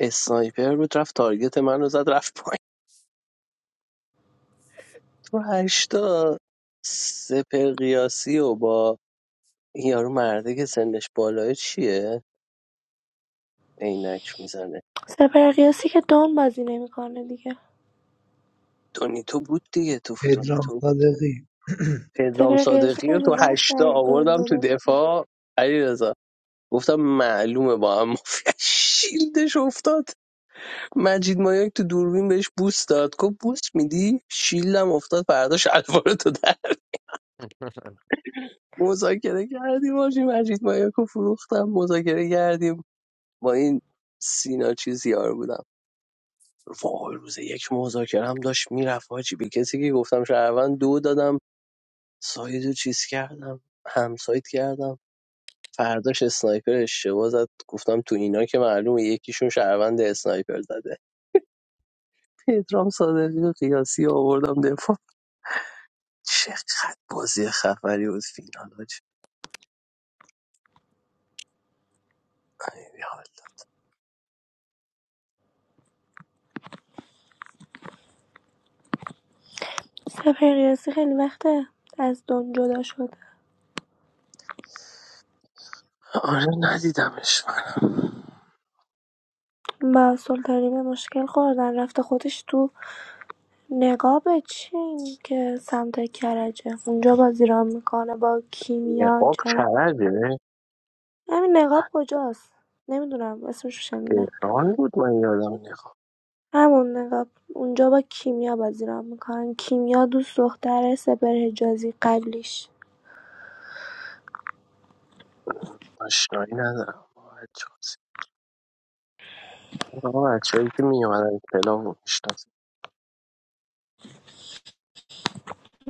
[SPEAKER 1] اسنایپر بود رفت تارگت من رو زد رفت پایین تو هشتا سپر قیاسی و با این یارو مرده که سنش بالای چیه عینک میزنه
[SPEAKER 7] سپر قیاسی که دون بازی نمیکنه دیگه
[SPEAKER 1] دونیتو بود دیگه تو
[SPEAKER 15] پدرام
[SPEAKER 1] دونیتو
[SPEAKER 15] صادقی *clears throat*
[SPEAKER 1] پدرام
[SPEAKER 7] سپر قیاسی
[SPEAKER 1] صادقی رو
[SPEAKER 7] خیلی
[SPEAKER 1] تو
[SPEAKER 7] وقت
[SPEAKER 1] هشتا
[SPEAKER 7] از دون
[SPEAKER 1] آوردم
[SPEAKER 7] جداست.
[SPEAKER 1] تو دفاع علی گفتم معلومه با هم مافیا. *laughs* شیلدش افتاد مجید مایک تو دوربین بهش بوس داد گفت بوس میدی شیلدم افتاد فرداش الوار تو در مذاکره کردیم باشی مجید مایک رو فروختم مذاکره کردیم با این سینا چیز یار بودم وای روز یک مذاکره هم داشت میرفت حاجی به کسی که گفتم شهروند دو دادم ساید رو چیز کردم همسایت کردم فرداش اسنایپر اشتباه زد گفتم تو اینا که معلومه یکیشون شهروند اسنایپر زده پدرام صادقی و قیاسی رو آوردم دفاع چقدر بازی خبری بود فینال حاجی. خیلی حال
[SPEAKER 7] سپهر قیاسی خیلی وقته از دنیا جدا شده
[SPEAKER 1] آره ندیدمش منم
[SPEAKER 7] با سلطانی به مشکل خوردن رفته خودش تو نقاب چین که سمت کرجه اونجا بازی را میکنه با کیمیا
[SPEAKER 1] نقاب
[SPEAKER 7] جرا
[SPEAKER 1] کرده
[SPEAKER 7] همین نقاب کجاست نمیدونم اسمش رو شنیدم
[SPEAKER 1] تهران بود من یادم نقاب
[SPEAKER 7] همون نقاب اونجا با کیمیا بازی را میکنن کیمیا دوست دختر سپر حجازی قبلیش
[SPEAKER 1] آشنایی ندارم با بچه هاست. آقا بچه هایی که میامدن کلاب رو میشناسم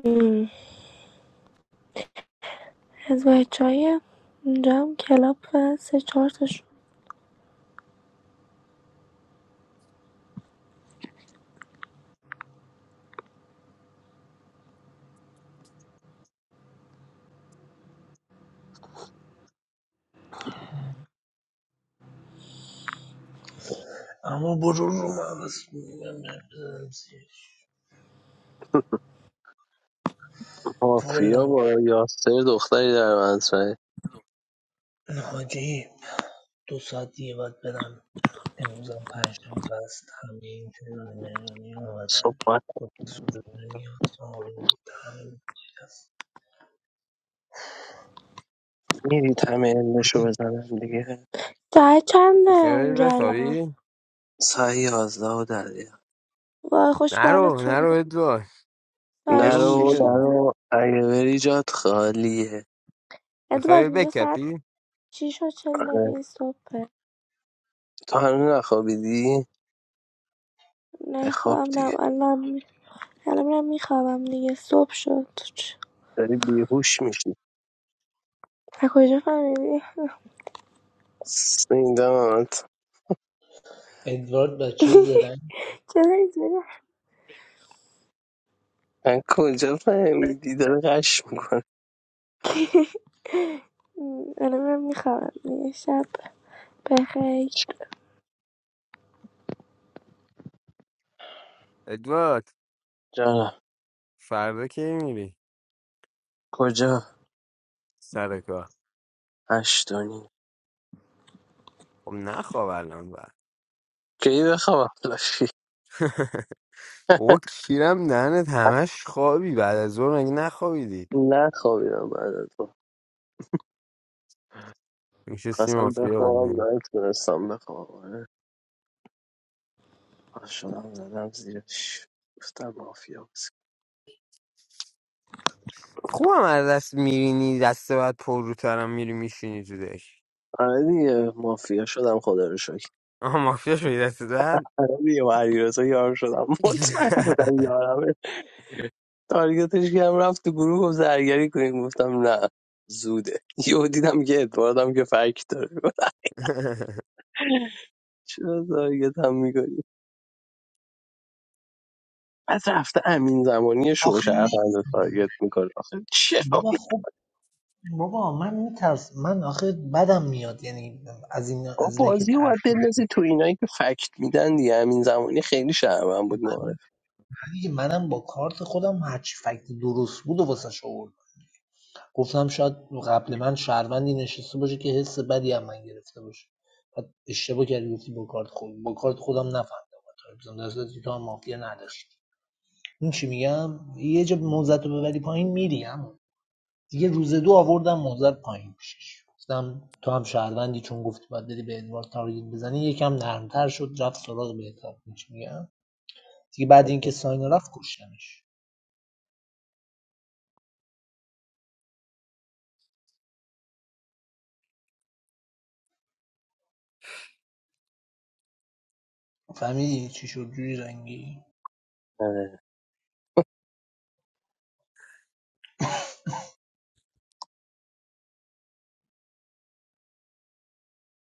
[SPEAKER 7] مم. از بچه های اونجا هم کلاب و سه چهار تاشون
[SPEAKER 15] اما برو رو مغز میگم بزنم زیرش. والا
[SPEAKER 1] مافیا با یاسر دختری در منصفه
[SPEAKER 15] حاجی دو ساعت دیگه باید برم امروزم پنجم بست همه این تهران مهرانی ها آمدن
[SPEAKER 1] صبح
[SPEAKER 15] مهرانی آمدن
[SPEAKER 1] میدید همه علمشو بزنم دیگه
[SPEAKER 7] ساعت چنده
[SPEAKER 14] بخوای
[SPEAKER 7] اونجا الان
[SPEAKER 14] بخوابی؟
[SPEAKER 1] سعی یازده و دقیقه
[SPEAKER 7] وای
[SPEAKER 14] نرو
[SPEAKER 7] خوشبالتون
[SPEAKER 14] نرو
[SPEAKER 7] اینجا
[SPEAKER 14] ادوارد
[SPEAKER 7] ساعت
[SPEAKER 14] گرون
[SPEAKER 1] نرو
[SPEAKER 7] شیشه
[SPEAKER 14] میگه
[SPEAKER 1] نرو اگه بری جات خالیه
[SPEAKER 7] ادوارد
[SPEAKER 14] بخوای
[SPEAKER 7] اینجا ساعت
[SPEAKER 14] بکپی؟
[SPEAKER 7] شیش و چل
[SPEAKER 1] آره.
[SPEAKER 7] دقیقه صبحه
[SPEAKER 1] تو هنوز نخوابیدی؟
[SPEAKER 7] نه
[SPEAKER 1] بخواب
[SPEAKER 7] خوابم نه
[SPEAKER 1] دیگه
[SPEAKER 7] الان می- الان میرم میخوابم دیگه صبح شد چ-
[SPEAKER 1] داری بیهوش میشی
[SPEAKER 7] از کجا فهمیدی؟
[SPEAKER 1] این داماد
[SPEAKER 15] ادوارد بچه زرنگ
[SPEAKER 7] چرا اینجوری؟
[SPEAKER 1] من کجا فهمیدی داره قش میکنه
[SPEAKER 7] م، الان میرم میخوابم دیگه شب بخیر
[SPEAKER 14] ادوارد
[SPEAKER 1] جانم
[SPEAKER 14] فردا کی میری؟
[SPEAKER 1] کجا
[SPEAKER 14] سر کار
[SPEAKER 1] هشتونی
[SPEAKER 14] خب نخواب الان بعد
[SPEAKER 1] کی بخوابم لاشی
[SPEAKER 14] *laughs* او کیرم دهنت همش خوابی بعد از اون مگه نخوابیدی
[SPEAKER 1] نخوابیدم بعد از تو
[SPEAKER 14] میشه سیم
[SPEAKER 1] خواستم
[SPEAKER 14] آفیه بازی
[SPEAKER 1] بخوابم
[SPEAKER 14] کنی.
[SPEAKER 1] نتونستم بخوابم آره. پا شدم زدم زیرش گفتم مافیا
[SPEAKER 14] خوبم از دست میرینی دست بعد پر رو ترم میری میشینی تو دک
[SPEAKER 1] آره دیگه مافیا شدم خدا رو شکر
[SPEAKER 14] آها مافیا شدی دست بعد
[SPEAKER 1] آره دیگه با علیرضا یار شدم *laughs* مطمئن بودم یارمه تارگتش کردم رفت تو گروه گفت زرگری کنیم گفتم نه زوده یهو دیدم که ادواردم که فرک داره *laughs* گفتم
[SPEAKER 14] *laughs*
[SPEAKER 1] چرا تارگت هم میکنی بعد رفته امین زمانی
[SPEAKER 15] آخه نمی-
[SPEAKER 1] شوشرفند رو تارگت میکنه آخه چرا
[SPEAKER 15] بابا خب بابا من میترس من آخه بدم میاد یعنی از این
[SPEAKER 1] با
[SPEAKER 15] از اینایی که
[SPEAKER 1] بازی رو
[SPEAKER 15] ترس
[SPEAKER 1] باید
[SPEAKER 15] رو
[SPEAKER 1] بندازی تو اینایی که فکت میدن دیگه امین زمانی خیلی شهروند بود
[SPEAKER 15] منم
[SPEAKER 1] معارف
[SPEAKER 15] دیگه منم با کارت خودم هرچی فکت درست بود و واسه شعور گفتم شاید قبل من شهروندی نشسته باشه که حس بدی هم من گرفته باشه بعد اشتباه کردی گفتی با کارت خود با کارت خودم نفهمیدم با تارگت بزنم. در صورتی که تو هم مافیا نداشتی این چی میگم یه جا موزت رو ببری پایین میری عمو. دیگه روز دو آوردم محضر پایین پیشش گفتم تو هم شهروندی چون گفتی باید بری به ادوارد تارگت بزنی یکم نرمتر شد رفت سراغ بهتاب میگم دیگه بعد اینکه ساینا رفت کشتنش. فهمیدی چی شد جوری رنگی